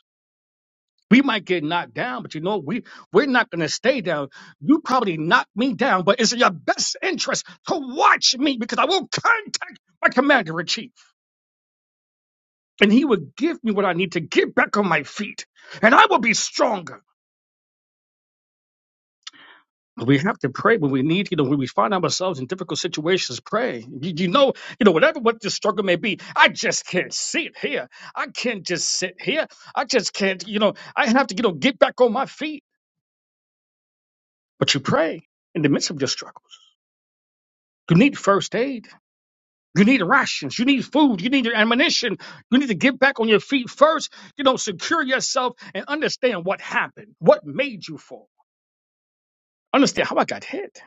Speaker 9: We might get knocked down, but you know, we, we're not going to stay down. You probably knocked me down, but it's in your best interest to watch me because I will contact my commander in chief and he will give me what I need to get back on my feet and I will be stronger. But we have to pray when we need, you know, when we find ourselves in difficult situations, pray. You, you know, you know, whatever what the struggle may be, I just can't sit here. I can't just sit here. I just can't, you know, I have to, you know, get back on my feet. But you pray in the midst of your struggle. You need first aid. You need rations. You need food. You need your ammunition. You need to get back on your feet first. You know, secure yourself and understand what happened, what made you fall. Understand how I got hit.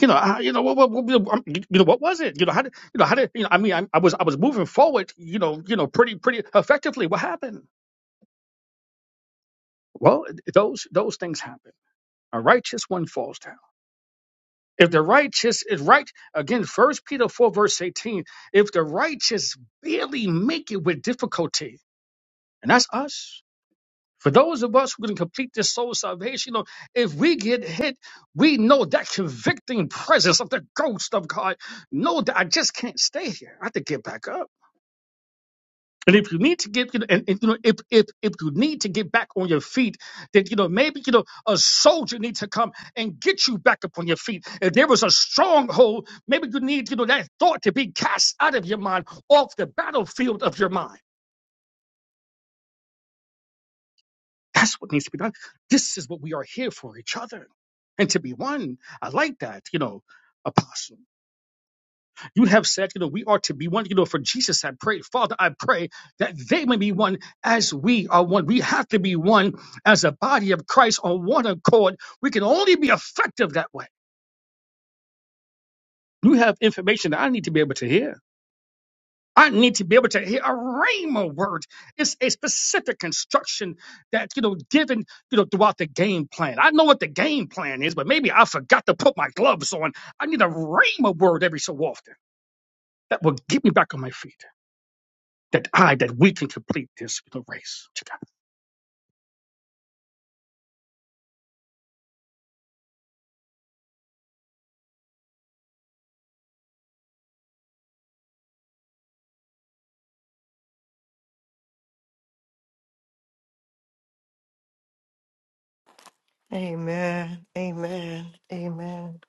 Speaker 9: You know, I, you know what, what, what, um, you know what was it? You know how did you know how did you know? I mean, I, I was I was moving forward. You know, you know, pretty pretty effectively. What happened? Well, those those things happen. A righteous one falls down. If the righteous is right, again, First Peter 4, verse 18, if the righteous barely make it with difficulty, and that's us. For those of us who can complete this soul salvation, you know, if we get hit, we know that convicting presence of the ghost of God. Know that I just can't stay here. I have to get back up. And if you need to get, you know, and, and, you know, if if if you need to get back on your feet, then you know maybe you know a soldier needs to come and get you back up on your feet. If there was a stronghold, maybe you need you know that thought to be cast out of your mind, off the battlefield of your mind. That's what needs to be done. This is what we are here for each other, and to be one. I like that, you know, apostle. You have said, you know, we are to be one, you know, for Jesus I pray. Father, I pray that they may be one as we are one. We have to be one as a body of Christ on one accord. We can only be effective that way. You have information that I need to be able to hear. I need to be able to hear a rhema word. It's a specific instruction that, you know, given, you know, throughout the game plan. I know what the game plan is, but maybe I forgot to put my gloves on. I need a rhema word every so often that will get me back on my feet. that I that we can complete this you know, race
Speaker 1: Amen. Amen. Amen.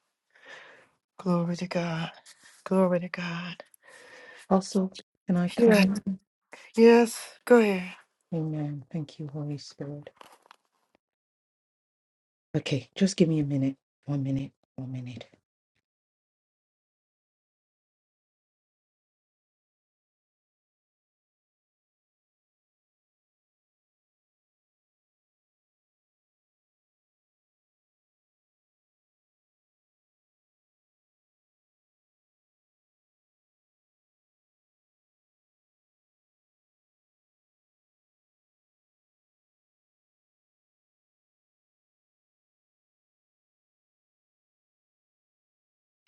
Speaker 1: Glory to God. Glory to God.
Speaker 5: Also, can I come
Speaker 1: Yes.
Speaker 5: in?
Speaker 1: Yes. Go ahead.
Speaker 5: Amen. Thank you, Holy Spirit. Okay, just give me a minute. One minute. One minute.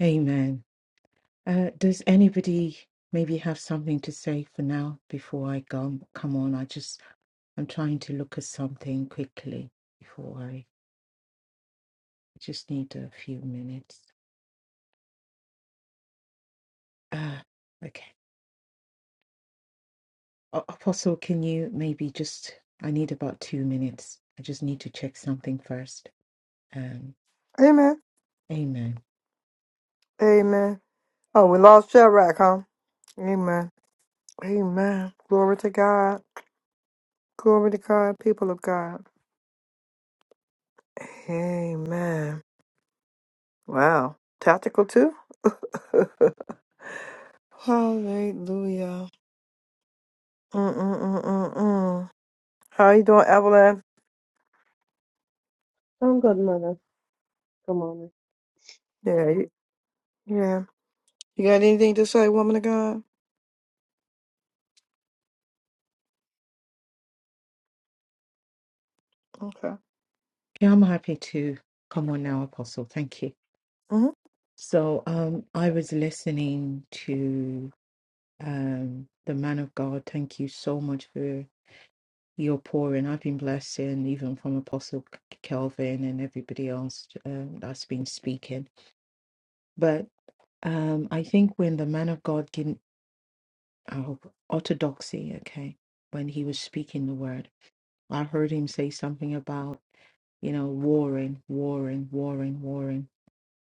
Speaker 5: Amen. Uh, does anybody maybe have something to say for now before I go? Come on, I just I'm trying to look at something quickly before I just need a few minutes. Uh, okay. A- Apostle, can you maybe just? I need about two minutes. I just need to check something first. Um,
Speaker 1: Amen.
Speaker 5: amen.
Speaker 1: Amen. Oh, we lost Shevrock, huh? Amen. Amen. Glory to God. Glory to God, people of God. Amen. Wow. Tactical too? Hallelujah. Mm-mm-mm-mm-mm. How you doing, Evelyn?
Speaker 15: I'm good, mother. Come on.
Speaker 1: Yeah. You, yeah. You got anything to say, woman of God? Okay.
Speaker 5: Yeah, I'm happy to come on now, Apostle. Thank you.
Speaker 1: hmm
Speaker 5: So um, I was listening to um, the man of God. Thank you so much for your pouring. I've been blessed, and even from Apostle K- Kelvin and everybody else um, that's been speaking. But um, I think when the man of God gave oh, orthodoxy, okay, when he was speaking the word, I heard him say something about you know warring, warring, warring, warring.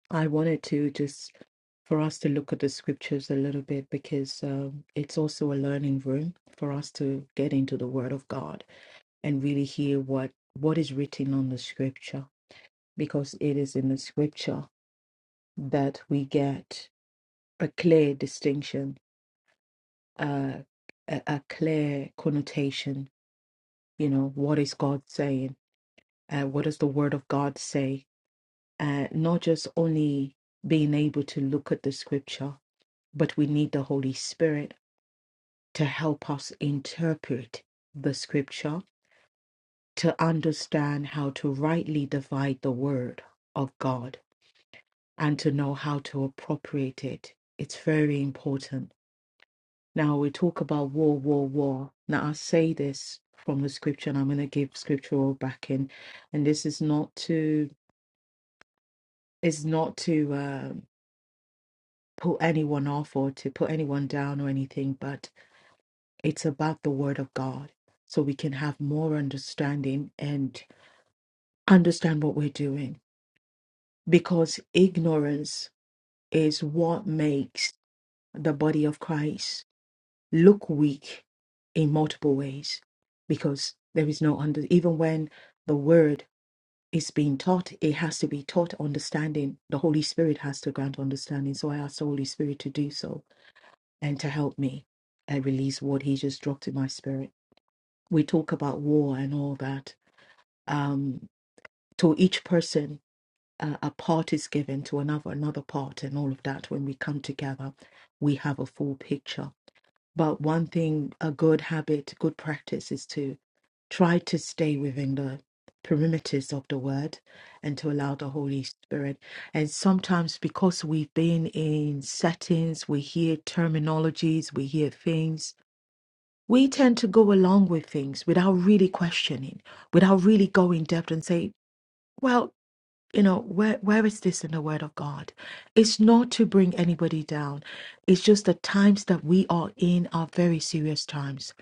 Speaker 5: I wanted to just for us to look at the scriptures a little bit because um, it's also a learning room for us to get into the Word of God and really hear what what is written on the Scripture because it is in the Scripture that we get a clear distinction, uh, a, a clear connotation. You know, what is God saying? Uh, what does the Word of God say? Uh, not just only being able to look at the Scripture but we need the Holy Spirit to help us interpret the scripture, to understand how to rightly divide the word of God, and to know how to appropriate it. It's very important. Now, we talk about war, war, war. Now, I say this from the scripture, and I'm going to give scriptural backing. And this is not to, is not to um, put anyone off or to put anyone down or anything, but. It's about the Word of God so we can have more understanding and understand what we're doing. Because ignorance is what makes the body of Christ look weak in multiple ways. Because there is no under, even when the Word is being taught, it has to be taught understanding. The Holy Spirit has to grant understanding. So I ask the Holy Spirit to do so and to help me and release what He just dropped in my spirit we talk about war and all that um, to each person uh, a part is given to another another part and all of that when we come together we have a full picture but one thing a good habit good practice is to try to stay within the perimeters of the word and to allow the holy spirit and sometimes because we've been in settings we hear terminologies we hear things we tend to go along with things without really questioning without really going in depth and say well you know where where is this in the word of god it's not to bring anybody down it's just the times that we are in are very serious times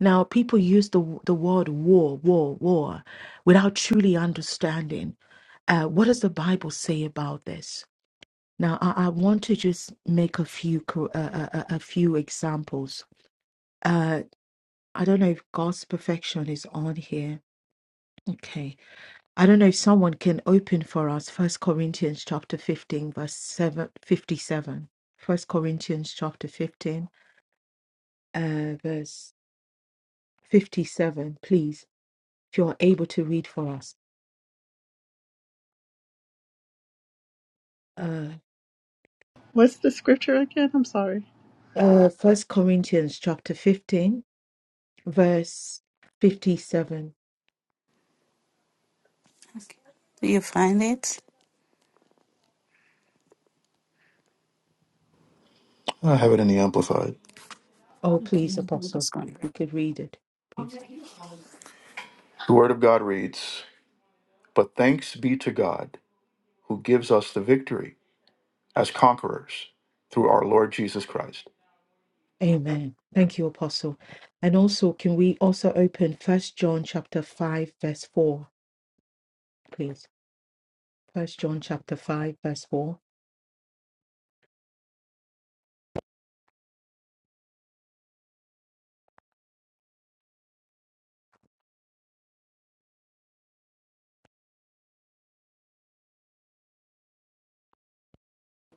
Speaker 5: now people use the the word war war war without truly understanding uh, what does the bible say about this now i, I want to just make a few co- uh, uh, uh, a few examples uh i don't know if god's perfection is on here okay I don't know if someone can open for us First Corinthians chapter 15 verse 7 57. First Corinthians chapter 15 uh verse 57, please. If you are able to read for us. Uh
Speaker 14: What's the scripture again? I'm sorry.
Speaker 5: uh First Corinthians chapter 15 verse 57.
Speaker 6: Okay. Do you find it?
Speaker 13: I have it in the Amplified.
Speaker 5: Oh
Speaker 6: Okay,
Speaker 5: please
Speaker 6: I was
Speaker 5: apostle,
Speaker 6: going.
Speaker 5: we could read it, please.
Speaker 13: The Word of God reads, But thanks be to God who gives us the victory as conquerors through our Lord Jesus Christ.
Speaker 5: Amen. Thank you apostle. And also can we also open First John chapter 5 verse 4, please? First John chapter 5 verse 4.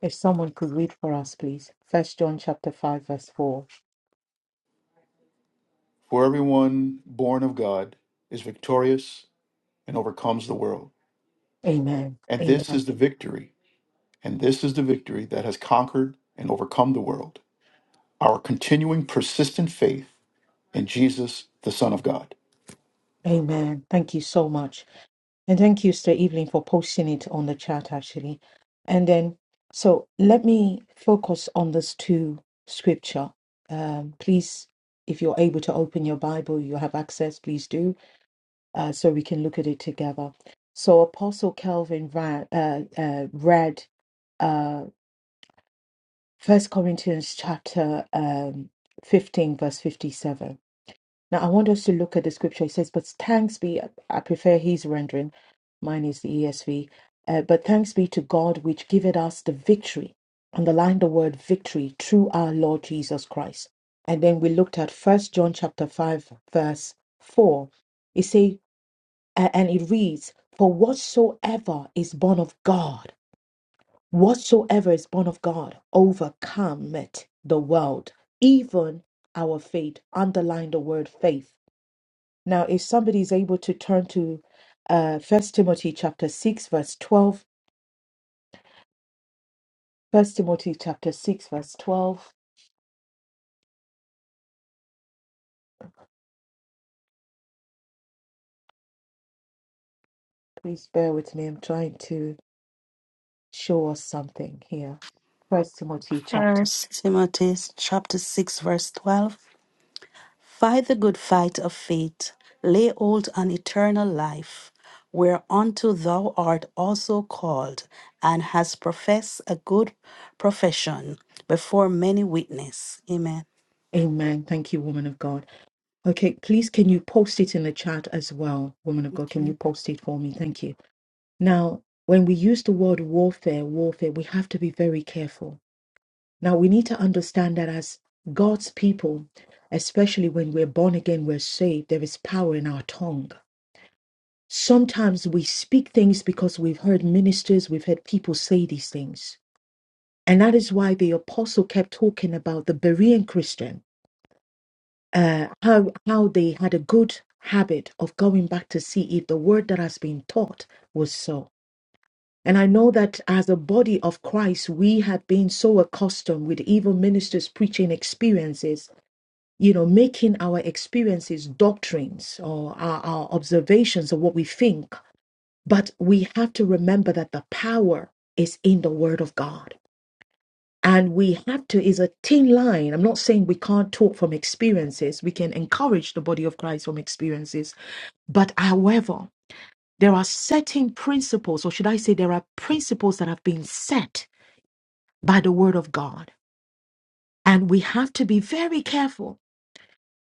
Speaker 5: If someone could read for us, please. First John chapter 5 verse 4.
Speaker 13: For everyone born of God is victorious and overcomes the world.
Speaker 5: Amen.
Speaker 13: And this
Speaker 5: Amen.
Speaker 13: is the victory, and this is the victory that has conquered and overcome the world. Our continuing, persistent faith in Jesus, the Son of God.
Speaker 5: Amen. Thank you so much. And thank you, Sister Evelyn, for posting it on the chat actually. And then so let me focus on this two scripture. Um, please, if you're able to open your Bible, you have access, please do, uh, so we can look at it together. So Apostle Calvin ra- uh, uh, read uh, First Corinthians chapter um, 15, verse 57. Now, I want us to look at the scripture. It says, But thanks be, I prefer his rendering, mine is the ESV. Uh, but thanks be to God, which giveth us the victory. Underline the word victory through our Lord Jesus Christ. And then we looked at First John chapter 5, verse 4. It say, uh, and it reads, For whatsoever is born of God Whatsoever is born of God overcometh the world, even our faith. Underline the word faith. Now, if somebody is able to turn to uh, 1 Timothy chapter 6, verse 12, First Timothy chapter 6, verse 12, please bear with me. I'm trying to show us something here. First Timothy chapter.
Speaker 6: First Timothy chapter six verse twelve. Fight the good fight of faith, lay hold on eternal life, whereunto thou art also called, and hast professed a good profession before many witnesses. Amen.
Speaker 5: Amen. Thank you, woman of God. Okay, please can you post it in the chat as well, woman of God? Can you post it for me? Thank you. Now, when we use the word warfare, warfare, we have to be very careful. Now, we need to understand that as God's people, especially when we're born again, we're saved, there is power in our tongue. Sometimes we speak things because we've heard ministers, we've heard people say these things. And that is why the apostle kept talking about the Berean Christian, uh, how, how they had a good habit of going back to see if the word that has been taught was so. And I know that as a body of Christ, we have been so accustomed with evil ministers preaching experiences, you know, making our experiences doctrines or our, our observations of what we think. But we have to remember that the power is in the Word of God. And we have to, is a thin line. I'm not saying we can't talk from experiences. We can encourage the body of Christ from experiences. But however, there are certain principles, or should I say, there are principles that have been set by the word of God. And we have to be very careful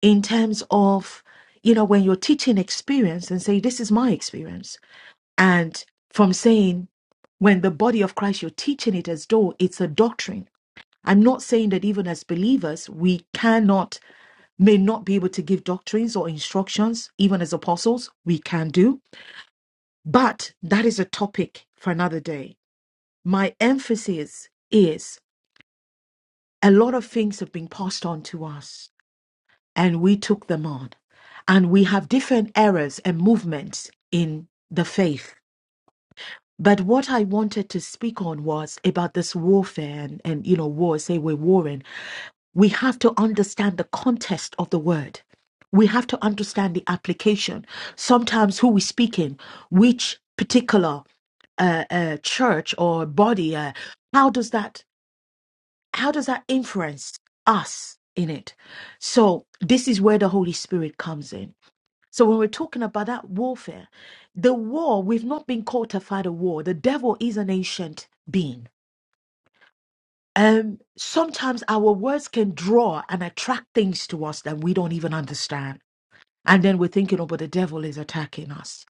Speaker 5: in terms of, you know, when you're teaching experience and say, this is my experience. And from saying, when the body of Christ, you're teaching it as though it's a doctrine. I'm not saying that even as believers, we cannot, may not be able to give doctrines or instructions, even as apostles, we can do. But that is a topic for another day. My emphasis is a lot of things have been passed on to us and we took them on. And we have different eras and movements in the faith. But what I wanted to speak on was about this warfare and, and you know, war, say we're warring. We have to understand the context of the word. We have to understand the application. Sometimes who we speak in, which particular uh, uh, church or body, uh, how does that how does that influence us in it? So this is where the Holy Spirit comes in so when we're talking about that warfare, the war, we've not been called to fight a war. The devil is an ancient being. Um, sometimes our words can draw and attract things to us that we don't even understand. And then we're thinking, oh, but the devil is attacking us.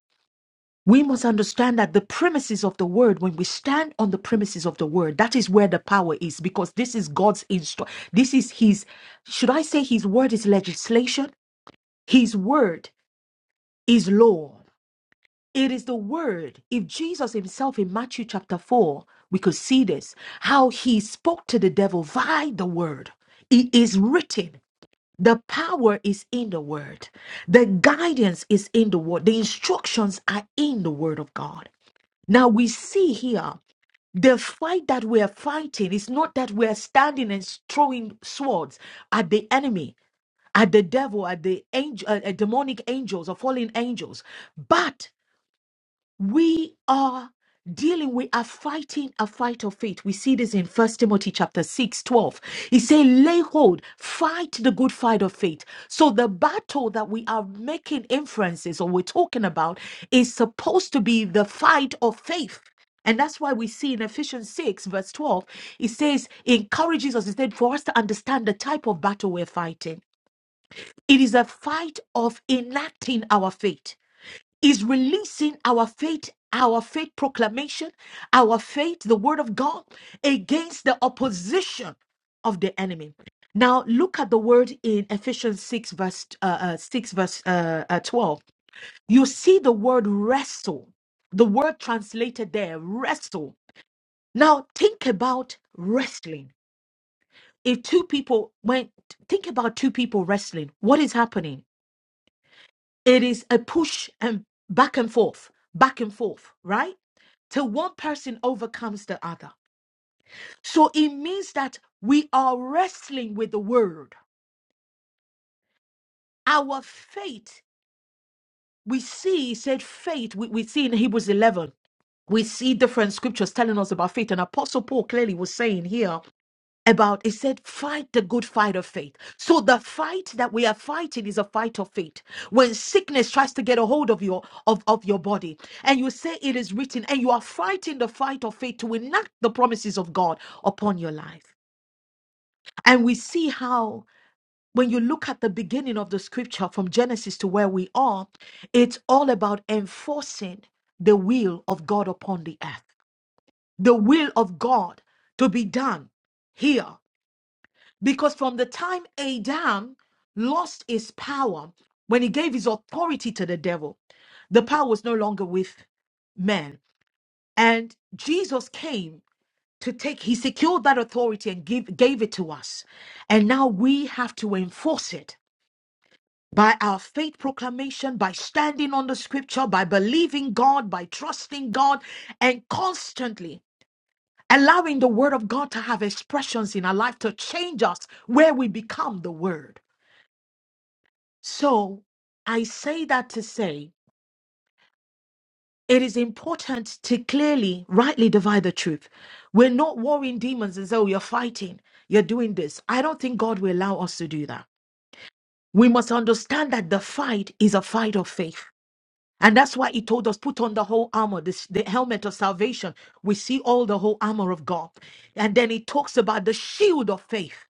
Speaker 5: We must understand that the premises of the word, when we stand on the premises of the word, that is where the power is because this is God's instru This is his, should I say his word is legislation? His word is law. It is the word. If Jesus himself in Matthew chapter 4, we could see this, how he spoke to the devil by the word. It is written. The power is in the word. The guidance is in the word. The instructions are in the word of God. Now we see here the fight that we are fighting is not that we are standing and throwing swords at the enemy, at the devil, at the angel, uh, uh, demonic angels or fallen angels, but we are dealing we are fighting a fight of faith we see this in first timothy chapter 6, 12. he say lay hold fight the good fight of faith so the battle that we are making inferences or we're talking about is supposed to be the fight of faith and that's why we see in Ephesians 6, verse 12, it says, it encourages us instead for us to understand the type of battle we're fighting. It is a fight of enacting our faith is releasing our faith, our faith proclamation, our faith, the word of God, against the opposition of the enemy. Now look at the word in Ephesians 6 verse uh, uh, 6 verse uh, uh, 12. You see the word wrestle. The word translated there wrestle. Now think about wrestling. If two people went think about two people wrestling, what is happening? It is a push and back and forth, back and forth, right? Till one person overcomes the other. So it means that we are wrestling with the word. Our faith, we see, he said faith, we, we see in Hebrews 11, we see different scriptures telling us about faith. And Apostle Paul clearly was saying here about it said fight the good fight of faith so the fight that we are fighting is a fight of faith when sickness tries to get a hold of your of, of your body and you say it is written and you are fighting the fight of faith to enact the promises of god upon your life and we see how when you look at the beginning of the scripture from genesis to where we are it's all about enforcing the will of god upon the earth the will of god to be done here because from the time Adam lost his power, when he gave his authority to the devil, the power was no longer with man. And Jesus came to take, he secured that authority and give, gave it to us. And now we have to enforce it by our faith proclamation, by standing on the scripture, by believing God, by trusting God, and constantly allowing the word of God to have expressions in our life to change us where we become the word. So I say that to say it is important to clearly, rightly divide the truth. We're not warring demons and say, oh, you're fighting, you're doing this. I don't think God will allow us to do that. We must understand that the fight is a fight of faith. And that's why he told us, put on the whole armor, this, the helmet of salvation. We see all the whole armor of God. And then he talks about the shield of faith.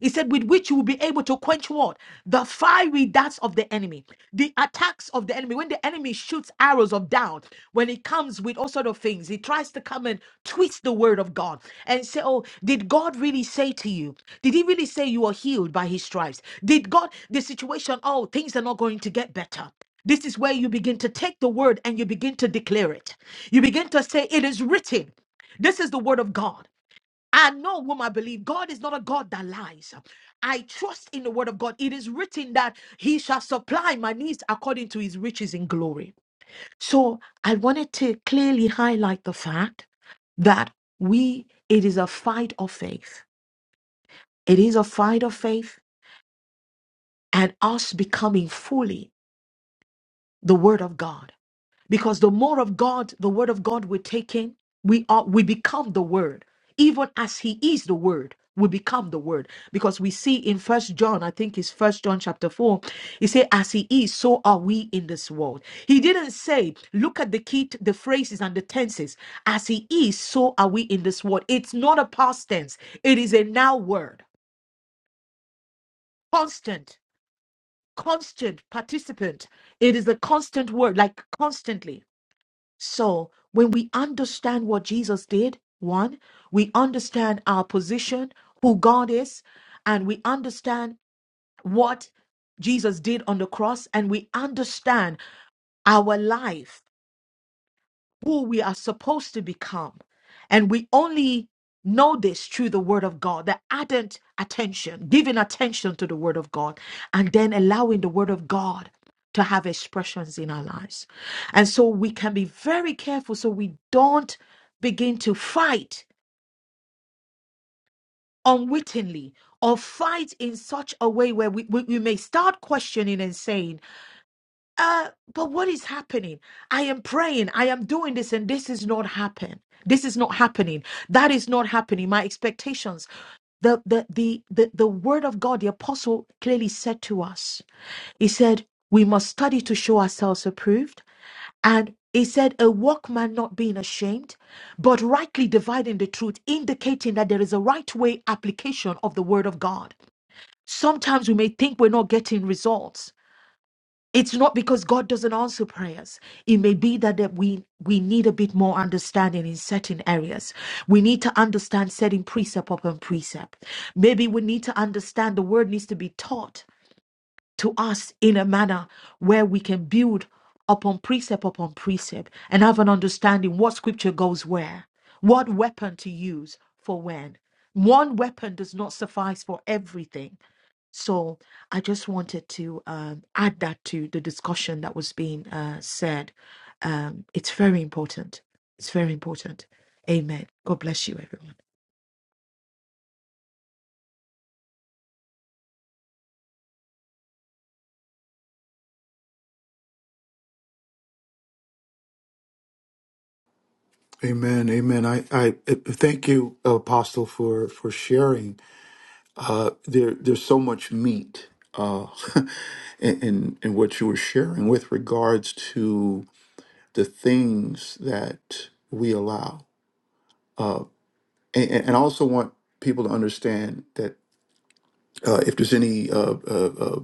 Speaker 5: He said, with which you will be able to quench what? The fiery darts of the enemy, the attacks of the enemy. When the enemy shoots arrows of doubt, when he comes with all sort of things, he tries to come and twist the word of God and say, Oh, did God really say to you? Did he really say you are healed by his stripes? Did God, the situation, oh, things are not going to get better. This is where you begin to take the word and you begin to declare it. You begin to say, It is written. This is the word of God. I know whom I believe. God is not a God that lies. I trust in the word of God. It is written that he shall supply my needs according to his riches in glory. So I wanted to clearly highlight the fact that we, it is a fight of faith. It is a fight of faith and us becoming fully the word of God. because the more of God, the word of God we take in, we are we become the word. Even as he is the word, we become the word. Because we see in first John, I think it's first John chapter four, he said, As he is, so are we in this world. He didn't say, look at the key, the phrases and the tenses. As he is, so are we in this world. It's not a past tense, it is a now word. Constant, constant participant. It is a constant word, like constantly. So when we understand what Jesus did, one, we understand our position, who God is, and we understand what Jesus did on the cross, and we understand our life who we are supposed to become. And we only know this through the Word of God, the ardent attention, giving attention to the Word of God, and then allowing the Word of God to have expressions in our lives. And so we can be very careful so we don't begin to fight unwittingly or fight in such a way where we, we, we may start questioning and saying, uh, but what is happening? I am praying, I am doing this, and this is not happening. This is not happening. That is not happening. My expectations. The the the the, the word of God, the apostle clearly said to us, he said, we must study to show ourselves approved. And he said, a workman not being ashamed, but rightly dividing the truth, indicating that there is a right way application of the word of God. Sometimes we may think we're not getting results. It's not because God doesn't answer prayers. It may be that, that we, we need a bit more understanding in certain areas. We need to understand setting precept upon precept. Maybe we need to understand the word needs to be taught to us in a manner where we can build upon precept upon precept and have an understanding what scripture goes where, what weapon to use for when. One weapon does not suffice for everything. So I just wanted to um, add that to the discussion that was being uh, said. Um, it's very important. It's very important. Amen. God bless you, everyone.
Speaker 13: Amen. Amen. I, I uh, thank you, Apostle, for for sharing. Uh, there, there's so much meat uh, in, in in what you were sharing with regards to the things that we allow. and, and and I also want people to understand that uh, if there's any uh, uh, uh,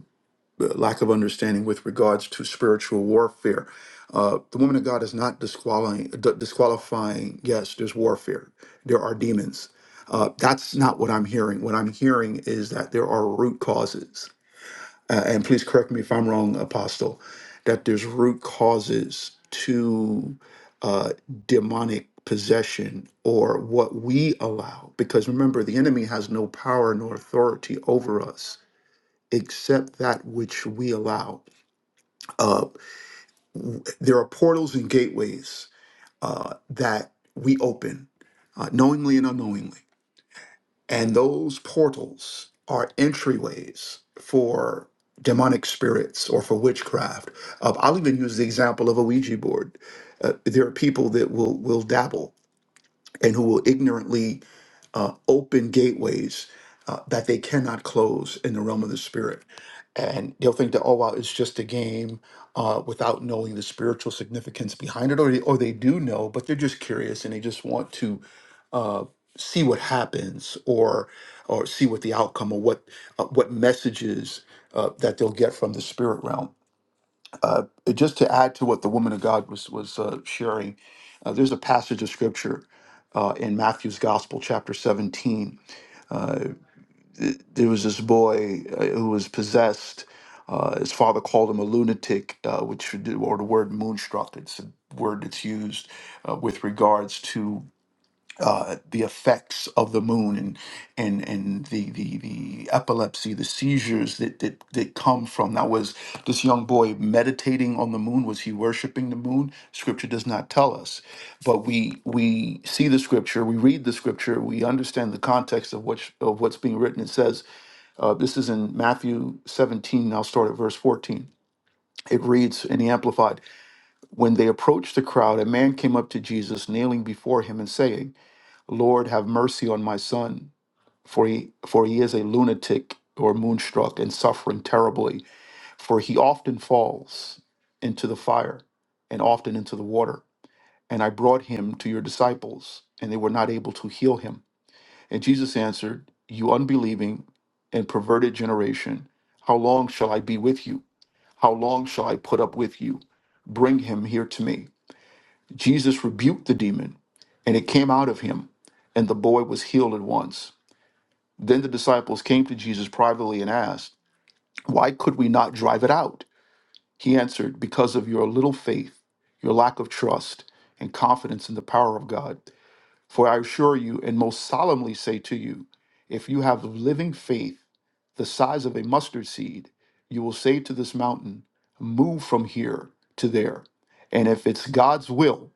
Speaker 13: lack of understanding with regards to spiritual warfare, uh, the woman of God is not disqualifying. d- disqualifying. Yes, there's warfare. There are demons. Uh, that's not what I'm hearing. What I'm hearing is that there are root causes uh, and please correct me if I'm wrong, Apostle, that there's root causes to uh, demonic possession or what we allow. Because remember, the enemy has no power nor authority over us except that which we allow. Uh, w- there are portals and gateways uh, that we open uh, knowingly and unknowingly and those portals are entryways for demonic spirits or for witchcraft. Uh, I'll even use the example of a Ouija board. Uh, there are people that will will dabble and who will ignorantly uh, open gateways uh, that they cannot close in the realm of the spirit. And they'll think that, oh, wow, it's just a game uh, without knowing the spiritual significance behind it, or they, or they do know, but they're just curious and they just want to uh, see what happens or or see what the outcome or what uh, what messages uh, that they'll get from the spirit realm. Uh, Just to add to what the woman of God was was uh, sharing, uh, there's a passage of scripture uh, in Matthew's Gospel, chapter 17, there was this boy uh, who was possessed. Uh, his father called him a lunatic, uh, which should or the word moonstruck. It's a word that's used uh, with regards to uh, the effects of the moon and and and the the, the epilepsy, the seizures that, that that come from. Now, was this young boy meditating on the moon? Was he worshiping the moon? Scripture does not tell us, but we we see the scripture, we read the scripture, we understand the context of which of what's being written. It says uh, this is in Matthew 17, I'll start at verse 14. It reads in the Amplified When they approached the crowd, a man came up to Jesus, kneeling before him and saying, Lord, have mercy on my son, for he, for he is a lunatic or moonstruck and suffering terribly, for he often falls into the fire and often into the water. And I brought him to your disciples, and they were not able to heal him. And Jesus answered, You unbelieving and perverted generation, how long shall I be with you? How long shall I put up with you? Bring him here to me. Jesus rebuked the demon, and it came out of him, and the boy was healed at once. Then the disciples came to Jesus privately and asked, Why could we not drive it out? He answered, Because of your little faith, your lack of trust, and confidence in the power of God. For I assure you and most solemnly say to you, if you have living faith the size of a mustard seed, you will say to this mountain, Move from here to there. And if it's God's will,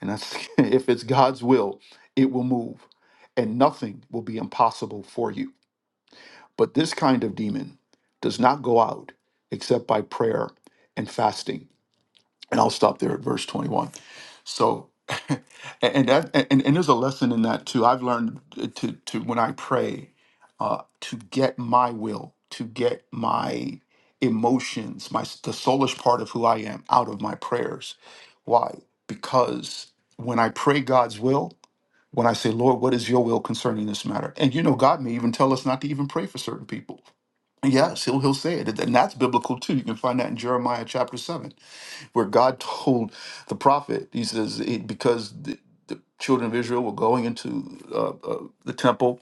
Speaker 13: and that's, if it's God's will, it will move, and nothing will be impossible for you. But this kind of demon does not go out except by prayer and fasting and I'll stop there at verse 21. So, and and, that, and and there's a lesson in that too. I've learned to to when I pray, uh, to get my will, to get my emotions, my the soulish part of who I am out of my prayers. Why? Because when I pray God's will, when I say, Lord, what is your will concerning this matter? And you know, God may even tell us not to even pray for certain people. Yes, he'll he'll say it. And that's biblical too. You can find that in Jeremiah chapter 7 where God told the prophet, he says, it, because the, the children of Israel were going into uh, uh, the temple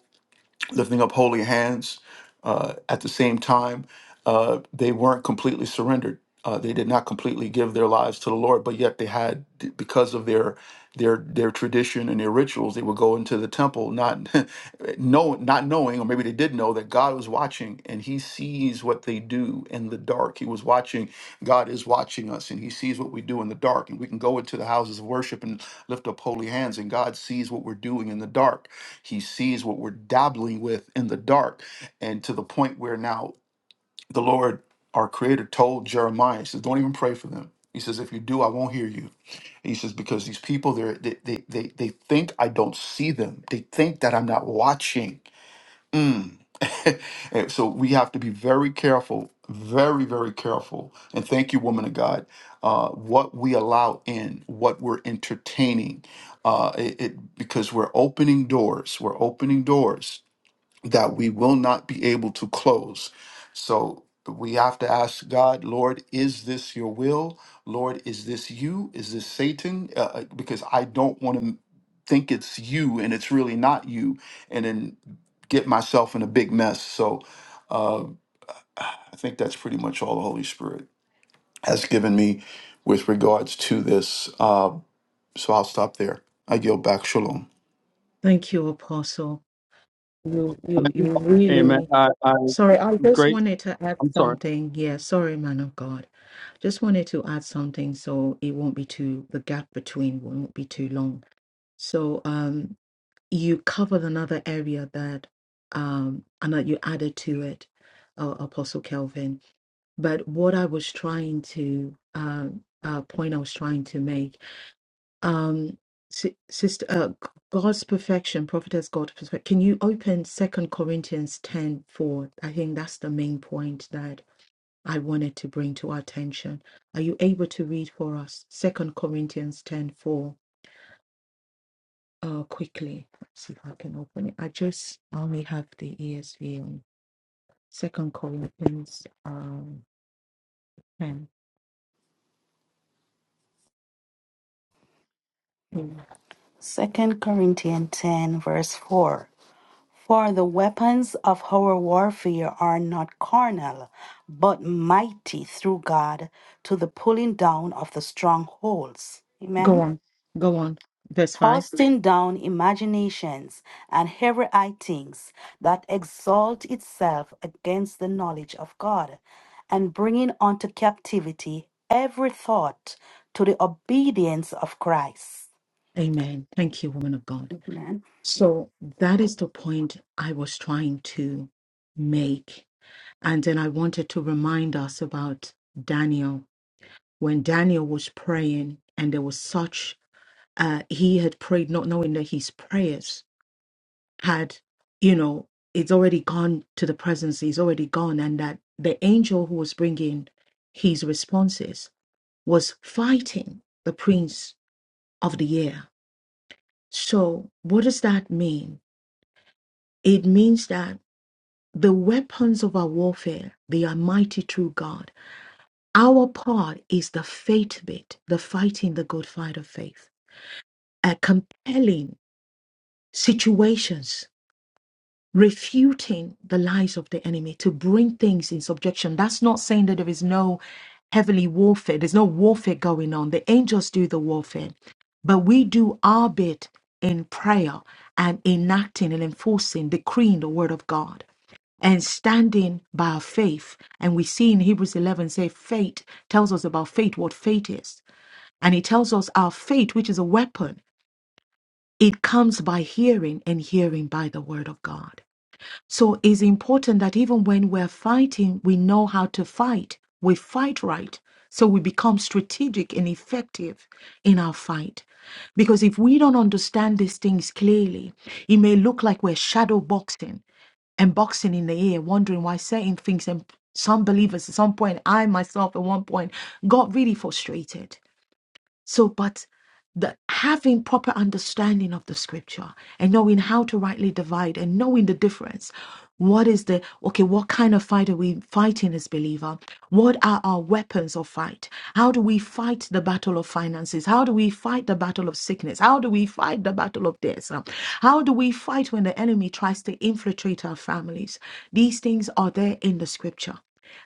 Speaker 13: lifting up holy hands. Uh, at the same time, uh, they weren't completely surrendered. Uh, they did not completely give their lives to the Lord, but yet they had, because of their their their tradition and their rituals, they would go into the temple, not know, not knowing, or maybe they did know that God was watching, and He sees what they do in the dark. He was watching. God is watching us, and He sees what we do in the dark, and we can go into the houses of worship and lift up holy hands, and God sees what we're doing in the dark he sees what we're dabbling with in the dark, and to the point where now the Lord, our Creator, told Jeremiah, he says, "Don't even pray for them." He says, "If you do, I won't hear you." He says, "Because these people, they're, they, they, they, they think I don't see them. They think that I'm not watching." Mm. And so we have to be very careful, very, very careful. And thank you, woman of God, uh, what we allow in, what we're entertaining, uh, it, it- because we're opening doors. We're opening doors that we will not be able to close. So we have to ask God, Lord, is this your will? Lord, is this you? Is this Satan? Uh, uh, because I don't want to think it's you and it's really not you, and then get myself in a big mess. So uh, I think that's pretty much all the Holy Spirit has given me with regards to this. Uh, so I'll stop there. I yield back. Shalom.
Speaker 5: Thank you, Apostle. You, you, you
Speaker 9: together. Hey man,
Speaker 5: really.
Speaker 9: I, I'm
Speaker 5: Sorry, I just
Speaker 9: great.
Speaker 5: wanted to add
Speaker 9: I'm sorry.
Speaker 5: something. Yeah, sorry, man of God. Just wanted to add something so it won't be too, the gap between won't be too long. So, um, you covered another area that um and that you added to it uh, apostle kelvin but what i was trying to um uh point i was trying to make um si- sister uh, G- god's perfection prophetess god's perfection can you open second corinthians 10 4? i think that's the main point that i wanted to bring to our attention are you able to read for us second corinthians ten four? uh, quickly. Let's see if I can open it. I just only have the ESV on Second Corinthians um, 10. Mm.
Speaker 6: Second Corinthians 10, verse 4. For the weapons of our warfare are not carnal, but mighty through God to the pulling down of the strongholds.
Speaker 5: Go
Speaker 6: Amen.
Speaker 5: on, go on. Verse 5.
Speaker 6: casting down imaginations and heavy high things that exalt itself against the knowledge of God, and bringing unto captivity every thought to the obedience of Christ.
Speaker 5: Amen. Thank you, woman of God.
Speaker 6: Amen.
Speaker 5: So that is the point I was trying to make. And then I wanted to remind us about Daniel. When Daniel was praying, and there was such, uh, he had prayed not knowing that his prayers had, you know, it's already gone to the presence, it's already gone, and that the angel who was bringing his responses was fighting the prince of the air. So, what does that mean? It means that the weapons of our warfare, they are mighty through God. Our part is the faith bit, the fighting the good fight of faith, uh, compelling situations refuting the lies of the enemy to bring things in subjection. That's not saying that there is no heavenly warfare, there's no warfare going on. The angels do the warfare, but we do our bit in prayer and enacting and enforcing, decreeing the word of God. And standing by our faith. And we see in Hebrews 11 say, faith tells us about faith, what faith is. And it tells us our faith, which is a weapon, it comes by hearing and hearing by the word of God. So it's important that even when we're fighting, we know how to fight. We fight right. So we become strategic and effective in our fight. Because if we don't understand these things clearly, it may look like we're shadow boxing and boxing in the air, wondering why certain things. And some believers at some point, I myself at one point, got really frustrated so, but the having proper understanding of the scripture and knowing how to rightly divide and knowing the difference. What is the okay? What kind of fight are we fighting as believer? What are our weapons of fight? How do we fight the battle of finances? How do we fight the battle of sickness? How do we fight the battle of death? Um, How do we fight when the enemy tries to infiltrate our families? These things are there in the scripture.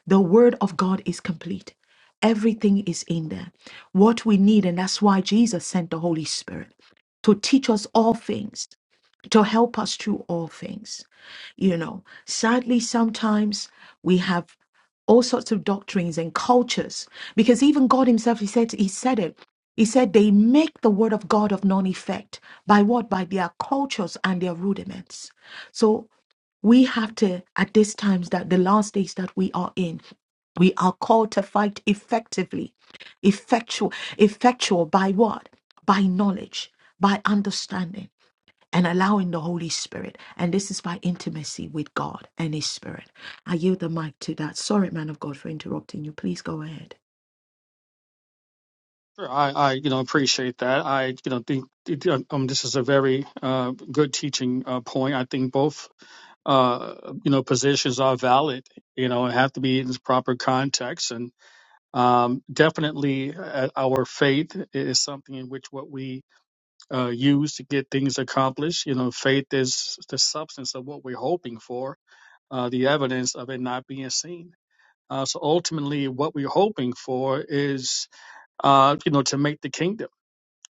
Speaker 5: The word of God is complete. Everything is in there. What we need, and that's why Jesus sent the Holy Spirit to teach us all things, to help us through all things. You know, sadly, sometimes we have all sorts of doctrines and cultures because even God himself, he said, he said it. He said they make the word of God of none effect by what? By their cultures and their rudiments. So we have to, at these times that the last days that we are in, we are called to fight effectively, effectual, effectual by what? By knowledge, by understanding, and allowing the Holy Spirit. And this is by intimacy with God and His Spirit. I yield the mic to that. Sorry, man of God, for interrupting you. Please go ahead.
Speaker 9: Sure, I, I you know appreciate that. I you know think it, uh, um this is a very uh good teaching uh, point. I think both uh you know positions are valid. You know, and have to be in its proper context, and um definitely uh, our faith is something in which what we uh use to get things accomplished. You know, faith is the substance of what we're hoping for uh, the evidence of it not being seen. Uh, so ultimately, what we're hoping for is, uh, you know, to make the kingdom,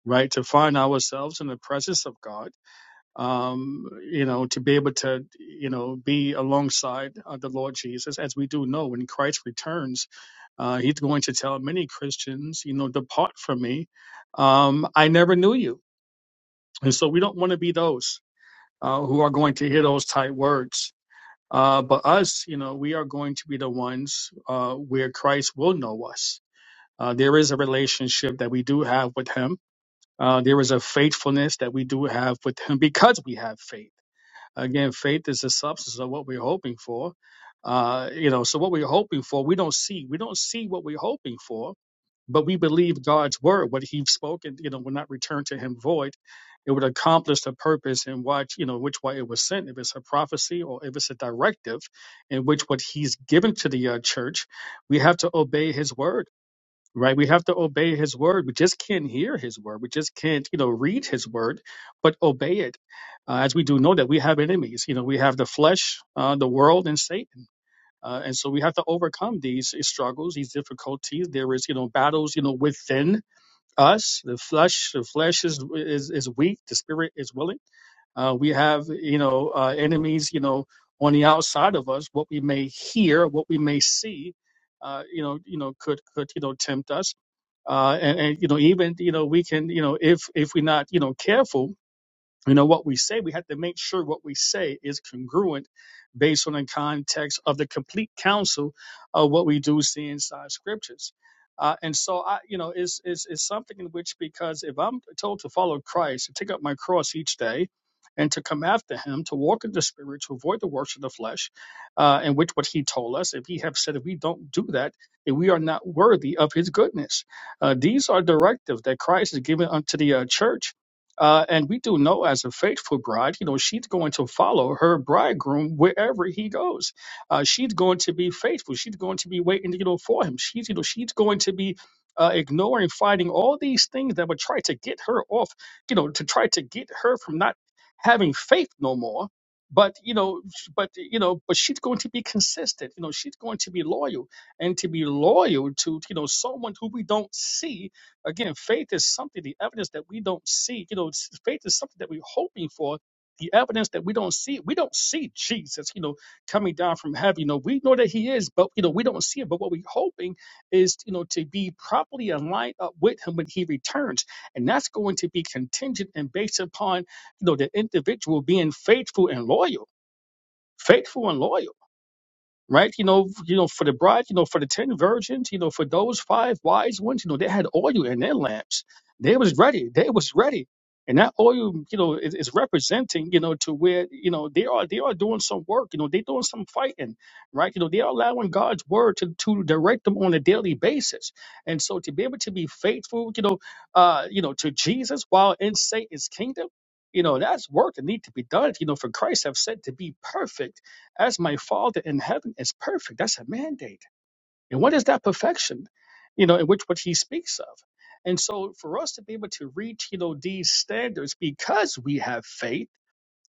Speaker 9: right? To find ourselves in the presence of God, um, you know, to be able to, you know, be alongside uh, the Lord Jesus. As we do know, when Christ returns, uh, he's going to tell many Christians, you know, depart from me. Um, I never knew you. And so we don't want to be those uh, who are going to hear those tight words Uh, but us, you know, we are going to be the ones uh, where Christ will know us. Uh, there is a relationship that we do have with Him. Uh, there is a faithfulness that we do have with Him because we have faith. Again, faith is the substance of what we're hoping for. Uh, you know, so what we're hoping for, we don't see. We don't see what we're hoping for, but we believe God's word, what He's spoken, you know, will not return to Him void. It would accomplish the purpose in which, you know, which way it was sent, if it's a prophecy or if it's a directive, in which what He's given to the uh, church, we have to obey His word. Right, we have to obey His word. We just can't hear His word. We just can't, you know, read His word, but obey it. Uh, as we do know that we have enemies. You know, we have the flesh, uh, the world, and Satan uh, and so we have to overcome these eh, struggles, these difficulties. There is, you know, battles, you know, within us. The flesh, the flesh is is, is weak. The spirit is willing. Uh, we have, you know, uh, enemies, you know, on the outside of us. What we may hear, what we may see, uh, you know, you know, could could you know tempt us. Uh, and, and you know, even you know, we can, you know, if if we're not, you know, careful you know what we say we have to make sure what we say is congruent based on the context of the complete counsel of what we do see inside scriptures uh, and so i you know is is is something in which because if i'm told to follow christ to take up my cross each day and to come after him to walk in the spirit to avoid the works of the flesh uh, in which what he told us if he have said if we don't do that then we are not worthy of his goodness uh, these are directives that christ has given unto the uh, church uh, and we do know as a faithful bride, you know, she's going to follow her bridegroom wherever he goes. Uh, she's going to be faithful. She's going to be waiting, you know, for him. She's, you know, she's going to be uh, ignoring, fighting all these things that would try to get her off, you know, to try to get her from not having faith no more. But you know, sh- but you know, but she's going to be consistent. You know, she's going to be loyal, and to be loyal to you know someone who we don't see Again, faith is something, the evidence that we don't see. You know, s- faith is something that we're hoping for. The evidence that we don't see, we don't see Jesus, you know, coming down from heaven. You know, we know that he is, but, you know, we don't see him. But what we're hoping is, you know, to be properly aligned up with him when he returns. And that's going to be contingent and based upon, you know, the individual being faithful and loyal, faithful and loyal right? You know, you know, for the bride, you know, for the ten virgins, you know, for those five wise ones, you know, they had oil in their lamps. They was ready. They was ready. And that oil, you know, is, is representing, you know, to where, you know, they are they are doing some work, you know, they doing some fighting, right? You know, they are allowing God's word to, to direct them on a daily basis. And so to be able to be faithful, you know, uh, you know, to Jesus while in Satan's kingdom, you know, that's work that need to be done, you know, for Christ have said to be perfect as my Father in heaven is perfect. That's a mandate. And what is that perfection? You know, in which what he speaks of. And so for us to be able to reach, you know, these standards because we have faith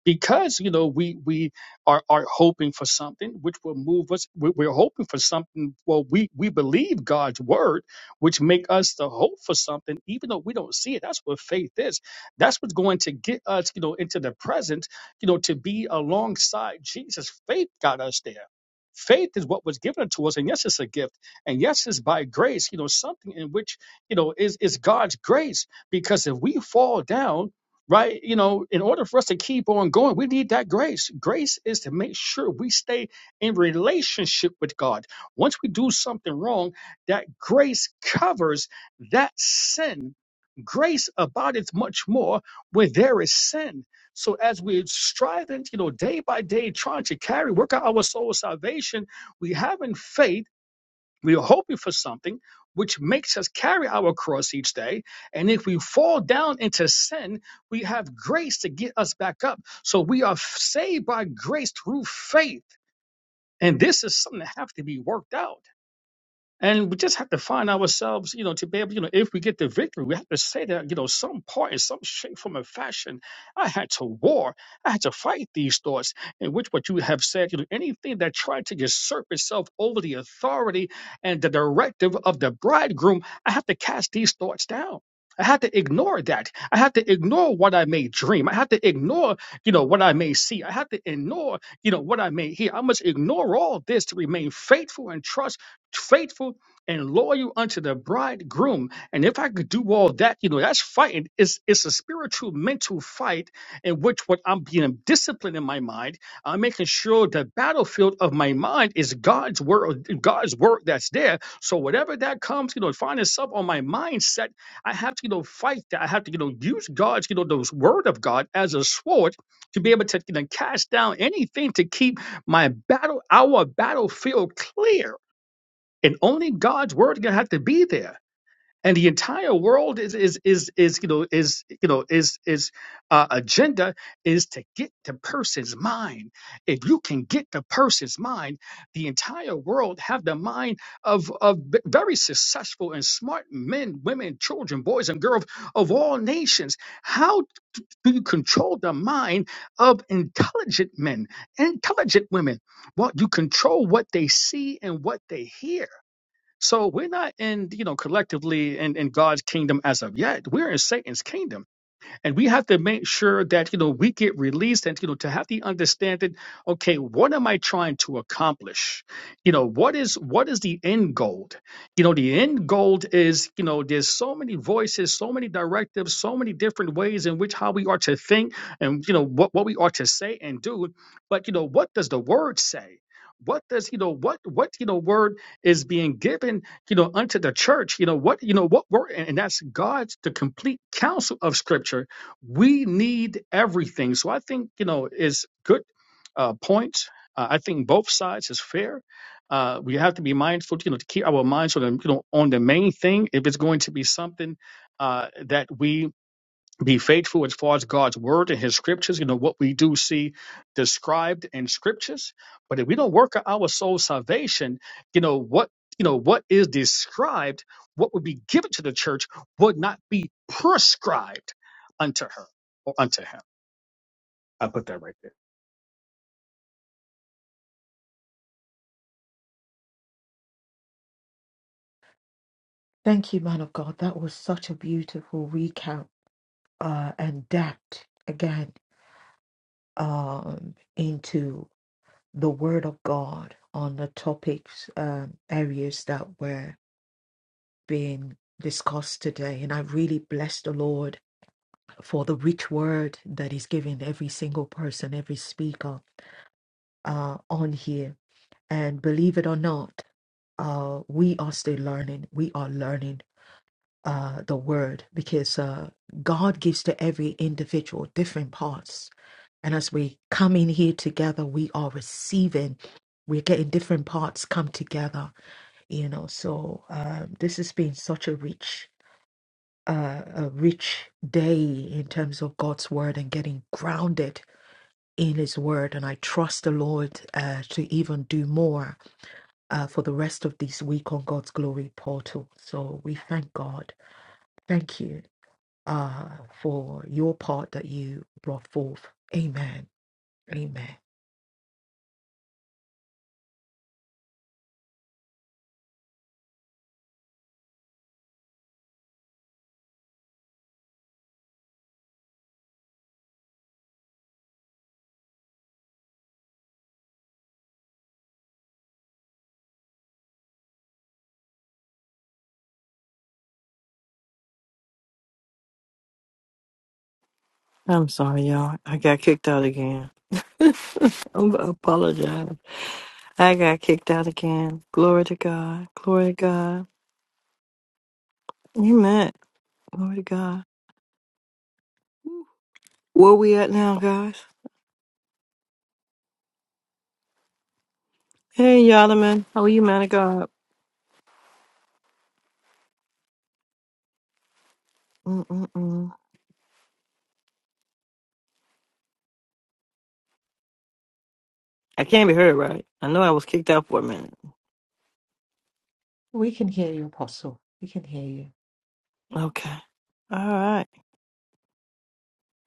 Speaker 9: because you know we we are are hoping for something which will move us we, we're hoping for something well we we believe god's word which make us the hope for something even though we don't see it that's what faith is that's what's going to get us you know into the present you know to be alongside jesus faith got us there faith is what was given to us and yes it's a gift and yes it's by grace you know something in which you know is is god's grace because if we fall down right? You know, in order for us to keep on going, we need that grace. Grace is to make sure we stay in relationship with God. Once we do something wrong, that grace covers that sin. Grace abideth much more where there is sin. So as we're striving, you know, day by day, trying to carry, work out our soul salvation, we have in faith we are hoping for something which makes us carry our cross each day. And if we fall down into sin, we have grace to get us back up. So we are saved by grace through faith. And this is something that has to be worked out. And we just have to find ourselves, you know, to be able, you know, if we get the victory, we have to say that, you know, some part in some shape, form, or fashion, I had to war, I had to fight these thoughts, in which what you have said, you know, anything that tried to usurp itself over the authority and the directive of the bridegroom, I have to cast these thoughts down. I had to ignore that. I had to ignore what I may dream. I had to ignore, you know, what I may see. I had to ignore, you know, what I may hear. I must ignore all this to remain faithful and trust faithful and loyal unto the bridegroom. And if I could do all that, you know, that's fighting. It's it's a spiritual mental fight in which what I'm being disciplined in my mind. I'm making sure the battlefield of my mind is God's word, God's word that's there. So whatever that comes, you know, find itself on my mindset, I have to, you know, fight that. I have to, you know, use God's, you know, those word of God as a sword to be able to you know, cast down anything to keep my battle, our battlefield clear and only God's word gonna have to be there. And the entire world is is is is you know is you know is is uh, agenda is to get the person's mind. If you can get the person's mind, the entire world have the mind of of v- very successful and smart men, women, children, boys, and girls of all nations. How do you control the mind of intelligent men, intelligent women? Well, you control what they see and what they hear so we're not in, you know, collectively in, in God's kingdom as of yet. We're in Satan's kingdom. And we have to make sure that, you know, we get released and, you know, to have the understanding, okay, what am I trying to accomplish? You know, what is what is the end goal? You know, the end goal is, you know, there's so many voices, so many directives, so many different ways in which how we are to think and you know what, what we are to say and do. But you know, what does the word say? What does you know what what you know word is being given you know unto the church you know what you know what word and and that's God's the complete counsel of Scripture we need everything. So I think you know is good uh, points. Uh, I think both sides is fair. Uh, we have to be mindful, you know, to keep our minds on the, you know on the main thing. If it's going to be something uh, that we be faithful as far as God's word and his scriptures, you know, what we do see described in scriptures. But if we don't work out our soul salvation, you know, what you know, what is described, what would be given to the church would not be prescribed unto her or unto him. I put that right there.
Speaker 5: Thank you, man of God. That was such a beautiful recap uh, and depth again um, into the Word of God on the topics, um, areas that were being discussed today. And I really bless the Lord for the rich word that He's giving every single person, every speaker uh, on here. And believe it or not, uh, we are still learning. We are learning uh, the Word because uh, God gives to every individual different parts. And as we come in here together, we are receiving. We're getting different parts come together you know so uh, this has been such a rich uh, a rich day in terms of god's word and getting grounded in his word and i trust the lord uh, to even do more uh, for the rest of this week on god's glory portal so we thank god thank you uh, for your part that you brought forth amen amen
Speaker 1: I'm sorry, y'all. I got kicked out again. I apologize. I got kicked out again. Glory to God. Glory to God. Amen. Glory to God. Where we at now, guys? Hey, Yalaman. How are you, man of God? I can't be heard, right? I know I was kicked out for a minute.
Speaker 5: we can hear you apostle we can hear you
Speaker 1: Okay. All right.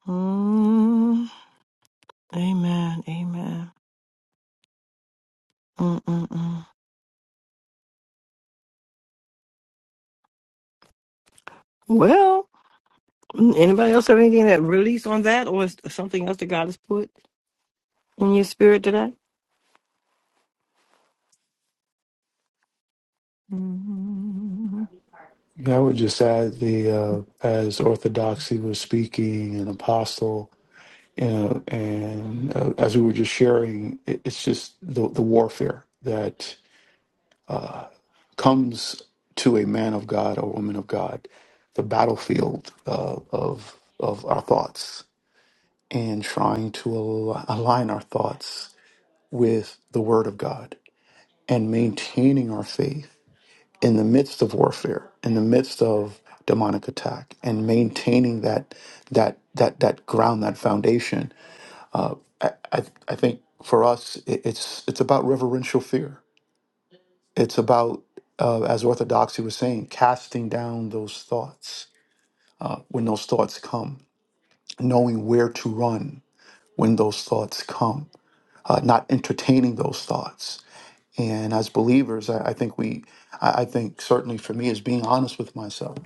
Speaker 1: Mm, amen. Amen. Mm-mm-mm. Well, mm, anybody else have anything that release on that or is something else that God has put in your spirit today? Mm.
Speaker 13: Yeah, I would just add the uh, as orthodoxy was speaking and apostle, you know, and uh, as we were just sharing, it, it's just the the warfare that uh, comes to a man of God or woman of God, the battlefield uh, of of our thoughts and trying to al- align our thoughts with the Word of God and maintaining our faith in the midst of warfare, in the midst of demonic attack, and maintaining that that that that ground, that foundation. I I, I think for us, it, it's it's about reverential fear. It's about uh, as orthodoxy was saying, casting down those thoughts when those thoughts come, knowing where to run when those thoughts come, uh, not entertaining those thoughts. And as believers, I, I think we, I, I think certainly for me, is being honest with myself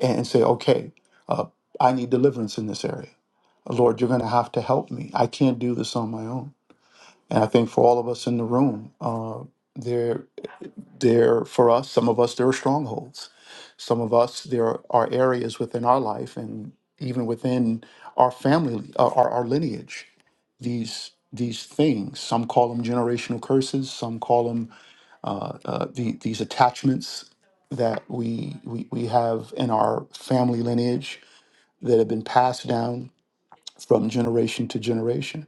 Speaker 13: and say, okay, uh, I need deliverance in this area. Lord, you're going to have to help me. I can't do this on my own. And I think for all of us in the room, uh, there, there for us, some of us there are strongholds. Some of us there are areas within our life and even within our family, uh, our, our lineage. These these things, some call them generational curses, some call them uh, uh, the, these attachments that we, we we have in our family lineage that have been passed down from generation to generation.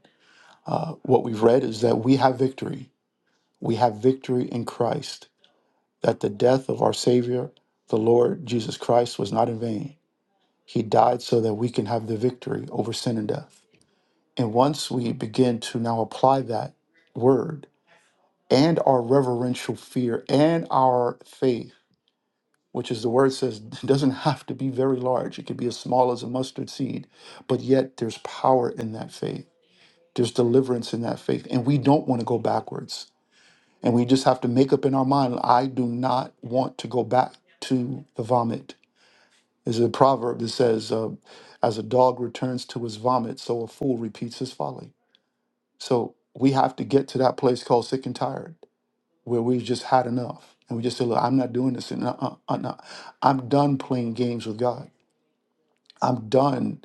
Speaker 13: What we've read is that we have victory. We have victory in Christ, that the death of our Savior, the Lord Jesus Christ, was not in vain. He died so that we can have the victory over sin and death. And once we begin to now apply that word and our reverential fear and our faith, which is the word says doesn't have to be very large, it could be as small as a mustard seed, but yet there's power in that faith There's deliverance in that faith. And we don't want to go backwards. And we just have to make up in our mind I do not want to go back to the vomit. There's a proverb that says, uh, as a dog returns to his vomit, so a fool repeats his folly. So we have to get to that place called sick and tired where we've just had enough. And we just say, look, I'm not doing this. And uh, uh, uh, I'm done playing games with God. I'm done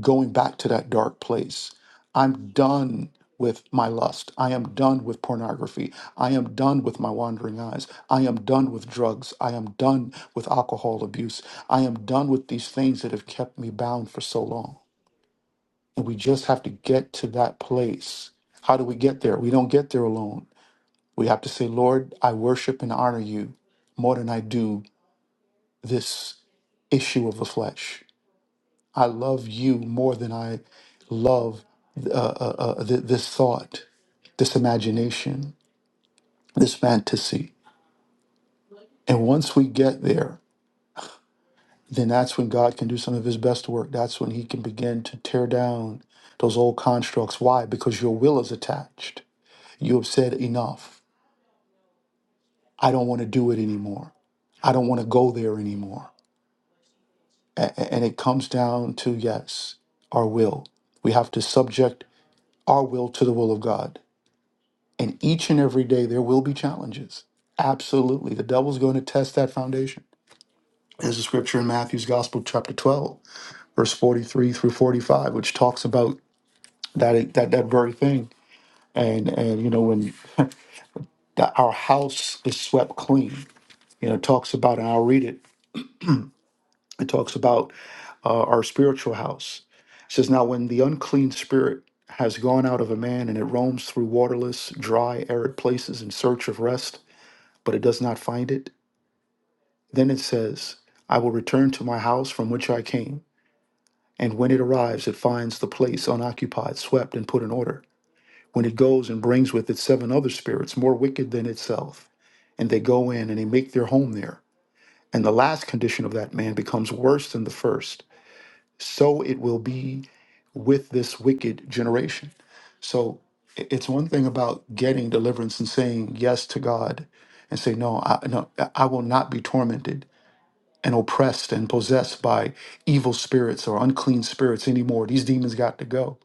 Speaker 13: going back to that dark place. I'm done with my lust. I am done with pornography. I am done with my wandering eyes. I am done with drugs. I am done with alcohol abuse. I am done with these things that have kept me bound for so long. And we just have to get to that place. How do we get there? We don't get there alone. We have to say, Lord, I worship and honor you more than I do this issue of the flesh. I love you more than I love uh, uh, uh, th- this thought, this imagination, this fantasy. And once we get there, then that's when God can do some of his best work. That's when he can begin to tear down those old constructs. Why? Because your will is attached. You have said enough. I don't want to do it anymore. I don't want to go there anymore. A- a- and it comes down to, yes, our will. We have to subject our will to the will of God And each and every day there will be challenges. Absolutely. The devil's going to test that foundation. There's a scripture in Matthew's Gospel, chapter 12, verse 43 through 45, which talks about that that, that very thing. And and you know, when the, our house is swept clean, you know, it talks about, and I'll read it, it talks about uh, our spiritual house. It says, Now when the unclean spirit has gone out of a man and it roams through waterless, dry, arid places in search of rest, but it does not find it. Then it says, I will return to my house from which I came. And when it arrives, it finds the place unoccupied, swept, and put in order. When it goes and brings with it seven other spirits more wicked than itself, and they go in and they make their home there. And the last condition of that man becomes worse than the first. So it will be with this wicked generation. So i- it's one thing about getting deliverance and saying yes to God and say, No, I, no, I will not be tormented and oppressed and possessed by evil spirits or unclean spirits anymore. These demons got to go.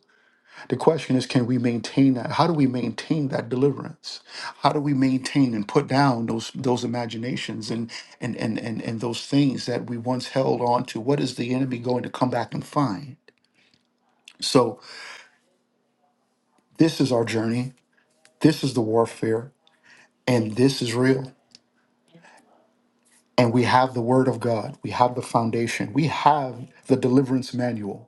Speaker 13: The question is, can we maintain that? How do we maintain that deliverance? How do we maintain and put down those those imaginations and and and and, and those things that we once held on to? What is the enemy going to come back and find? So this is our journey. This is the warfare, and this is real. And we have the word of God. We have the foundation. We have the deliverance manual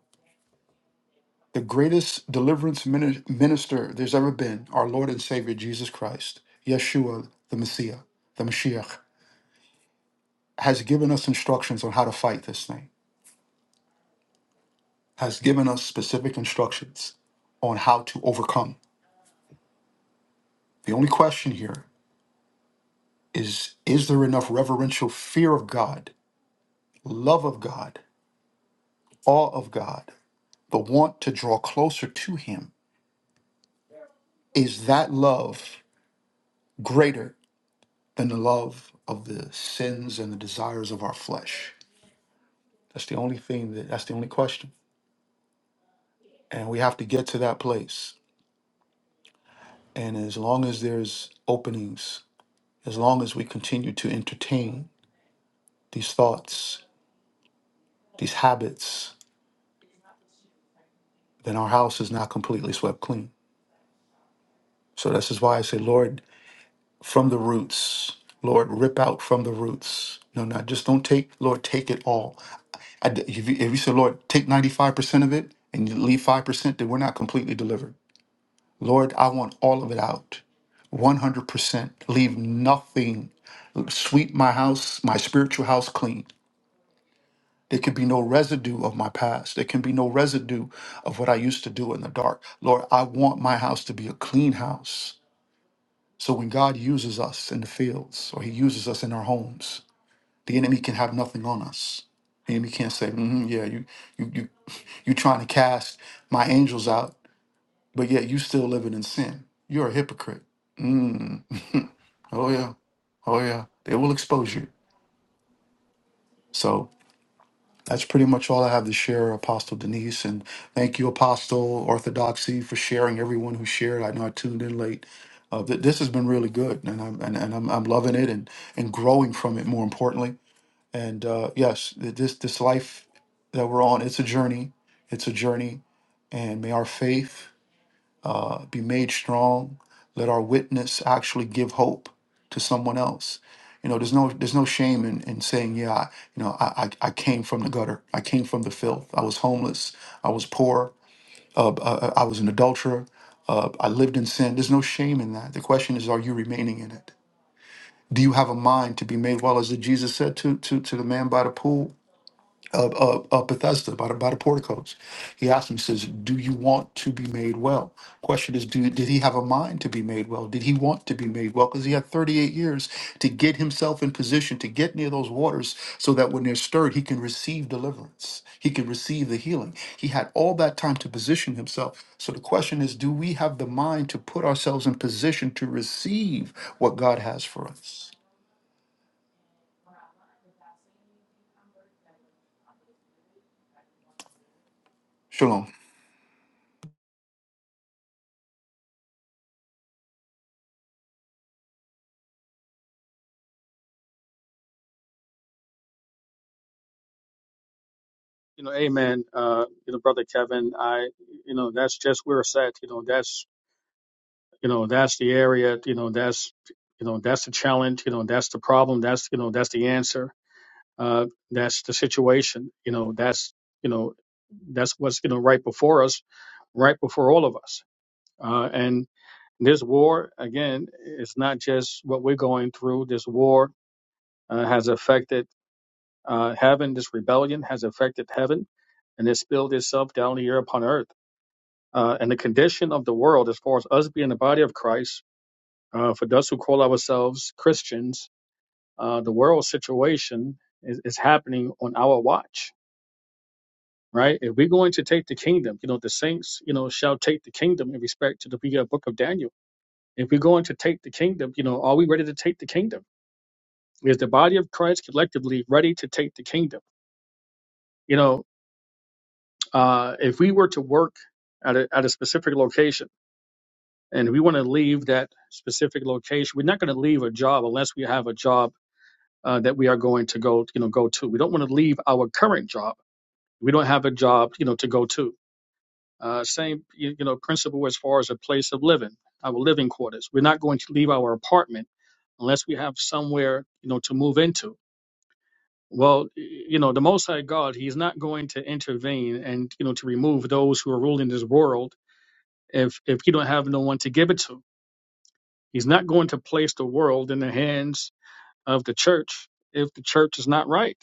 Speaker 13: the greatest deliverance mini- minister there's ever been, our Lord and Savior Jesus Christ, Yeshua, the Messiah, the Mashiach, has given us instructions on how to fight this thing, has given us specific instructions on how to overcome. The only question here is is there enough reverential fear of God, love of God, awe of God, the want to draw closer to Him? Is that love greater than the love of the sins and the desires of our flesh? That's the only thing that that's the only question. And we have to get to that place. And as long as there's openings, as long as we continue to entertain these thoughts, these habits, then our house is not completely swept clean. So this is why I say, Lord, from the roots, Lord, rip out from the roots. No, not just don't take, Lord, take it all. I d if, you, if you say, Lord, take 95% of it and you leave 5%, then we're not completely delivered. Lord, I want all of it out. 100%. Leave nothing. Sweep my house, my spiritual house clean. There can be no residue of my past. There can be no residue of what I used to do in the dark. Lord, I want my house to be a clean house. So when God uses us in the fields or he uses us in our homes, the enemy can have nothing on us. The enemy can't say, mm yeah, you, you, you, you trying to cast my angels out, but yet you still living in sin. You're a hypocrite. Oh yeah. Oh yeah. They will expose you. So that's pretty much all I have to share, Apostle Denise. And thank you, Apostle Orthodoxy, for sharing. Everyone who shared, I know I tuned in late. Uh, th- this has been really good, and I'm and, and I'm, I'm loving it and and growing from it. More importantly, and uh, yes, th- this this life that we're on, it's a journey. It's a journey, and may our faith be made strong. Let our witness actually give hope to someone else. You know, there's no there's no shame in, in saying, yeah, I, you know, I, I I came from the gutter. I came from the filth. I was homeless. I was poor. Uh, I was an adulterer. Uh, I lived in sin. There's no shame in that. The question is, are you remaining in it? Do you have a mind to be made well, as Jesus said to to to the man by the pool? uh, uh, Bethesda by the, by the porticos. He asked him, he says, "Do you want to be made well?" Question is, do, did he have a mind to be made well? Did he want to be made well? Because he had 38 years to get himself in position to get near those waters, so that when they're stirred, he can receive deliverance. He can receive the healing. He had all that time to position himself. So the question is, do we have the mind to put ourselves in position to receive what God has for us? Shalom.
Speaker 9: You know, amen. Uh, you know, brother Kevin, I you know, that's just where it's at. You know, that's you know, that's the area, you know, that's you know, that's the challenge, you know, that's the problem, that's you know, that's the answer Uh, that's the situation. You know, that's you know, that's what's you know right before us, right before all of us. Uh, and this war, again, is not just what we're going through. This war uh, has affected uh, heaven. This rebellion has affected heaven, and it spilled itself down here upon earth. Uh, and the condition of the world, as far as us being the body of Christ, uh, for those who call ourselves Christians, uh, the world situation is, is happening on our watch right? If we're going to take the kingdom, you know, the saints, you know, shall take the kingdom in respect to the uh, book of Daniel. If we're going to take the kingdom, you know, are we ready to take the kingdom? Is the body of Christ collectively ready to take the kingdom? You know, uh, if we were to work at a, at a specific location and we want to leave that specific location, we're not going to leave a job unless we have a job uh, that we are going to go, you know, go to. We don't want to leave our current job. We don't have a job, you know, to go to Uh, same you, you know principle as far as a place of living, our living quarters. We're not going to leave our apartment unless we have somewhere you know to move into. Well, you know the Most High God, He's not going to intervene and you know to remove those who are ruling this world if if you don't have no one to give it to. He's not going to place the world in the hands of the church if the church is not right.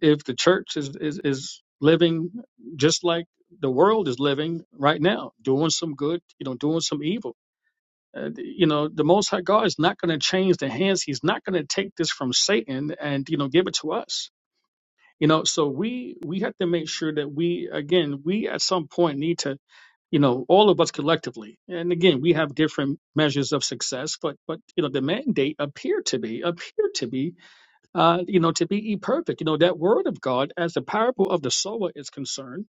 Speaker 9: If the church is, is, is living just like the world is living right now, doing some good, you know, doing some evil, uh, you know, the Most High God is not going to change the hands. He's not going to take this from Satan and, you know, give it to us. You know, so we we have to make sure that we again we at some point need to you know all of us collectively and again we have different measures of success but but you know the mandate appear to be appear to be uh, you know, to be ye perfect. You know, that word of God, as the parable of the sower is concerned,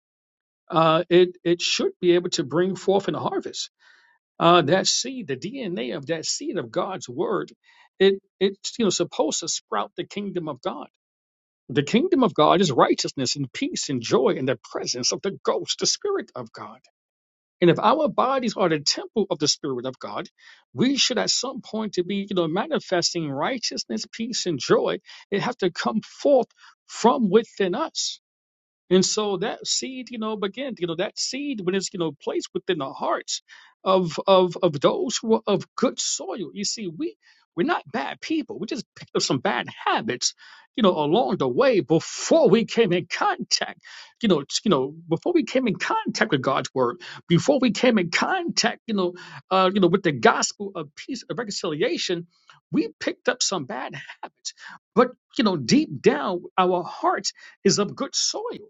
Speaker 9: uh, it it should be able to bring forth an harvest. Uh, that seed, the DNA of that seed of God's word, it it's you know supposed to sprout the kingdom of God. The kingdom of God is righteousness and peace and joy in the presence of the ghost, the spirit of God. And if our bodies are the temple of the Spirit of God, we should at some point to be, you know, manifesting righteousness, peace, and joy. It has to come forth from within us. And so that seed, you know, again, you know, that seed when it's, you know, placed within the hearts of of of those who are of good soil. You see, we we're not bad people. We just picked up some bad habits, you know, along the way before we came in contact, you know, t- you know, before we came in contact with God's word, before we came in contact, you know, uh, you know, with the gospel of peace of reconciliation, we picked up some bad habits. But you know, deep down, our heart is of good soil.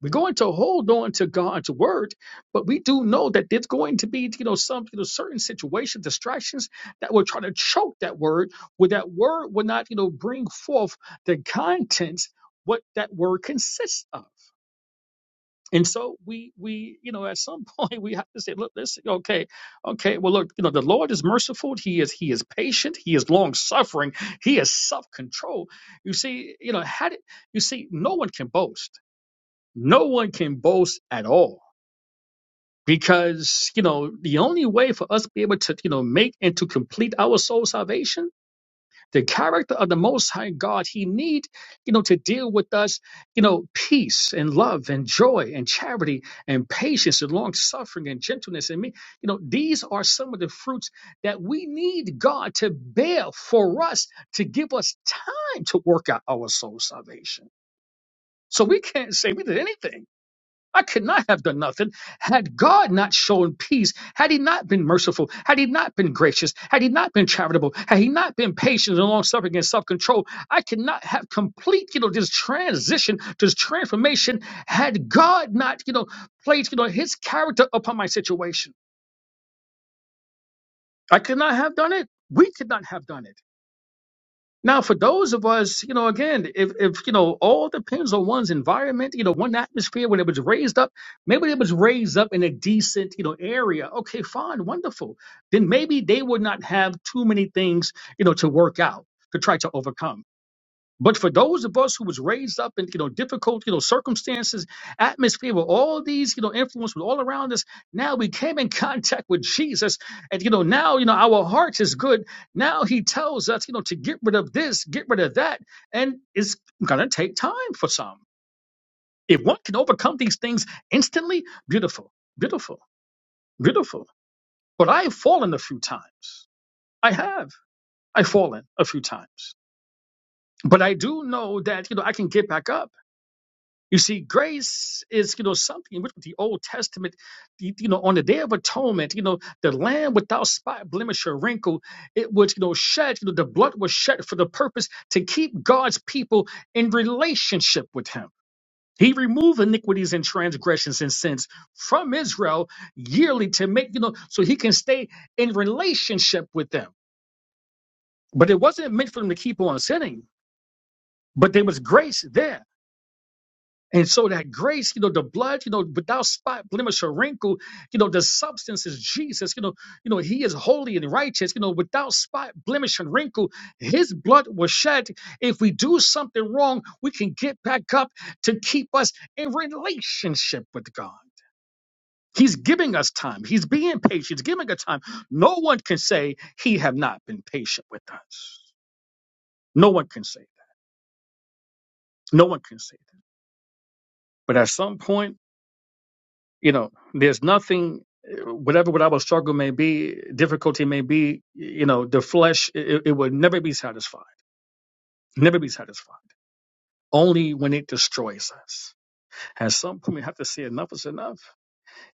Speaker 9: We're going to hold on to God's word, but we do know that there's going to be, you know, some, you know, certain situations, distractions that will try to choke that word, where that word will not, you know, bring forth the contents what that word consists of. And so we, we, you know, at some point we have to say, look, listen, okay, okay, well, look, you know, the Lord is merciful. He is, he is patient. He is long suffering. He is self control. You see, you know, had it, you see, no one can boast no one can boast at all because you know the only way for us to be able to you know make and to complete our soul salvation the character of the most high god he need you know to deal with us you know peace and love and joy and charity and patience and long suffering and gentleness and me you know these are some of the fruits that we need god to bear for us to give us time to work out our soul salvation so we can't say we did anything I could not have done nothing had God not shown peace, had He not been merciful, had He not been gracious, had He not been charitable, had He not been patient and long suffering and self control. I could not have complete, you know, this transition, this transformation, had God not, you know, placed, you know, His character upon my situation. I could not have done it. We could not have done it. Now, for those of us, you know, again, if, if you know, all depends on one's environment, you know, one atmosphere when it was raised up, maybe it was raised up in a decent, you know, area. Okay, fine, wonderful. Then maybe they would not have too many things, you know, to work out, to try to overcome. But for those of us who was raised up in you know difficult you know circumstances, atmosphere with all these you know influence with all around us, now we came in contact with Jesus, and you know now you know our heart is good. Now He tells us you know to get rid of this, get rid of that, and it's gonna take time for some. If one can overcome these things instantly, beautiful, beautiful, beautiful. But I've fallen a few times. I have. I've fallen a few times. But I do know that you know I can get back up You see, grace is, you know, something in which with the Old Testament, you you know, on the Day of Atonement, you know, the lamb without spot, blemish, or wrinkle, it was, you know, shed, you know, the blood was shed for the purpose to keep God's people in relationship with him. He removed iniquities and transgressions and sins from Israel yearly to make, you know, so he can stay in relationship with them. But it wasn't meant for them to keep on sinning, but there was grace there And so that grace, you know, the blood, you know, without spot, blemish, or wrinkle, you know, the substance is Jesus. You know, you know, He is holy and righteous. You know, without spot, blemish, and wrinkle, His blood was shed. If we do something wrong, we can get back up to keep us in relationship with God. He's giving us time. He's being patient. He's giving us time. No one can say He have not been patient with us. No one can say that. No one can say that. But at some point you know there's nothing uh, whatever what our struggle may be difficulty may be you know the flesh it, it will never be satisfied never be satisfied only when it destroys us at some point we have to say enough is enough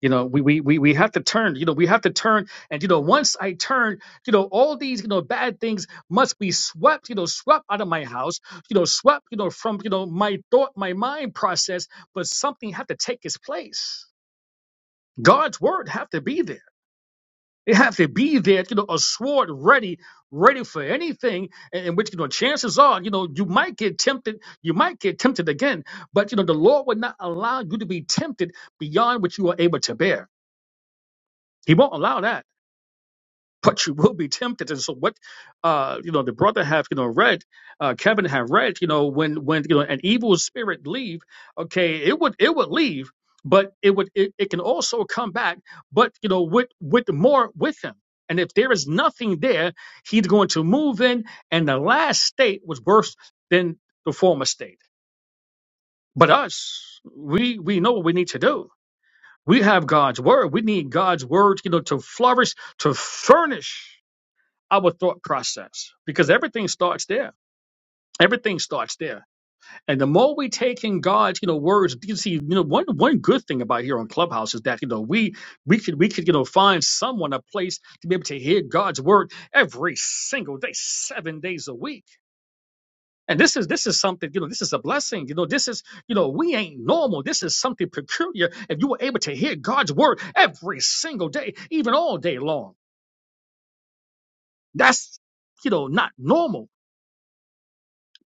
Speaker 9: you know we, we we we have to turn you know we have to turn and you know once i turn you know all these you know bad things must be swept you know swept out of my house you know swept you know from you know my thought my mind process but something had to take its place god's word have to be there They have to be there, you know, a sword ready, ready for anything. In in which you know, chances are, you know, you might get tempted, you might get tempted again, but you know, the Lord will not allow you to be tempted beyond what you are able to bear. He won't allow that. but you will be tempted. And so what uh you know the brother have you know read, uh Kevin have read, you know, when when you know an evil spirit leave, okay, it would it would leave, but it would it, it can also come back, but you know, with with more with him. And if there is nothing there, he's going to move in, and the last state was worse than the former state. But us, we we know what we need to do. We have God's word. We need God's word, you know, to flourish, to furnish our thought process because everything starts there. Everything starts there. And the more we take in God's, you know, words, you see, you know, one one good thing about here on Clubhouse is that, you know, we we could we could, you know, find someone a place to be able to hear God's word every single day, seven days a week. And this is this is something, you know, this is a blessing. You know, this is, you know, we ain't normal. This is something peculiar. If you were able to hear God's word every single day, even all day long. That's you know, not normal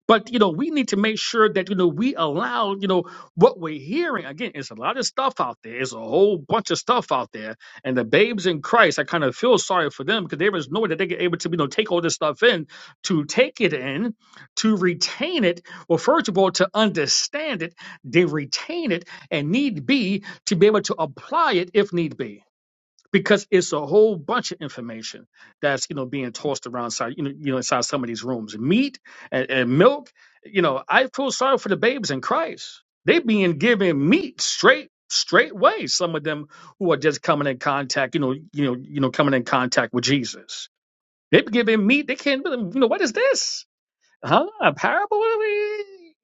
Speaker 9: But you know, we need to make sure that you know we allow you know what we're hearing. Again, it's a lot of stuff out there. It's a whole bunch of stuff out there. And the babes in Christ, I kind of feel sorry for them because there is no way that they get able to you know take all this stuff in, to take it in, to retain it. Well, first of all, to understand it, they retain it, and need be to be able to apply it if need be because it's a whole bunch of information that's you know being tossed around inside you know, you know inside some of these rooms meat and, and milk you know i feel sorry for the babies in christ they being given meat straight straight way some of them who are just coming in contact you know you know you know coming in contact with jesus they be given meat they can't really- you know what is this huh? A parable? Eh,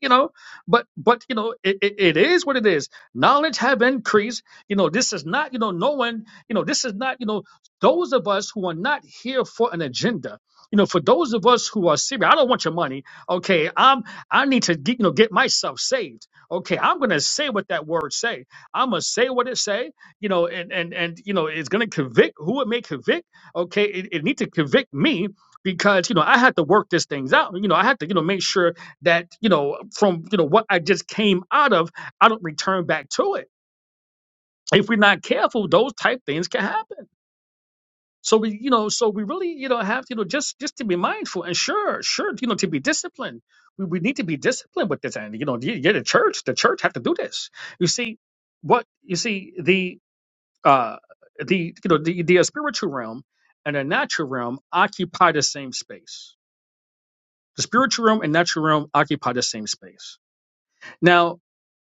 Speaker 9: You know, but but you know, it, it, it is what it is. Knowledge have increased. You know, this is not, you know, no one, you know, this is not, you know, those of us who are not here for an agenda. You know, for those of us who are serious, I don't want your money. Okay, I'm I need to get, you know get myself saved. Okay, I'm gonna say what that word say. I'm gonna say what it say. You know, and and and you know, it's gonna convict who it may convict. Okay, it, it need to convict me because you know I had to work these things out. You know, I had to you know make sure that you know from you know what I just came out of, I don't return back to it. If we're not careful, those type things can happen. So we you know so we really you know have you know just just to be mindful and sure sure you know to be disciplined. We, we need to be disciplined with this, and you know, yeah, yeah, the church, the church have to do this. You see, what you see the uh the you know the the spiritual realm and the natural realm occupy the same space The spiritual realm and natural realm occupy the same space. Now,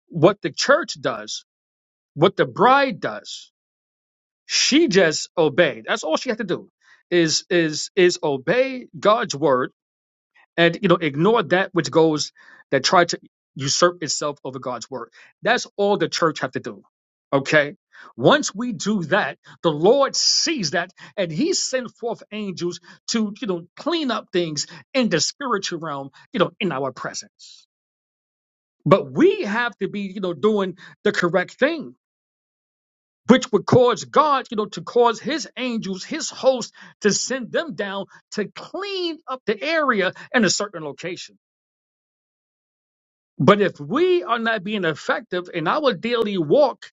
Speaker 9: what the church does, what the bride does, she just obeyed. That's all she had to do is is is obey God's word and you know ignore that which goes that tried to usurp itself over God's word. That's all the church have to do. Okay. Once we do that, the Lord sees that and he sent forth angels to, you know, clean up things in the spiritual realm, you know, in our presence. But we have to be, you know, doing the correct thing, which would cause God, you know, to cause his angels, his host to send them down to clean up the area in a certain location. But if we are not being effective in our daily walk,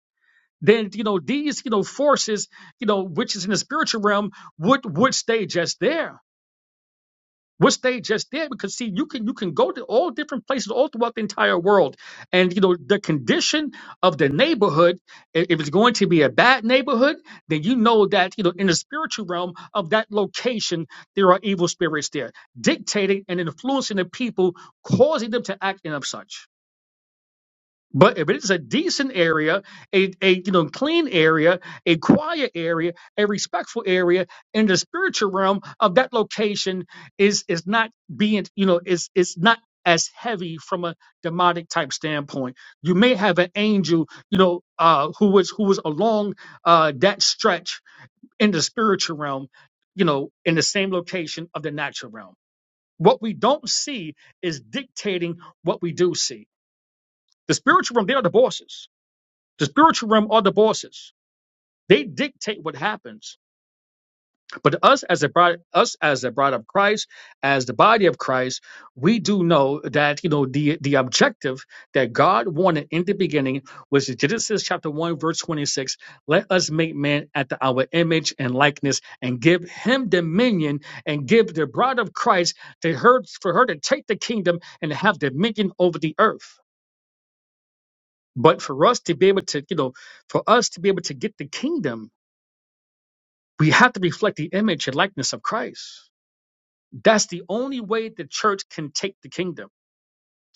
Speaker 9: then you know these you know forces you know which is in the spiritual realm would would stay just there which they just did because see you can you can go to all different places all throughout the entire world and you know the condition of the neighborhood i- if it's going to be a bad neighborhood then you know that you know in the spiritual realm of that location there are evil spirits there dictating and influencing the people causing them to act in of such but if it's a decent area, a, a you know clean area, a quiet area, a respectful area in the spiritual realm of that location is is not being you know is is not as heavy from a demonic type standpoint. You may have an angel you know uh, who was who was along uh, that stretch in the spiritual realm, you know, in the same location of the natural realm. What we don't see is dictating what we do see. The spiritual realm, they are the bosses the spiritual realm are the bosses. They dictate what happens. But us as a bride, us as a bride of Christ, as the body of Christ, we do know that you know the the objective that God wanted in the beginning was Genesis chapter one verse twenty six. Let us make man after our image and likeness, and give him dominion, and give the bride of Christ to her for her to take the kingdom and have dominion over the earth. But for us to be able to, you know, for us to be able to get the kingdom We have to reflect the image and likeness of Christ. That's the only way the church can take the kingdom.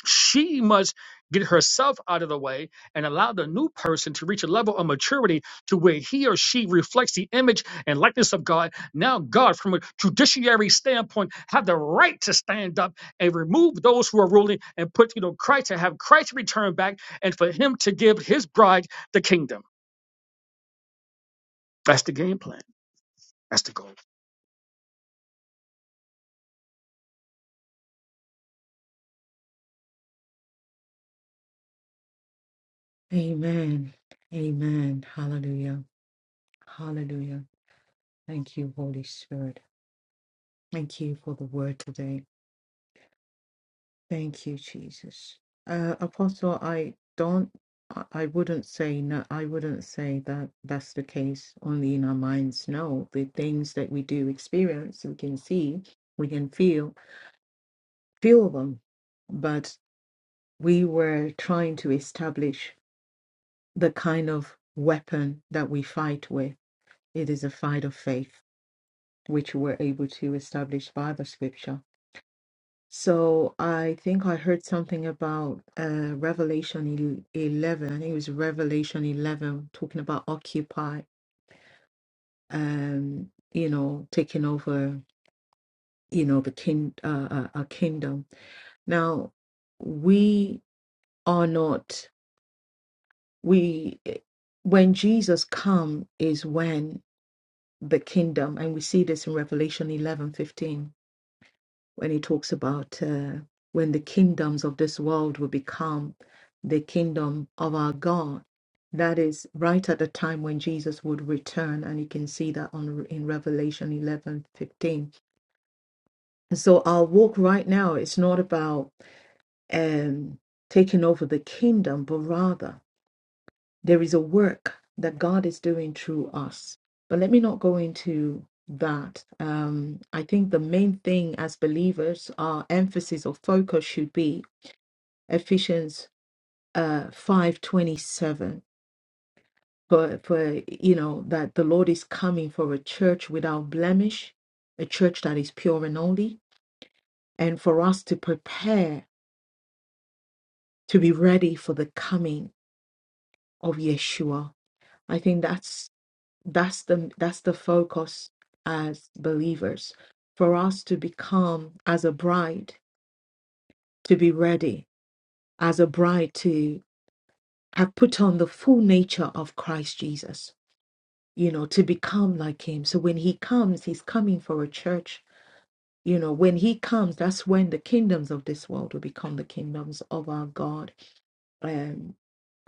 Speaker 9: She must get herself out of the way and allow the new person to reach a level of maturity to where he or she reflects the image and likeness of God. Now, God, from a judiciary standpoint, have the right to stand up and remove those who are ruling and put, you know, Christ and have Christ return back and for him to give his bride the kingdom. That's the game plan. That's the goal.
Speaker 5: amen amen hallelujah hallelujah Thank you, Holy Spirit. Thank you for the word today. Thank you, Jesus. Uh, Apostle, I don't, I I wouldn't say no, I wouldn't say that that's the case only in our minds. No, the things that we do experience, we can see, we can feel, feel them. But we were trying to establish the kind of weapon that we fight with. It is a fight of faith, which we're able to establish by the scripture. So I think I heard something about uh, Revelation el- 11. I think it was Revelation 11 talking about Occupy, um, you know, taking over, you know, the king, uh, uh, a kingdom. Now, we are not, we, eh, when Jesus come is when the kingdom, and we see this in Revelation 11 15. when he talks about uh, when the kingdoms of this world will become the kingdom of our God. That is right at the time when Jesus would return, and you can see that on in Revelation eleven fifteen. And so our walk right now is not about um, taking over the kingdom, but rather there is a work that God is doing through us. But let me not go into that. Um, I think the main thing as believers, our emphasis or focus should be Ephesians uh, five twenty seven. For for you know that the Lord is coming for a church without blemish, a church that is pure and holy, and for us to prepare to be ready for the coming of Yeshua. I think that's that's the that's the focus as believers for us to become as a bride to be ready as a bride to have put on the full nature of Christ Jesus you know to become like him so when he comes he's coming for a church you know when he comes that's when the kingdoms of this world will become the kingdoms of our God um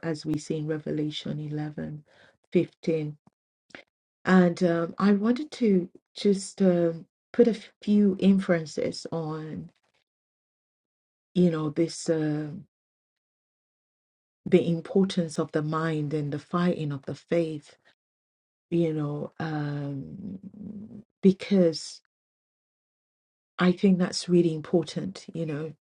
Speaker 5: as we see in Revelation 11, 15. And um, I wanted to just um put a few inferences on, you know, this um the importance of the mind and the fighting of the faith, you know, um, because I think that's really important. You know,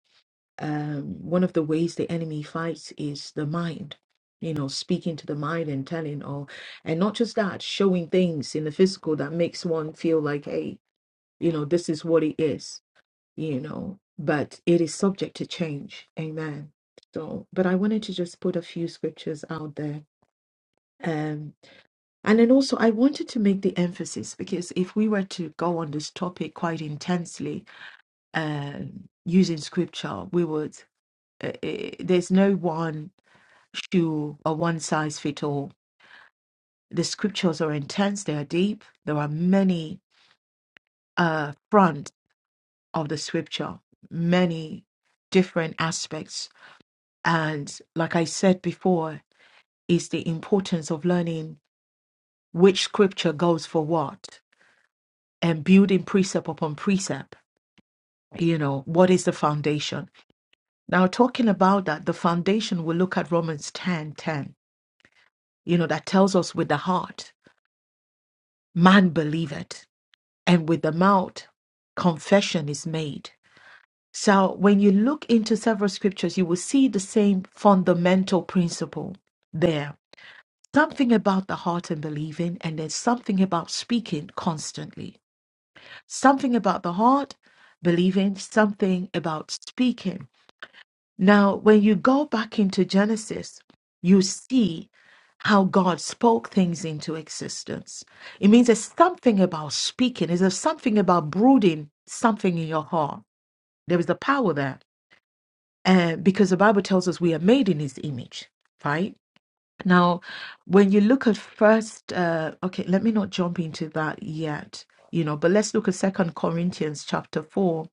Speaker 5: um, one of the ways the enemy fights is the mind. You know, speaking to the mind and telling, or and not just that, showing things in the physical that makes one feel like, hey, you know, this is what it is you know, but it is subject to change. Amen. So, but I wanted to just put a few scriptures out there. Um, and then also, I wanted to make the emphasis because if we were to go on this topic quite intensely, um, using scripture, we would, uh, uh, there's no one shoe or one size fit all. The scriptures are intense, they are deep, there are many uh, fronts of the scripture, many different aspects And like I said before, is the importance of learning which scripture goes for what and building precept upon precept. You know, what is the foundation? Now, talking about that, the foundation, we look at Romans 10, 10. you know, that tells us with the heart, man believeth, and with the mouth, confession is made. So, when you look into several scriptures, you will see the same fundamental principle there Something about the heart and believing, and there's something about speaking constantly. Something about the heart, believing, something about speaking. Now, when you go back into Genesis, you see how God spoke things into existence. It means there's something about speaking, there's something about brooding something in your heart. There is the power there. And because the Bible tells us we are made in his image, right? Now, when you look at first, uh, okay, let me not jump into that yet, you know, but let's look at Second Corinthians chapter 4,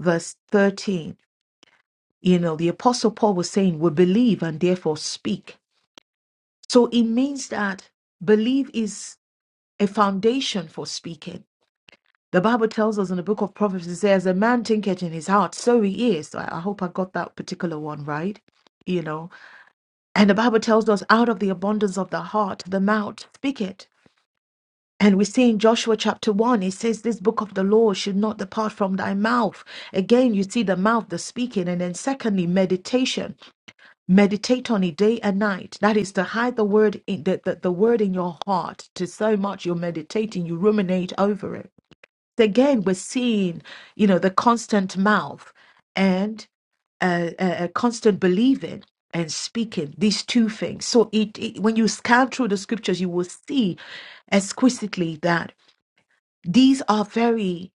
Speaker 5: verse 13. You know, the Apostle Paul was saying, We believe and therefore speak. So it means that belief is a foundation for speaking. The Bible tells us in the book of Proverbs, it says, A man thinketh in his heart, so he is. I I hope I got that particular one right, you know. And the Bible tells us, Out of the abundance of the heart, the mouth speaketh. And we see in Joshua chapter 1, it says, This book of the law should not depart from thy mouth. Again, you see the mouth, the speaking. And then, secondly, meditation. Meditate on it day and night. That is to hide the word in, the, the, the word in your heart to so much you're meditating, you ruminate over it. Again, we're seeing, you know, the constant mouth and uh, uh, uh, constant believing and speaking, these two things. So, it, it, when you scan through the scriptures, you will see exquisitely that. These are very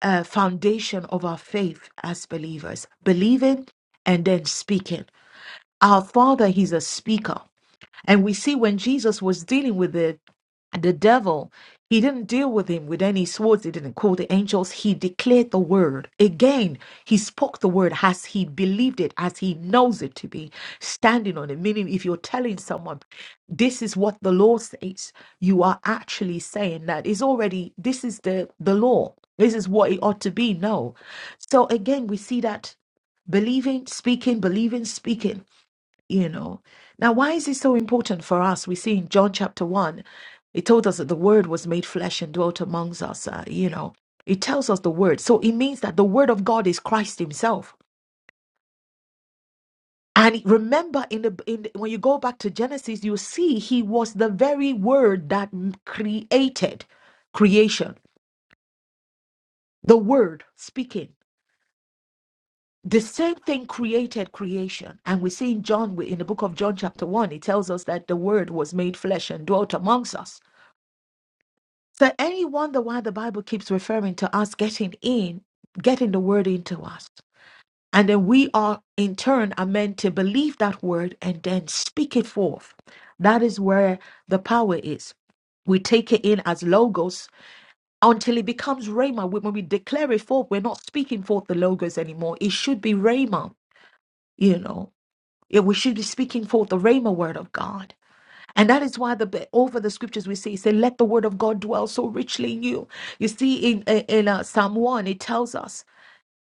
Speaker 5: uh, foundation of our faith as believers, believing and then speaking. Our Father, He's a speaker. And we see when Jesus was dealing with the, the devil, he didn't deal with him with any swords. He didn't call the angels. He declared the word. Again, he spoke the word as he believed it, as he knows it to be, standing on it. Meaning, if you're telling someone, this is what the law says, you are actually saying that it's already, this is the, the law. This is what it ought to be. No. So again, we see that believing, speaking, believing, speaking you know. Now, why is it so important for us? We see in John chapter 1, it told us that the Word was made flesh and dwelt amongst us, uh, you know. It tells us the Word. So it means that the Word of God is Christ Himself. And remember, in the, in the when you go back to Genesis, you see He was the very Word that m- created creation. The Word speaking. The same thing created creation. And we see in John, in the book of John, chapter 1, it tells us that the Word was made flesh and dwelt amongst us. So any wonder why the Bible keeps referring to us getting in, getting the word into us. And then we are in turn are meant to believe that word and then speak it forth. That is where the power is. We take it in as logos until it becomes rhema. When when we declare it forth, we're not speaking forth the logos anymore. It should be rhema, you know. Yeah, we should be speaking forth the rhema word of God. And that is why the over the scriptures we see, say, let the word of God dwell so richly in you. You see, in uh, in uh, Psalm one, it tells us.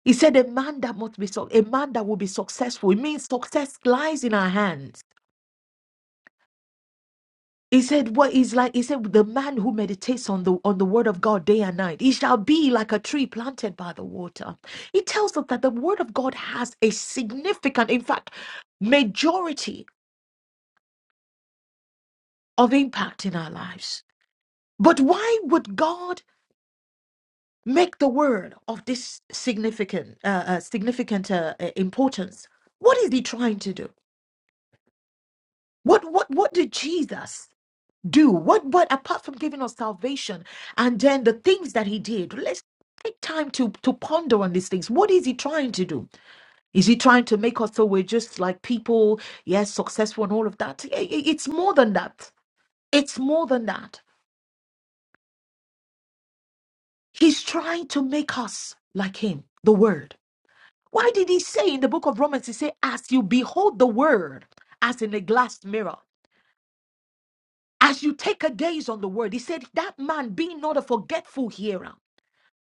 Speaker 5: He said, a man that must be so, a man that will be successful. It means success lies in our hands. He said, what is like? He said, the man who meditates on the on the word of God day and night, he shall be like a tree planted by the water. He tells us that the word of God has a significant, in fact, majority of impact in our lives. But why would God? make the word of this significant uh, uh, significant uh, uh, importance what is he trying to do what what what did jesus do what what apart from giving us salvation and then the things that he did let's take time to to ponder on these things what is he trying to do is he trying to make us so we're just like people yes successful and all of that I- I- it's more than that it's more than that he's trying to make us like him the word Why did he say in the book of Romans, he said, as you behold the word as in a glass mirror, as you take a gaze on the word, he said, that man be not a forgetful hearer,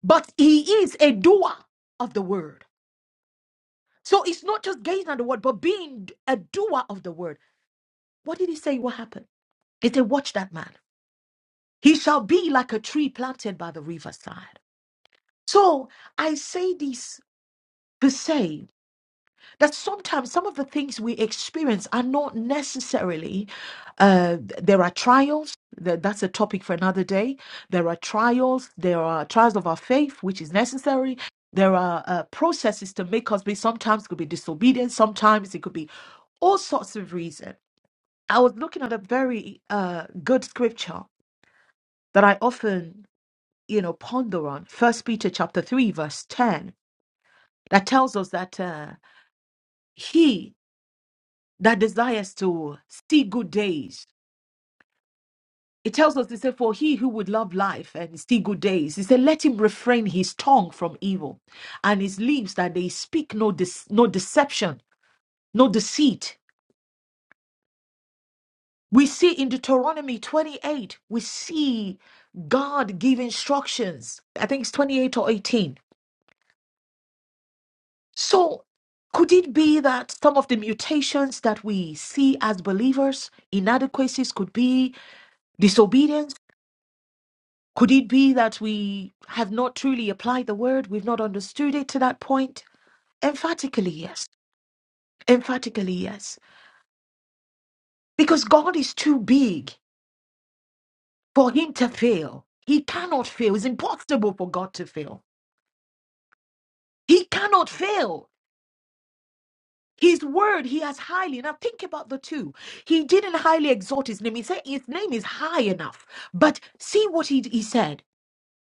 Speaker 5: but he is a doer of the word. So it's not just gazing at the word, but being a doer of the word. What did he say? What happened? He said, watch that man. He shall be like a tree planted by the riverside. So I say this to say that sometimes some of the things we experience are not necessarily uh, there are trials that, that's a topic for another day there are trials there are trials of our faith which is necessary there are uh, processes to make us be sometimes it could be disobedient sometimes it could be all sorts of reasons i was looking at a very uh, good scripture that i often you know ponder on first peter chapter 3 verse 10 that tells us that uh, he that desires to see good days. It tells us, it said, For he who would love life and see good days, he said, Let him refrain his tongue from evil and his lips that they speak no, dece- no deception, no deceit. We see in Deuteronomy 28, we see God give instructions. I think it's 28 or 18. So, could it be that some of the mutations that we see as believers, inadequacies, could be disobedience? Could it be that we have not truly applied the word? We've not understood it to that point? Emphatically, yes. Emphatically, yes. Because God is too big for him to fail. He cannot fail. It's impossible for God to fail. He cannot fail. His word, he has highly. Now think about the two. He didn't highly exalt his name. He said his name is high enough. But see what he, he said.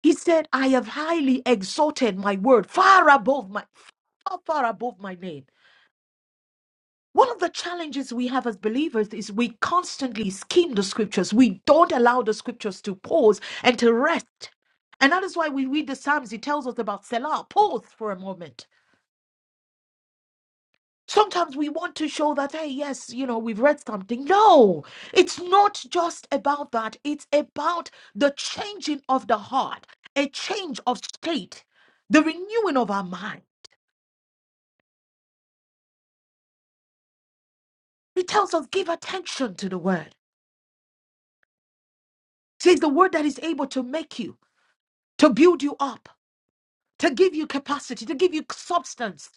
Speaker 5: He said, I have highly exalted my word far above my far, far above my name. One of the challenges we have as believers is we constantly skim the scriptures. We don't allow the scriptures to pause and to rest. And that is why we read the Psalms, it tells us about Selah, pause for a moment. Sometimes we want to show that, hey, yes, you know, we've read something. No, it's not just about that. It's about the changing of the heart, a change of state, the renewing of our mind. It tells us, give attention to the word. Says the word that is able to make you, to build you up to give you capacity, to give you substance.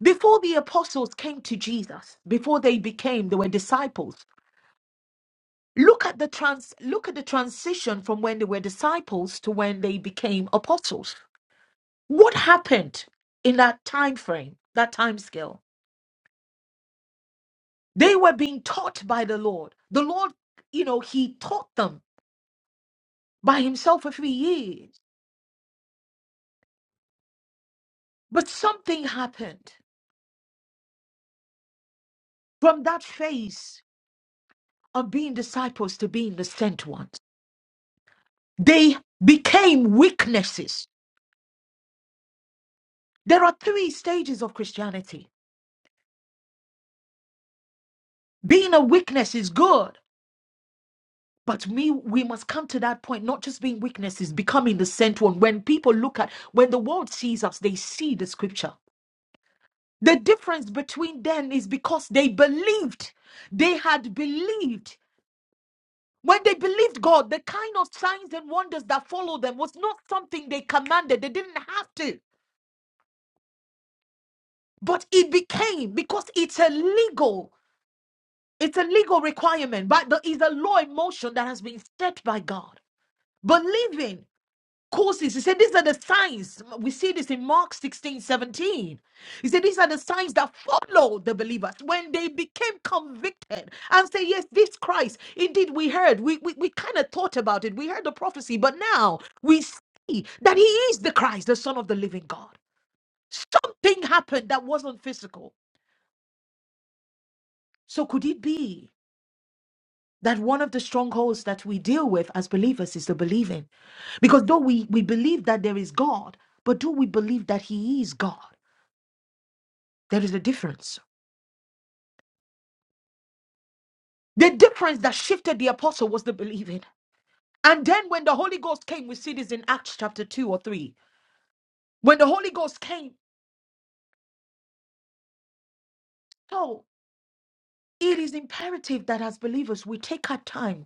Speaker 5: Before the apostles came to Jesus, before they became, they were disciples. Look at the trans look at the transition from when they were disciples to when they became apostles. What happened in that time frame, that time scale? They were being taught by the Lord. The Lord, you know, he taught them by himself for three years. But something happened from that phase of being disciples to being the sent ones. They became weaknesses. There are three stages of Christianity. Being a weakness is good, but we, we must come to that point, not just being weaknesses, becoming the sent one. When people look at, when the world sees us, they see the scripture. The difference between them is because they believed. They had believed. When they believed God, the kind of signs and wonders that followed them was not something they commanded. They didn't have to. But it became because it's illegal It's a legal requirement, but there is a law in motion that has been set by God. Believing causes, he said, these are the signs. We see this in Mark 16, 17. He said, these are the signs that follow the believers when they became convicted and say, yes, this Christ, indeed, we heard, we, we, we kind of thought about it, we heard the prophecy, but now we see that he is the Christ, the Son of the living God. Something happened that wasn't physical. So could it be? that one of the strongholds that we deal with as believers is the believing. Because though we, we believe that there is God, but do we believe that He is God? There is a difference. The difference that shifted the apostle was the believing. And then when the Holy Ghost came, we see this in Acts chapter 2 or 3. When the Holy Ghost came, so it is imperative that as believers we take our time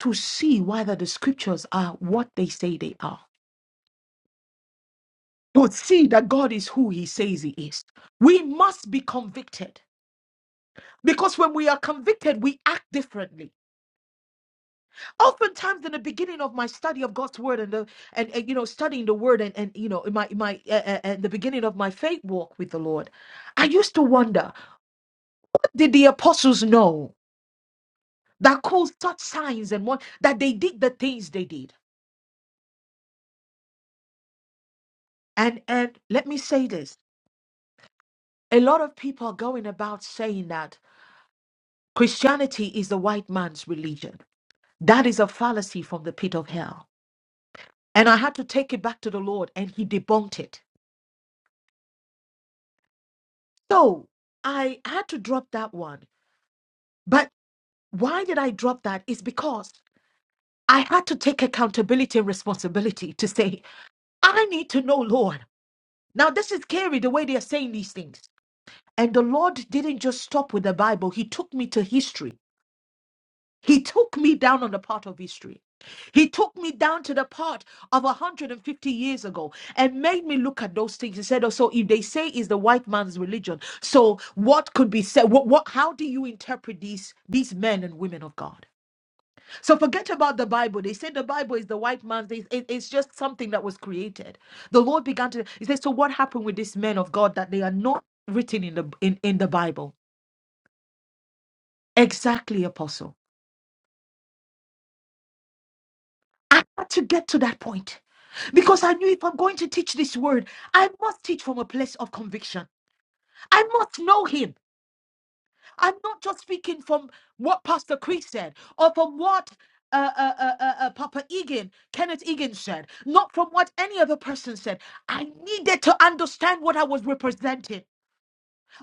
Speaker 5: to see whether the scriptures are what they say they are. To see that God is who He says He is. We must be convicted. Because when we are convicted, we act differently. Oftentimes, in the beginning of my study of God's word and the and, and, you know studying the word and and you know in my in my uh, uh, and the beginning of my faith walk with the Lord, I used to wonder what did the apostles know that caused such signs and what that they did the things they did. And and let me say this: a lot of people are going about saying that Christianity is the white man's religion. That is a fallacy from the pit of hell. And I had to take it back to the Lord, and He debunked it. So I had to drop that one. But why did I drop that? Is because I had to take accountability and responsibility to say, I need to know, Lord. Now, this is scary the way they are saying these things. And the Lord didn't just stop with the Bible, He took me to history. He took me down on the path of history. He took me down to the part of 150 years ago and made me look at those things. He said, "Oh, so if they say is the white man's religion, so what could be said? What, what, how do you interpret these, these men and women of God? So forget about the Bible. They say the Bible is the white man's, it- it- it's just something that was created. The Lord began to, he said, so what happened with these men of God that they are not written in the, in, in the Bible? Exactly, Apostle. I had to get to that point because I knew if I'm going to teach this word, I must teach from a place of conviction. I must know Him. I'm not just speaking from what Pastor Chris said or from what. Uh, uh, uh, uh, uh, Papa Egan, Kenneth Egan said, not from what any other person said. I needed to understand what I was representing.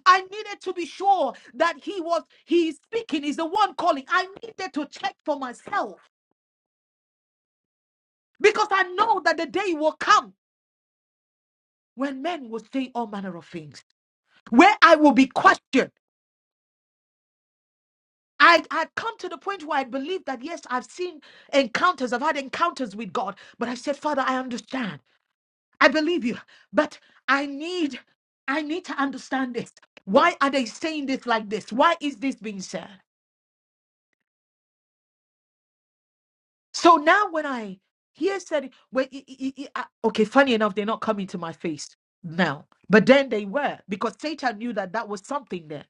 Speaker 5: I needed to be sure that he was, he is speaking, is the one calling. I needed to check for myself because I know that the day will come when men will say all manner of things, where I will be questioned. I had come to the point where I believed that, yes, I've seen encounters, I've had encounters with God, but I said, Father, I understand. I believe you, but I need, I need to understand this. Why are they saying this like this? Why is this being said? So now when I hear said, well, i- i- i- i- okay, funny enough, they're not coming to my face now, but then they were because Satan knew that that was something there.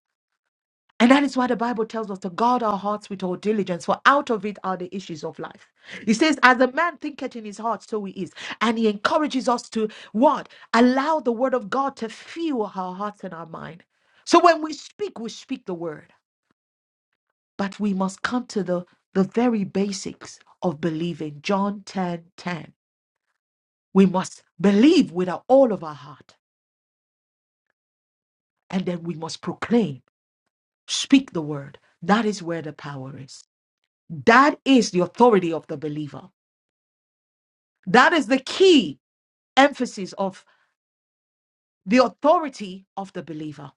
Speaker 5: And that is why the Bible tells us to guard our hearts with all diligence, for out of it are the issues of life. He says, As a man thinketh in his heart, so he is. And he encourages us to what? Allow the word of God to fuel our hearts and our mind. So when we speak, we speak the word. But we must come to the, the very basics of believing. John 10 10. We must believe with our- all of our heart. And then we must proclaim, speak the word. That is where the power is. That is the authority of the believer. That is the key emphasis of the authority of the believer.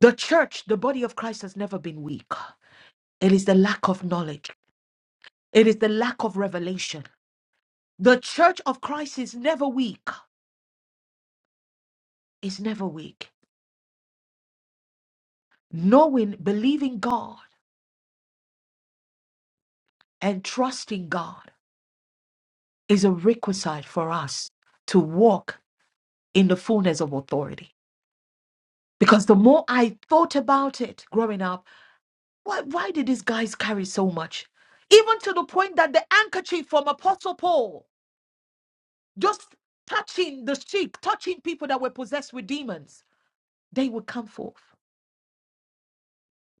Speaker 5: The church, the body of Christ, has never been weak. It is the lack of knowledge, it is the lack of revelation. The church of Christ is never weak, is never weak. Knowing, believing God, and trusting God is a requisite for us to walk in the fullness of authority. Because the more I thought about it growing up, Why, why did these guys carry so much? Even to the point that the handkerchief from Apostle Paul, just touching the sheep, touching people that were possessed with demons, they would come forth.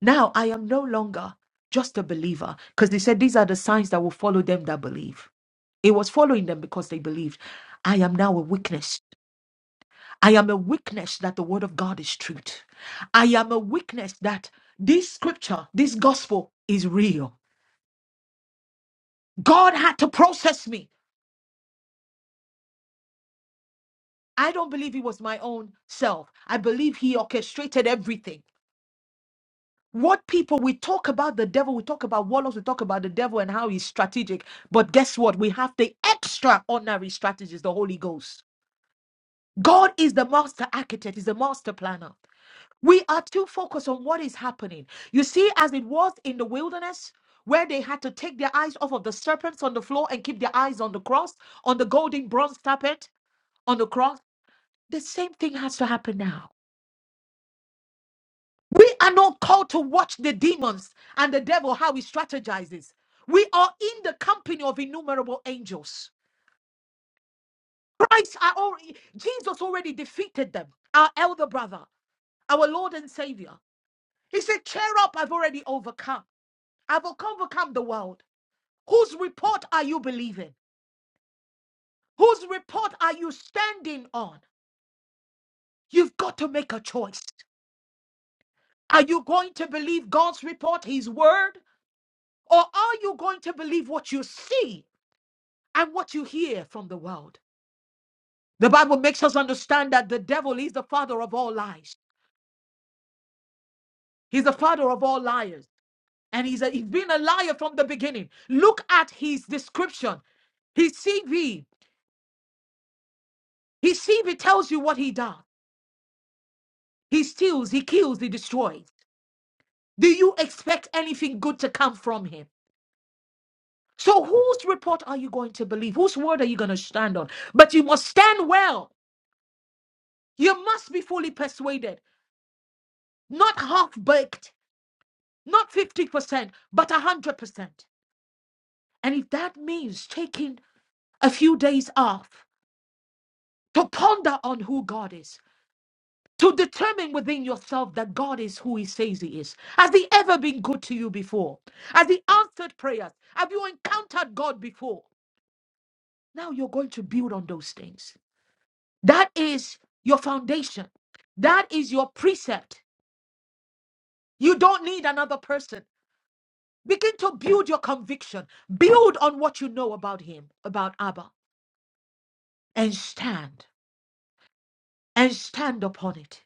Speaker 5: Now I am no longer just a believer because they said these are the signs that will follow them that believe. It was following them because they believed. I am now a witness. I am a witness that the word of God is truth. I am a witness that this scripture, this gospel is real. God had to process me I don't believe he was my own self. I believe he orchestrated everything. What people, we talk about the devil, we talk about warlocks, we talk about the devil and how he's strategic. But guess what? We have the extraordinary strategist, the Holy Ghost. God is the master architect, he's the master planner. We are too focused on what is happening. You see, as it was in the wilderness, where they had to take their eyes off of the serpents on the floor and keep their eyes on the cross, on the golden bronze serpent on the cross, the same thing has to happen now. We are not called to watch the demons and the devil how he strategizes. We are in the company of innumerable angels. Christ, are already, Jesus already defeated them, our elder brother, our Lord and Savior. He said, Cheer up, I've already overcome. I've overcome the world. Whose report are you believing? Whose report are you standing on? You've got to make a choice. Are you going to believe God's report, His word, or are you going to believe what you see and what you hear from the world. The Bible makes us understand that the devil is the father of all lies. He's the father of all liars. And he's, a, he's been a liar from the beginning. Look at his description. His CV. His CV tells you what he does. He steals, he kills, he destroys. Do you expect anything good to come from him? So, whose report are you going to believe? Whose word are you going to stand on? But you must stand well. You must be fully persuaded, not half baked. not 50%, but 100%. And if that means taking a few days off to ponder on who God is, to determine within yourself that God is who He says He is, has He ever been good to you before? Has He answered prayers? Have you encountered God before? Now you're going to build on those things. That is your foundation, that is your precept. You don't need another person. Begin to build your conviction. Build on what you know about him, about Abba. and stand and stand upon it.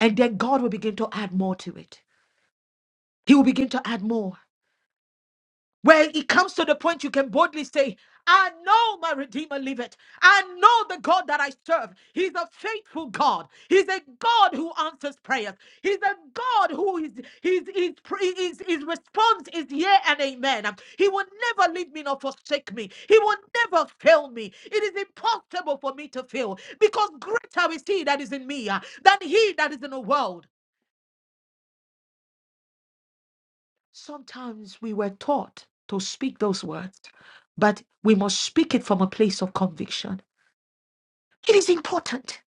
Speaker 5: And then God will begin to add more to it. He will begin to add more. Well, it comes to the point you can boldly say, I know my Redeemer liveth. I know the God that I serve. He's a faithful God. He's a God who answers prayers. He's a God who is his, his, his, his response is yeah and amen. He will never leave me nor forsake me. He will never fail me. It is impossible for me to fail because greater is he that is in me uh, than he that is in the world. Sometimes we were taught to speak those words, but we must speak it from a place of conviction. It is important.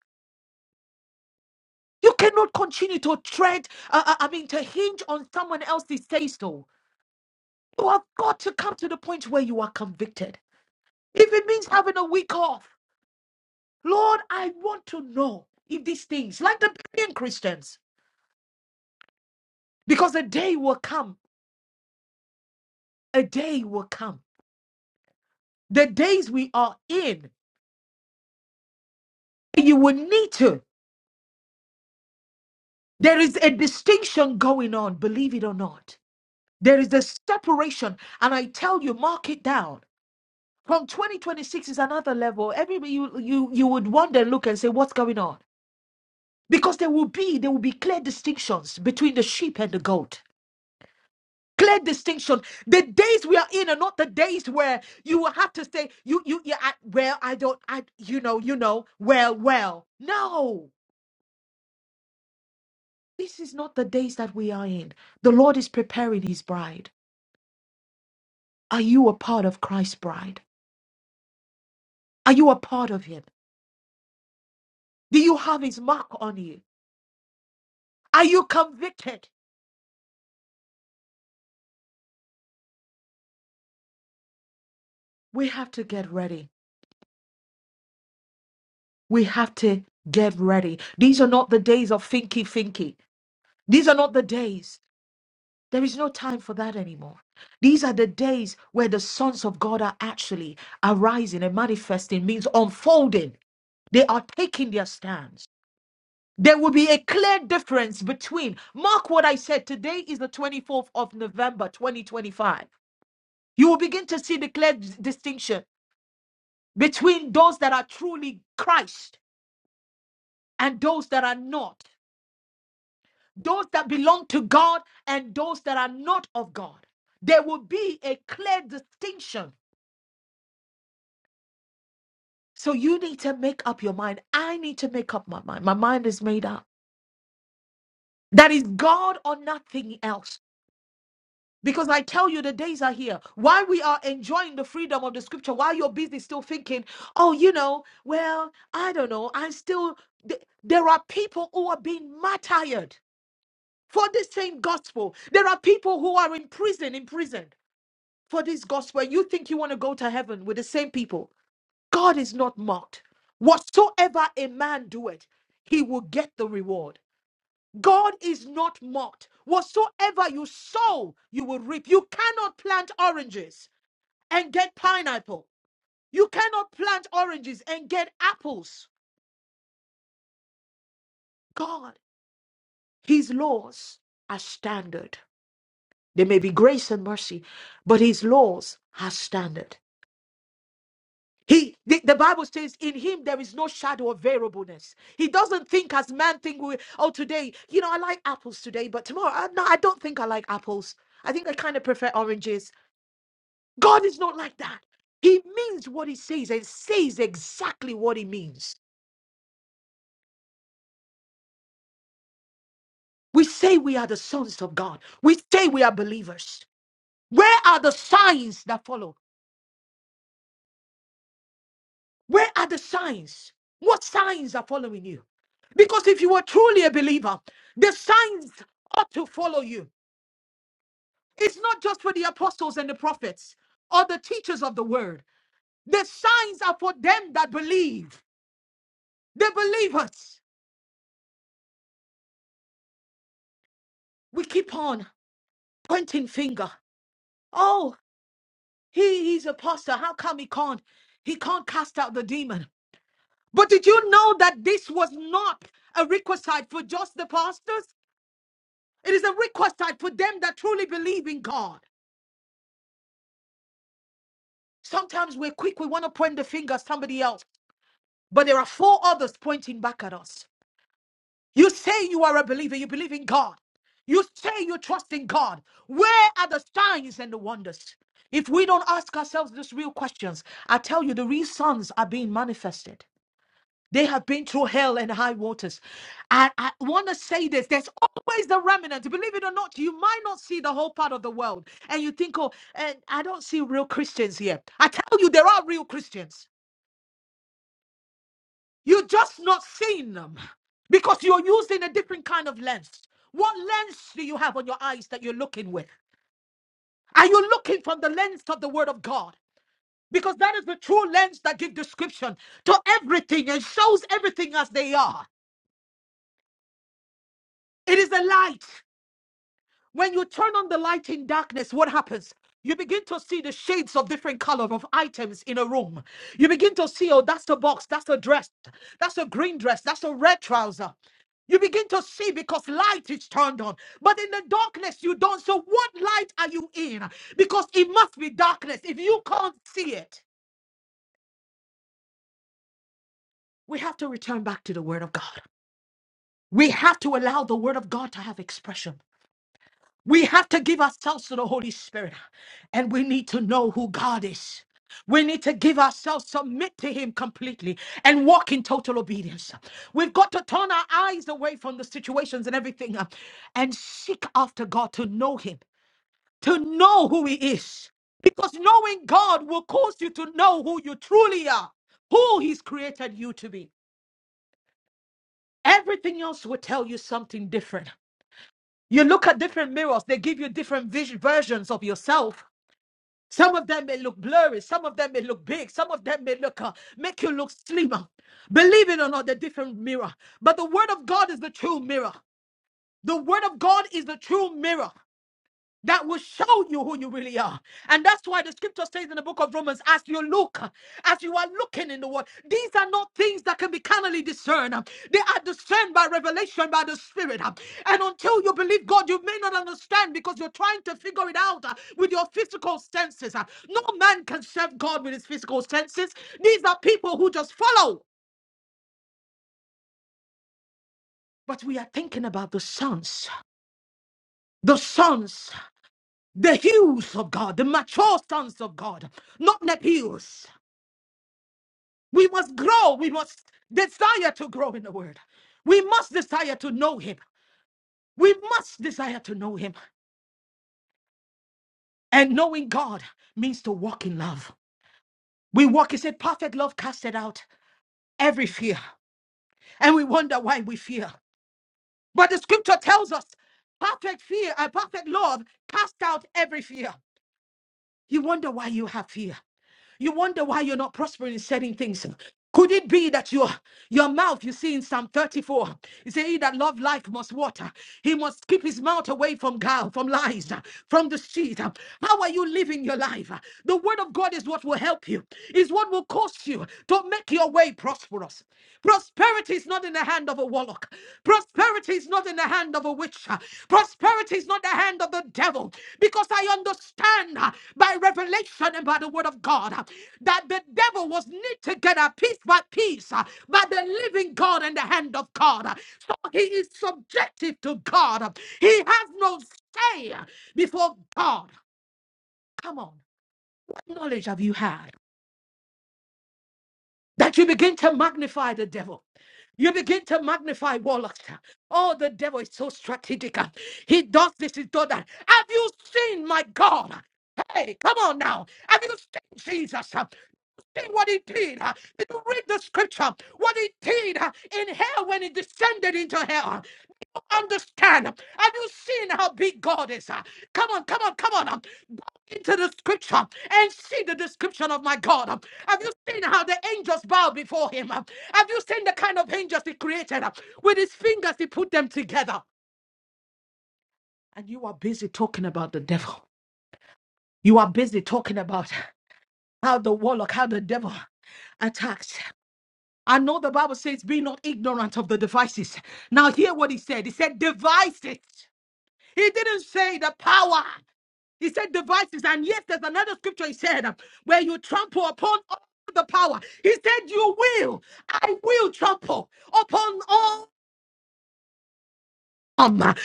Speaker 5: You cannot continue to tread, uh, uh, I mean, to hinge on someone else's say so. You have got to come to the point where you are convicted. If it means having a week off, Lord, I want to know if these things, like the Berean Christians, because a day will come, a day will come. The days we are in, you will need to. There is a distinction going on, believe it or not. There is a separation, and I tell you, mark it down. From 2026 is another level. Everybody, you you you would wonder, and look, and say, what's going on? Because there will be there will be clear distinctions between the sheep and the goat. Clear distinction. The days we are in are not the days where you will have to say, you you yeah, I, well, I don't, I you know, you know, well, well. No, this is not the days that we are in. The Lord is preparing His bride. Are you a part of Christ's bride? Are you a part of Him? Do you have His mark on you? Are you convicted? We have to get ready. We have to get ready. These are not the days of finky finky. These are not the days. There is no time for that anymore. These are the days where the sons of God are actually arising and manifesting, means unfolding. They are taking their stands. There will be a clear difference between, mark what I said, today is the 24th of November, 2025. You will begin to see the clear d- distinction between those that are truly Christ and those that are not, those that belong to God and those that are not of God. There will be a clear distinction. So you need to make up your mind. I need to make up my mind. My mind is made up. That is God or nothing else. Because I tell you, the days are here. While we are enjoying the freedom of the scripture, while you're busy still thinking, oh, you know, well, I don't know, I still, th- there are people who are being martyred for the same gospel. There are people who are in prison, in prison for this gospel. You think you want to go to heaven with the same people. God is not mocked. Whatsoever a man doeth, he will get the reward. God is not mocked. Whatsoever you sow, you will reap. You cannot plant oranges and get pineapple. You cannot plant oranges and get apples. God, His laws are standard. There may be grace and mercy, but His laws are standard. He, the, the Bible says, in him there is no shadow of variableness. He doesn't think as man think. We, oh, today, you know, I like apples today, but tomorrow, I, no, I don't think I like apples. I think I kind of prefer oranges. God is not like that. He means what he says and says exactly what he means. We say we are the sons of God. We say we are believers. Where are the signs that follow? Where are the signs? What signs are following you? Because if you were truly a believer, the signs ought to follow you. It's not just for the apostles and the prophets or the teachers of the word. The signs are for them that believe, the believers. We keep on pointing finger. Oh. He is apostle. How come he can't? He can't cast out the demon. But did you know that this was not a requisite for just the pastors? It is a requisite for them that truly believe in God. Sometimes we're quick, we want to point the finger at somebody else, but there are four others pointing back at us. You say you are a believer, you believe in God. You say you trust in God. Where are the signs and the wonders? If we don't ask ourselves these real questions, I tell you, the real sons are being manifested. They have been through hell and high waters. I, I want to say this there's always the remnant. Believe it or not, you might not see the whole part of the world. And you think, oh, and I don't see real Christians here. I tell you, there are real Christians. You're just not seeing them because you're using a different kind of lens. What lens do you have on your eyes that you're looking with? Are you looking from the lens of the Word of God? Because that is the true lens that gives description to everything and shows everything as they are. It is a light. When you turn on the light in darkness, what happens? You begin to see the shades of different color of items in a room. You begin to see, oh, that's a box, that's a dress, that's a green dress, that's a red trouser. You begin to see because light is turned on. But in the darkness, you don't. So, what light are you in? Because it must be darkness. If you can't see it, we have to return back to the Word of God. We have to allow the Word of God to have expression. We have to give ourselves to the Holy Spirit and we need to know who God is. We need to give ourselves, submit to Him completely, and walk in total obedience. We've got to turn our eyes away from the situations and everything uh, and seek after God to know Him, to know who He is. Because knowing God will cause you to know who you truly are, who He's created you to be. Everything else will tell you something different. You look at different mirrors, they give you different vis- versions of yourself Some of them may look blurry. Some of them may look big. Some of them may look uh, make you look slimmer. Believe it or not, they're different mirror. But the word of God is the true mirror. The word of God is the true mirror that will show you who you really are. And that's why the scripture says in the book of Romans, as you look, as you are looking in the world, these are not things that can be carnally discerned. They are discerned by revelation by the Spirit. And until you believe God, you may not understand because you're trying to figure it out uh, with your physical senses. uh. No man can serve God with his physical senses. These are people who just follow. But we are thinking about the sons, the sons, the hues of God, the mature sons of God, not Nepios. We must grow. We must desire to grow in the word. We must desire to know him. We must desire to know him. And knowing God means to walk in love. We walk, he said, perfect love casted out every fear. And we wonder why we fear. But the scripture tells us perfect fear and perfect love cast out every fear. You wonder why you have fear. You wonder why you're not prospering in certain things. Could it be that your your mouth, you see in Psalm 34, you say he that love life must water. He must keep his mouth away from guile, from lies, uh, from deceit. uh. How are you living your life? uh? The word of God is what will help you, is what will cause you to make your way prosperous. Prosperity is not in the hand of a warlock. Prosperity is not in the hand of a witch. Prosperity is not the hand of the devil. Because I understand uh, by revelation and by the word of God uh, that the devil was knit together piece by piece uh, by the living God and the hand of God. uh. So he is subjective to God. uh. He has no say uh, before God. Come on. What knowledge have you had? that you begin to magnify the devil. You begin to magnify warlocks. Oh, the devil is so strategic. He does this, he does that. Have you seen my God? Hey, come on now. Have you seen Jesus? See what he did. Did you read the scripture? What he did in hell when he descended into hell. You understand? Have you seen how big God is? Uh, Come on, come on, come on. um, Go into the scripture and see the description of my God. um. Have you seen how the angels bow before him? um? Have you seen the kind of angels he created? um? With his fingers, he put them together. And you are busy talking about the devil. You are busy talking about how the warlock, how the devil attacks. I know the Bible says, be not ignorant of the devices. Now, hear what he said. He said, devices. He didn't say the power. He said devices. And yes, there's another scripture he said um, where you trample upon all the power. He said, You will, I will trample upon all. um, Not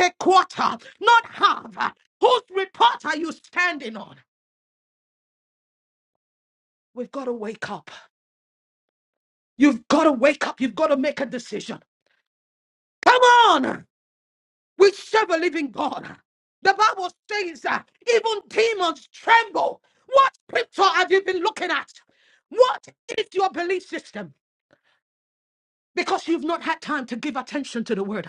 Speaker 5: a quarter, not half. Uh, Whose report are you standing on? We've got to wake up. You've got to wake up. You've got to make a decision. Come on. We serve a living God. The Bible says that even demons tremble. What scripture have you been looking at? What is your belief system? because you've not had time to give attention to the word.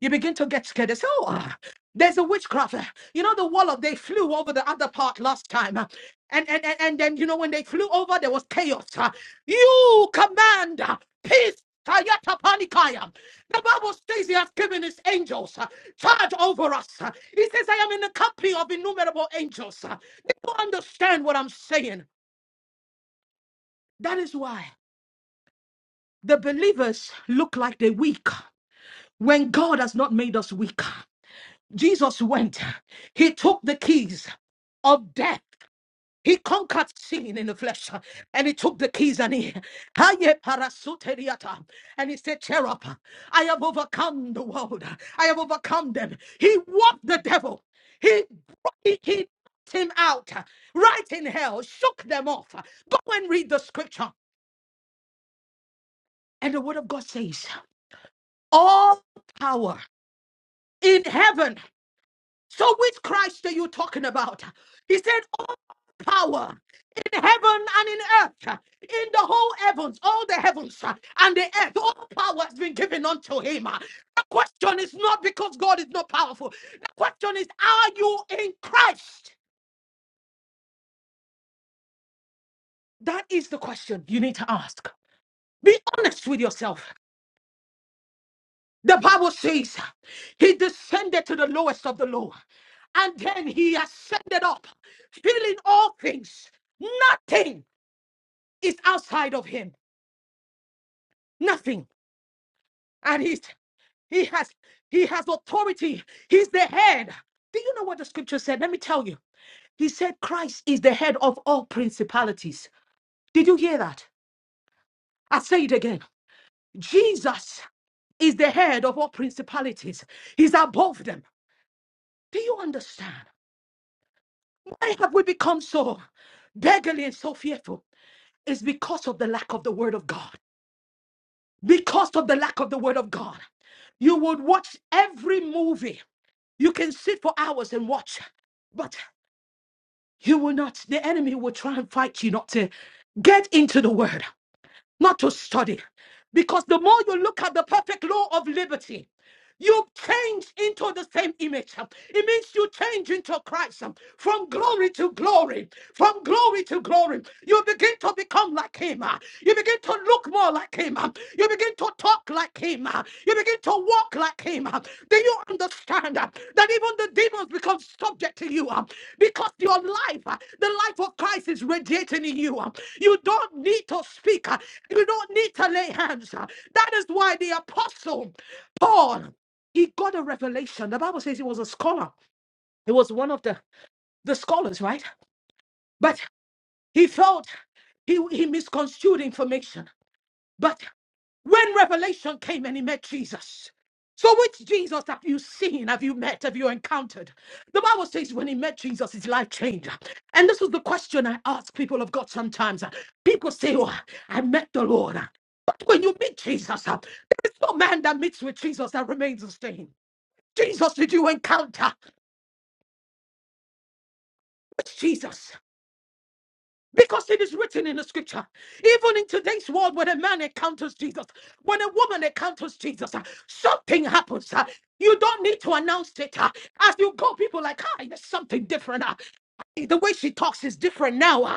Speaker 5: You begin to get scared. They say, oh, ah, there's a witchcraft. Ah, You know, the wall of they flew over the other part last time. ah, And, and, and, and then, you know, when they flew over, there was chaos. ah. You command ah, peace. Tayata panikaya. The Bible says he has given his angels ah, charge over us. ah. He says, I am in the company of innumerable angels. ah. They don't understand what I'm saying. That is why the believers look like they're weak when God has not made us weaker. Jesus went, he took the keys of death. He conquered sin in the flesh and he took the keys and he Haye parasuteriata. and he said, Cherub, I have overcome the world. I have overcome them. He walked the devil. He he, he knocked him out right in hell, shook them off. Go and read the scripture. And the word of God says, All power in heaven So which Christ are you talking about? He said, All power in heaven and in earth, in the whole heavens, all the heavens uh, and the earth, all power has been given unto him. Uh, The question is not because God is not powerful. The question is, are you in Christ? That is the question you need to ask. Be honest with yourself. The Bible says he descended to the lowest of the low, and then he ascended up, filling all things. Nothing is outside of him. Nothing. And he's he has he has authority. He's the head. Do you know what the scripture said? Let me tell you. He said Christ is the head of all principalities. Did you hear that? I say it again. Jesus is the head of all principalities. He's above them. Do you understand? Why have we become so beggarly and so fearful? It's because of the lack of the word of God. because of the lack of the word of God. You would watch every movie. You can sit for hours and watch, but you will not, the enemy will try and fight you not to get into the word not to study. Because the more you look at the perfect law of liberty, you change into the same image. It means you change into Christ from glory to glory, from glory to glory. You begin to become like Him. You begin to look more like Him. You begin to talk like Him. You begin to walk like Him. Then you understand that even the demons become subject to you because your life, the life of Christ, is radiating in you. You don't need to speak. You don't need to lay hands. That is why the apostle Paul, he got a revelation. The Bible says he was a scholar. He was one of the, the scholars, right? But he felt he, he misconstrued information. But. When revelation came and he met Jesus. So which Jesus have you seen? Have you met? Have you encountered? The Bible says when he met Jesus, his life changed. And this is the question I ask people of God sometimes. People say, Oh, I met the Lord. But when you meet Jesus, there is no man that meets with Jesus that remains the same. Jesus, did you encounter? Which Jesus? Because it is written in the scripture, even in today's world, when a man encounters Jesus, when a woman encounters Jesus, uh, something happens. uh, You don't need to announce it. uh, As you go, people are like, ah, there's something different. uh, The way she talks is different now. uh,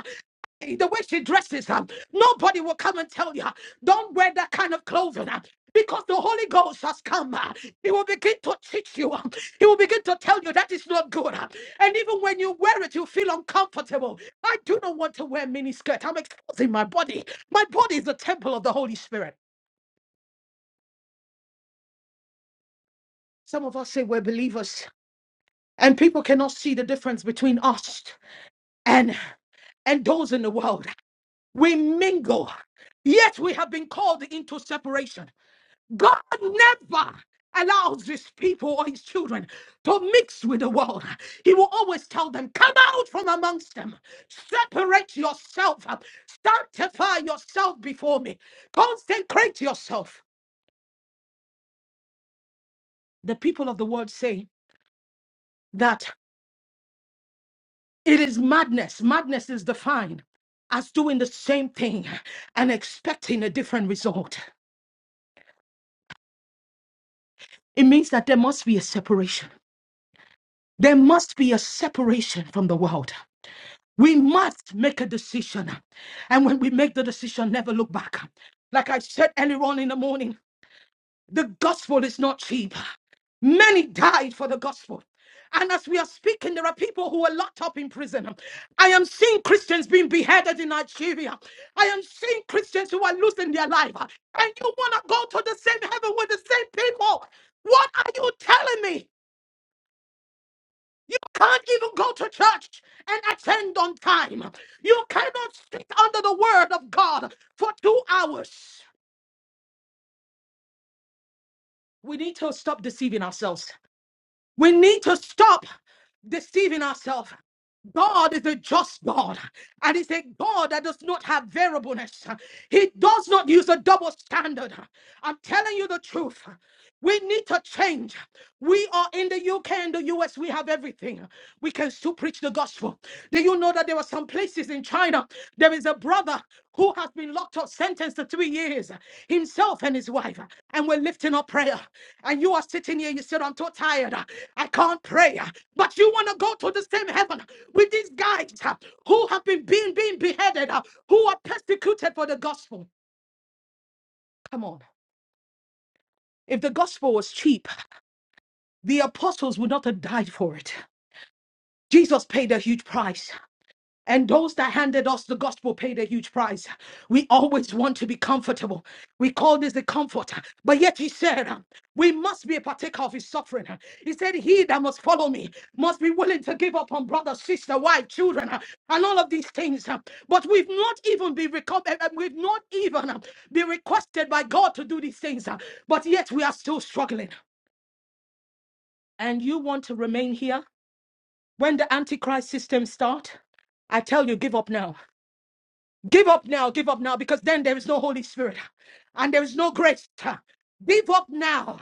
Speaker 5: Hey, the way she dresses, um, nobody will come and tell you, uh, don't wear that kind of clothing. uh, because the Holy Ghost has come, uh, He will begin to teach you. uh, He will begin to tell you that is not good. uh, And even when you wear it, you feel uncomfortable. I do not want to wear mini skirt. I'm exposing my body. My body is the temple of the Holy Spirit. Some of us say we're believers, and people cannot see the difference between us and and those in the world. We mingle, yet we have been called into separation. God never allows his people or his children to mix with the world. He will always tell them, Come out from amongst them, separate yourself, sanctify yourself before me, consecrate yourself. The people of the world say that it is madness. Madness is defined as doing the same thing and expecting a different result. It means that there must be a separation. There must be a separation from the world. We must make a decision. And when we make the decision, never look back. Like I said earlier on in the morning, the gospel is not cheap. Many died for the gospel. And as we are speaking, there are people who are locked up in prison. I am seeing Christians being beheaded in Nigeria. I am seeing Christians who are losing their life. And you want to go to the same heaven with the same people. What are you telling me? You can't even go to church and attend on time. You cannot sit under the word of God for two hours. We need to stop deceiving ourselves. We need to stop deceiving ourselves. God is a just God, and He's a God that does not have variableness. He does not use a double standard. I'm telling you the truth. We need to change. We are in the UK and the US. We have everything. We can still preach the gospel. Do you know that there are some places in China? There is a brother who has been locked up, sentenced to three years, himself and his wife. And we're lifting up prayer. And you are sitting here, you said, I'm too tired. I can't pray. But you want to go to the same heaven with these guys uh, who have been being, being beheaded, uh, who are persecuted for the gospel. Come on. If the gospel was cheap, the apostles would not have died for it. Jesus paid a huge price. And those that handed us the gospel paid a huge price. We always want to be comfortable. We call this the comfort. But yet he said, uh, We must be a partaker of his suffering. Uh, He said, He that must follow me must be willing to give up on brother, sister, wife, children, uh, and all of these things. uh, But we've not even been reco- uh, uh, we've not even uh, been requested by God to do these things. uh, But yet we are still struggling. And you want to remain here when the antichrist system start? I tell you, give up now Give up now, give up now, because then there is no Holy Spirit and there is no grace. Give up now.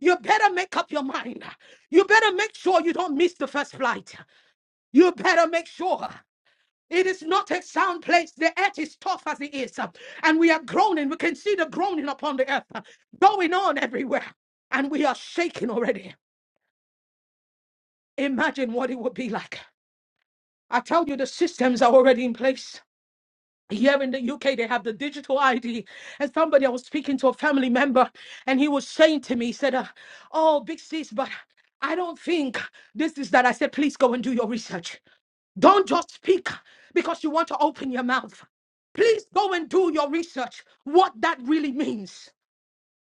Speaker 5: You better make up your mind. You better make sure you don't miss the first flight. You better make sure. It is not a sound place. The earth is tough as it is. And we are groaning. We can see the groaning upon the earth going on everywhere. And we are shaking already. Imagine what it would be like. I tell you, the systems are already in place. here in the UK, they have the digital ID. And somebody, I was speaking to a family member, and he was saying to me, he said, uh, Oh, big sis, but I don't think this is that. I said, Please go and do your research. Don't just speak because you want to open your mouth. Please go and do your research, what that really means.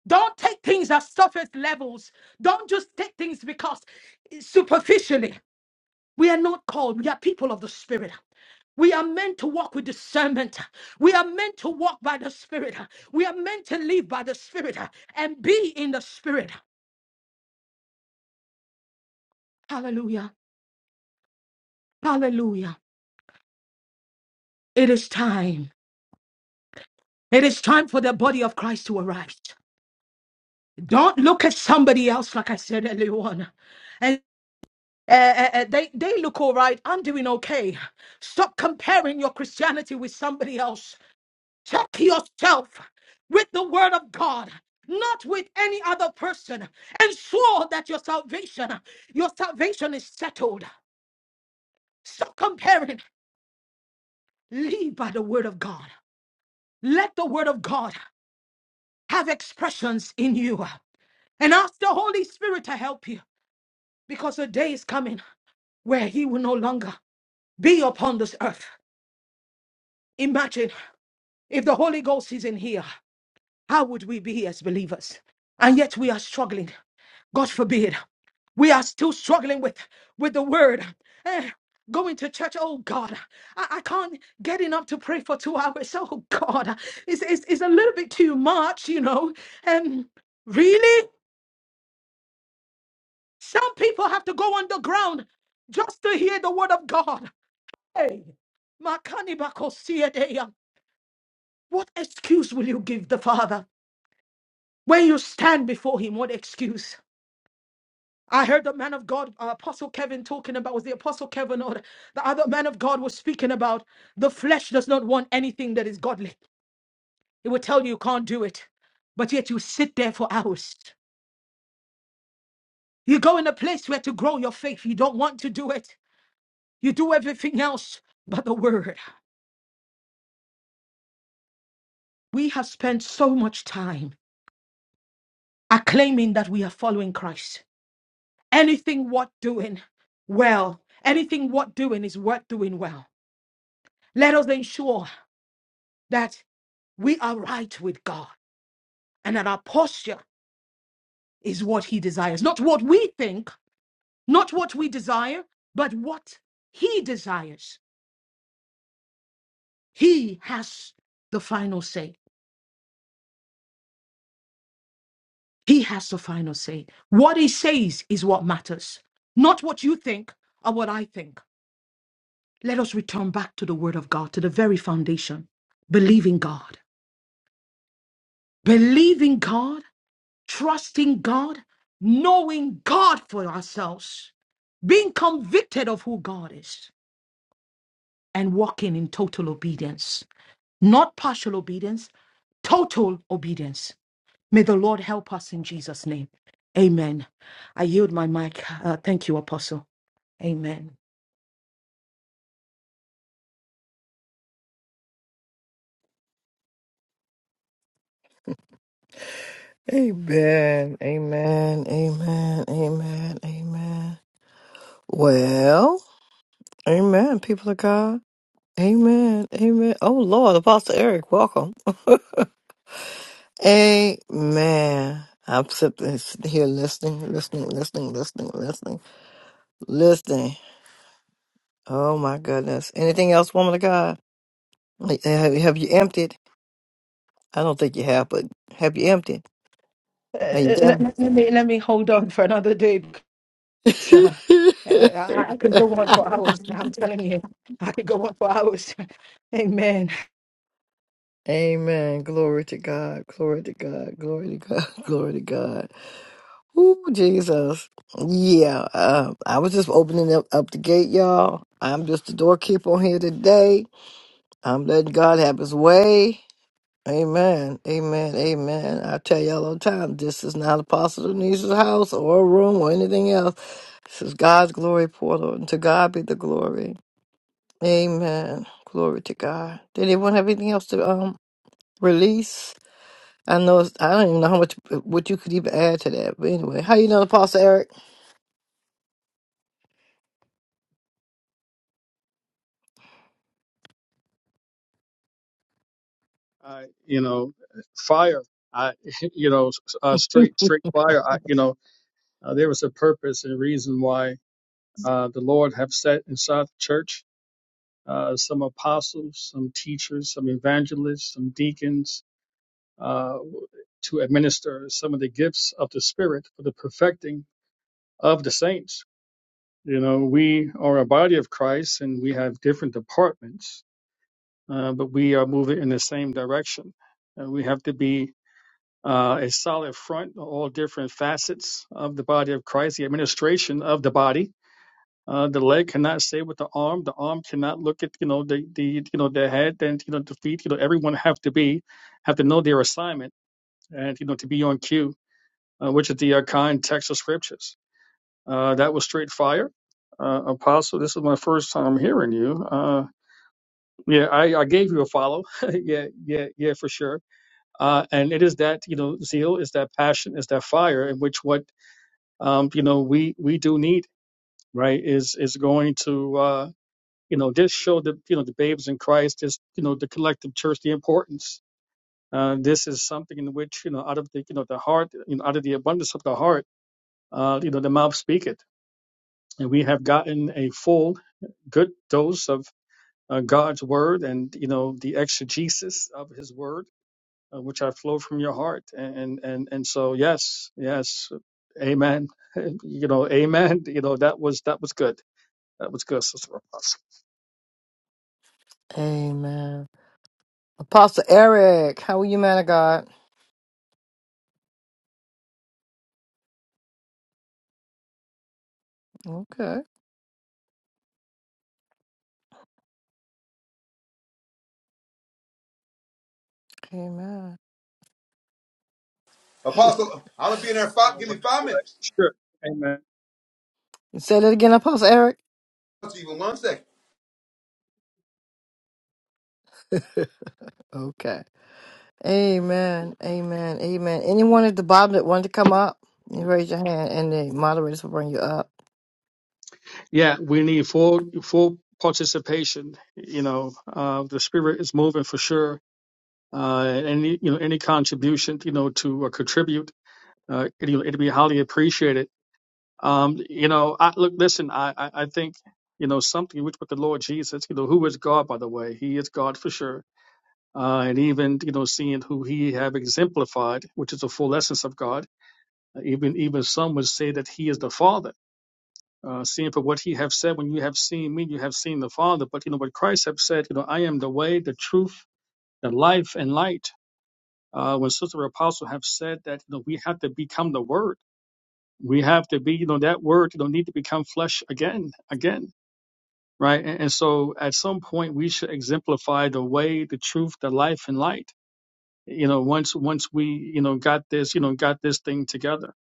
Speaker 5: Don't take things at surface levels. Don't just take things because superficially. We are not called, we are people of the Spirit. We are meant to walk with discernment. We are meant to walk by the Spirit. We are meant to live by the Spirit and be in the Spirit. Hallelujah. Hallelujah. It is time. It is time for the body of Christ to arise. Don't look at somebody else, like I said earlier on. And uh, uh, uh, they, they look all right. I'm doing okay. Stop comparing your Christianity with somebody else. Check yourself with the word of God, not with any other person. Ensure that your salvation, your salvation is settled. Stop comparing. Live by the word of God. Let the word of God have expressions in you. And ask the Holy Spirit to help you. Because a day is coming where he will no longer be upon this earth. Imagine if the Holy Ghost is in here, how would we be as believers? And yet we are struggling. God forbid. we are still struggling with with the word Eh, going to church oh god I, I can't get enough to pray for two hours oh god it's, it's, it's a little bit too much you know um really some people have to go underground just to hear the word of god hey Makanibakosiedea. what excuse will you give the father when you stand before him what excuse I heard the man of God, uh, Apostle Kevin, talking about was the Apostle Kevin or the the other man of God was speaking about the flesh does not want anything that is godly. It will tell you you can't do it, but yet you sit there for hours. You go in a place where to grow your faith, you don't want to do it. You do everything else but the word. We have spent so much time acclaiming that we are following Christ. Anything worth doing well, anything worth doing is worth doing well. Let us ensure that. we are right with God and that our posture is what He desires. Not what we think, not what we desire, but what He desires. He has the final say. He has the final say. What He says is what matters, not what you think or what I think. Let us return back to the Word of God, to the very foundation. Believing God. believing God, trusting God, knowing God for ourselves, being convicted of who God is and walking in total obedience, not partial obedience, total obedience. May the Lord help us in Jesus' name. Amen. I yield my mic. Uh, thank you, Apostle. Amen.
Speaker 1: Amen. Amen. Amen. Amen. Amen. Well, amen, people of God. Amen. Amen. Oh, Lord, Apostle Eric, welcome. Amen. I'm sitting here listening, listening, listening, listening, listening, listening. Oh my goodness. Anything else, woman of God? Like, Have, have you emptied? I don't think you have, but have you emptied?
Speaker 5: Uh,
Speaker 1: Are you done?
Speaker 5: let, let me let me hold on for another day because uh, uh, I, I could go on for hours. I'm telling you, I could go on for hours. Amen.
Speaker 1: Amen. Glory to God. Glory to God. Glory to God. Glory to God. Ooh, Jesus. Yeah. Uh, I was just opening up, up the gate, y'all. I'm just the doorkeeper on here today. I'm letting God have his way. Amen. Amen. Amen. I tell y'all all the time, this is not Apostle Denise's house or a room or anything else. This is God's glory portal, and to God be the glory. Amen. Glory to God. Did anyone have anything else to um release? I know it's, I don't even know how much what you could even add to that. But anyway, how you know Apostle Eric?
Speaker 9: uh, you know, fire, I, you know, s- uh, straight, straight fire. I, you know, uh, there was a purpose and reason why uh, the Lord have set inside the church uh, some apostles, some teachers, some evangelists, some deacons uh, to administer some of the gifts of the Spirit for the perfecting of the saints. You know, we are a body of Christ and we have different departments, uh, but we are moving in the same direction. Uh, we have to be uh, a solid front, all different facets of the body of Christ, the administration of the body. Uh, the leg cannot say with the arm. The arm cannot look at you know the the you know the head and you know the feet. You know everyone have to be have to know their assignment and you know to be on cue, uh, which is the uh, context of scriptures. Uh, that was straight fire, uh, Apostle. This is my first time hearing you. Uh, yeah, I, I gave you a follow. yeah, yeah, yeah, for sure uh, and it is that you know zeal is that passion is that fire in which what um, you know we we do need right is is going to uh, you know just show the you know the babes in Christ just you know the collective church the importance uh, this is something in which you know out of the you know the heart you know out of the abundance of the heart uh, you know the mouth speaketh and we have gotten a full good dose of uh, God's word and you know the exegesis of His word uh, which I flow from your heart. And, and, and so, yes, yes, amen. You know, amen. You know, that was, that was good. That was good, Sister Apostle.
Speaker 1: Amen. Apostle Eric, how are you, man of God? Okay. Amen.
Speaker 16: Apostle, I'm gonna be in there.
Speaker 9: Now,
Speaker 16: Five, give me
Speaker 9: what,
Speaker 16: five minutes.
Speaker 9: sure. Amen.
Speaker 1: Say that again, Apostle Eric.
Speaker 16: Even one second.
Speaker 1: Okay. Amen. Amen. Amen. Anyone at the bottom that wanted to come up, you raise your hand and the moderators will bring you up.
Speaker 9: Yeah, we need full, full participation. You know, uh, the spirit is moving for sure. Uh, and any, you know, any contribution, you know, to uh, contribute, uh, it, you know, it'd be highly appreciated Um, you know, I, look, listen, I, I, I think, you know, something which with the Lord Jesus, you know, who is God, by the way, he is God for sure. Uh, and even, you know, seeing who he have exemplified, which is the full essence of God, uh, even, even some would say that he is the Father. Uh, seeing for what he have said, when you have seen me, you have seen the Father. But, you know, what Christ have said, you know, I am the way, the truth, the life and light. Uh, when Sister Apostle have said that, you know, we have to become the Word we have to be, you know, that word, you know, need to become flesh again, again. right? And, and so at some point we should exemplify the way, the truth, the life, and light. You know, once once we you know got this you know got this thing together.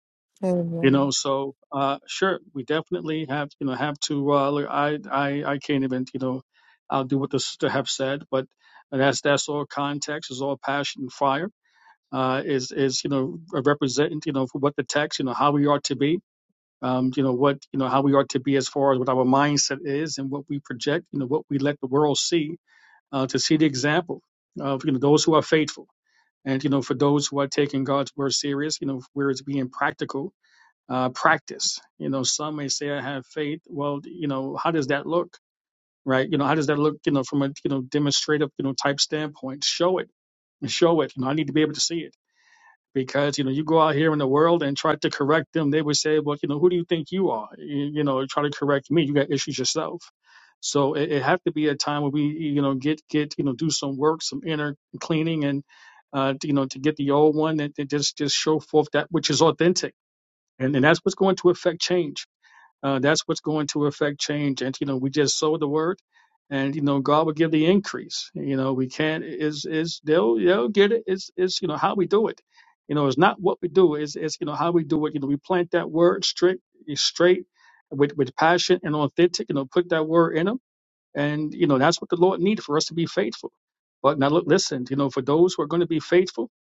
Speaker 9: You know, so uh, sure, we definitely have you know have to. Uh, look, I I I can't even you know I'll do what the sister have said, but that's that's all context, is all passion and fire. Uh, is is you know representing you know for what the text you know how we are to be um, you know what you know how we are to be as far as what our mindset is and what we project you know what we let the world see uh, to see the example of you know those who are faithful and you know for those who are taking god's word serious you know where it's being practical uh, practice you know some may say i have faith well you know how does that look right you know how does that look you know from a you know demonstrative you know type standpoint show it and show it you know i need to be able to see it because you know you go out here in the world and try to correct them they would say well you know who do you think you are you, you know try to correct me you got issues yourself so it, it have to be a time where we you know get get you know do some work some inner cleaning and uh to, you know to get the old one that and just just show forth that which is authentic and, and that's what's going to affect change uh, that's what's going to affect change. And you know, we just sow the word, and you know, God will give the increase. You know, we can't is is they'll they'll get it. It's it's you know how we do it. You know, it's not what we do. It's it's you know how we do it. You know, we plant that word straight straight with with passion and authentic. You know, put that word in them, and you know that's what the Lord needed for us to be faithful. But now look, listen. You know, for those who are going to be faithful,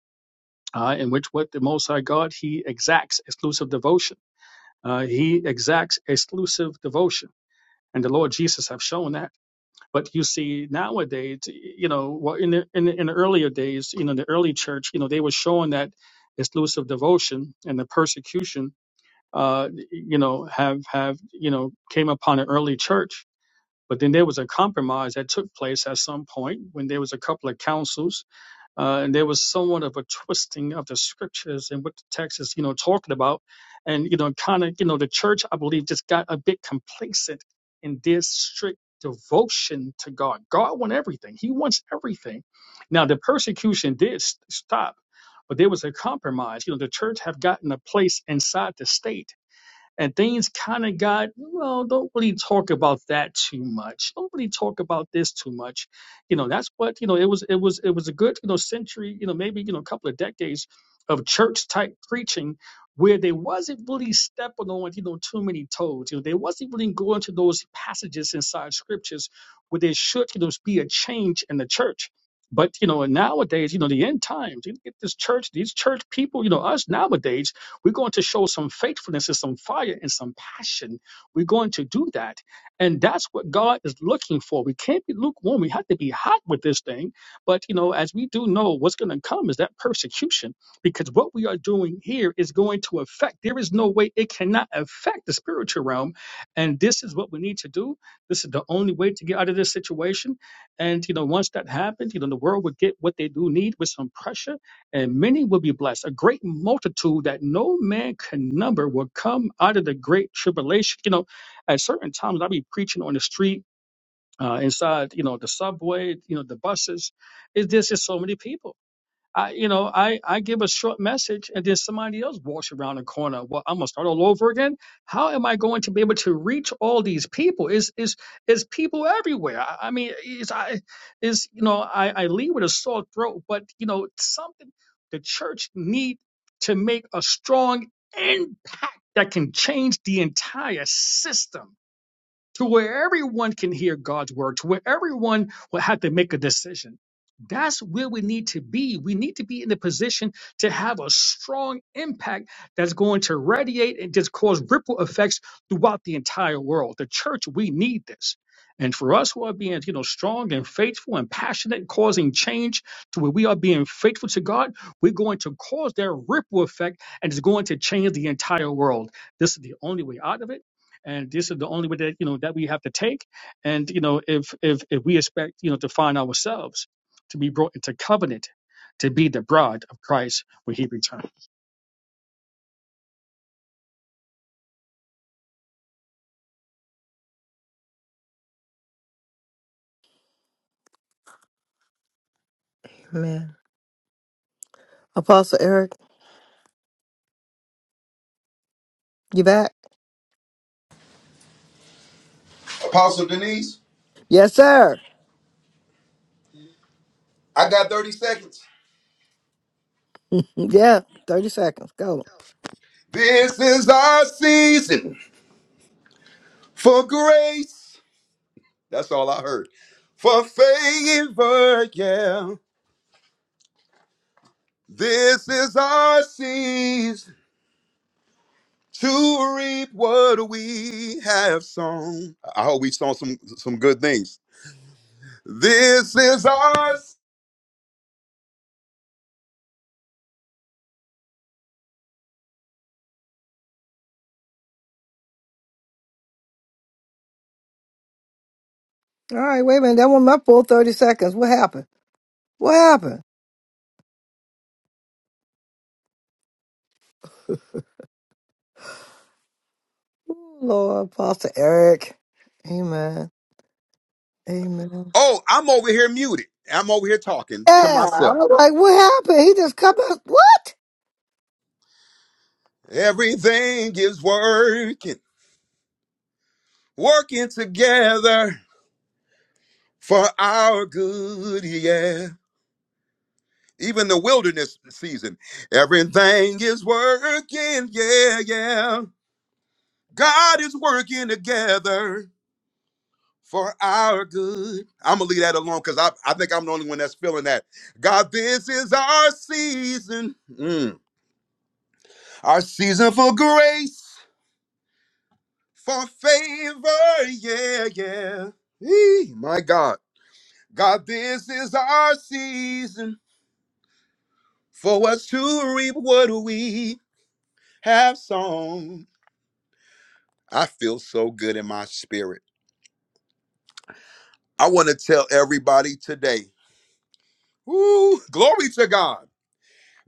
Speaker 9: uh, in which what the Most High God He exacts exclusive devotion. Uh, he exacts exclusive devotion and the Lord Jesus have shown that. But you see nowadays, you know, well, in the, in the in the earlier days, you know, the early church, you know, they were showing that exclusive devotion and the persecution, uh, you know, have have you know came upon an early church. But then there was a compromise that took place at some point when there was a couple of councils uh, and there was somewhat of a twisting of the scriptures and what the text is, you know, talking about. And, you know, kind of, you know, the church, I believe, just got a bit complacent in this strict devotion to God. God wants everything, He wants everything. Now, the persecution did s- stop, but there was a compromise. You know, the church have gotten a place inside the state and things kind of got well don't really talk about that too much don't really talk about this too much you know that's what you know it was it was it was a good you know century you know maybe you know a couple of decades of church type preaching where they wasn't really stepping on you know too many toes you know they wasn't really going to those passages inside scriptures where there should you know be a change in the church but you know nowadays you know the end times you get this church these church people you know us nowadays we're going to show some faithfulness and some fire and some passion. We're going to do that. And that's what God is looking for. We can't be lukewarm. We have to be hot with this thing. But, you know, as we do know, what's going to come is that persecution because what we are doing here is going to affect. There is no way it cannot affect the spiritual realm. And this is what we need to do. This is the only way to get out of this situation. And, you know, once that happens, you know, the world would get what they do need with some pressure and many will be blessed. A great multitude that no man can number will come out of the great tribulation. You know, at certain times I'll be preaching on the street, uh, inside, you know, the subway, you know, the buses. It's, there's just so many people. I, you know, I, I give a short message and then somebody else walks around the corner. Well, I'm gonna start all over again. How am I going to be able to reach all these people? Is is is people everywhere? I, I mean, is I is you know, I, I leave with a sore throat, but you know, something the church need to make a strong impact that can change the entire system to where everyone can hear God's word, to where everyone will have to make a decision. That's where we need to be. We need to be in the position to have a strong impact that's going to radiate and just cause ripple effects throughout the entire world. The church, we need this. And for us who are being, you know, strong and faithful and passionate, and causing change to where we are being faithful to God, we're going to cause that ripple effect and it's going to change the entire world. This is the only way out of it and this is the only way that you know that we have to take and you know if if if we expect you know to find ourselves to be brought into covenant to be the bride of christ when he returns
Speaker 1: Amen. Apostle Eric, you back?
Speaker 16: Apostle Denise,
Speaker 1: Yes, sir.
Speaker 16: I got 30 seconds.
Speaker 1: yeah. 30 seconds. Go.
Speaker 16: This is our season for grace. That's all I heard. For favor, yeah. This is our season to reap what we have sown. I hope we sown some some good things. This is our.
Speaker 1: All right, wait a minute. That wasn't my full 30 seconds. What happened? What happened? Ooh, Lord, Pastor Eric. Amen. Amen.
Speaker 16: Oh, I'm over here muted. I'm over here talking to
Speaker 1: Yeah.
Speaker 16: myself.
Speaker 1: I was like, what happened? He just come out. What?
Speaker 16: Everything is working, working together for our good, yeah. Even the wilderness season, everything is working, yeah, yeah. God is working together for our good. I'm gonna leave that alone because I, I think I'm the only one that's feeling that. God, this is our season, Mm. our season for grace, for favor, yeah, yeah. Eee, my God. God, this is our season for us to reap what we have sown. I feel so good in my spirit. I want to tell everybody today, woo, glory to God,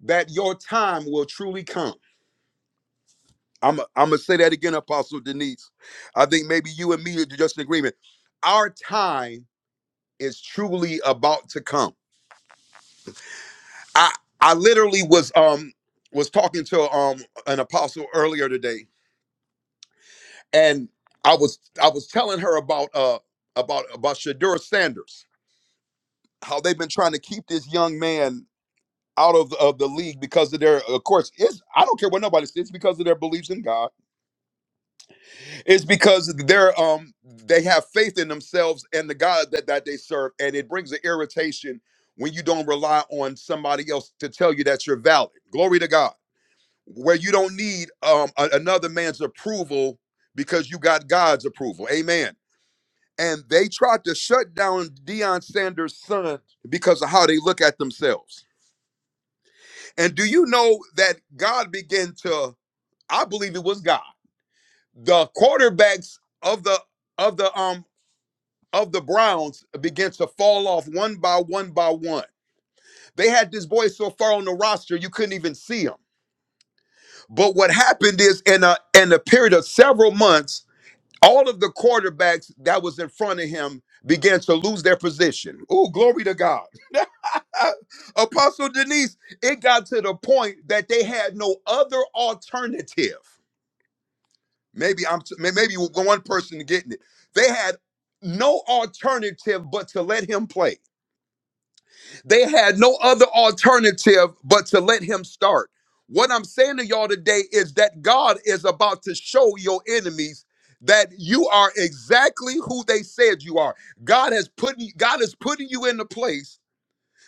Speaker 16: that your time will truly come. I'm, I'm going to say that again, Apostle Denise. I think maybe you and me are just in agreement. Our time is truly about to come. I, I literally was um was talking to um an apostle earlier today and I was I was telling her about uh about about Shadur Sanders, how they've been trying to keep this young man out of of the league because of their of course it's I don't care what nobody says it's because of their beliefs in God. It's because they're um they have faith in themselves and the God that that they serve, and it brings an irritation when you don't rely on somebody else to tell you that you're valid. Glory to God. Where you don't need um a- another man's approval because you got God's approval. Amen and they tried to shut down Deion Sanders' son because of how they look at themselves. And do you know that God began to, I believe it was God, the quarterbacks of the of the um of the Browns began to fall off one by one by one. They had this boy so far on the roster you couldn't even see him. But what happened is in a in a period of several months, all of the quarterbacks that was in front of him began to lose their position. Oh, glory to God Apostle Denise, it got to the point that they had no other alternative. Maybe I'm maybe one person getting it. They had no alternative but to let him play. They had no other alternative but to let him start. What I'm saying to y'all today is that God is about to show your enemies that you are exactly who they said you are. God has put God is putting you in the place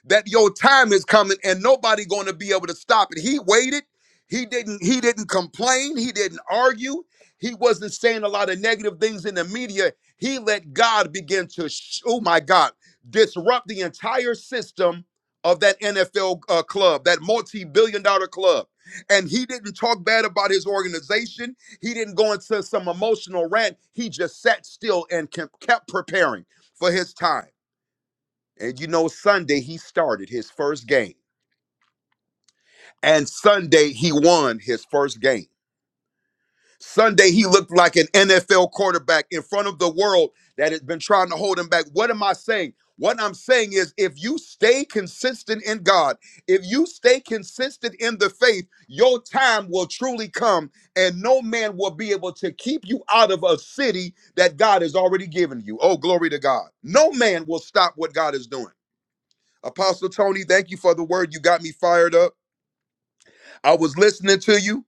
Speaker 16: that your time is coming and nobody going to be able to stop it. He waited. He didn't he didn't complain, he didn't argue. He wasn't saying a lot of negative things in the media. He let God begin to sh- oh my God, disrupt the entire system of that NFL uh, club, that multi-billion dollar club. And he didn't talk bad about his organization. He didn't go into some emotional rant. He just sat still and kept kept preparing for his time. And you know, Sunday he started his first game. And Sunday he won his first game. Sunday he looked like an NFL quarterback in front of the world that has been trying to hold him back. What am I saying? What I'm saying is if you stay consistent in God, if you stay consistent in the faith, your time will truly come and no man will be able to keep you out of a city that God has already given you. Oh, glory to God. No man will stop what God is doing. Apostle Tony, thank you for the word. You got me fired up. I was listening to you.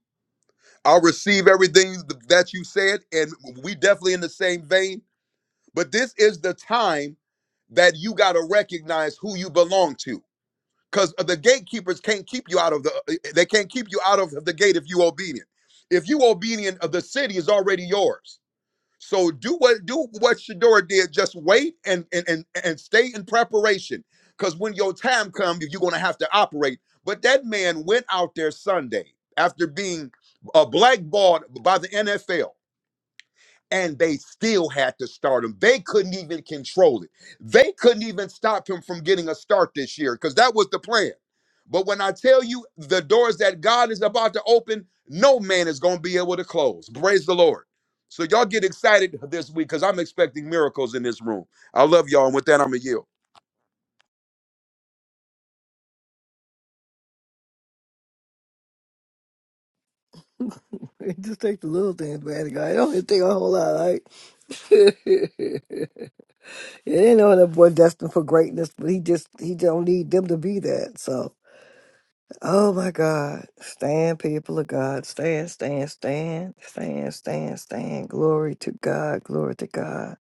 Speaker 16: I receive everything th- that you said, and we definitely in the same vein. But this is the time that you got to recognize who you belong to, because the gatekeepers can't keep you out of the. uh, They can't keep you out of the gate if you obedient. If you obedient, uh, the city is already yours. So do what do what Shadora did. Just wait and and and, and stay in preparation. Because when your time comes, you're gonna have to operate. But that man went out there Sunday after being uh, blackballed by the NFL and they still had to start him. They couldn't even control it. They couldn't even stop him from getting a start this year because that was the plan. But when I tell you the doors that God is about to open, no man is going to be able to close. Praise the Lord. So y'all get excited this week because I'm expecting miracles in this room. I love y'all, and with that, I'm gonna yield.
Speaker 1: He just take the little things, man. He go, I don't even think a whole lot. Like, yeah, they know that boy destined for greatness, but he just he don't need them to be that. So, oh my God, stand, people of God, stand, stand, stand, stand, stand, stand. Glory to God, glory to God.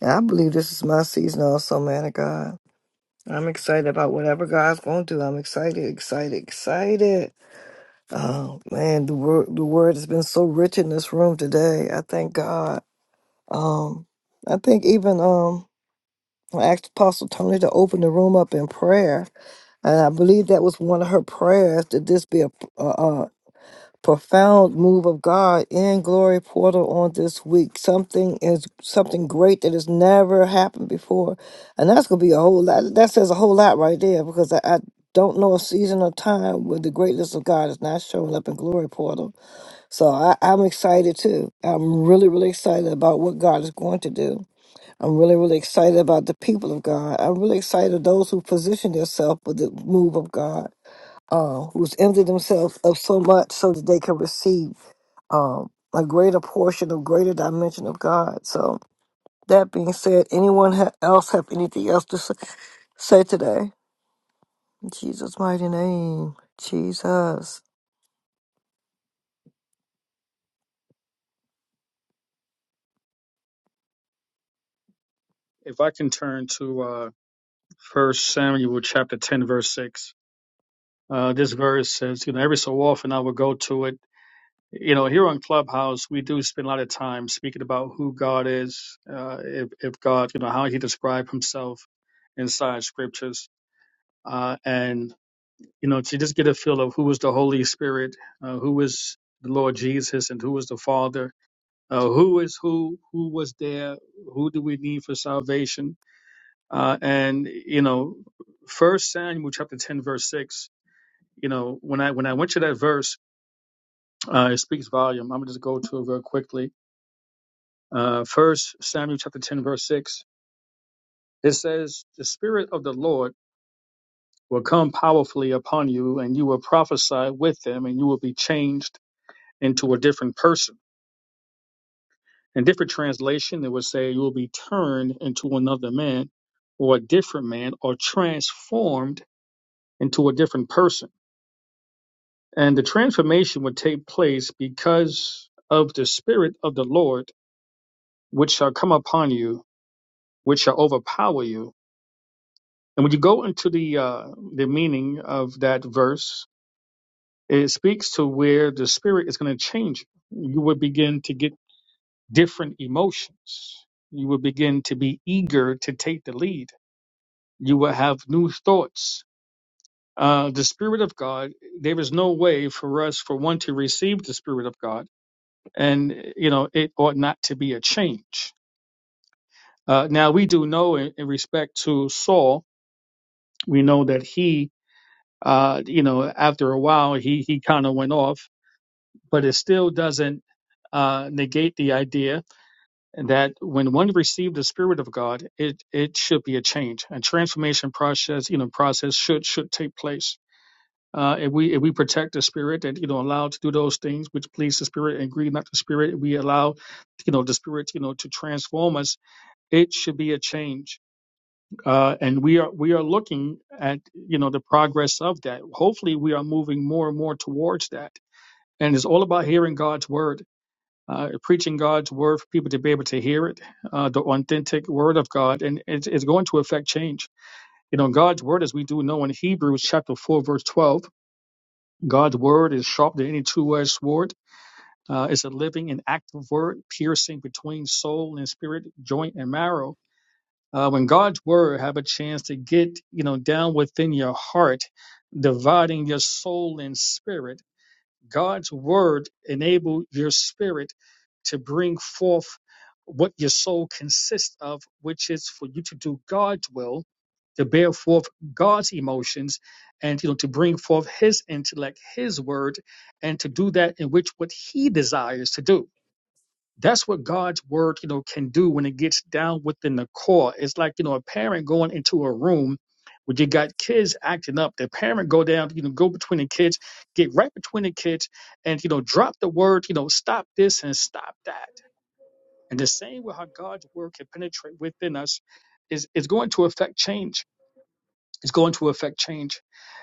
Speaker 1: And I believe this is my season also, man of God. I'm excited about whatever God's going to do. I'm excited, excited, excited. Oh man, the word the word has been so rich in this room today. I thank God. Um, I think even um I asked Apostle Tony to open the room up in prayer, and I believe that was one of her prayers. That this be a, a, profound move of God in Glory Portal on this week. Something is something great that has never happened before, and that's gonna be a whole lot. That says a whole lot right there because I, I don't know a season or time where the greatness of God is not showing up in Glory Portal. So I, I'm excited too. I'm really really excited about what God is going to do. I'm really really excited about the people of God. I'm really excited those who position themselves with the move of God uh, who's emptied themselves of so much so that they can receive um, a greater portion of greater dimension of God. So that being said, anyone ha- else have anything else to say, say today? In Jesus' mighty name, Jesus.
Speaker 9: if i can turn to uh first samuel chapter 10 verse 6 uh this verse says you know every so often i will go to it you know here on clubhouse we do spend a lot of time speaking about who god is uh if, if god you know how he described himself inside scriptures uh, and you know, to just get a feel of who was the Holy Spirit, uh, who was the Lord Jesus, and who was the Father, uh, who is who, who was there, who do we need for salvation, uh, and you know, First Samuel chapter ten verse six. You know, when I when I went to that verse, uh, it speaks volume. I'm gonna just go to it real quickly. Uh, First Samuel chapter ten verse six. It says, "The Spirit of the Lord will come powerfully upon you, and you will prophesy with them, and you will be changed into a different person." In different translation, it would say you will be turned into another man or a different man or transformed into a different person. And the transformation would take place because of the spirit of the Lord, which shall come upon you, which shall overpower you. And when you go into the uh, the meaning of that verse, it speaks to where the spirit is going to change. You You would begin to get different emotions. You would begin to be eager to take the lead you will have new thoughts. Uh, the Spirit of God, there is no way for us, for one, to receive the Spirit of God. And, you know, it ought not to be a change. Uh, now, we do know in, in respect to Saul, we know that he, uh, you know, after a while, he, he kind of went off, but it still doesn't uh, negate the idea that when one received the Spirit of God, it, it should be a change. A transformation process, you know, process should, should take place Uh, if we if we protect the spirit and you know allow to do those things which please the spirit and grieve not the spirit, we allow you know the spirit you know to transform us. It should be a change, uh, and we are we are looking at you know the progress of that. Hopefully, we are moving more and more towards that. And it's all about hearing God's word, uh, preaching God's word for people to be able to hear it, uh, the authentic word of God, and it's, it's going to affect change. You know, God's word, as we do know in Hebrews chapter four verse twelve. God's word is sharper than any two-edged sword. Uh, it's a living and active word, piercing between soul and spirit, joint and marrow. Uh, when God's word have a chance to get you know down within your heart, dividing your soul and spirit, God's word enable your spirit to bring forth what your soul consists of, which is for you to do God's will, to bear forth God's emotions, and you know to bring forth His intellect, His word, and to do that in which what He desires to do. That's what God's word, you know, can do when it gets down within the core. It's like you know a parent going into a room where you got kids acting up. The parent go down, you know, go between the kids, get right between the kids, and you know drop the word, you know, stop this and stop that and the same way how God's word can penetrate within us is, is going to affect change. It's going to affect change.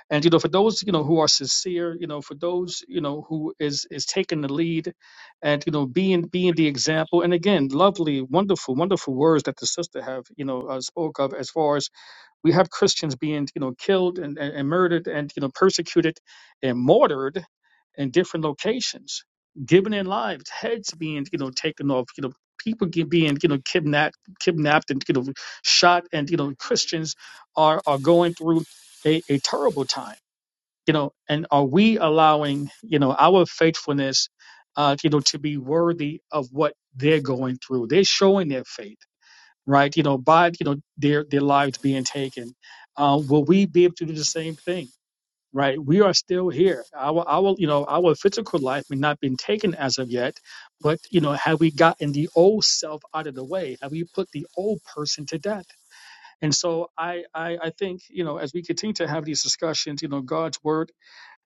Speaker 9: And you know, for those, you know, who are sincere, you know, for those, you know, who is is taking the lead and you know being being the example. And again, lovely, wonderful, wonderful words that the sister have, you know, uh, spoke of as far as we have Christians being you know killed and, and, and murdered and you know persecuted and martyred in different locations, given their lives, heads being you know taken off, you know people get, being you know kidnapped, kidnapped and you know shot, and you know Christians are are going through a, a terrible time, you know, and are we allowing you know our faithfulness, uh, you know, to be worthy of what they're going through? They're showing their faith right? You know, by you know their their lives being taken, um, will we be able to do the same thing? Right? We are still here. Our our you know our physical life may not been taken as of yet, but you know, have we gotten the old self out of the way? Have we put the old person to death? And so I I, I think you know as we continue to have these discussions, you know, God's word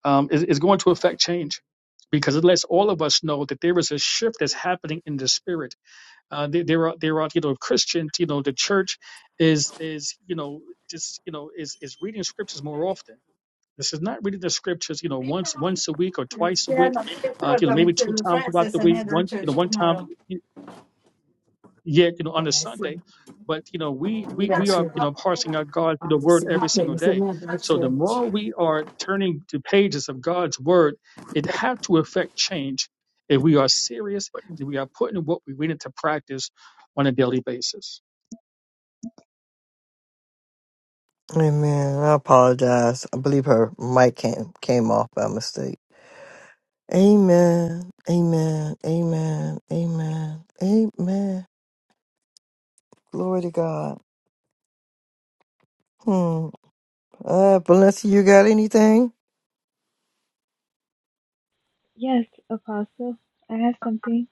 Speaker 9: um, is, is going to affect change. Because it lets all of us know that there is a shift that's happening in the spirit uh, they, they're they're you know, Christians you know, the church is is you know just you know is is reading scriptures more often. This is not reading the scriptures, you know, once once a week or twice a
Speaker 6: Yeah,
Speaker 9: week,
Speaker 6: no, it's
Speaker 9: uh,
Speaker 6: not
Speaker 9: you know, maybe
Speaker 6: coming
Speaker 9: two
Speaker 6: to
Speaker 9: times throughout
Speaker 6: Francis
Speaker 9: the
Speaker 6: and
Speaker 9: week,
Speaker 6: head
Speaker 9: one you know
Speaker 6: church
Speaker 9: one time
Speaker 6: tomorrow.
Speaker 9: yet you know on
Speaker 6: So
Speaker 9: a
Speaker 6: I
Speaker 9: Sunday.
Speaker 6: see.
Speaker 9: But you know we we we
Speaker 6: That's
Speaker 9: are
Speaker 6: good.
Speaker 9: you know parsing out God's you know,
Speaker 6: I'm just
Speaker 9: word
Speaker 6: a
Speaker 9: every
Speaker 6: good thing.
Speaker 9: single
Speaker 6: It's a
Speaker 9: day.
Speaker 6: man,
Speaker 9: So the
Speaker 6: actually.
Speaker 9: more we are turning to pages of God's word, it has to affect change if we are serious and we are putting what we read into practice on a daily basis
Speaker 1: Amen. Amen. amen. Lord.
Speaker 17: Yes, Apostle, I have something.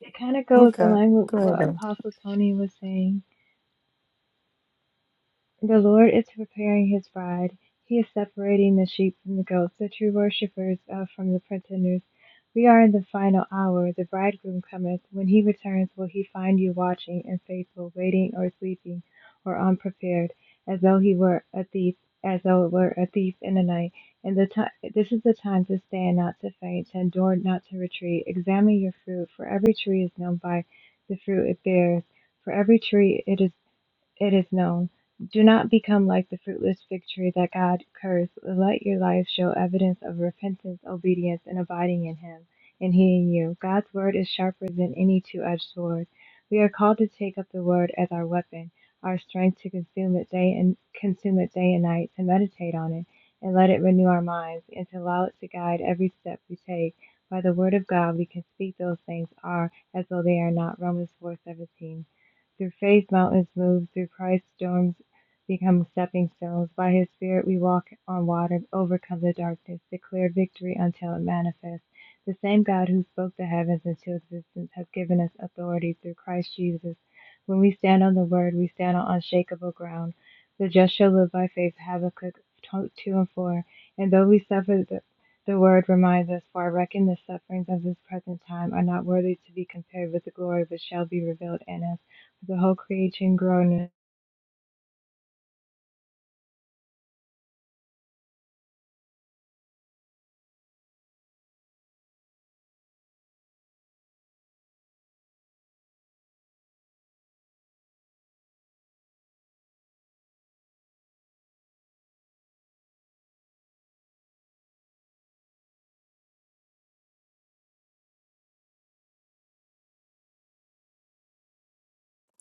Speaker 17: It kind of goes in
Speaker 1: Okay.
Speaker 17: line with
Speaker 1: Go ahead.
Speaker 17: what
Speaker 1: then.
Speaker 17: Apostle Tony was saying. The Lord is preparing his bride. He is separating the sheep from the goats, the true worshippers uh, from the pretenders. We are in the final hour. The bridegroom cometh. When he returns, will he find you watching and faithful, waiting or sleeping or unprepared, as though he were a thief, as though it were a thief in the night? And the ti this is the time to stand, not to faint, to endure, not to retreat. Examine your fruit, for every tree is known by the fruit it bears. For every tree it is it is known. Do not become like the fruitless fig tree that God cursed. Let your life show evidence of repentance, obedience, and abiding in Him, and He in you. God's word is sharper than any two edged sword. We are called to take up the word as our weapon, our strength to consume it day and consume it day and night, to meditate on it, and let it renew our minds, and to allow it to guide every step we take. By the word of God we can speak those things are as though they are not. Romans four seventeen. Through faith, mountains move. Through Christ, storms become stepping stones. By his Spirit, we walk on water, overcome the darkness, declare victory until it manifests. The same God who spoke the heavens into existence has given us authority through Christ Jesus. When we stand on the word, we stand on unshakable ground. The just shall live by faith, Habakkuk 2 and 4. And though we suffer the the word reminds us, for I reckon the sufferings of this present time are not worthy to be compared with the glory which shall be revealed in us the whole creation groaneth.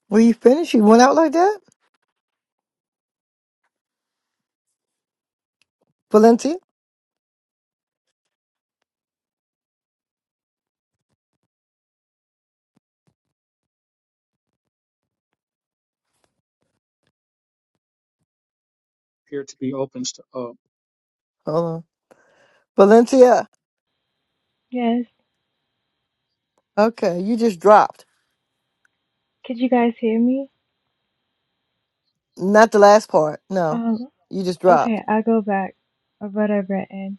Speaker 1: Will you finish? You went out like that, Valencia.
Speaker 9: appear to be open. St- uh,
Speaker 1: Hold on, Valencia.
Speaker 17: Yes,
Speaker 1: Okay, you just dropped.
Speaker 17: could you guys hear me?
Speaker 1: Not the last part. No,
Speaker 17: Um,
Speaker 1: you just dropped.
Speaker 17: okay, I go back of what I read. And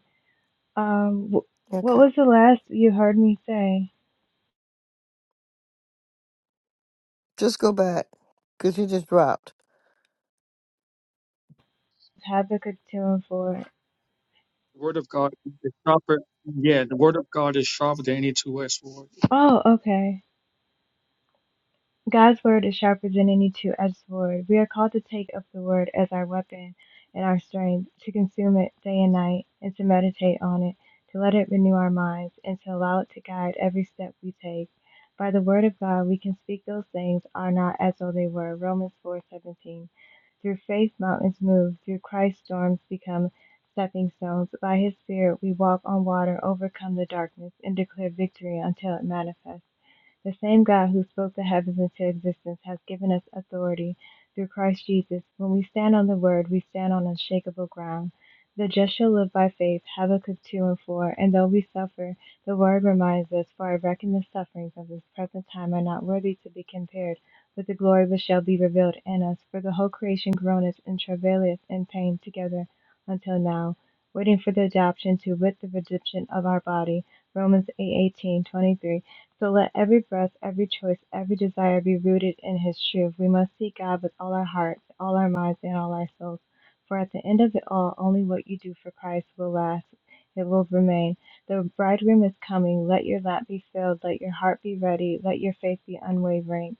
Speaker 17: um, wh- what
Speaker 1: Okay.
Speaker 17: was the last you heard me say?
Speaker 1: Just go back because you just dropped.
Speaker 17: Habakkuk two and four.
Speaker 9: the word of God is sharper. Yeah, the word of God is sharper than any two-edged sword.
Speaker 17: Oh, okay. God's word is sharper than any two-edged sword. We are called to take up the word as our weapon and our strength, to consume it day and night, and to meditate on it, to let it renew our minds, and to allow it to guide every step we take. By the word of God, we can speak those things are not as though they were. Romans 4:17. Through faith, mountains move. Through Christ, storms become stepping stones. By His Spirit, we walk on water, overcome the darkness, and declare victory until it manifests. The same God who spoke the heavens into existence has given us authority through Christ Jesus. When we stand on the word, we stand on unshakable ground. The just shall live by faith, Habakkuk 2 and 4. And though we suffer, the word reminds us, for I reckon the sufferings of this present time are not worthy to be compared with the glory which shall be revealed in us. For the whole creation groaneth and travaileth in pain together until now, waiting for the adoption to wit the redemption of our body. Romans 8:18, 23 so let every breath, every choice, every desire be rooted in His truth. We must seek God with all our hearts, all our minds, and all our souls. For at the end of it all, only what you do for Christ will last. It will remain. The bridegroom is coming. Let your lamp be filled. Let your heart be ready. Let your faith be unwavering.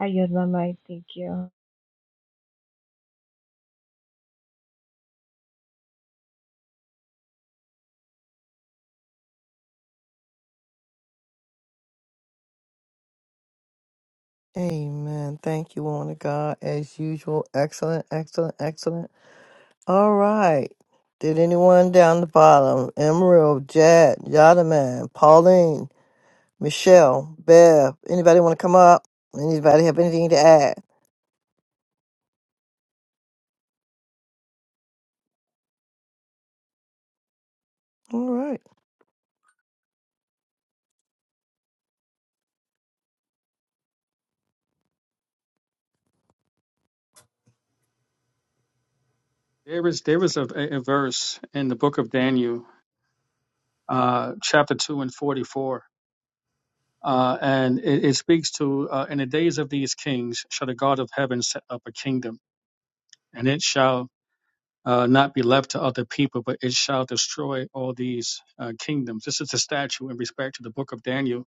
Speaker 17: I yield my mind. Thank you.
Speaker 1: Amen. Thank you, woman of God. As usual, excellent, excellent, excellent. All right. Did anyone down the bottom? Emerald, Jad, Yadaman, Pauline, Michelle, Bev. Anybody want to come up? Anybody have anything to add? All right.
Speaker 9: There is there is a, a verse in the book of Daniel, uh, chapter two and forty-four. Uh, and it, it speaks to, uh, in the days of these kings shall the God of heaven set up a kingdom, and it shall uh, not be left to other people, but it shall destroy all these uh, kingdoms. This is a statue in respect to the book of Daniel.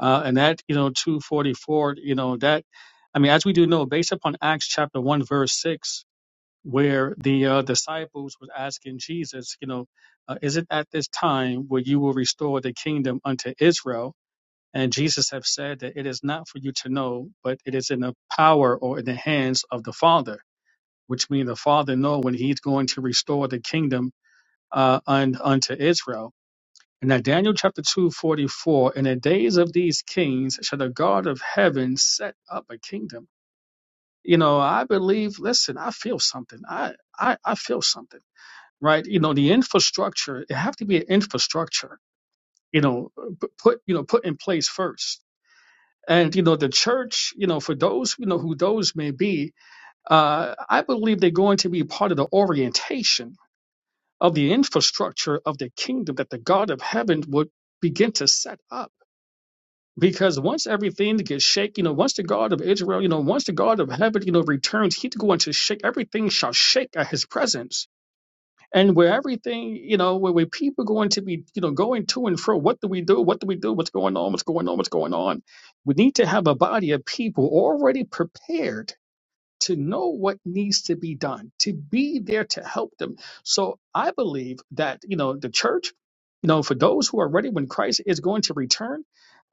Speaker 9: Uh, and that, you know, 244, you know, that, I mean, as we do know, based upon Acts chapter 1, verse 6, where the uh, disciples was asking Jesus, you know, uh, is it at this time where you will restore the kingdom unto Israel? And Jesus have said that it is not for you to know, but it is in the power or in the hands of the Father, which means the Father know when He's going to restore the kingdom uh, un, unto Israel. And now Daniel chapter two forty four. In the days of these kings shall the God of heaven set up a kingdom. You know, I believe. Listen, I feel something. I I, I feel something. Right. You know, the infrastructure. It have to be an infrastructure. You know, uh, p- put you know put in place first and you know the church you know for those you know who those may be uh, i believe they're going to be part of the orientation of the infrastructure of the kingdom that the god of heaven would begin to set up because once everything gets shaken, you know, once the God of Israel, you know, once the God of heaven, you know, returns, he's going to shake everything shall shake at his presence and where everything you know where, where people are going to be you know going to and fro what do we do what do we do what's going on what's going on what's going on we need to have a body of people already prepared to know what needs to be done to be there to help them so i believe that you know the church you know for those who are ready when christ is going to return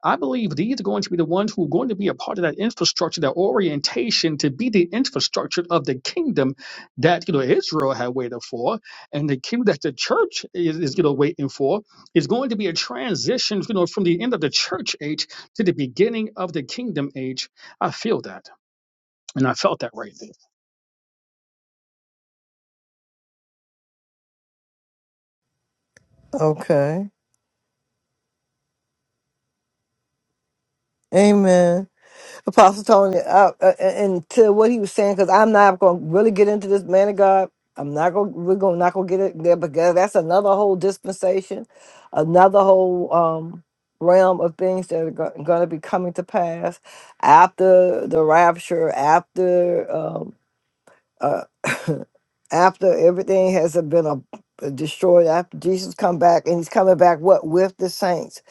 Speaker 9: I believe these are going to be the ones who are going to be a part of that infrastructure, that orientation to be the infrastructure of the kingdom that you know Israel had waited for, and the kingdom that the church is, is you know waiting for is going to be a transition, you know, from the end of the church age to the beginning of the kingdom age. I feel that, and I felt that right there.
Speaker 1: Okay. Amen. Apostle Tony, uh, uh, and to what he was saying, because I'm not going to really get into this man of God. I'm not going. We're going not going to get it there because that's another whole dispensation, another whole um, realm of things that are going to be coming to pass after the rapture, after. um, uh, after everything has been uh, destroyed, after Jesus come back, and he's coming back, what, with the saints?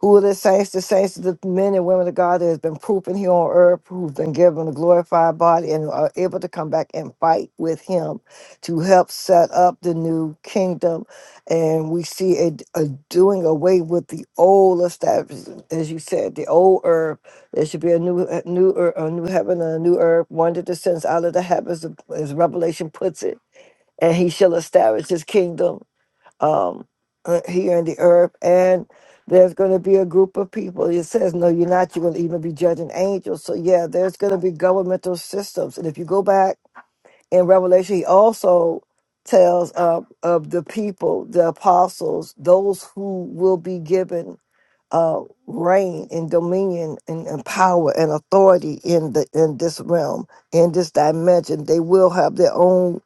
Speaker 1: Who are the saints? The saints are the men and women of God that has been proven here on earth, who've been given a glorified body and are able to come back and fight with him to help set up the new kingdom. And we see a, a doing away with the old established, as you said, the old earth there should be a new, a new, ear- a new heaven and a new earth. One that descends out of the heavens, as Revelation puts it, and He shall establish His kingdom um, uh, here in the earth. And there's going to be a group of people. It says, "No, you're not. You're going to even be judging angels." So yeah, there's going to be governmental systems. And if you go back in Revelation, He also tells of of the people, the apostles, those who will be given uh, reign and dominion and, and power and authority in the in this realm in this dimension they will have their own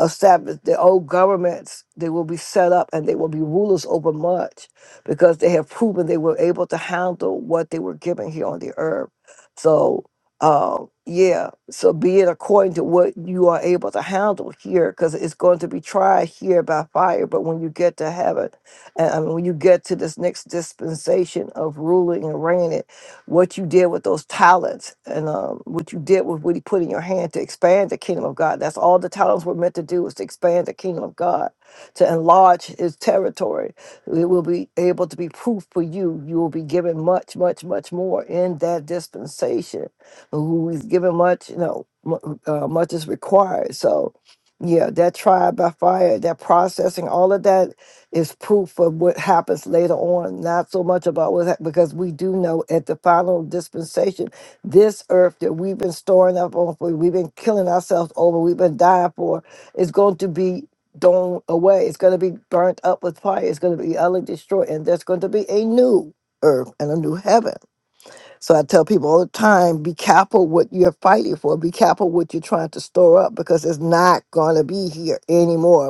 Speaker 1: established their old governments. They will be set up and they will be rulers over much because they have proven they were able to handle what they were given here on the earth. So, um, yeah, so be it according to what you are able to handle here because it's going to be tried here by fire. But when you get to heaven, and I mean, when you get to this next dispensation of ruling and reigning, what you did with those talents and um, what you did with what he put in your hand to expand the kingdom of God. That's all the talents were meant to do is to expand the kingdom of God, to enlarge his territory. It will be able to be proof for you. You will be given much, much, much more in that dispensation. Who is given much, you know, mu- uh, much is required. So, yeah, that trial by fire, that processing, all of that is proof of what happens later on, not so much about what hap- because we do know at the final dispensation, this earth that we've been storing up on for, we've been killing ourselves over, we've been dying for, is going to be thrown away. It's going to be burnt up with fire. It's going to be utterly destroyed, and there's going to be a new earth and a new heaven. So I tell people all the time, be careful what you're fighting for. Be careful what you're trying to store up because it's not going to be here anymore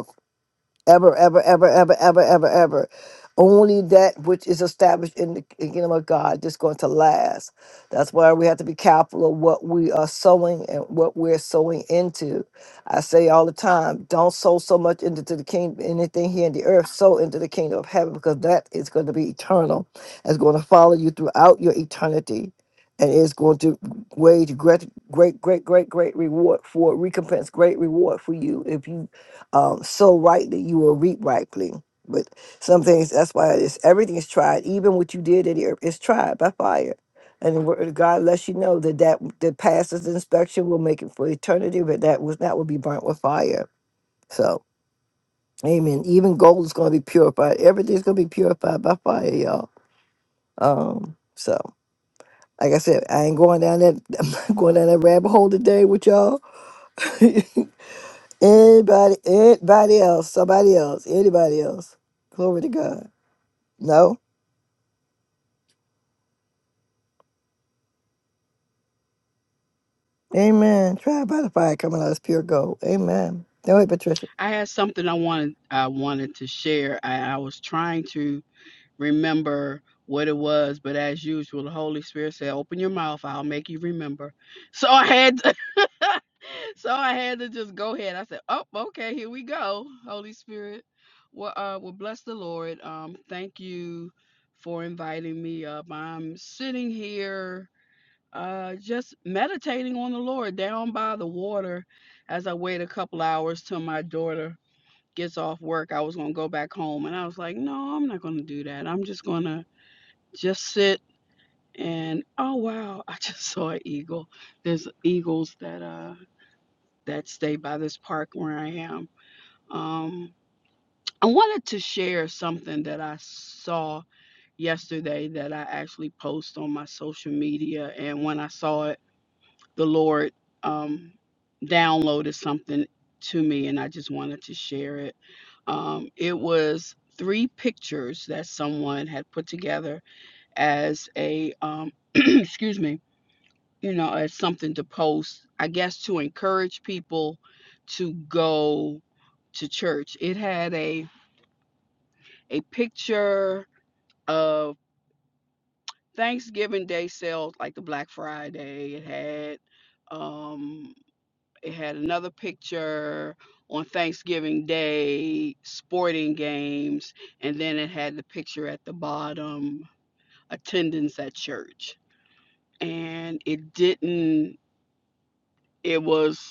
Speaker 1: ever, ever, ever, ever, ever, ever, ever. Only that which is established in the kingdom of God is going to last. That's why we have to be careful of what we are sowing and what we're sowing into. I say all the time, don't sow so much into the kingdom, anything here in the earth, sow into the kingdom of heaven because that is going to be eternal. It's going to follow you throughout your eternity and is going to wage great, great, great, great, great reward for recompense, great reward for you if you um, sow rightly, you will reap rightly. But some things, that's why it's everything is tried. Even what you did in the earth is tried by fire. And the word of God lets you know that that that passes inspection will make it for eternity, but that was that will be burnt with fire. So, amen. Even gold is going to be purified. Everything's going to be purified by fire, y'all. Um, so, like I said, I ain't going down that. I'm not going down that rabbit hole today with y'all. Anybody, anybody else, somebody else, anybody else. Glory to God. No? Amen. Try by the fire coming out as pure gold. Amen. Don't wait, Patricia.
Speaker 18: I had something I wanted I wanted to share. I, I was trying to remember what it was, but as usual, the Holy Spirit said, "Open your mouth. I'll make you remember." So I had to, so I had to just go ahead. I said, "Oh, okay, here we go, Holy Spirit." Well, uh, well, bless the Lord. Um, thank you for inviting me up. I'm sitting here, uh, just meditating on the Lord down by the water as I wait a couple hours till my daughter gets off work, I was gonna go back home. And I was like, no, I'm not gonna do that. I'm just gonna just sit and oh wow, I just saw an eagle. There's eagles that uh that stay by this park where I am. Um I wanted to share something that I saw yesterday that I actually post on my social media and when I saw it the Lord um, downloaded something to me, and I just wanted to share it. Um, it was three pictures that someone had put together as a, um, excuse me, you know, as something to post, I guess to encourage people to go to church. It had a a picture of Thanksgiving Day sales, like the Black Friday. It had um They had another picture on Thanksgiving Day, sporting games, and then it had the picture at the bottom, attendance at church. And it didn't, it was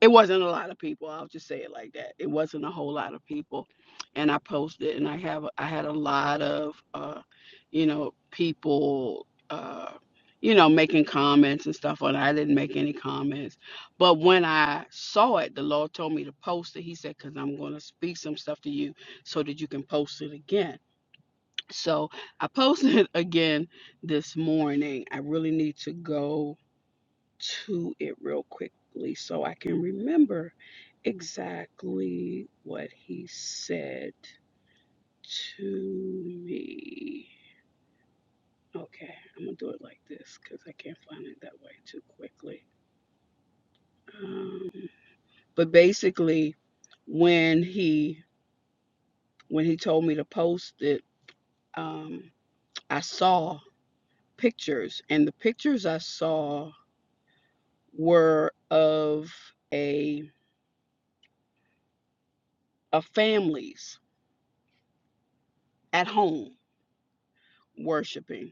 Speaker 18: it wasn't a lot of people. I'll just say it like that. It wasn't a whole lot of people, and I posted, and I have I had a lot of, uh, you know, people, uh, you know, making comments and stuff. And I didn't make any comments, but when I saw it, the Lord told me to post it. He said, "Cause I'm going to speak some stuff to you, so that you can post it again." So I posted it again this morning. I really need to go to it real quickly so I can remember exactly what he said to me. Okay, I'm gonna do it like this because I can't find it that way too quickly. Um, but basically, when he when he told me to post it, um, I saw pictures, and the pictures I saw were of a of families at home worshiping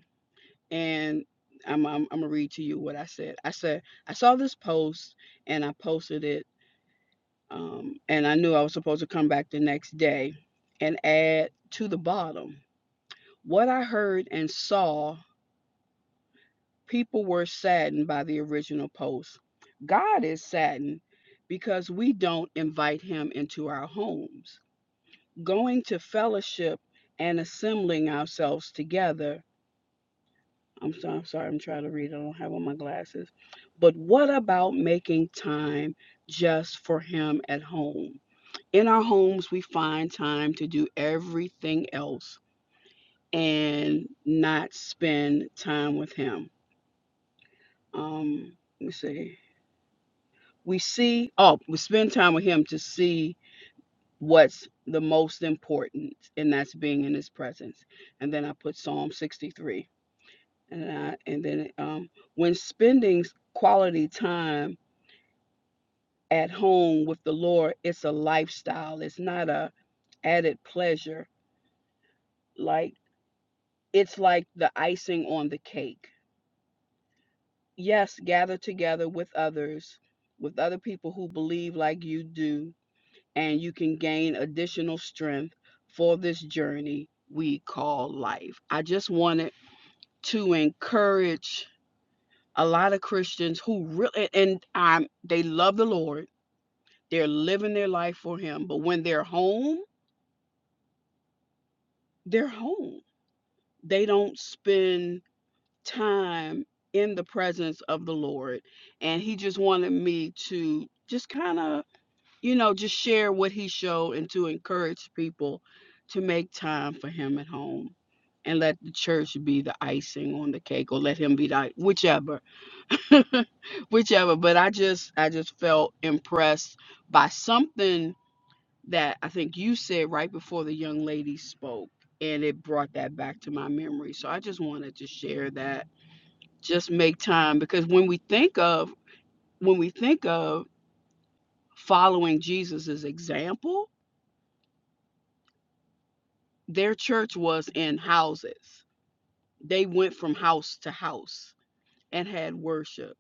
Speaker 18: and I'm, I'm I'm gonna read to you what I said. I said I saw this post and I posted it, um, and I knew I was supposed to come back the next day and add to the bottom what I heard and saw. People were saddened by the original post. God is saddened because we don't invite Him into our homes. Going to fellowship and assembling ourselves together I'm so I'm sorry, I'm trying to read. I don't have on my glasses. But what about making time just for him at home? In our homes, we find time to do everything else and not spend time with him. Um, let me see. We see, oh, we spend time with him to see what's the most important, and that's being in his presence. And then I put Psalm 63. And, I, and then um, when spending quality time at home with the Lord, it's a lifestyle. It's not a added pleasure. Like it's like the icing on the cake. Yes, gather together with others, with other people who believe like you do, and you can gain additional strength for this journey we call life. I just wanted to encourage a lot of Christians who really and um they love the Lord. They're living their life for him, but when they're home, they're home they don't spend time in the presence of the Lord. And he just wanted me to just kind of, you know, just share what he showed and to encourage people to make time for him at home and let the church be the icing on the cake or let him be the whichever whichever but i just i just felt impressed by something that I think you said right before the young lady spoke, and it brought that back to my memory. So I just wanted to share that. Just make time because when we think of when we think of following Jesus's example, their church was in houses. They went from house to house and had worship.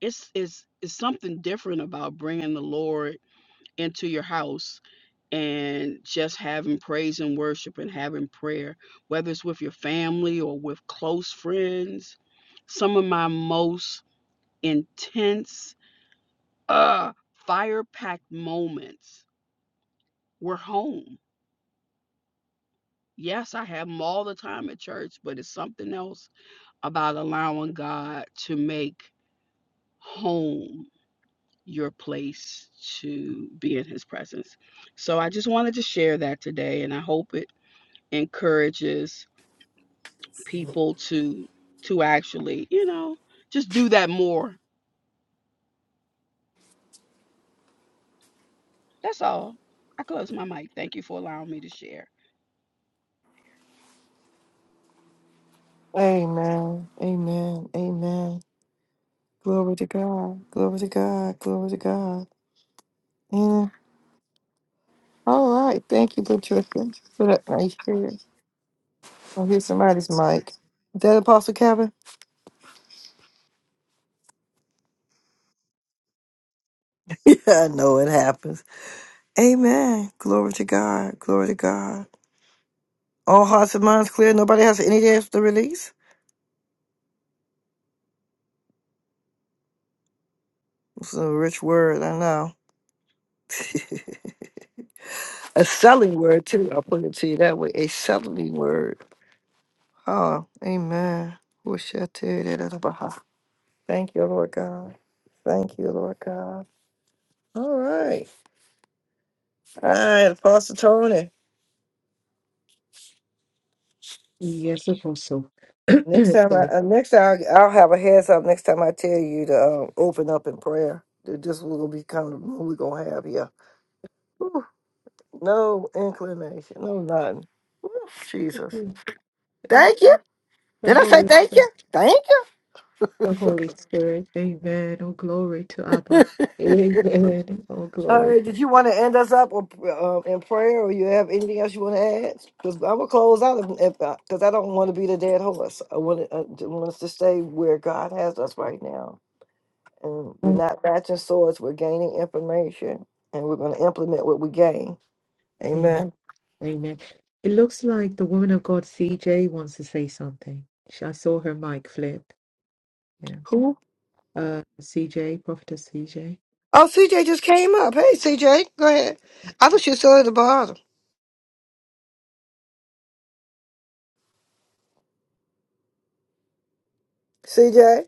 Speaker 18: It's it's it's something different about bringing the Lord into your house and just having praise and worship and having prayer, whether it's with your family or with close friends. Some of my most intense, uh, fire packed moments were home. Yes, I have them all the time at church, but it's something else about allowing God to make home your place to be in his presence. So I just wanted to share that today, and I hope it encourages people to to actually, you know, just do that more. That's all. I close my mic. Thank you for allowing me to share.
Speaker 1: Amen. Amen. Amen. Glory to God. Glory to God. Glory to God. Yeah. All right. Thank you, Patricia, for that nice share. I hear somebody's mic. Is that Apostle Kevin? Yeah, I know it happens. Amen. Glory to God. Glory to God. All hearts and minds clear. Nobody has any dance to release? It's a rich word, I know. a selling word too. I'll put it to you that way. A selling word. Oh, amen. Wish I tell you that other behalf. Thank you, Lord God. Thank you, Lord God. All right. All right, Apostle Tony.
Speaker 5: Yes, Apostle.
Speaker 1: Next
Speaker 5: the,
Speaker 1: time, I, uh, next time I'll, I'll have a heads up. Next time I tell you to um, open up in prayer. That This will gonna be kind of the room we're gonna have here. Whew. no inclination, no nothing. Whew, Jesus,
Speaker 5: the
Speaker 1: thank you. Did I say
Speaker 5: Holy,
Speaker 1: thank you? Thank you.
Speaker 5: the Holy Spirit.
Speaker 1: All right. Did you want to end us up or, um, in prayer, or you have anything else you want to add? Because I'm gonna close out if because I don't want to be the dead horse. I want I d- want us to stay where God has us right now, and we're
Speaker 5: Amen.
Speaker 1: not matching swords. We're gaining information, and we're gonna implement what we gain. Amen.
Speaker 5: Amen. Amen.
Speaker 1: Oh, CJ just came up. Hey, CJ, go ahead. I thought you were still at the bottom. CJ.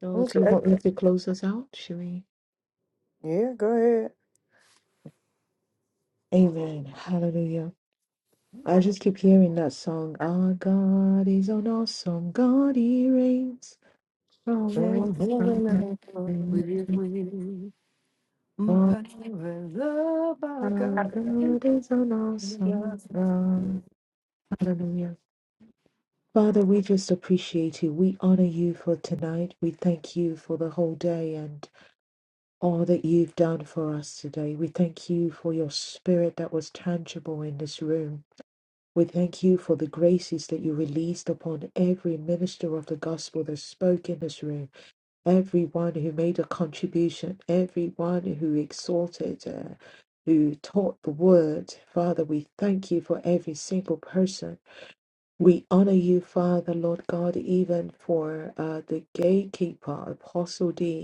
Speaker 5: So, do you want me to close us out? Should we?
Speaker 1: Yeah, go ahead.
Speaker 5: Amen. Hallelujah. I just keep hearing that song. Our God is an awesome God. He reigns from everlasting
Speaker 1: From heaven, I
Speaker 5: to
Speaker 1: will hear
Speaker 5: Our God is an awesome God. Hallelujah. Father, we just appreciate you. We honor you for tonight. We thank you for the whole day and all that you've done for us today. We thank you for your spirit that was tangible in this room. We thank you for the graces that you released upon every minister of the gospel that spoke in this room, everyone who made a contribution, everyone who exhorted, uh, who taught the word. Father, we thank you for every single person. We honor you, Father, Lord God, even for uh, the gatekeeper, Apostle D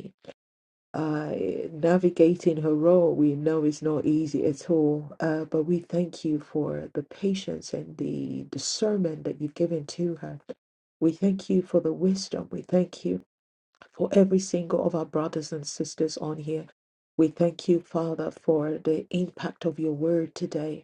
Speaker 5: uh, navigating her role, we know is not easy at all. Uh, but we thank you for the patience and the discernment that you've given to her. We thank you for the wisdom. We thank you for every single of our brothers and sisters on here. We thank you, Father, for the impact of your word today.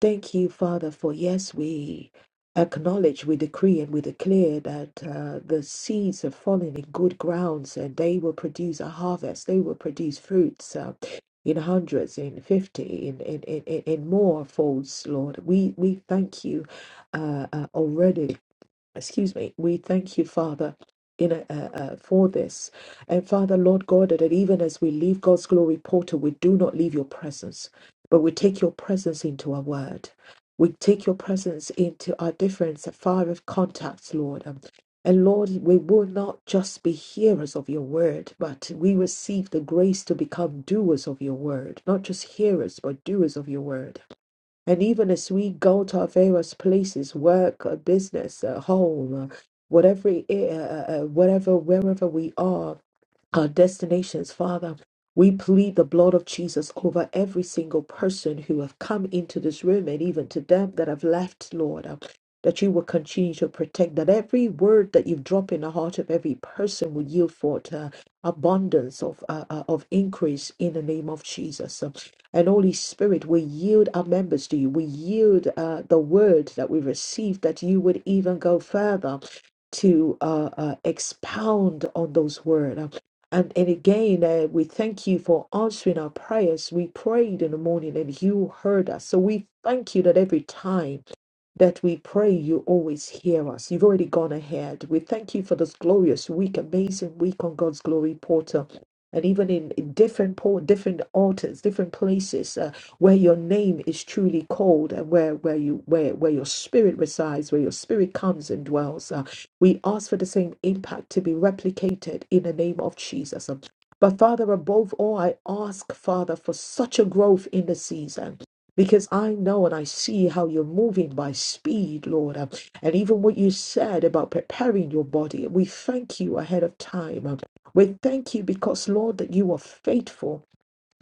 Speaker 5: Thank you, Father, for yes, we acknowledge, we decree, and we declare that uh, the seeds have fallen in good grounds and they will produce a harvest. They will produce fruits uh, in hundreds, in 50, in, in, in, in in more folds, Lord. We, we thank you uh, uh, already excuse me, we thank you, Father. In a, uh, uh, for this. And Father, Lord God, that even as we leave God's glory portal, we do not leave your presence, but we take your presence into our word. We take your presence into our different fire of contacts, Lord. Um, And Lord, we will not just be hearers of your word, but we receive the grace to become doers of your word, not just hearers, but doers of your word. And even as we go to our various places, work, uh, business, uh, home, uh, whatever, it, uh, uh, uh, whatever, wherever we are, our destinations, Father. We plead the blood of Jesus over every single person who have come into this room and even to them that have left, Lord, uh, that you will continue to protect, that every word that you've dropped in the heart of every person will yield forth uh, abundance of, uh, uh, of increase in the name of Jesus. Um, And Holy Spirit, we yield our members to you. We yield uh, the word that we received that you would even go further to uh, uh, expound on those words. Um, And, and again, uh, we thank you for answering our prayers. We prayed in the morning and you heard us. So we thank you that every time that we pray you always hear us. You've already gone ahead. We thank you for this glorious week, amazing week on God's Glory Portal. And even in, in different por- different altars, different places uh, where your name is truly called, and where where you where where your spirit resides, where your spirit comes and dwells, uh, we ask for the same impact to be replicated in the name of Jesus. Um, But Father, above all, I ask Father for such a growth in the season because I know and I see how you're moving by speed, Lord. Um, And even what you said about preparing your body, we thank you ahead of time. Um, We thank you because, Lord, that you are faithful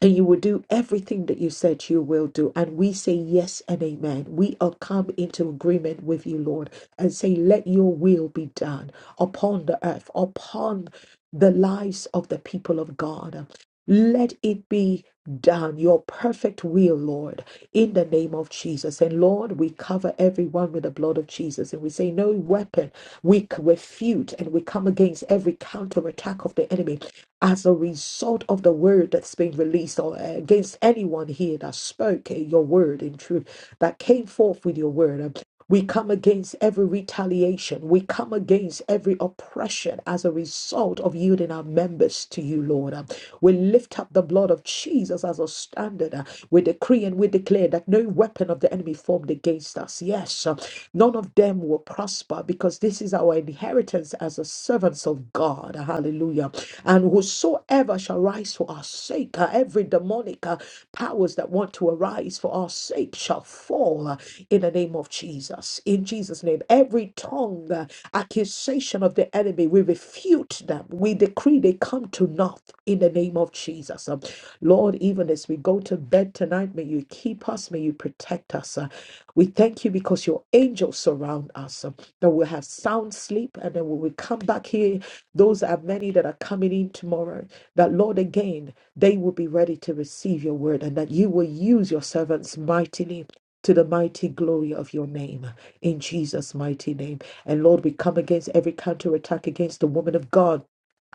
Speaker 5: and you will do everything that you said you will do. And we say yes and amen. We are come into agreement with you, Lord, and say, let your will be done upon the earth, upon the lives of the people of God. Let it be done, your perfect will, Lord, in the name of Jesus. And Lord, we cover everyone with the blood of Jesus. And we say, No weapon, we c- refute and we come against every counterattack of the enemy as a result of the word that's been released or uh, against anyone here that spoke uh, your word in truth, that came forth with your word. We come against every retaliation. We come against every oppression as a result of yielding our members to you, Lord. Um, We lift up the blood of Jesus as a standard. Uh, We decree and we declare that no weapon of the enemy formed against us. Yes, uh, none of them will prosper because this is our inheritance as the servants of God. Hallelujah. And whosoever shall rise for our sake, uh, every demonic uh, powers that want to arise arise for our sake shall fall uh, in the name of Jesus. In Jesus' name, every tongue, uh, accusation of the enemy, we refute them. We decree they come to naught in the name of Jesus. Um, Lord, even as we go to bed tonight, may you keep us, may you protect us. Uh, we thank you because your angels surround us, um, that we'll have sound sleep, and then when we come back here, those are many that are coming in tomorrow, that Lord, again, they will be ready to receive your word and that you will use your servants mightily to the mighty glory of your name in Jesus' mighty name. And Lord, we come against every counterattack against the woman of God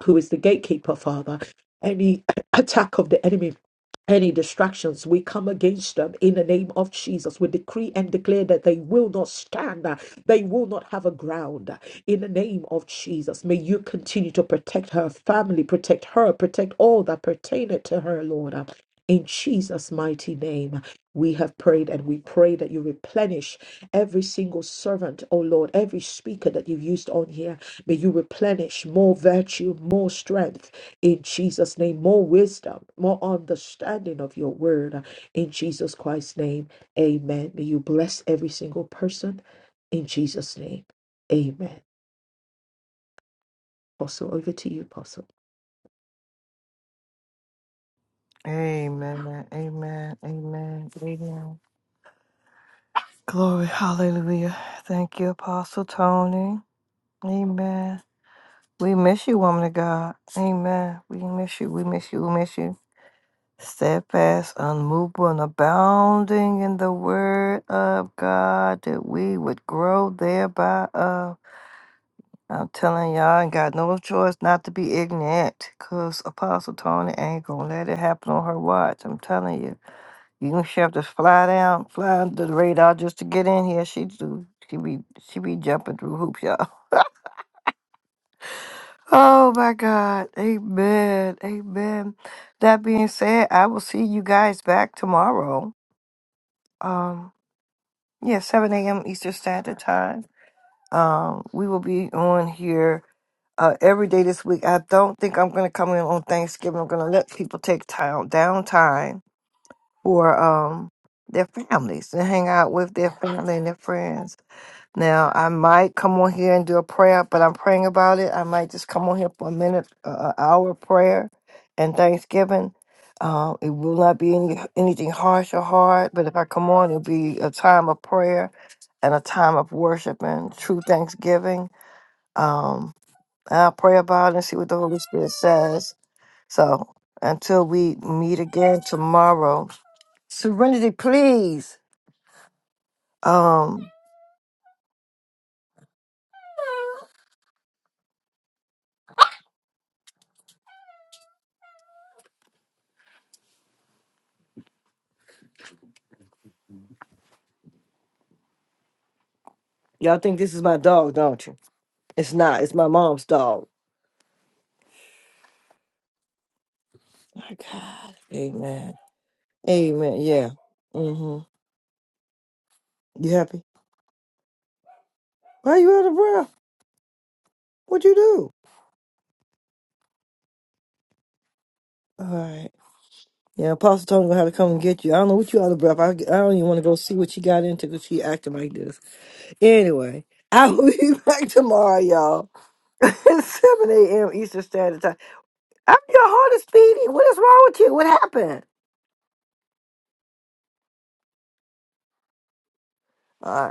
Speaker 5: who is the gatekeeper, Father. Any attack of the enemy any distractions, we come against them in the name of Jesus. We decree and declare that they will not stand, uh, they will not have a ground uh, in the name of Jesus. May you continue to protect her family, protect her, protect all that pertaineth to her, Lord. uh, In Jesus' mighty name, we have prayed and we pray that you replenish every single servant, oh Lord, every speaker that you've used on here. May you replenish more virtue, more strength, in Jesus' name, more wisdom, more understanding of your word. In Jesus Christ's name, amen. May you bless every single person in Jesus' name, amen. Apostle, over to you, Apostle.
Speaker 1: Amen. Amen. Amen. Glory. Hallelujah. Yeah. We miss you, woman of God. Amen. We miss you. We miss you. We miss you. Steadfast, unmovable, and abounding in the word of God. We would grow thereby of. I'm telling y'all, I ain't got no choice not to be ignorant because Apostle Tony ain't going to let it happen on her watch. I'm telling you. You can have to fly down, fly under the radar just to get in here. She do. She be she be jumping through hoops, y'all. Oh my God. Amen. Amen. That being said, I will see you guys back tomorrow. Um, yeah, 7 a.m. Eastern Standard Time. Um, we will be on here uh, every day this week. I don't think I'm going to come in on Thanksgiving. I'm going to let people take time, downtime for um, their families and hang out with their family and their friends. Now, I might come on here and do a prayer, but I'm praying about it. I might just come on here for a minute, uh, an hour of prayer and Thanksgiving. Uh, it will not be any, anything harsh or hard, but if I come on, it'll be a time of prayer and a time of worship and true Thanksgiving. Um, and I'll pray about it and see what the Holy Spirit says. So until we meet again tomorrow, Serenity, please. Um, y'all think this is my dog, don't you? It's not. It's my mom's dog. My God. Amen. Amen. Yeah. hmm You happy? Why you out of breath? What you do? All right. Yeah, Apostle Tony gonna have to come and get you. I don't know what you out of breath. I, I don't even want to go see what she got into because she acting like this. Anyway, I will be back tomorrow, y'all. 7 a.m. Eastern Standard Time. I'm your heart is beating. What is wrong with you? What happened? All right.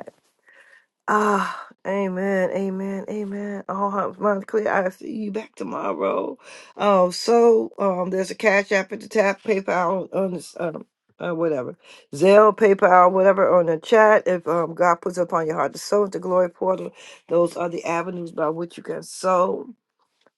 Speaker 1: Ah, amen, amen, amen. All hearts minds clear. I see you back tomorrow. Um, so um, there's a cash app at the tap, PayPal on this, um, uh, whatever, Zelle, PayPal, whatever on the chat. If um, God puts upon your heart to sow into glory portal, those are the avenues by which you can sow.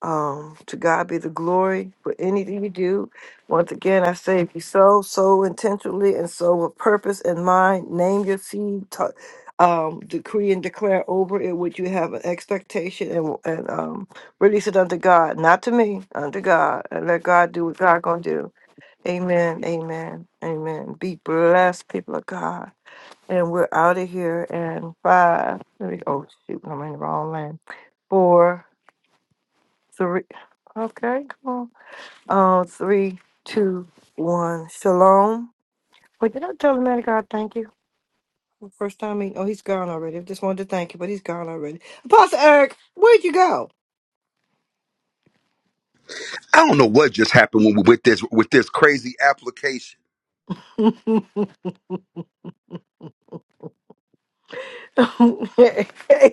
Speaker 1: Um, to God be the glory for anything you do. Once again, I say, if you sow, sow intentionally and sow with purpose in mind. Name your seed, ta- um, decree and declare over it what you have an expectation and, and um, release it unto God, not to me, unto God, and let God do what God gonna do. Amen, amen, amen. Be blessed, people of God. And we're out of here And five. Let me, oh shoot, I'm in the wrong land. Four, three. Okay, come on. Uh, three, two, one. Shalom. Wait, did I tell the man of God thank you? the First time he, oh, he's gone already. I just wanted to thank you, but he's gone already. Apostle Eric, where'd you go?
Speaker 16: I don't know what just happened with with this with this crazy application.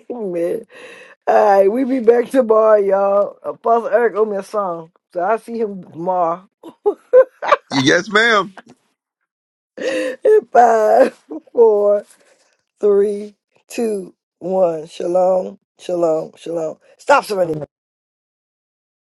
Speaker 1: Amen. All right, we be back tomorrow, y'all. Apostle Eric owe me a song, so I'll see him tomorrow.
Speaker 16: Yes, ma'am.
Speaker 1: In Five, four, three, two, one. Shalom, shalom, shalom. Stop surrendering.